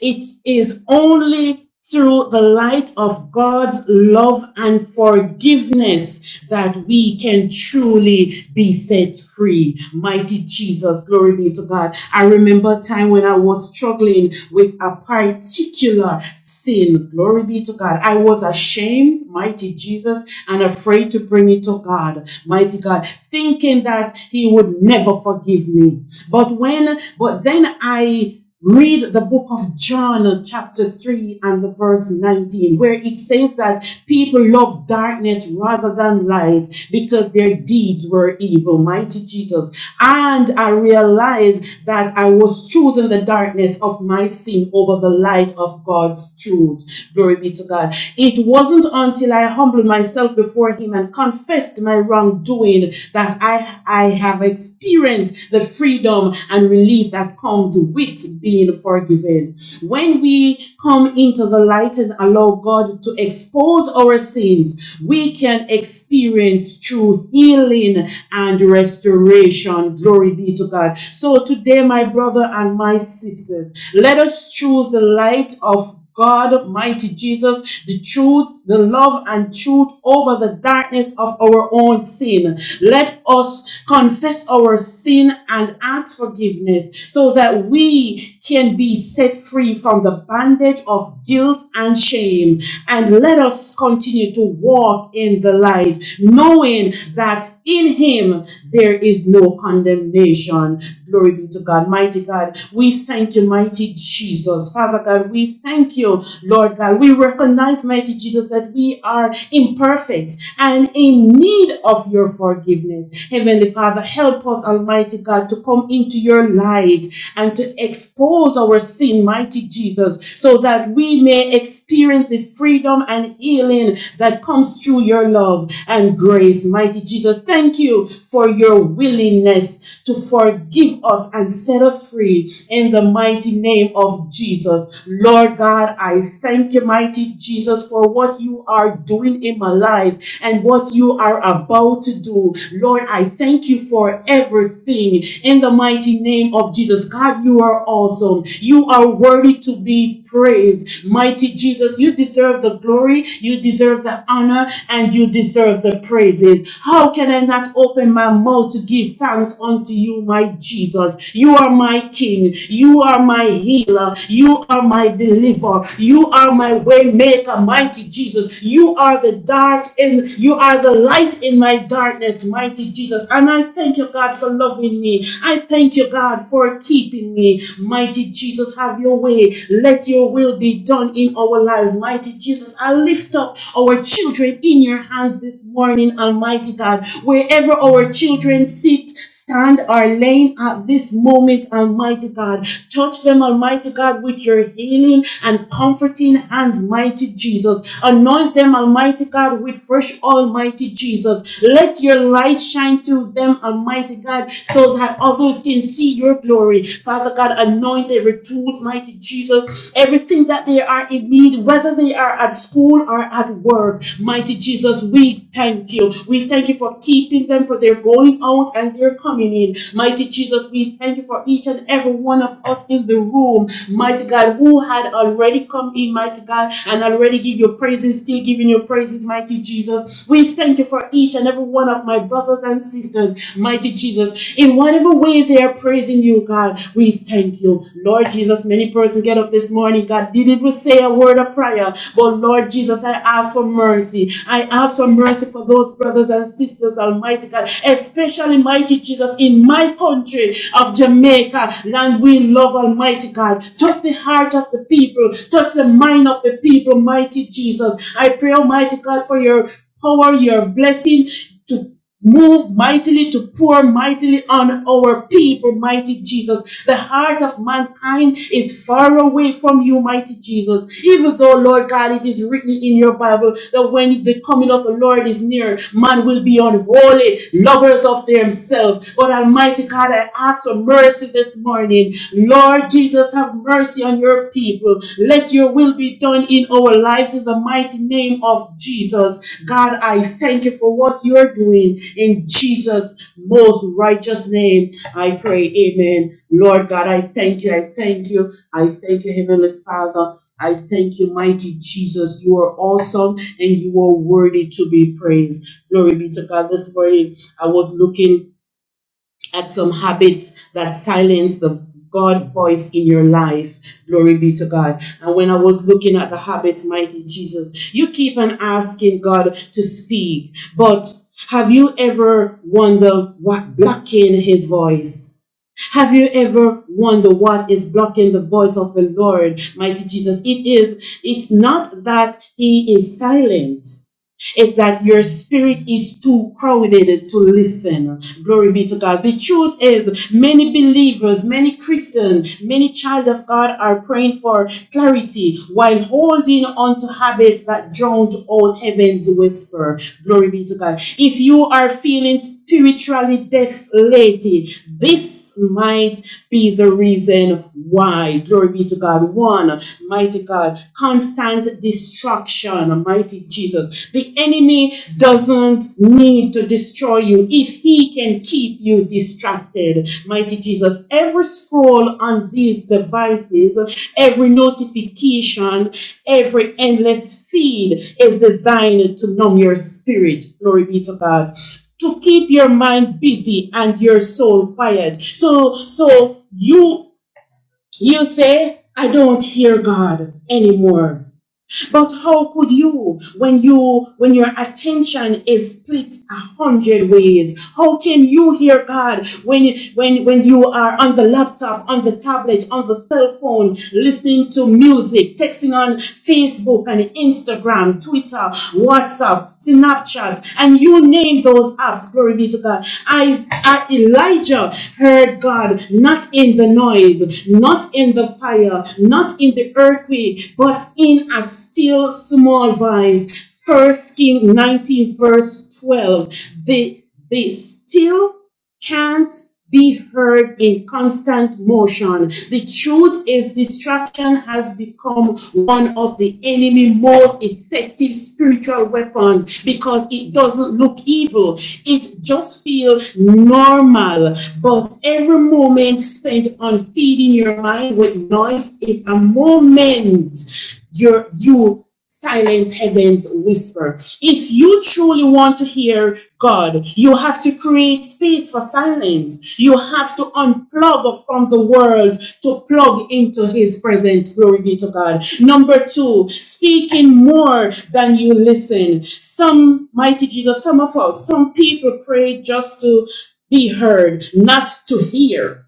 Speaker 11: it is only through the light of God's love and forgiveness that we can truly be set free. Mighty Jesus, glory be to God. I remember a time when I was struggling with a particular sin. Glory be to God. I was ashamed, mighty Jesus, and afraid to bring it to God, mighty God, thinking that He would never forgive me. But when, but then I read the book of John, chapter 3, and the verse 19, where it says that people love darkness rather than light because their deeds were evil. Mighty Jesus. And I realized that I was choosing the darkness of my sin over the light of of God's truth. Glory be to God. It wasn't until I humbled myself before Him and confessed my wrongdoing that I, I have experienced the freedom and relief that comes with being forgiven. When we come into the light and allow God to expose our sins, we can experience true healing and restoration. Glory be to God. So today, my brother and my sisters, let us choose the shows the light of God, mighty Jesus, the truth, the love, and truth over the darkness of our own sin. Let us confess our sin and ask forgiveness so that we can be set free from the bondage of guilt and shame. And let us continue to walk in the light, knowing that in Him there is no condemnation. Glory be to God. Mighty God, we thank you, mighty Jesus. Jesus. Father God, we thank you, Lord God. We recognize, mighty Jesus, that we are imperfect and in need of your forgiveness. Heavenly Father, help us, Almighty God, to come into your light and to expose our sin, mighty Jesus, so that we may experience the freedom and healing that comes through your love and grace, mighty Jesus. Thank you for your willingness to forgive us and set us free in the mighty mighty name of Jesus. Lord God, I thank you, mighty Jesus, for what you are doing in my life and what you are about to do. Lord, I thank you for everything in the mighty name of Jesus. God, you are awesome. You are worthy to be be praised. Mighty Jesus, you deserve the glory, you deserve the honor, and you deserve the praises. How can I not open my mouth to give thanks unto you, my Jesus? You are my King, you are my healer, you are my deliverer, you are my way maker, mighty Jesus. You are the dark in you are the light in my darkness, mighty Jesus. And I thank you, God, for loving me. I thank you, God, for for keeping me. Mighty Jesus, have your way. Let your will be done in our lives. Mighty Jesus, I lift up our children in your hands this morning, Almighty God. Wherever our children sit, stand, or laying at this moment, Almighty God, touch them, Almighty God, with your healing and comforting hands, mighty Jesus. Anoint them, Almighty God, with fresh, Almighty Jesus. Let your light shine shine through them, Almighty God, so that others can see your glory. Father God, anoint every tools, mighty Jesus, everything that they are in need, whether they are at school or at work. Mighty Jesus, we thank you. We thank you for keeping them, for their going out and their coming in. Mighty Jesus, we thank you for each and every one of us in the room. Mighty God, who had already come in, mighty God, and already give your praises, still giving your praises mighty Jesus. We thank you for each and every one of my brothers and sisters, mighty Jesus. In whatever way they are praising you, God, we thank you. Lord Jesus, many persons get up this morning, God, didn't even say a word of prayer, but Lord Jesus, I ask for mercy. I ask for mercy for those brothers and sisters, Almighty God, especially, mighty Jesus, in my country of Jamaica, land we love, Almighty God. Touch the heart of the people, touch touch the mind of the people, mighty Jesus. I pray, Almighty God, for your power, your blessing to move mightily, to pour mightily on our people, mighty Jesus. The heart of mankind is far away from you, mighty Jesus. Even though, Lord God, it is written in your Bible that when the coming of the Lord is near, man will be unholy, lovers of themselves. But Almighty God, I ask for mercy this morning morning. Lord Jesus, have mercy on your people. Let your will be done in our lives in the mighty name of Jesus. God, I thank you for what you're doing in Jesus' most righteous name. I pray, Amen. Lord God, I thank you. I thank you. I thank you, Heavenly Father. I thank you, mighty Jesus. You are awesome and you are worthy to be praised. Glory be to God. This morning I was looking at some habits that silence the God voice in your life. Glory be to God. And when I was looking at the habits, mighty Jesus, you keep on asking God to speak, but have you ever wondered what blocking his voice? Have you ever wondered what is blocking the voice of the Lord, mighty Jesus? It is, it's not that he is silent. It's that your spirit is too crowded to listen. Glory be to God. The truth is, many believers, many Christians, many child of God are praying for clarity while holding on to habits that drown out heaven's whisper. Glory be to God. If you are feeling spiritually deaf lately, this this might be the reason why. Glory be to God. One, mighty God, constant destruction, mighty Jesus. The enemy doesn't need to destroy you if he can keep you distracted, mighty Jesus. Every scroll on these devices, every notification, every endless feed is designed to numb your spirit. Glory be to God to keep your mind busy and your soul quiet. So, so you, you say, I don't hear God anymore. But how could you, when you, when your attention is split a hundred ways, how can you hear God when, when, when you are on the laptop, on the tablet, on the cell phone, listening to music, texting on Facebook and Instagram, Twitter, WhatsApp, Snapchat, Snapchat, and you name those apps. Glory be to God. As uh, Elijah heard God, not in the noise, not in the fire, not in the earthquake, but in a still small voice. First King 19, verse 12. The the still can't be heard in constant motion. The truth is distraction has become one of the enemy's most effective spiritual weapons because it doesn't look evil. It just feels normal. But every moment spent on feeding your mind with noise is a moment you're, you silence heaven's whisper. If you truly want to hear God, you have to create space for silence. You have to unplug from the world to plug into His presence. Glory be to God. Number two, speaking more than you listen. Some, mighty Jesus, some of us, some people pray just to be heard, not to hear.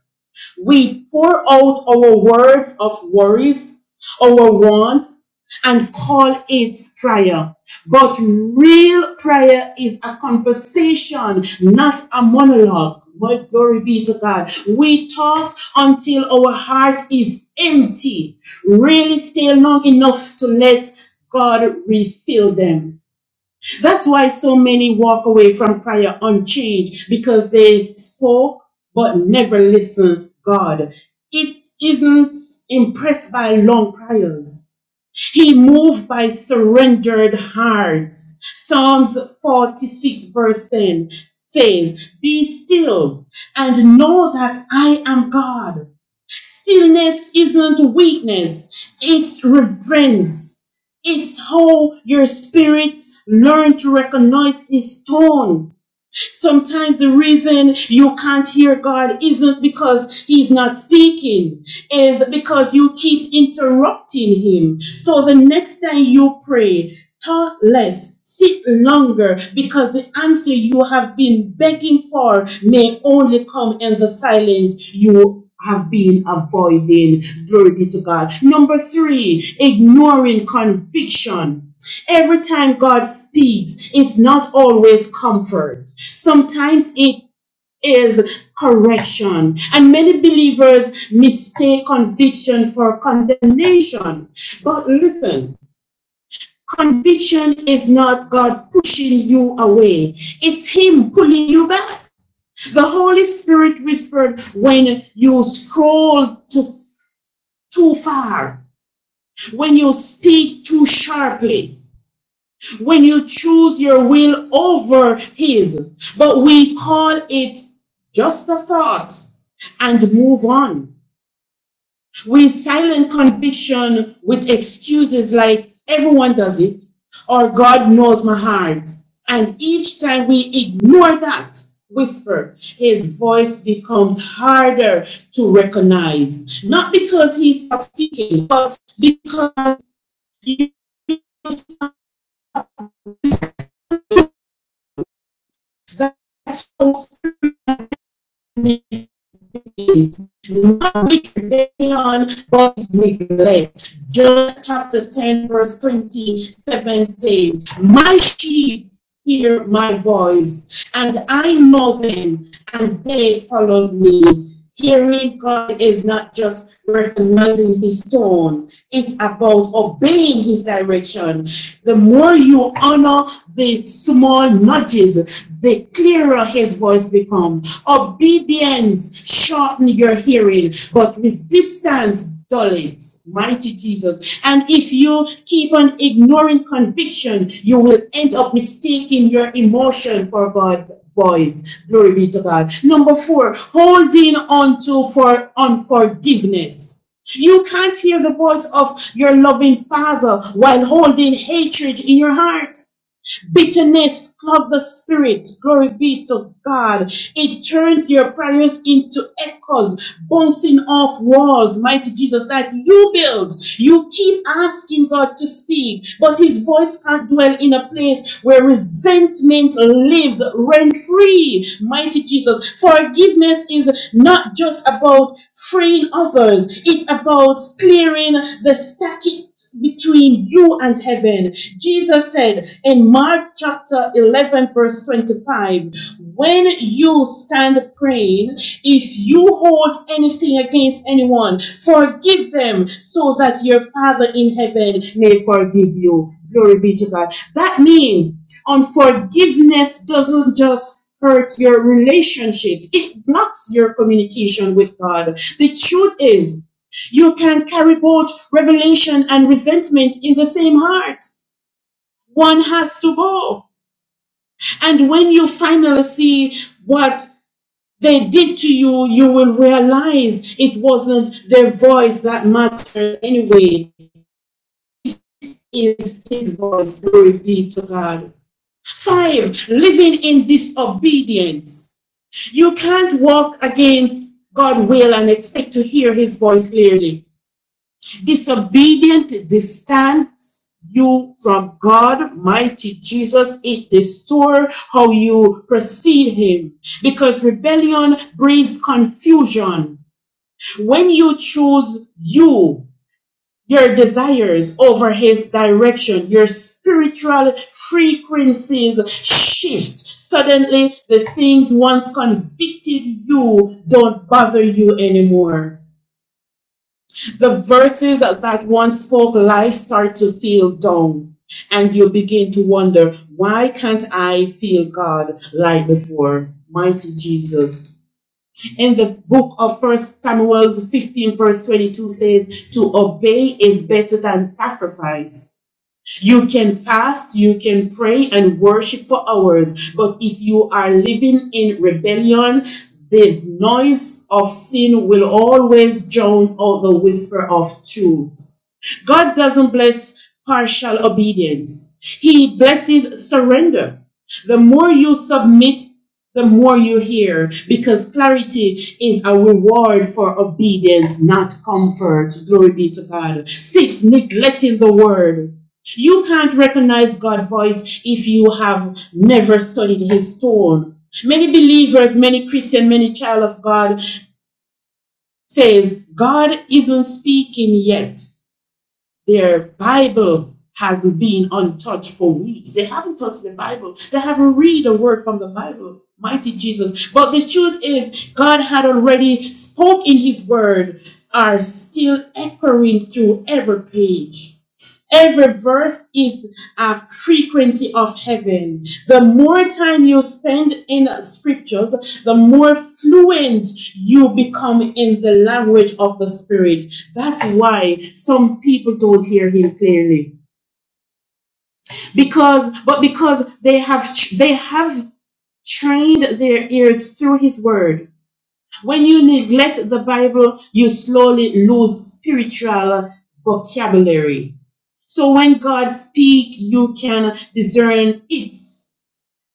Speaker 11: We pour out our words of worries, our wants, and call it prayer. But real prayer is a conversation, not a monologue. But glory be to God. We talk until our heart is empty, really still long enough to let God refill them. That's why so many walk away from prayer unchanged because they spoke but never listened God. It isn't impressed by long prayers. He moved by surrendered hearts. Psalms 46 verse 10 says, Be still and know that I am God. Stillness isn't weakness, it's reverence. It's how your spirit learn to recognize his tone Sometimes the reason you can't hear God isn't because He's not speaking, is because you keep interrupting Him. So the next time you pray, talk less, sit longer, because the answer you have been begging for may only come in the silence you have been avoiding. Glory be to God. Number three, ignoring conviction. Every time God speaks, it's not always comfort. Sometimes it is correction. And many believers mistake conviction for condemnation. But listen, conviction is not God pushing you away, it's Him pulling you back. The Holy Spirit whispered when you scroll too, too far, when you speak too sharply when you choose your will over His. But we call it just a thought and move on. We silent conviction with excuses like everyone does it or God knows my heart. And each time we ignore that whisper, his voice becomes harder to recognize. Not because He's stops speaking, but because you- that's deeds. Do not be prevailing on what neglect. John chapter 10, verse 27 says, My sheep hear my voice, and I know them, and they follow me. Hearing God is not just recognizing His tone, it's about obeying His direction. The more you honor the small nudges, the clearer His voice becomes. Obedience shortens your hearing, but resistance dulled. Mighty Jesus. And if you keep on ignoring conviction, you will end up mistaking your emotion for God's voice. Glory be to God. Number four, holding on to for unforgiveness. You can't hear the voice of your loving father while holding hatred in your heart. Bitterness, clogs the spirit. Glory be to God. It turns your prayers into echoes, bouncing off walls, mighty Jesus, that you build. You keep asking God to speak, but his voice can't dwell in a place where resentment lives rent free, mighty Jesus. Forgiveness is not just about freeing others, it's about clearing the stacky between you and heaven. Jesus said in Mark chapter 11, verse 25, when you stand praying, if you hold anything against anyone, forgive them so that your Father in heaven may forgive you. Glory be to God. That means unforgiveness doesn't just hurt your relationships. It blocks your communication with God. The truth is you can't carry both revelation and resentment in the same heart. One has to go. And when you finally see what they did to you, you will realize it wasn't their voice that mattered anyway. It's his voice. Glory be to God. Five, living in disobedience. You can't walk against God's will and expect to hear his voice clearly. Disobedient distance you from God, mighty Jesus. It distort how you perceive Him because rebellion breeds confusion. When you choose you, your desires over His direction, your spiritual frequencies shift. Suddenly, the things once convicted you don't bother you anymore. The verses that once spoke life start to feel down, and you begin to wonder, why can't I feel God like before? Mighty Jesus. In the book of First Samuel 15, verse 22 says, To obey is better than sacrifice you can fast, you can pray and worship for hours, but if you are living in rebellion, the noise of sin will always drown out the whisper of truth. God doesn't bless partial obedience. He blesses surrender. The more you submit, the more you hear, because clarity is a reward for obedience, not comfort. Glory be to God. Six, neglecting the word. You can't recognize God's voice if you have never studied his tone. Many believers, many Christian, many child of God says, God isn't speaking yet. Their Bible has been untouched for weeks. They haven't touched the Bible. They haven't read a word from the Bible. Mighty Jesus. But the truth is, God had already spoke in His Word, are still echoing through every page. Every verse is a frequency of heaven. The more time you spend in scriptures, the more fluent you become in the language of the spirit. That's why some people don't hear him clearly. Because, but because they have, they have trained their ears through his word when you neglect the Bible, you slowly lose spiritual vocabulary. So when God speaks, you can discern it,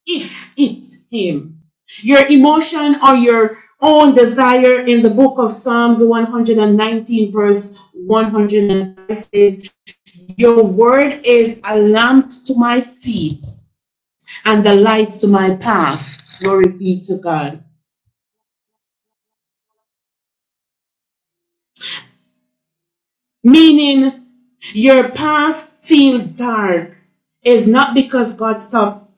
Speaker 11: if it's Him. Your emotion or your own desire in the book of Psalms 119, verse 105 says, Your word is a lamp to my feet and a light to my path. Glory be to God. Meaning your path feels dark is not because God stopped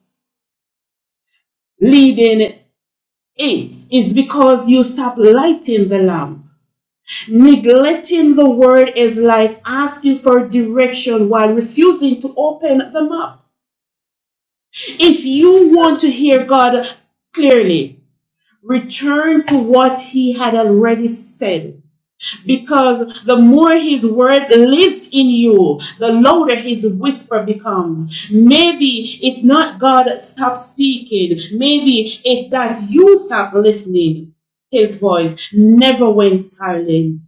Speaker 11: leading it. It's because you stop lighting the lamp. Neglecting the word is like asking for direction while refusing to open the map. If you want to hear God clearly, return to what He had already said. Because the more his word lives in you, the louder his whisper becomes. Maybe it's not God that stops speaking. Maybe it's that you stop listening. His voice never went silent.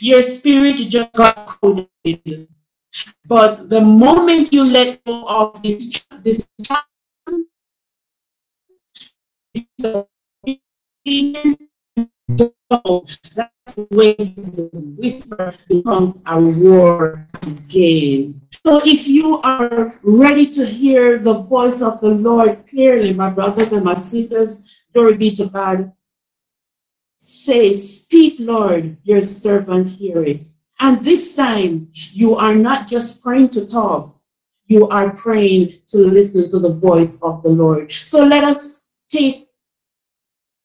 Speaker 11: Your spirit just got coded. But the moment you let go of this, this this So that's the way the whisper becomes a roar again. So if you are ready to hear the voice of the Lord clearly, my brothers and my sisters, glory be to God, say, Speak, Lord, your servant hear it. And this time, you are not just praying to talk, you are praying to listen to the voice of the Lord. So let us take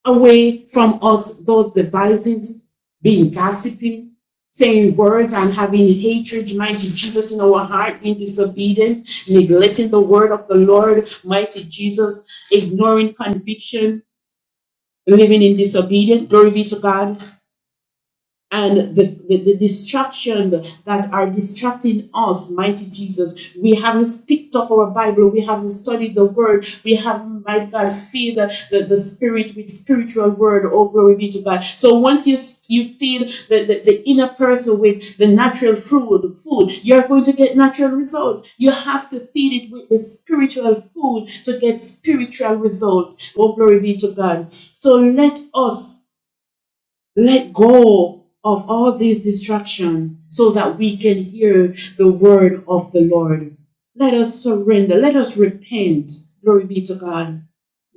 Speaker 11: away from us those devices, being gossiping, saying words and having hatred, mighty Jesus, in our heart, being disobedient, neglecting the word of the Lord, mighty Jesus, ignoring conviction, living in disobedience. Glory be to God and the, the, the distraction that are distracting us, mighty Jesus. We haven't picked up our Bible, we haven't studied the word, we haven't, mighty God, filled the, the, the spirit with spiritual word. Oh, glory be to God. So once you you feed the, the, the inner person with the natural food, food, you're going to get natural results. You have to feed it with the spiritual food to get spiritual results. Oh, glory be to God. So let us let go of all these distractions so that we can hear the word of the Lord. Let us surrender. Let us repent. Glory be to God.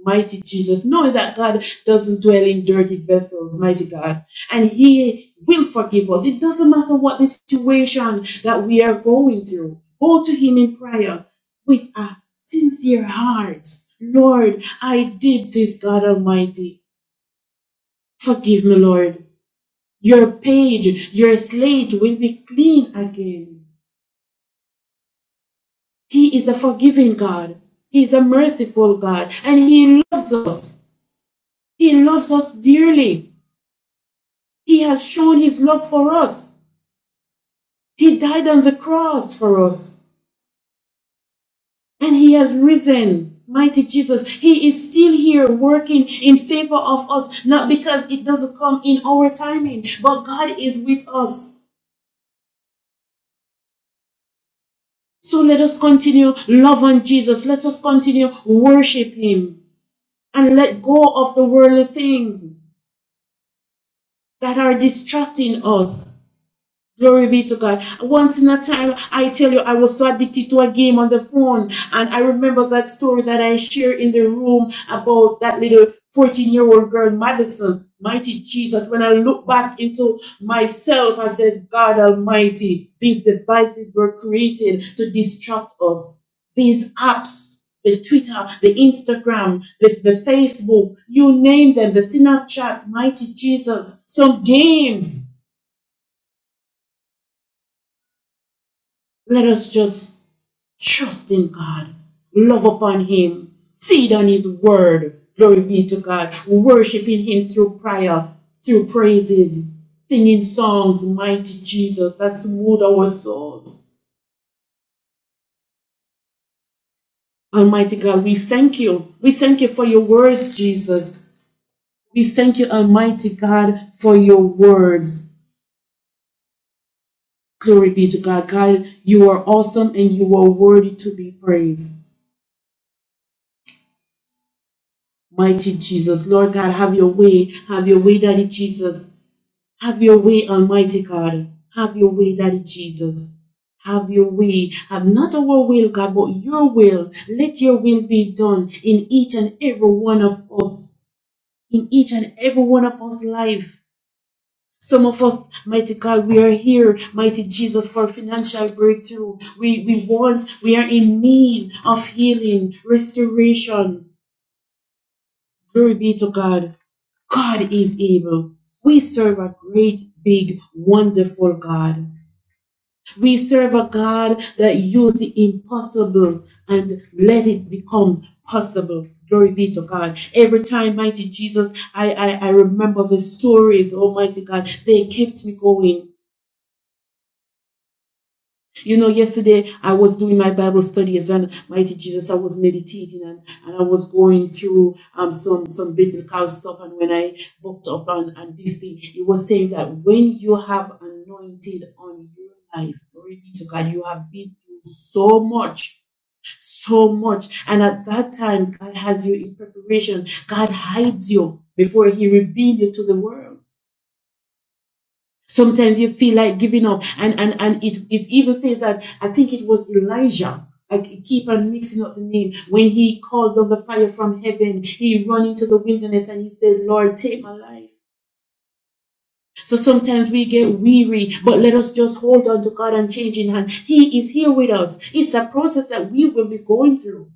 Speaker 11: Mighty Jesus, knowing that God doesn't dwell in dirty vessels, mighty God, and He will forgive us. It doesn't matter what the situation that we are going through. Go to Him in prayer with a sincere heart. Lord, I did this, God Almighty. Forgive me, Lord. Your page, your slate will be clean again. He is a forgiving God. He is a merciful God. And He loves us. He loves us dearly. He has shown His love for us. He died on the cross for us. And He has risen. Mighty Jesus, He is still here working in favor of us, not because it doesn't come in our timing, but God is with us. So let us continue loving Jesus. Let us continue worshiping Him. and let go of the worldly things that are distracting us. Glory be to God. Once in a time, I tell you, I was so addicted to a game on the phone. And I remember that story that I shared in the room about that little 14 year old girl, Madison. Mighty Jesus. When I look back into myself, I said, God Almighty, these devices were created to distract us. These apps, the Twitter, the Instagram, the, the Facebook, you name them, the Snapchat, Mighty Jesus, some games. Let us just Trust in God. Love upon Him. Feed on His word. Glory be to God. Worshiping Him through prayer, through praises, singing songs, mighty Jesus. That smooth our souls. Almighty God, we thank you. We thank you for your words, Jesus. We thank you, Almighty God, for your words. Glory be to God. God, you are awesome and you are worthy to be praised. Mighty Jesus. Lord God, have your way. Have your way, Daddy Jesus. Have your way, Almighty God. Have your way, Daddy Jesus. Have your way. Have not our will, God, but your will. Let your will be done in each and every one of us, in each and every one of us' life. Some of us, mighty God, we are here, mighty Jesus, for financial breakthrough. We, we want, we are in need of healing, restoration. Glory be to God. God is able. We serve a great, big, wonderful God. We serve a God that used the impossible and let it become possible. Glory be to God. Every time, mighty Jesus, I, I, I remember the stories, Almighty God. They kept me going. You know, yesterday I was doing my Bible studies and mighty Jesus, I was meditating and, and I was going through um, some, some biblical stuff. And when I bumped up on, on this thing, it was saying that when you have anointed on your life, glory be to God, you have been through so much. So much, and at that time, God has you in preparation. God hides you before He reveals you to the world. Sometimes you feel like giving up. And, and, and it, it even says that, I think it was Elijah. I keep on mixing up the name. When he called on the fire from heaven, he ran into the wilderness and he said, Lord, take my life. So sometimes we get weary, but let us just hold on to God and change in hand. He is here with us. It's a process that we will be going through.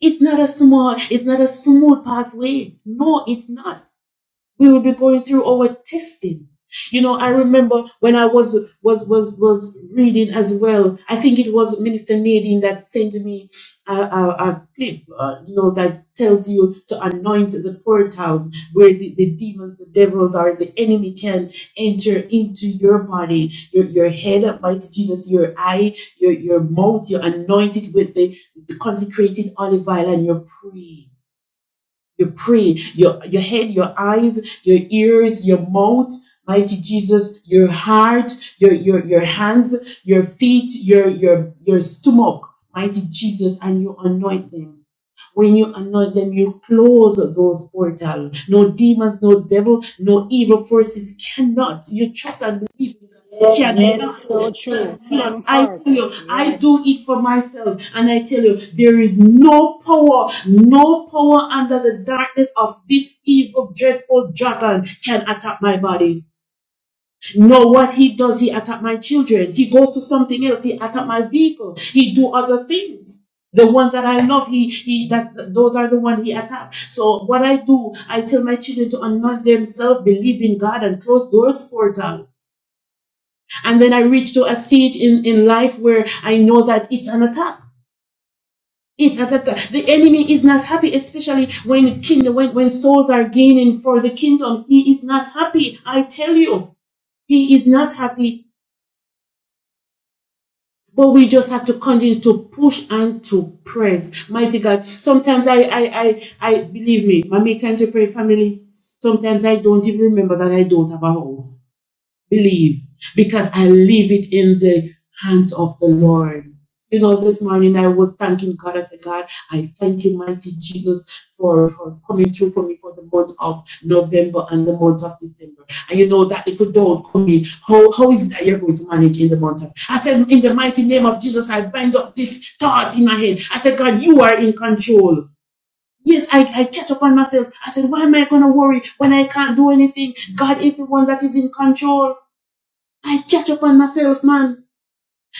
Speaker 11: It's not a small, it's not a smooth pathway. No, it's not. we will be going through our testing you know i remember when i was was was was reading as well i think it was minister nadine that sent me a, a, a clip uh, you know that tells you to anoint the portals where the, the demons the devils are the enemy can enter into your body your, your head mighty jesus your eye your, your mouth you anoint it with the, the consecrated olive oil and you pray you pray, your, your head, your eyes, your ears, your mouth, mighty Jesus, your heart, your, your, your hands, your feet, your, your, your stomach, mighty Jesus, and you anoint them when you anoint them, you close those portals. No demons, no devil, no evil forces cannot. You trust and believe
Speaker 1: Yes,
Speaker 11: cannot,
Speaker 1: so true.
Speaker 11: cannot.
Speaker 1: Seven
Speaker 11: I tell
Speaker 1: parts.
Speaker 11: you, I
Speaker 1: Yes.
Speaker 11: do it for myself, and I tell you, there is no power, no power under the darkness of this evil, dreadful dragon can attack my body. No, what he does, he attack my children. He goes to something else. He attack my vehicle. He do other things. The ones that I love, he he that's those are the ones he attacked. So what I do, I tell my children to anoint themselves, believe in God, and close doors portal. And then I reach to a stage in, in life where I know that it's an attack. It's an attack. The enemy is not happy, especially when kingdom, when, when souls are gaining for the kingdom. He is not happy. I tell you, he is not happy. But we just have to continue to push and to press. Mighty God. Sometimes I, I, I, I believe me, my make time to pray family. Sometimes I don't even remember that I don't have a house. believe because I leave it in the hands of the Lord. You know, this morning I was thanking God. I said, God, I thank you, mighty Jesus, for, for coming through for me for the month of November and the month of December. And you know, that little doubt coming, how, how is it that you're going to manage in the month of? I said, in the mighty name of Jesus, I bind up this thought in my head. I said, God, you are in control. Yes, I, I catch up on myself. I said, why am I going to worry when I can't do anything? God is the one that is in control. I catch up on myself, man.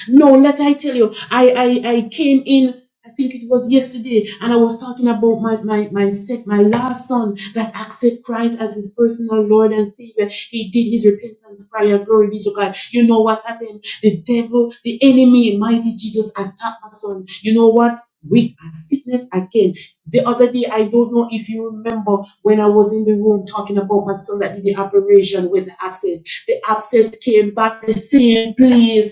Speaker 11: No, let I tell you, I, I, I came in, I think it was yesterday, and I was talking about my, my, my sec, my last son that accepted Christ as his personal Lord and Savior. He did his repentance prayer. Glory be to God. You know what happened? The devil, the enemy, mighty Jesus attacked my son. You know what? With a sickness again. The other day, I don't know if you remember when I was in the room talking about my son that did the operation with the abscess. The abscess came back the same place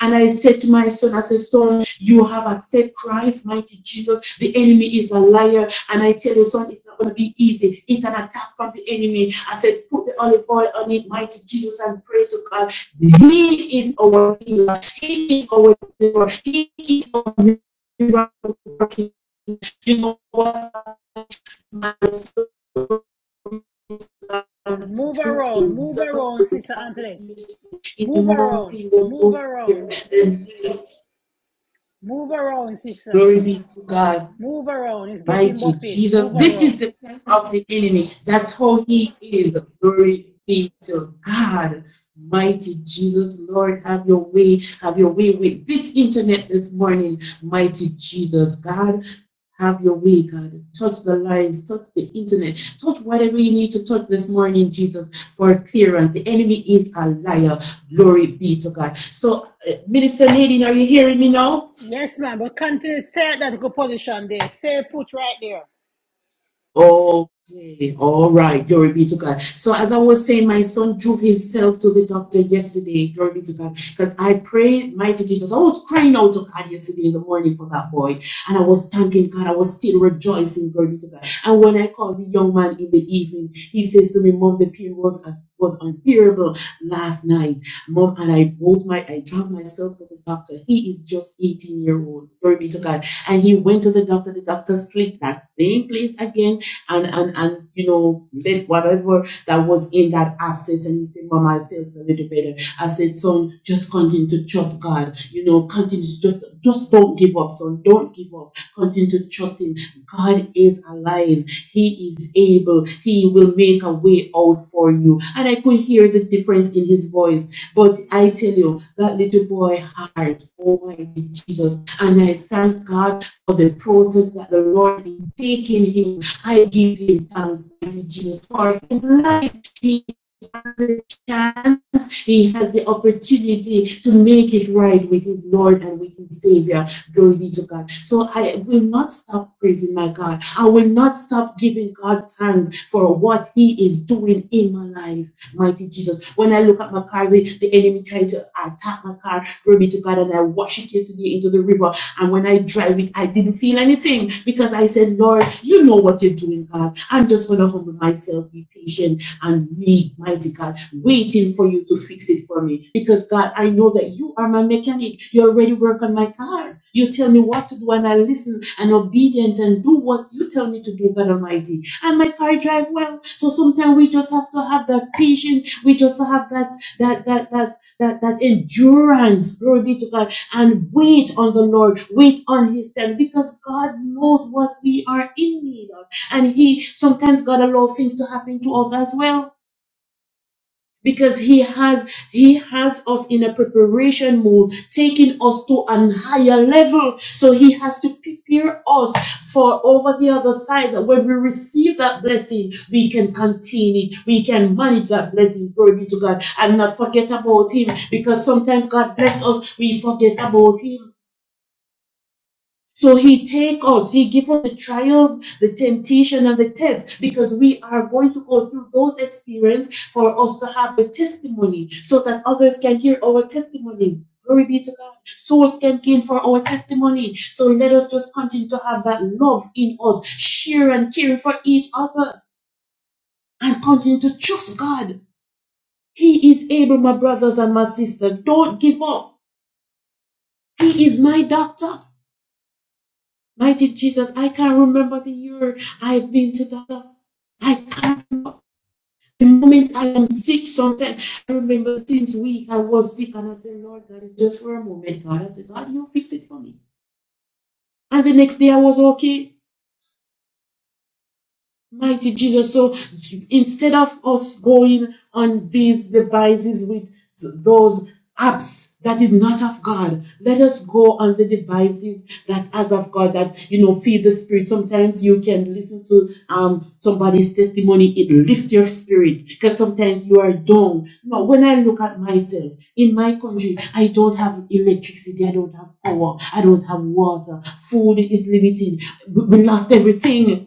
Speaker 11: and I said to my son, I said, Son, you have accepted Christ, mighty Jesus. The enemy is a liar. And I tell you, son, it's not going to be easy. It's an attack from the enemy. I said, Put the olive oil on it, mighty Jesus, and pray to God. He is our healer. He is our deliverer. He is our miracle You know what? My son, he
Speaker 1: Move
Speaker 11: drew
Speaker 1: around. Move
Speaker 11: himself
Speaker 1: around,
Speaker 11: to
Speaker 1: sister Anthony.
Speaker 11: in the
Speaker 1: Move
Speaker 11: morning,
Speaker 1: around.
Speaker 11: he was so
Speaker 1: Move
Speaker 11: severe.
Speaker 1: around.
Speaker 11: And
Speaker 1: Move around, sister.
Speaker 11: glory be to God
Speaker 1: Move around. It's getting
Speaker 11: mighty
Speaker 1: buffing.
Speaker 11: Jesus.
Speaker 1: Move
Speaker 11: This is
Speaker 1: around.
Speaker 11: the plan of the enemy. That's how he is. Glory be to God. Mighty Jesus, Lord, have your way. Have your way with this internet this morning. Mighty Jesus, God, have your way, God. Touch the lines, touch the internet, touch whatever you need to touch this morning, Jesus, for clearance. The enemy is a liar. Glory be to God. So, uh, Minister Nadine, are you hearing me now?
Speaker 1: Yes, ma'am. But continue. Stay at that good position there. Stay put right there.
Speaker 11: Okay, all right. Glory be to God. So, as I was saying, my son drove himself to the doctor yesterday. Glory be to God. Because I prayed, mighty Jesus. I was crying out to God yesterday in the morning for that boy. And I was thanking God. I was still rejoicing. Glory be to God. And when I called the young man in the evening, he says to me, Mom, the pain was a was unbearable last night. Mom, and I woke my, I drove myself to the doctor. He is just 18 year old. Glory be to God. And he went to the doctor. The doctor sleep that same place again and and and you know let whatever that was in that absence and he said mom i felt a little better i said son just continue to trust god you know continue to just just don't give up son don't give up continue to trust him god is alive he is able he will make a way out for you and i could hear the difference in his voice but i tell you that little boy heart almighty jesus and i thank god for the process that the Lord is taking him. I give him thanks, mighty Jesus, for his life. He has the chance, he has the opportunity to make it right with his Lord and with his Savior. Glory be to God. So I will not stop praising my God. I will not stop giving God thanks for what he is doing in my life, mighty Jesus. When I look at my car, the, the enemy tried to attack my car, glory be to God, and I wash it yesterday into the river. And when I drive it, I didn't feel anything because I said, Lord, you know what you're doing, God. I'm just going to humble myself, be patient, and wait, mighty God, waiting for you to fix it for me. Because, God, I know that you are my mechanic. You already work on my car. You tell me what to do, and I listen and obedient and do what you tell me to do, God Almighty. And my car drive well. So sometimes we just have to have that patience. We just have that, that, that, that, that, that endurance. Glory be to God and wait on the Lord, wait on His time, because God knows what we are in need of. And He sometimes God allows things to happen to us as well. Because he has he has us in a preparation mode, taking us to a higher level. So he has to prepare us for over the other side. That when we receive that blessing, we can contain it. We can manage that blessing. Glory be to God, and not forget about Him. Because sometimes God bless us, we forget about Him. So he take us, he give us the trials, the temptation, and the test because we are going to go through those experiences for us to have the testimony so that others can hear our testimonies. Glory be to God. Souls can gain for our testimony. So let us just continue to have that love in us, share and care for each other, and continue to trust God. He is able, my brothers and my sisters. Don't give up. He is my doctor. Mighty Jesus, I can't remember the year I've been to the I can't remember. The moment I am sick, sometimes I remember since week I was sick and I said, Lord God, it's just for a moment, God. I said, God, you fix it for me. And the next day I was okay. Mighty Jesus. So instead of us going on these devices with those apps that is not of God, let us go on the devices that as of God that you know feed the spirit. Sometimes you can listen to um somebody's testimony, it lifts your spirit because sometimes you are down. No, when I look at myself in my country, I don't have electricity, I don't have power, I don't have water, food is limited, we we lost everything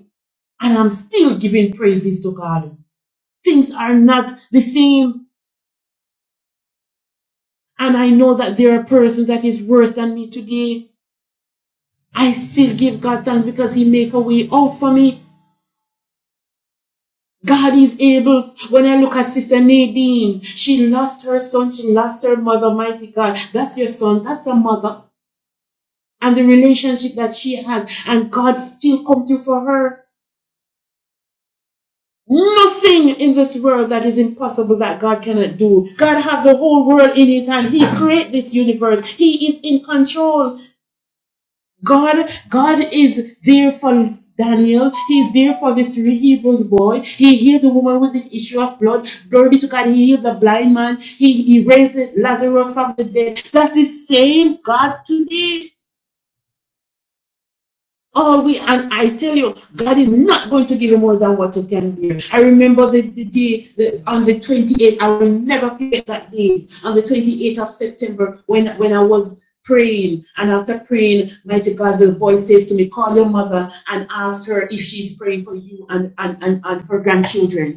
Speaker 11: and I'm still giving praises to God. Things are not the same, and I know that there are persons that is worse than me today. I still give God thanks because He make a way out for me. God is able. When I look at Sister Nadine, she lost her son, she lost her mother, mighty God. That's your son, that's a mother. And the relationship that she has, and God still come through for her. Nothing in this world that is impossible that God cannot do. God has the whole world in his hand. He created this universe. He is in control. God, God is there for Daniel. He's there for this Hebrews boy. He healed the woman with the issue of blood. Glory be to God. He healed the blind man. He, he raised Lazarus from the dead. That's the same God today. All we, and I tell you, God is not going to give you more than what you can bear. I remember the, the day the, on the 28th, I will never forget that day, on the 28th of September, when, when I was praying. And after praying, mighty God, the voice says to me, call your mother and ask her if she's praying for you and, and, and, and her grandchildren.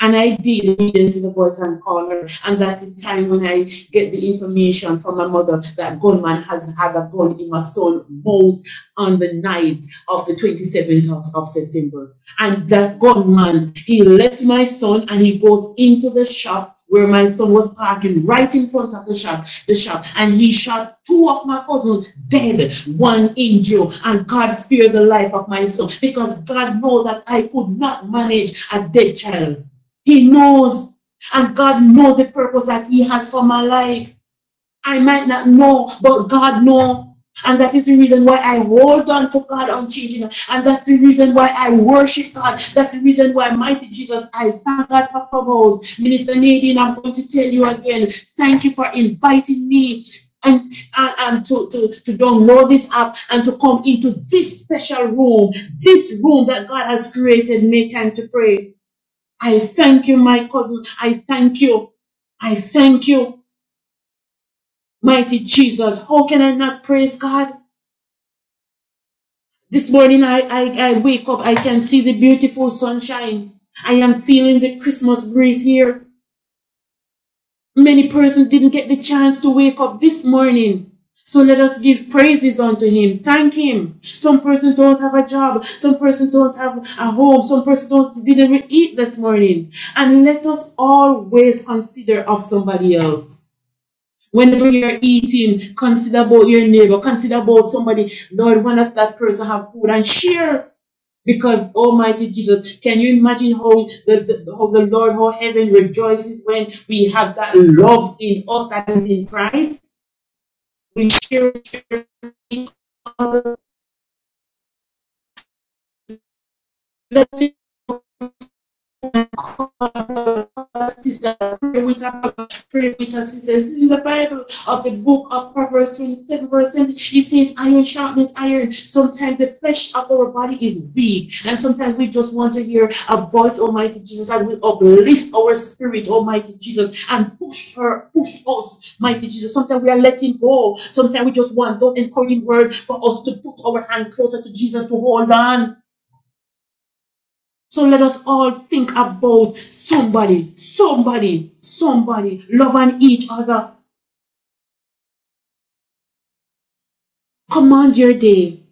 Speaker 11: And I did immediately the voice and call her. And that's the time when I get the information from my mother that gunman has had a gun in my soul both on the night of the 27th of, of September. And that gunman, he left my son and he goes into the shop where my son was parking right in front of the shop, the shop, and he shot two of my cousins dead, one injured, and God spared the life of my son because God knows that I could not manage a dead child. He knows, and God knows the purpose that He has for my life. I might not know, but God knows. And that is the reason why I hold on to God unchanging. And that's the reason why I worship God. That's the reason why, mighty Jesus, I thank God for Clubhouse. Minister Nadine, I'm going to tell you again, thank you for inviting me and, and, and to, to, to download this app and to come into this special room, this room that God has created. Make time to pray. I thank you, my cousin. I thank you. I thank you. Mighty Jesus, how can I not praise God? This morning I, I, I wake up, I can see the beautiful sunshine. I am feeling the Christmas breeze here. Many persons didn't get the chance to wake up this morning. So let us give praises unto him. Thank him. Some persons don't have a job. Some persons don't have a home. Some persons don't didn't even eat this morning. And let us always consider of somebody else. Whenever you're eating, consider about your neighbor, consider about somebody. Lord, one of that person have food and share. Because Almighty Jesus, can you imagine how the, the how the Lord, how heaven rejoices when we have that love in us that is in Christ? We share, share each other. Let's sister, pray with her, pray with her sisters. In the Bible of the book of Proverbs 27, verse 7, it says, Iron sharpens iron. Sometimes the flesh of our body is weak, and sometimes we just want to hear a voice, Almighty Jesus, that will uplift our spirit, Almighty Jesus, and push her, push us, mighty Jesus. Sometimes we are letting go. Sometimes we just want those encouraging words for us to put our hand closer to Jesus to hold on. So let us all think about somebody, somebody, somebody loving each other. Command your day,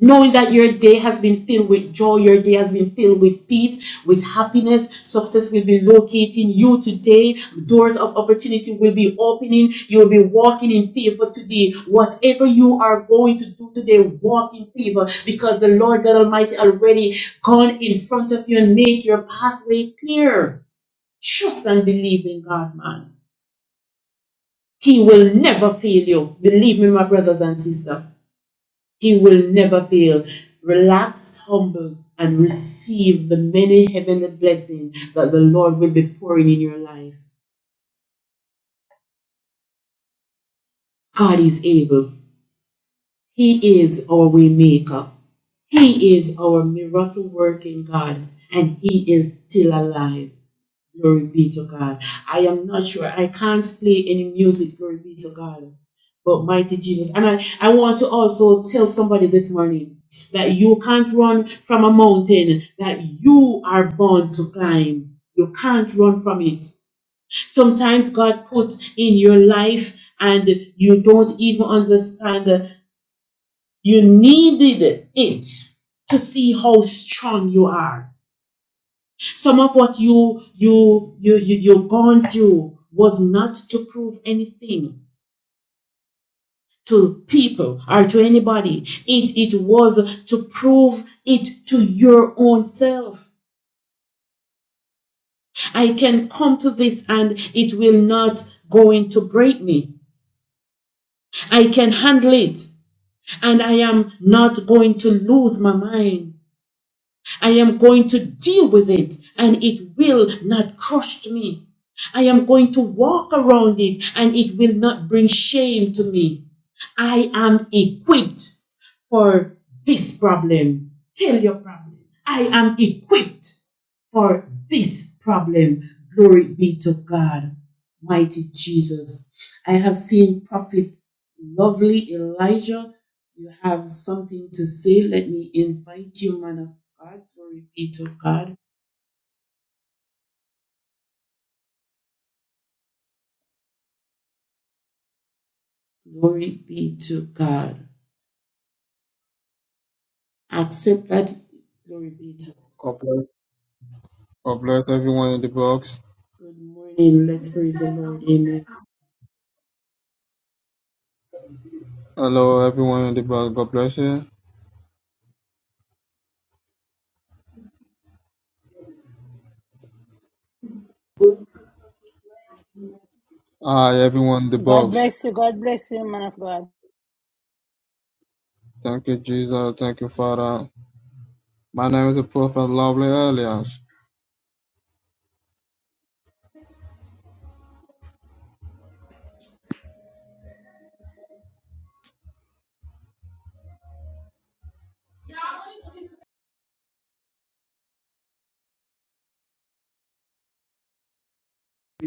Speaker 11: knowing that your day has been filled with joy, your day has been filled with peace, with happiness. Success will be locating you today. Doors of opportunity will be opening. You will be walking in favor today. Whatever you are going to do today, walk in favor because the Lord God Almighty already gone in front of you and made your pathway clear. Trust and believe in God, man. He will never fail you. Believe me, my brothers and sisters. He will never fail. Relax, humble, and receive the many heavenly blessings that the Lord will be pouring in your life. God is able. He is our way maker. He is our miracle working God, and He is still alive. Glory be to God. I am not sure. I can't play any music. Glory be to God. But mighty Jesus. And I, I want to also tell somebody this morning that you can't run from a mountain that you are born to climb. You can't run from it. Sometimes God puts in your life and you don't even understand. You needed it to see how strong you are some of what you you you you you've gone through was not to prove anything to people or to anybody. It it was to prove it to your own self. I can come to this and it will not going to break me. I can handle it and I am not going to lose my mind. I am going to deal with it and it will not crush me. I am going to walk around it and it will not bring shame to me. I am equipped for this problem. Tell your problem. I am equipped for this problem. Glory be to God, mighty Jesus. I have seen Prophet Lovely Elijah you have something to say? Let me invite you, man of God. Glory be to God. Glory be to God. Accept that. Glory be to God.
Speaker 12: God bless, God bless everyone in the box.
Speaker 11: Good morning. Let's praise the Lord. Amen.
Speaker 12: Hello, everyone in the box. God bless you.
Speaker 11: Good morning, Prophet Glenn. Glory be
Speaker 12: Hi, everyone in the
Speaker 1: God
Speaker 12: box.
Speaker 1: bless you. God bless you, man of God.
Speaker 12: Thank you, Jesus. Thank you, Father. My name is the Prophet Lovely Elias.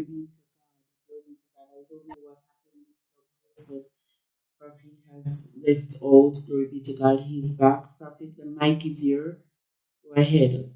Speaker 11: to God. Glory be to God. I don't know what's happening with your voice, but Prophet has left out. Glory be to God. He's back. Prophet, the mic is yours. Go ahead.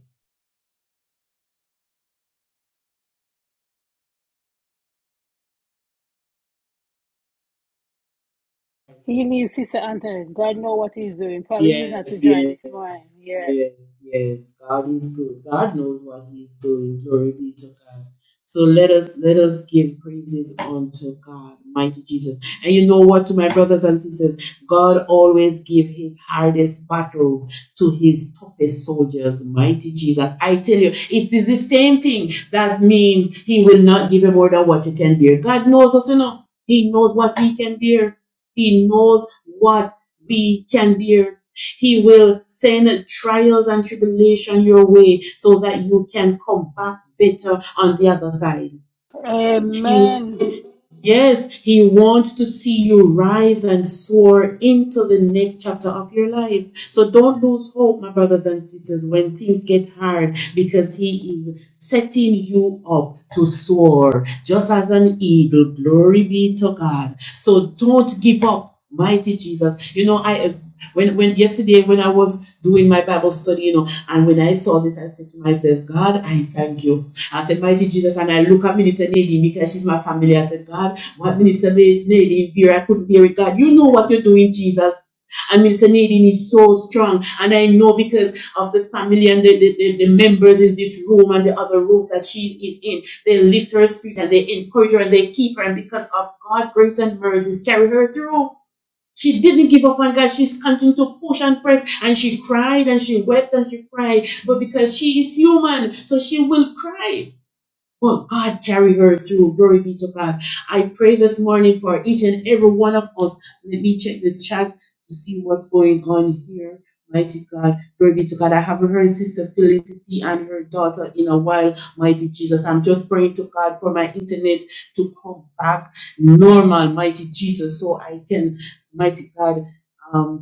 Speaker 1: He knew Sister Anthony. God know what he's doing. Probably he's not
Speaker 11: Yes,
Speaker 1: to
Speaker 11: yes.
Speaker 1: join this morning. Yeah.
Speaker 11: Yes, yes, God is good. God knows what He is doing. Glory be to God. So let us let us give praises unto God, mighty Jesus. And you know what, to my brothers and sisters, God always give His hardest battles to His toughest soldiers, mighty Jesus. I tell you, it is the same thing. That means He will not give you more than what you can bear. God knows us enough. He knows what we can bear. He knows what we can bear he will send trials and tribulation your way so that you can come back better on the other side. He,
Speaker 1: Amen.
Speaker 11: yes, He wants to see you rise and soar into the next chapter of your life. So don't lose hope, my brothers and sisters, when things get hard because He is setting you up to soar just as an eagle. Glory be to God. So don't give up. Mighty Jesus. You know, I uh, when when yesterday when I was doing my Bible study, you know, and when I saw this, I said to myself, God, I thank you. I said, Mighty Jesus, and I look at Minister Nadine because she's my family. I said, God, what Minister Nadine here? I couldn't hear it. God, you know what you're doing, Jesus. And Minister Nadine is so strong. And I know because of the family and the, the, the members in this room and the other rooms that she is in, they lift her spirit and they encourage her and they keep her. And because of God's grace and mercies, carry her through. She didn't give up on God. She's continued to push and press, and she cried and she wept and she cried. But because she is human, so she will cry. Well, God carry her through. Glory be to God. I pray this morning for each and every one of us. Let me check the chat to see what's going on here. Mighty God, glory be to God. I haven't heard Sister Felicity and her daughter in a while. Mighty Jesus, I'm just praying to God for my internet to come back normal. Mighty Jesus, so I can, mighty God, um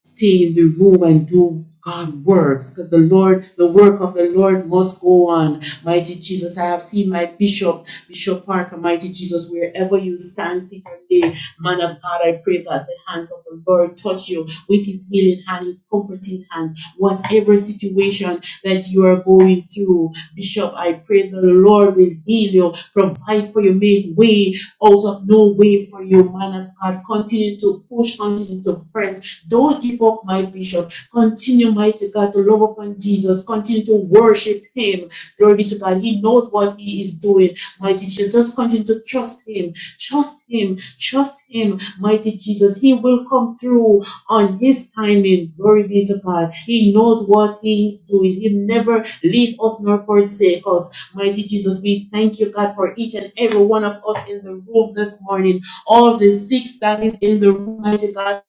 Speaker 11: stay in the room and do God works, because the Lord, the work of the Lord must go on. Mighty Jesus, I have seen my bishop, Bishop Parker, mighty Jesus, wherever you stand, sit or lay, man of God, I pray that the hands of the Lord touch you with his healing loving hand, His comforting hand, whatever situation that you are going through. Bishop, I pray the Lord will heal you, provide for you, make way out of no way for you, man of God. Continue to push, continue to press. Don't give up, my bishop. Continue, mighty God, to love upon Jesus. Continue to worship Him. Glory be to God. He knows what He is doing, mighty Jesus. Just continue to trust Him. Trust Him. Trust Him, mighty Jesus. He will come through on his timing. Glory be to God. He knows what he is doing. He never leave us nor forsake us. Mighty Jesus, we thank you, God, for each and every one of us in the room this morning. All the six that is in the room, mighty God.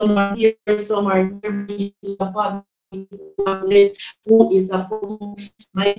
Speaker 11: Some are here, some are here. Who is opposing my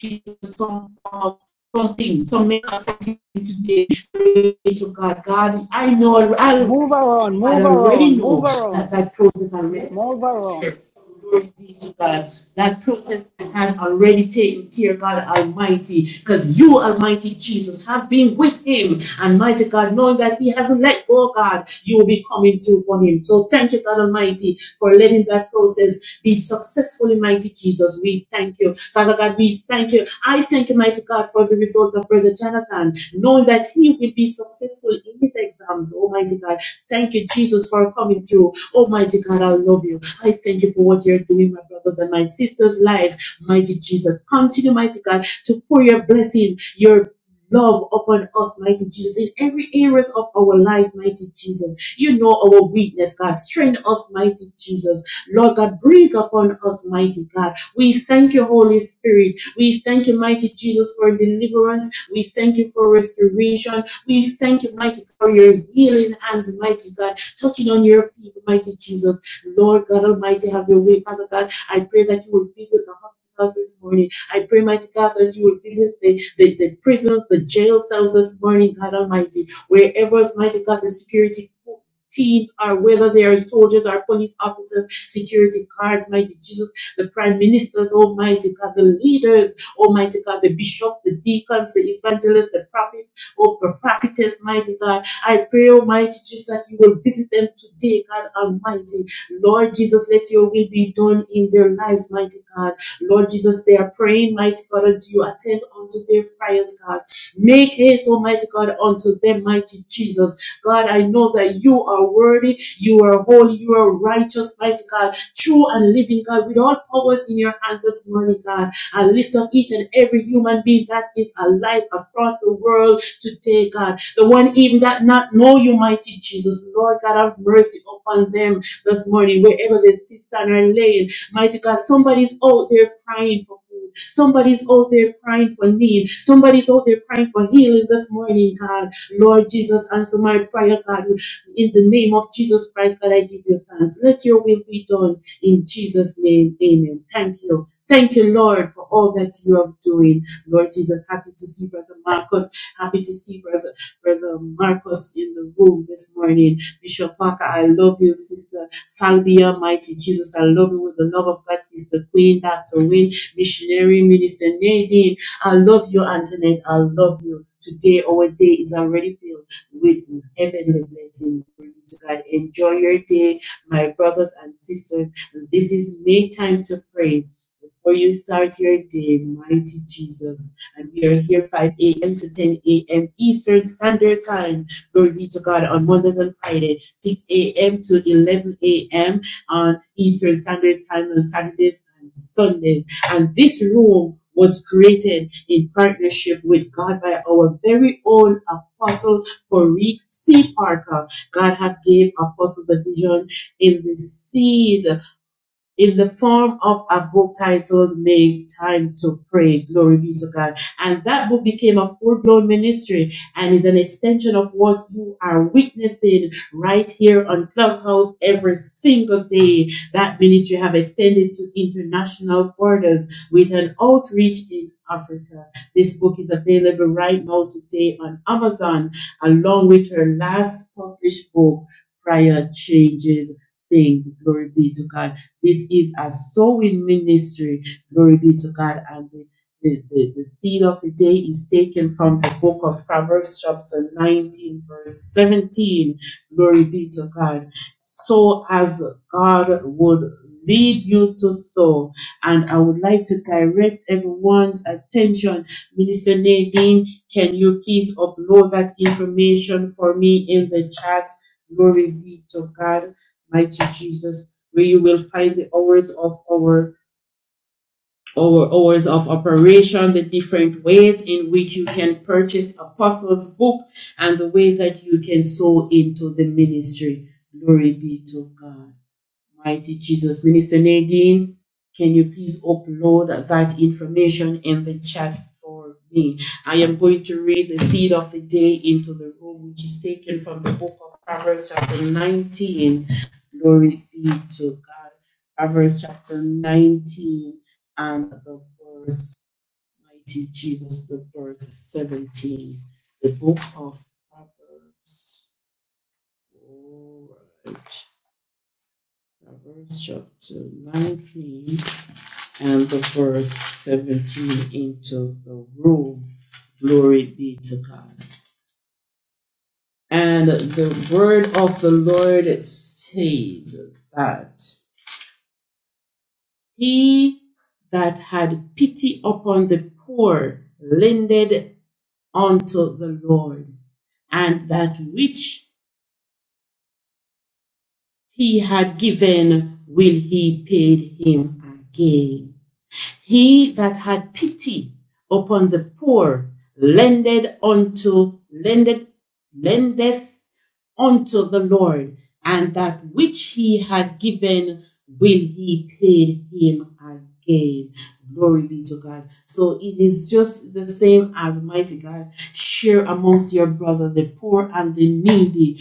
Speaker 11: Jesus? Some of something, some make us something today. Glory to God, God, I know. I.
Speaker 1: Move around,
Speaker 11: I
Speaker 1: move
Speaker 11: already
Speaker 1: around, move
Speaker 11: know
Speaker 1: around,
Speaker 11: that
Speaker 1: sis.
Speaker 11: that process already
Speaker 1: Move
Speaker 11: taken
Speaker 1: around.
Speaker 11: care. Glory be to God. That process had already taken care, God Almighty, because you, Almighty Jesus, have been with him. And mighty God, knowing that he hasn't let go, God, you will be coming through for him. So thank you, God Almighty, for letting that process be successful. mighty Jesus. We thank you. Father God, we thank you. I thank you, mighty God, for the result of Brother Jonathan, knowing that he will be successful in his exams, Almighty God. Thank you, Jesus, for coming through. Almighty God, I love you. I thank you for what you're doing, my brothers and my sisters' life. Mighty Jesus, continue, mighty God, to pour your blessing, your love upon us, mighty Jesus, in every areas of our life, mighty Jesus. You know our weakness, God. Strengthen us, mighty Jesus. Lord God, breathe upon us, mighty God. We thank you, Holy Spirit. We thank you, mighty Jesus, for deliverance. We thank you for restoration. We thank you, mighty, for your healing hands, mighty God, touching on your people, mighty Jesus. Lord God Almighty, have your way, Father God. I pray that you will visit the hospitals this morning. I pray, mighty God, that you will visit the, the, the prisons, the jail cells this morning, God Almighty, wherever, mighty God, the security teams are, whether they are soldiers or police officers, security guards, mighty Jesus, the prime ministers, almighty God, the leaders, almighty God, the bishops, the deacons, the evangelists, the prophets, oh God, practice, mighty God. I pray, Almighty Jesus, that you will visit them today, God Almighty. Lord Jesus, let your will be done in their lives, mighty God. Lord Jesus, they are praying, mighty God, and you attend unto their prayers, God. Make haste, Almighty God, unto them, mighty Jesus. God, I know that you are worthy, you are holy, you are righteous, mighty God, true and living God, with all powers in your hand this morning, God. I lift up each and every human being that is alive across the world today, God. The one even that not know you, mighty Jesus. Lord God, have mercy upon them this morning, wherever they sit, stand, and laying. Mighty God, somebody's out there crying for food. Somebody's out there crying for need. Somebody's out there crying for healing this morning, God. Lord Jesus, answer my prayer, God. In the name of Jesus Christ, God, I give you thanks. Let your will be done in Jesus' name. Amen. Thank you. Thank you, Lord, for all that you are doing. Lord Jesus, happy to see Brother Marcus Happy to see Brother Brother Marcos in the room this morning. Bishop Parker, I love you, Sister Falbia, Mighty Jesus. I love you with the love of God, Sister Queen, Dr. Wynne, Missionary Minister Nadine. I love you, Antoinette. I love you. Today, our day is already filled with heavenly blessing. Glory to God. Enjoy your day, my brothers and sisters. This is May time to pray. Before you start your day, mighty Jesus. And we are here 5 a.m. to 10 a.m. Eastern Standard Time. Glory be to God on Mondays and Fridays, 6 a.m. to 11 a.m. on Eastern Standard Time on Saturdays and Sundays. And this room was created in partnership with God by our very own apostle Farik C. Parker. God have gave apostle the vision in the seed in the form of a book titled Make Time to Pray. Glory be to God. And that book became a full blown ministry and is an extension of what you are witnessing right here on Clubhouse every single day. That ministry have extended to international borders with an outreach in Africa. This book is available right now today on Amazon along with her last published book, Prior Changes Things. Glory be to God. This is a sowing ministry. Glory be to God. And the, the, the, the seed of the day is taken from the book of Proverbs, chapter 19, verse 17. Glory be to God. So as God would lead you to sow. And I would like to direct everyone's attention. Minister Nadine, can you please upload that information for me in the chat? Glory be to God mighty Jesus, where you will find the hours of our our hours of operation, the different ways in which you can purchase apostles' book, and the ways that you can sow into the ministry. Glory be to God. Mighty Jesus, Minister Nadine, can you please upload that information in the chat for me? I am going to read the seed of the day into the room, which is taken from the book of Proverbs, chapter 19. Glory be to God. Proverbs, chapter 19, and the verse, Mighty Jesus, the verse 17. The book of Proverbs. All right a Verse chapter 19 and the verse 17 into the room. Glory be to God. And the word of the Lord states that he that had pity upon the poor lended unto the Lord, and that which he had given will he pay him again. He that had pity upon the poor lended unto lended lendeth unto the Lord, and that which he had given will he pay him again. Glory be to God. So it is just the same as mighty God. Share amongst your brother the poor and the needy.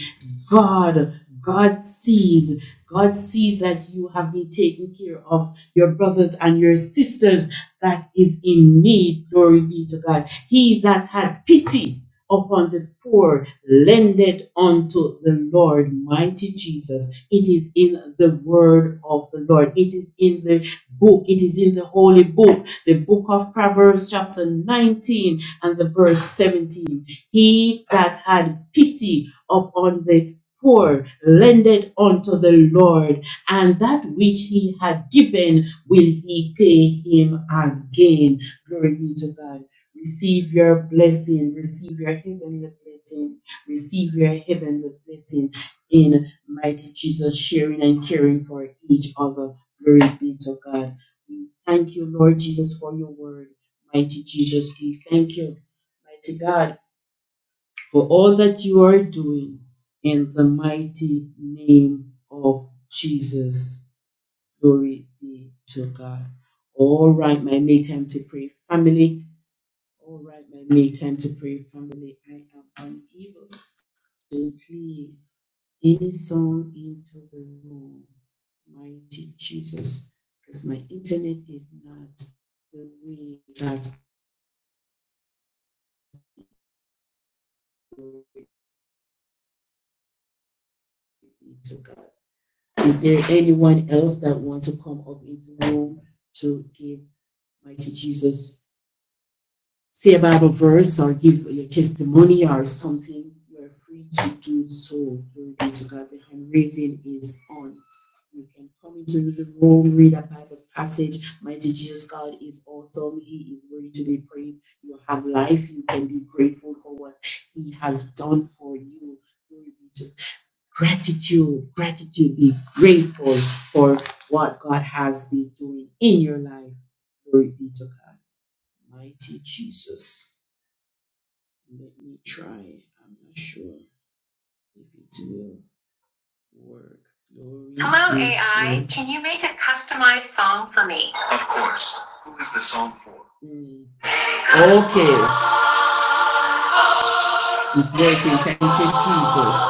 Speaker 11: God, God sees. God sees that you have been taking care of your brothers and your sisters that is in need. Glory be to God. He that had pity upon the poor, lend it unto the Lord, mighty Jesus. It is in the word of the Lord. It is in the book. It is in the holy book, the book of Proverbs, chapter 19 and the verse 17. He that had pity upon the poor lended unto the Lord, and that which he had given will he pay him again. Glory be to God. Receive your blessing. Receive your heavenly blessing. Receive your heavenly blessing in mighty Jesus, sharing and caring for each other. Glory be to God. We thank you, Lord Jesus, for your word. Mighty Jesus, we thank you, mighty God, for all that you are doing in the mighty name of Jesus. Glory be to God. All right, my May time to pray. Family, all right, my me time to pray, family. I am unable to play any song into the room, mighty Jesus, because my internet is not the way that I need to God. Is there anyone else that want to come up into the room to give mighty Jesus? say a Bible verse or give your testimony or something, you're free to do so. Glory be to God. The hand raising is on. You can come into the room, read a Bible passage. Mighty Jesus God is awesome. He is worthy to be praised. You have life. You can be grateful for what He has done for you. Glory be to gratitude. Gratitude. Be grateful for what God has been doing in your life. Glory be to God. Mighty Jesus. Let me try I'm not sure if it will work. Glory Hello, AI. Can you make a customized song for me? Mm. Okay, it's working. Thank you, Jesus.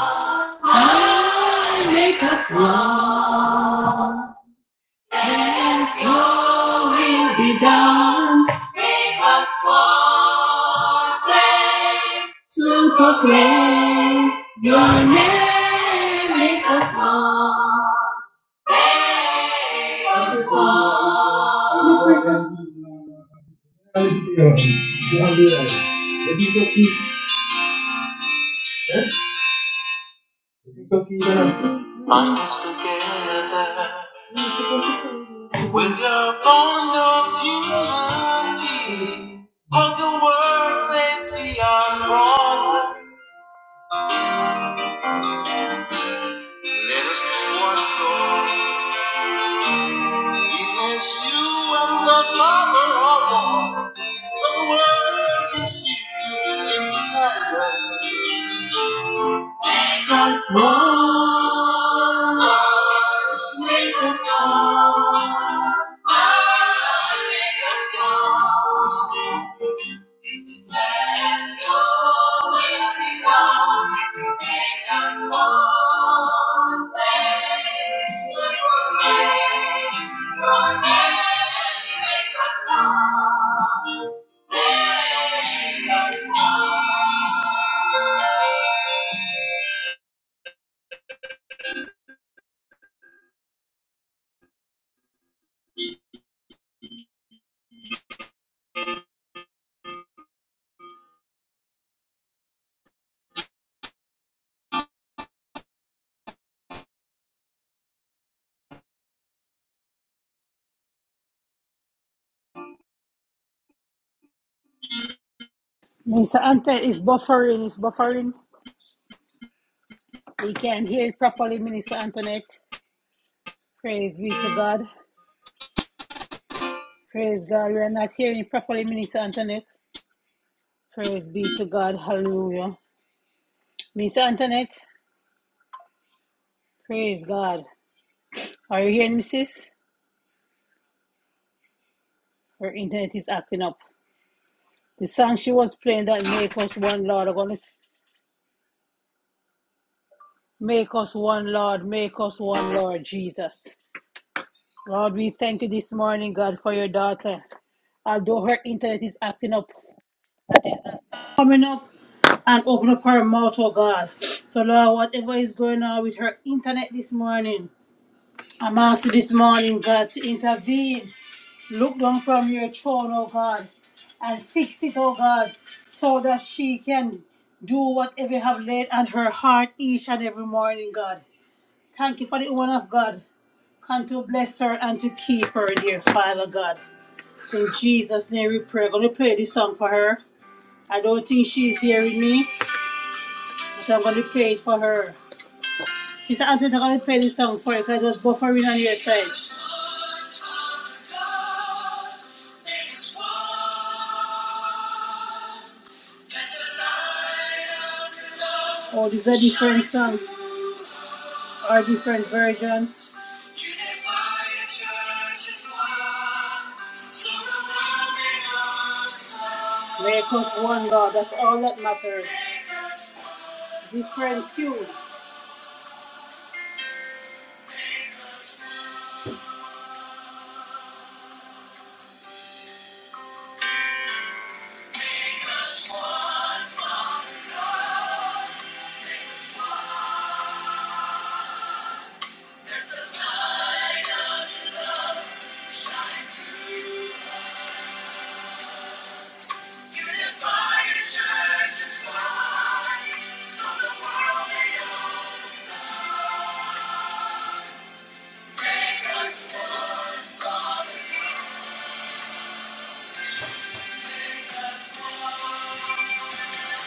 Speaker 11: Sit down to proclaim your name. song. It's okay. It's okay. Bind us together with your bond of humanity. Cause your word says we are brothers. There is no one, Lord. He is you and the Father of all. So the world can see you in silence. Make us one, Make us one. Make us one. Let your will be done. Make us always to praise your name. Make us strong. Make us strong.
Speaker 1: Minister Antoinette is buffering, is buffering. We can't hear it properly, Minister Antoinette. Praise be to God. Praise God. We are not hearing it properly, Minister Antoinette. Praise be to God. Hallelujah. Minister Antoinette, praise God. Are you hearing me, sis? Her internet is acting up. The song she was playing that make us one Lord. I'm gonna make us one Lord, make us one Lord, Jesus. God, we thank you this morning, God, for your daughter. Although her internet is acting up, that is not coming up and open up her mouth, oh God. So, Lord, whatever is going on with her internet this morning, I'm asking this morning, God, to intervene. Look down from your throne, oh God, and fix it, oh God, so that she can do whatever you have laid on her heart each and every morning, God. Thank you for the woman of God. Come to bless her and to keep her, dear Father God. In Jesus' name we pray. I'm going to play this song for her. I don't think she's hearing me, but I'm going to play it for her. Sister Anthony, I'm going to play this song for you because it was buffering on your side. Oh, this is a different song. are different versions. Make us one, God. That's all that matters. Different tune. Let the light of love shine through us. Unified church is wide, so the world may know the sound. Make us one, Father make us one.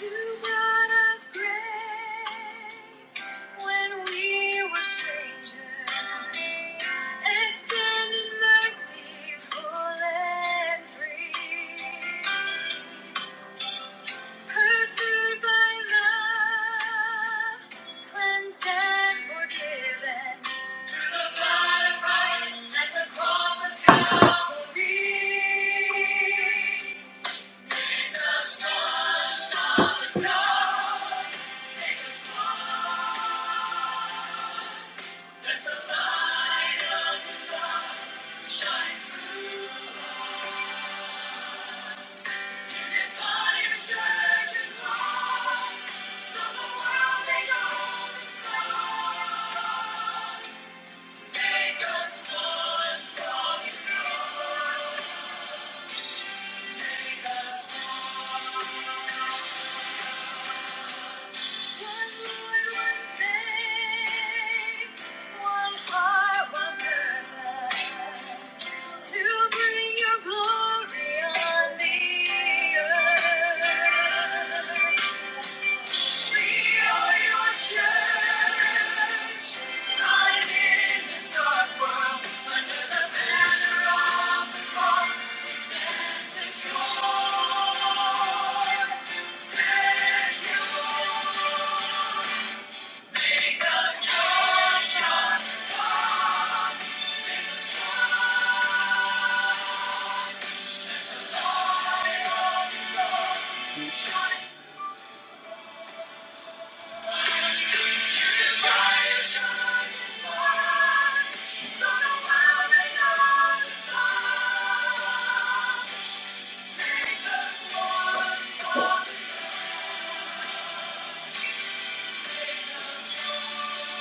Speaker 1: You brought us grace when we were strangers, extending mercy full and free. Pursued by love, cleansed and forgiven. Through the blood of Christ and the cross of Calvary. Make us one, Father God. Make us one. Let the light of the Lord shine through us. And if all your so the world may know the song. Make us one Lord. Make us one. Secure. Make the storm, make Thank you.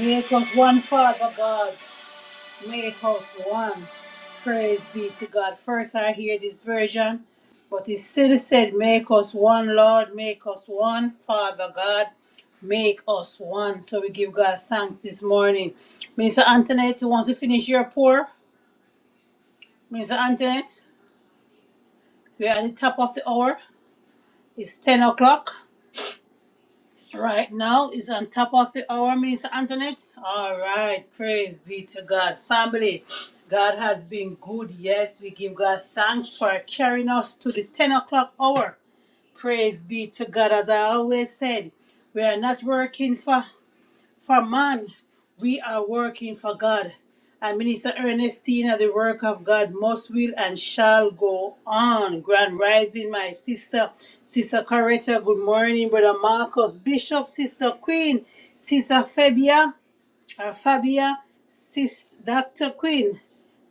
Speaker 1: Miracles, one Father God. Make us one. Praise be to God. First, I hear this version, but it still said, Make us one, Lord, make us one, Father God, make us one. So we give God thanks this morning. Minister Antoinette, you want to finish your pour? Minister Antoinette, we are at the top of the hour. It's 10 o'clock. Now is on top of the hour, Minister Antoinette. All right, praise be to God. Family, God has been good. Yes, we give God thanks for carrying us to the 10 o'clock hour. Praise be to God. As I always said, we are not working for. For man, we are working for God. And Minister Ernestina, the work of God must, will, and shall go on. Grand Rising, my sister, Sister Coretta, good morning, Brother Marcus, Bishop, Sister Queen, Sister Fabia, or Fabia, Sister Dr. Queen.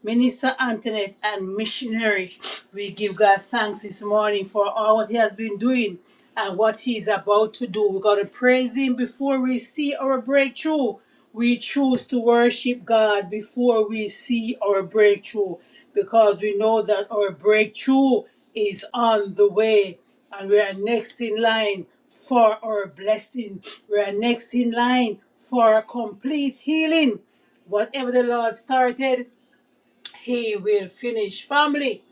Speaker 1: Minister Antoinette and missionary, we give God thanks this morning for all what He has been doing and what He is about to do. we got to praise Him before we see our breakthrough. We choose to worship God before we see our breakthrough because we know that our breakthrough is on the way and we are next in line for our blessing. We are next in line for our complete healing. Whatever the Lord started, he will finish. Family,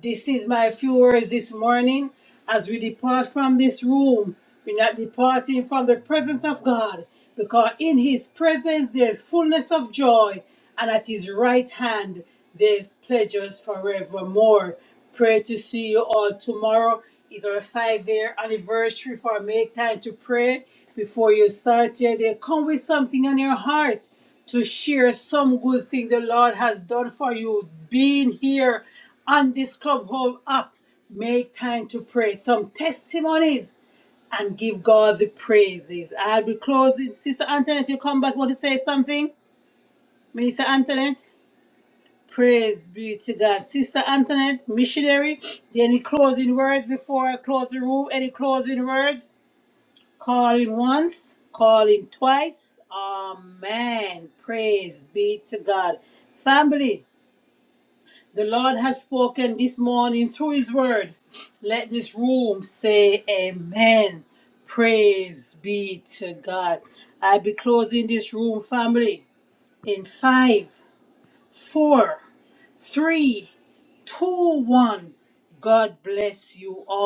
Speaker 1: this is my few words this morning. As we depart from this room, we're not departing from the presence of God because in his presence there's fullness of joy, and at his right hand there's pleasures forevermore. Pray to see you all tomorrow. It's our five year anniversary for Make Time to Pray. Before you start your day, come with something on your heart to share some good thing the Lord has done for you. Being here on this Clubhouse app, make time to pray. Some testimonies and give God the praises. I'll be closing. Sister Antoinette, you come back. Want to say something? Minister Antoinette? Praise be to God. Sister Antoinette, missionary, any closing words before I close the room? Any closing words? Call in once, call in twice. Amen. Praise be to God. Family, the Lord has spoken this morning through His word. Let this room say Amen. Praise be to God. I'll be closing this room, family, in five, four, three, two, one. God bless you all.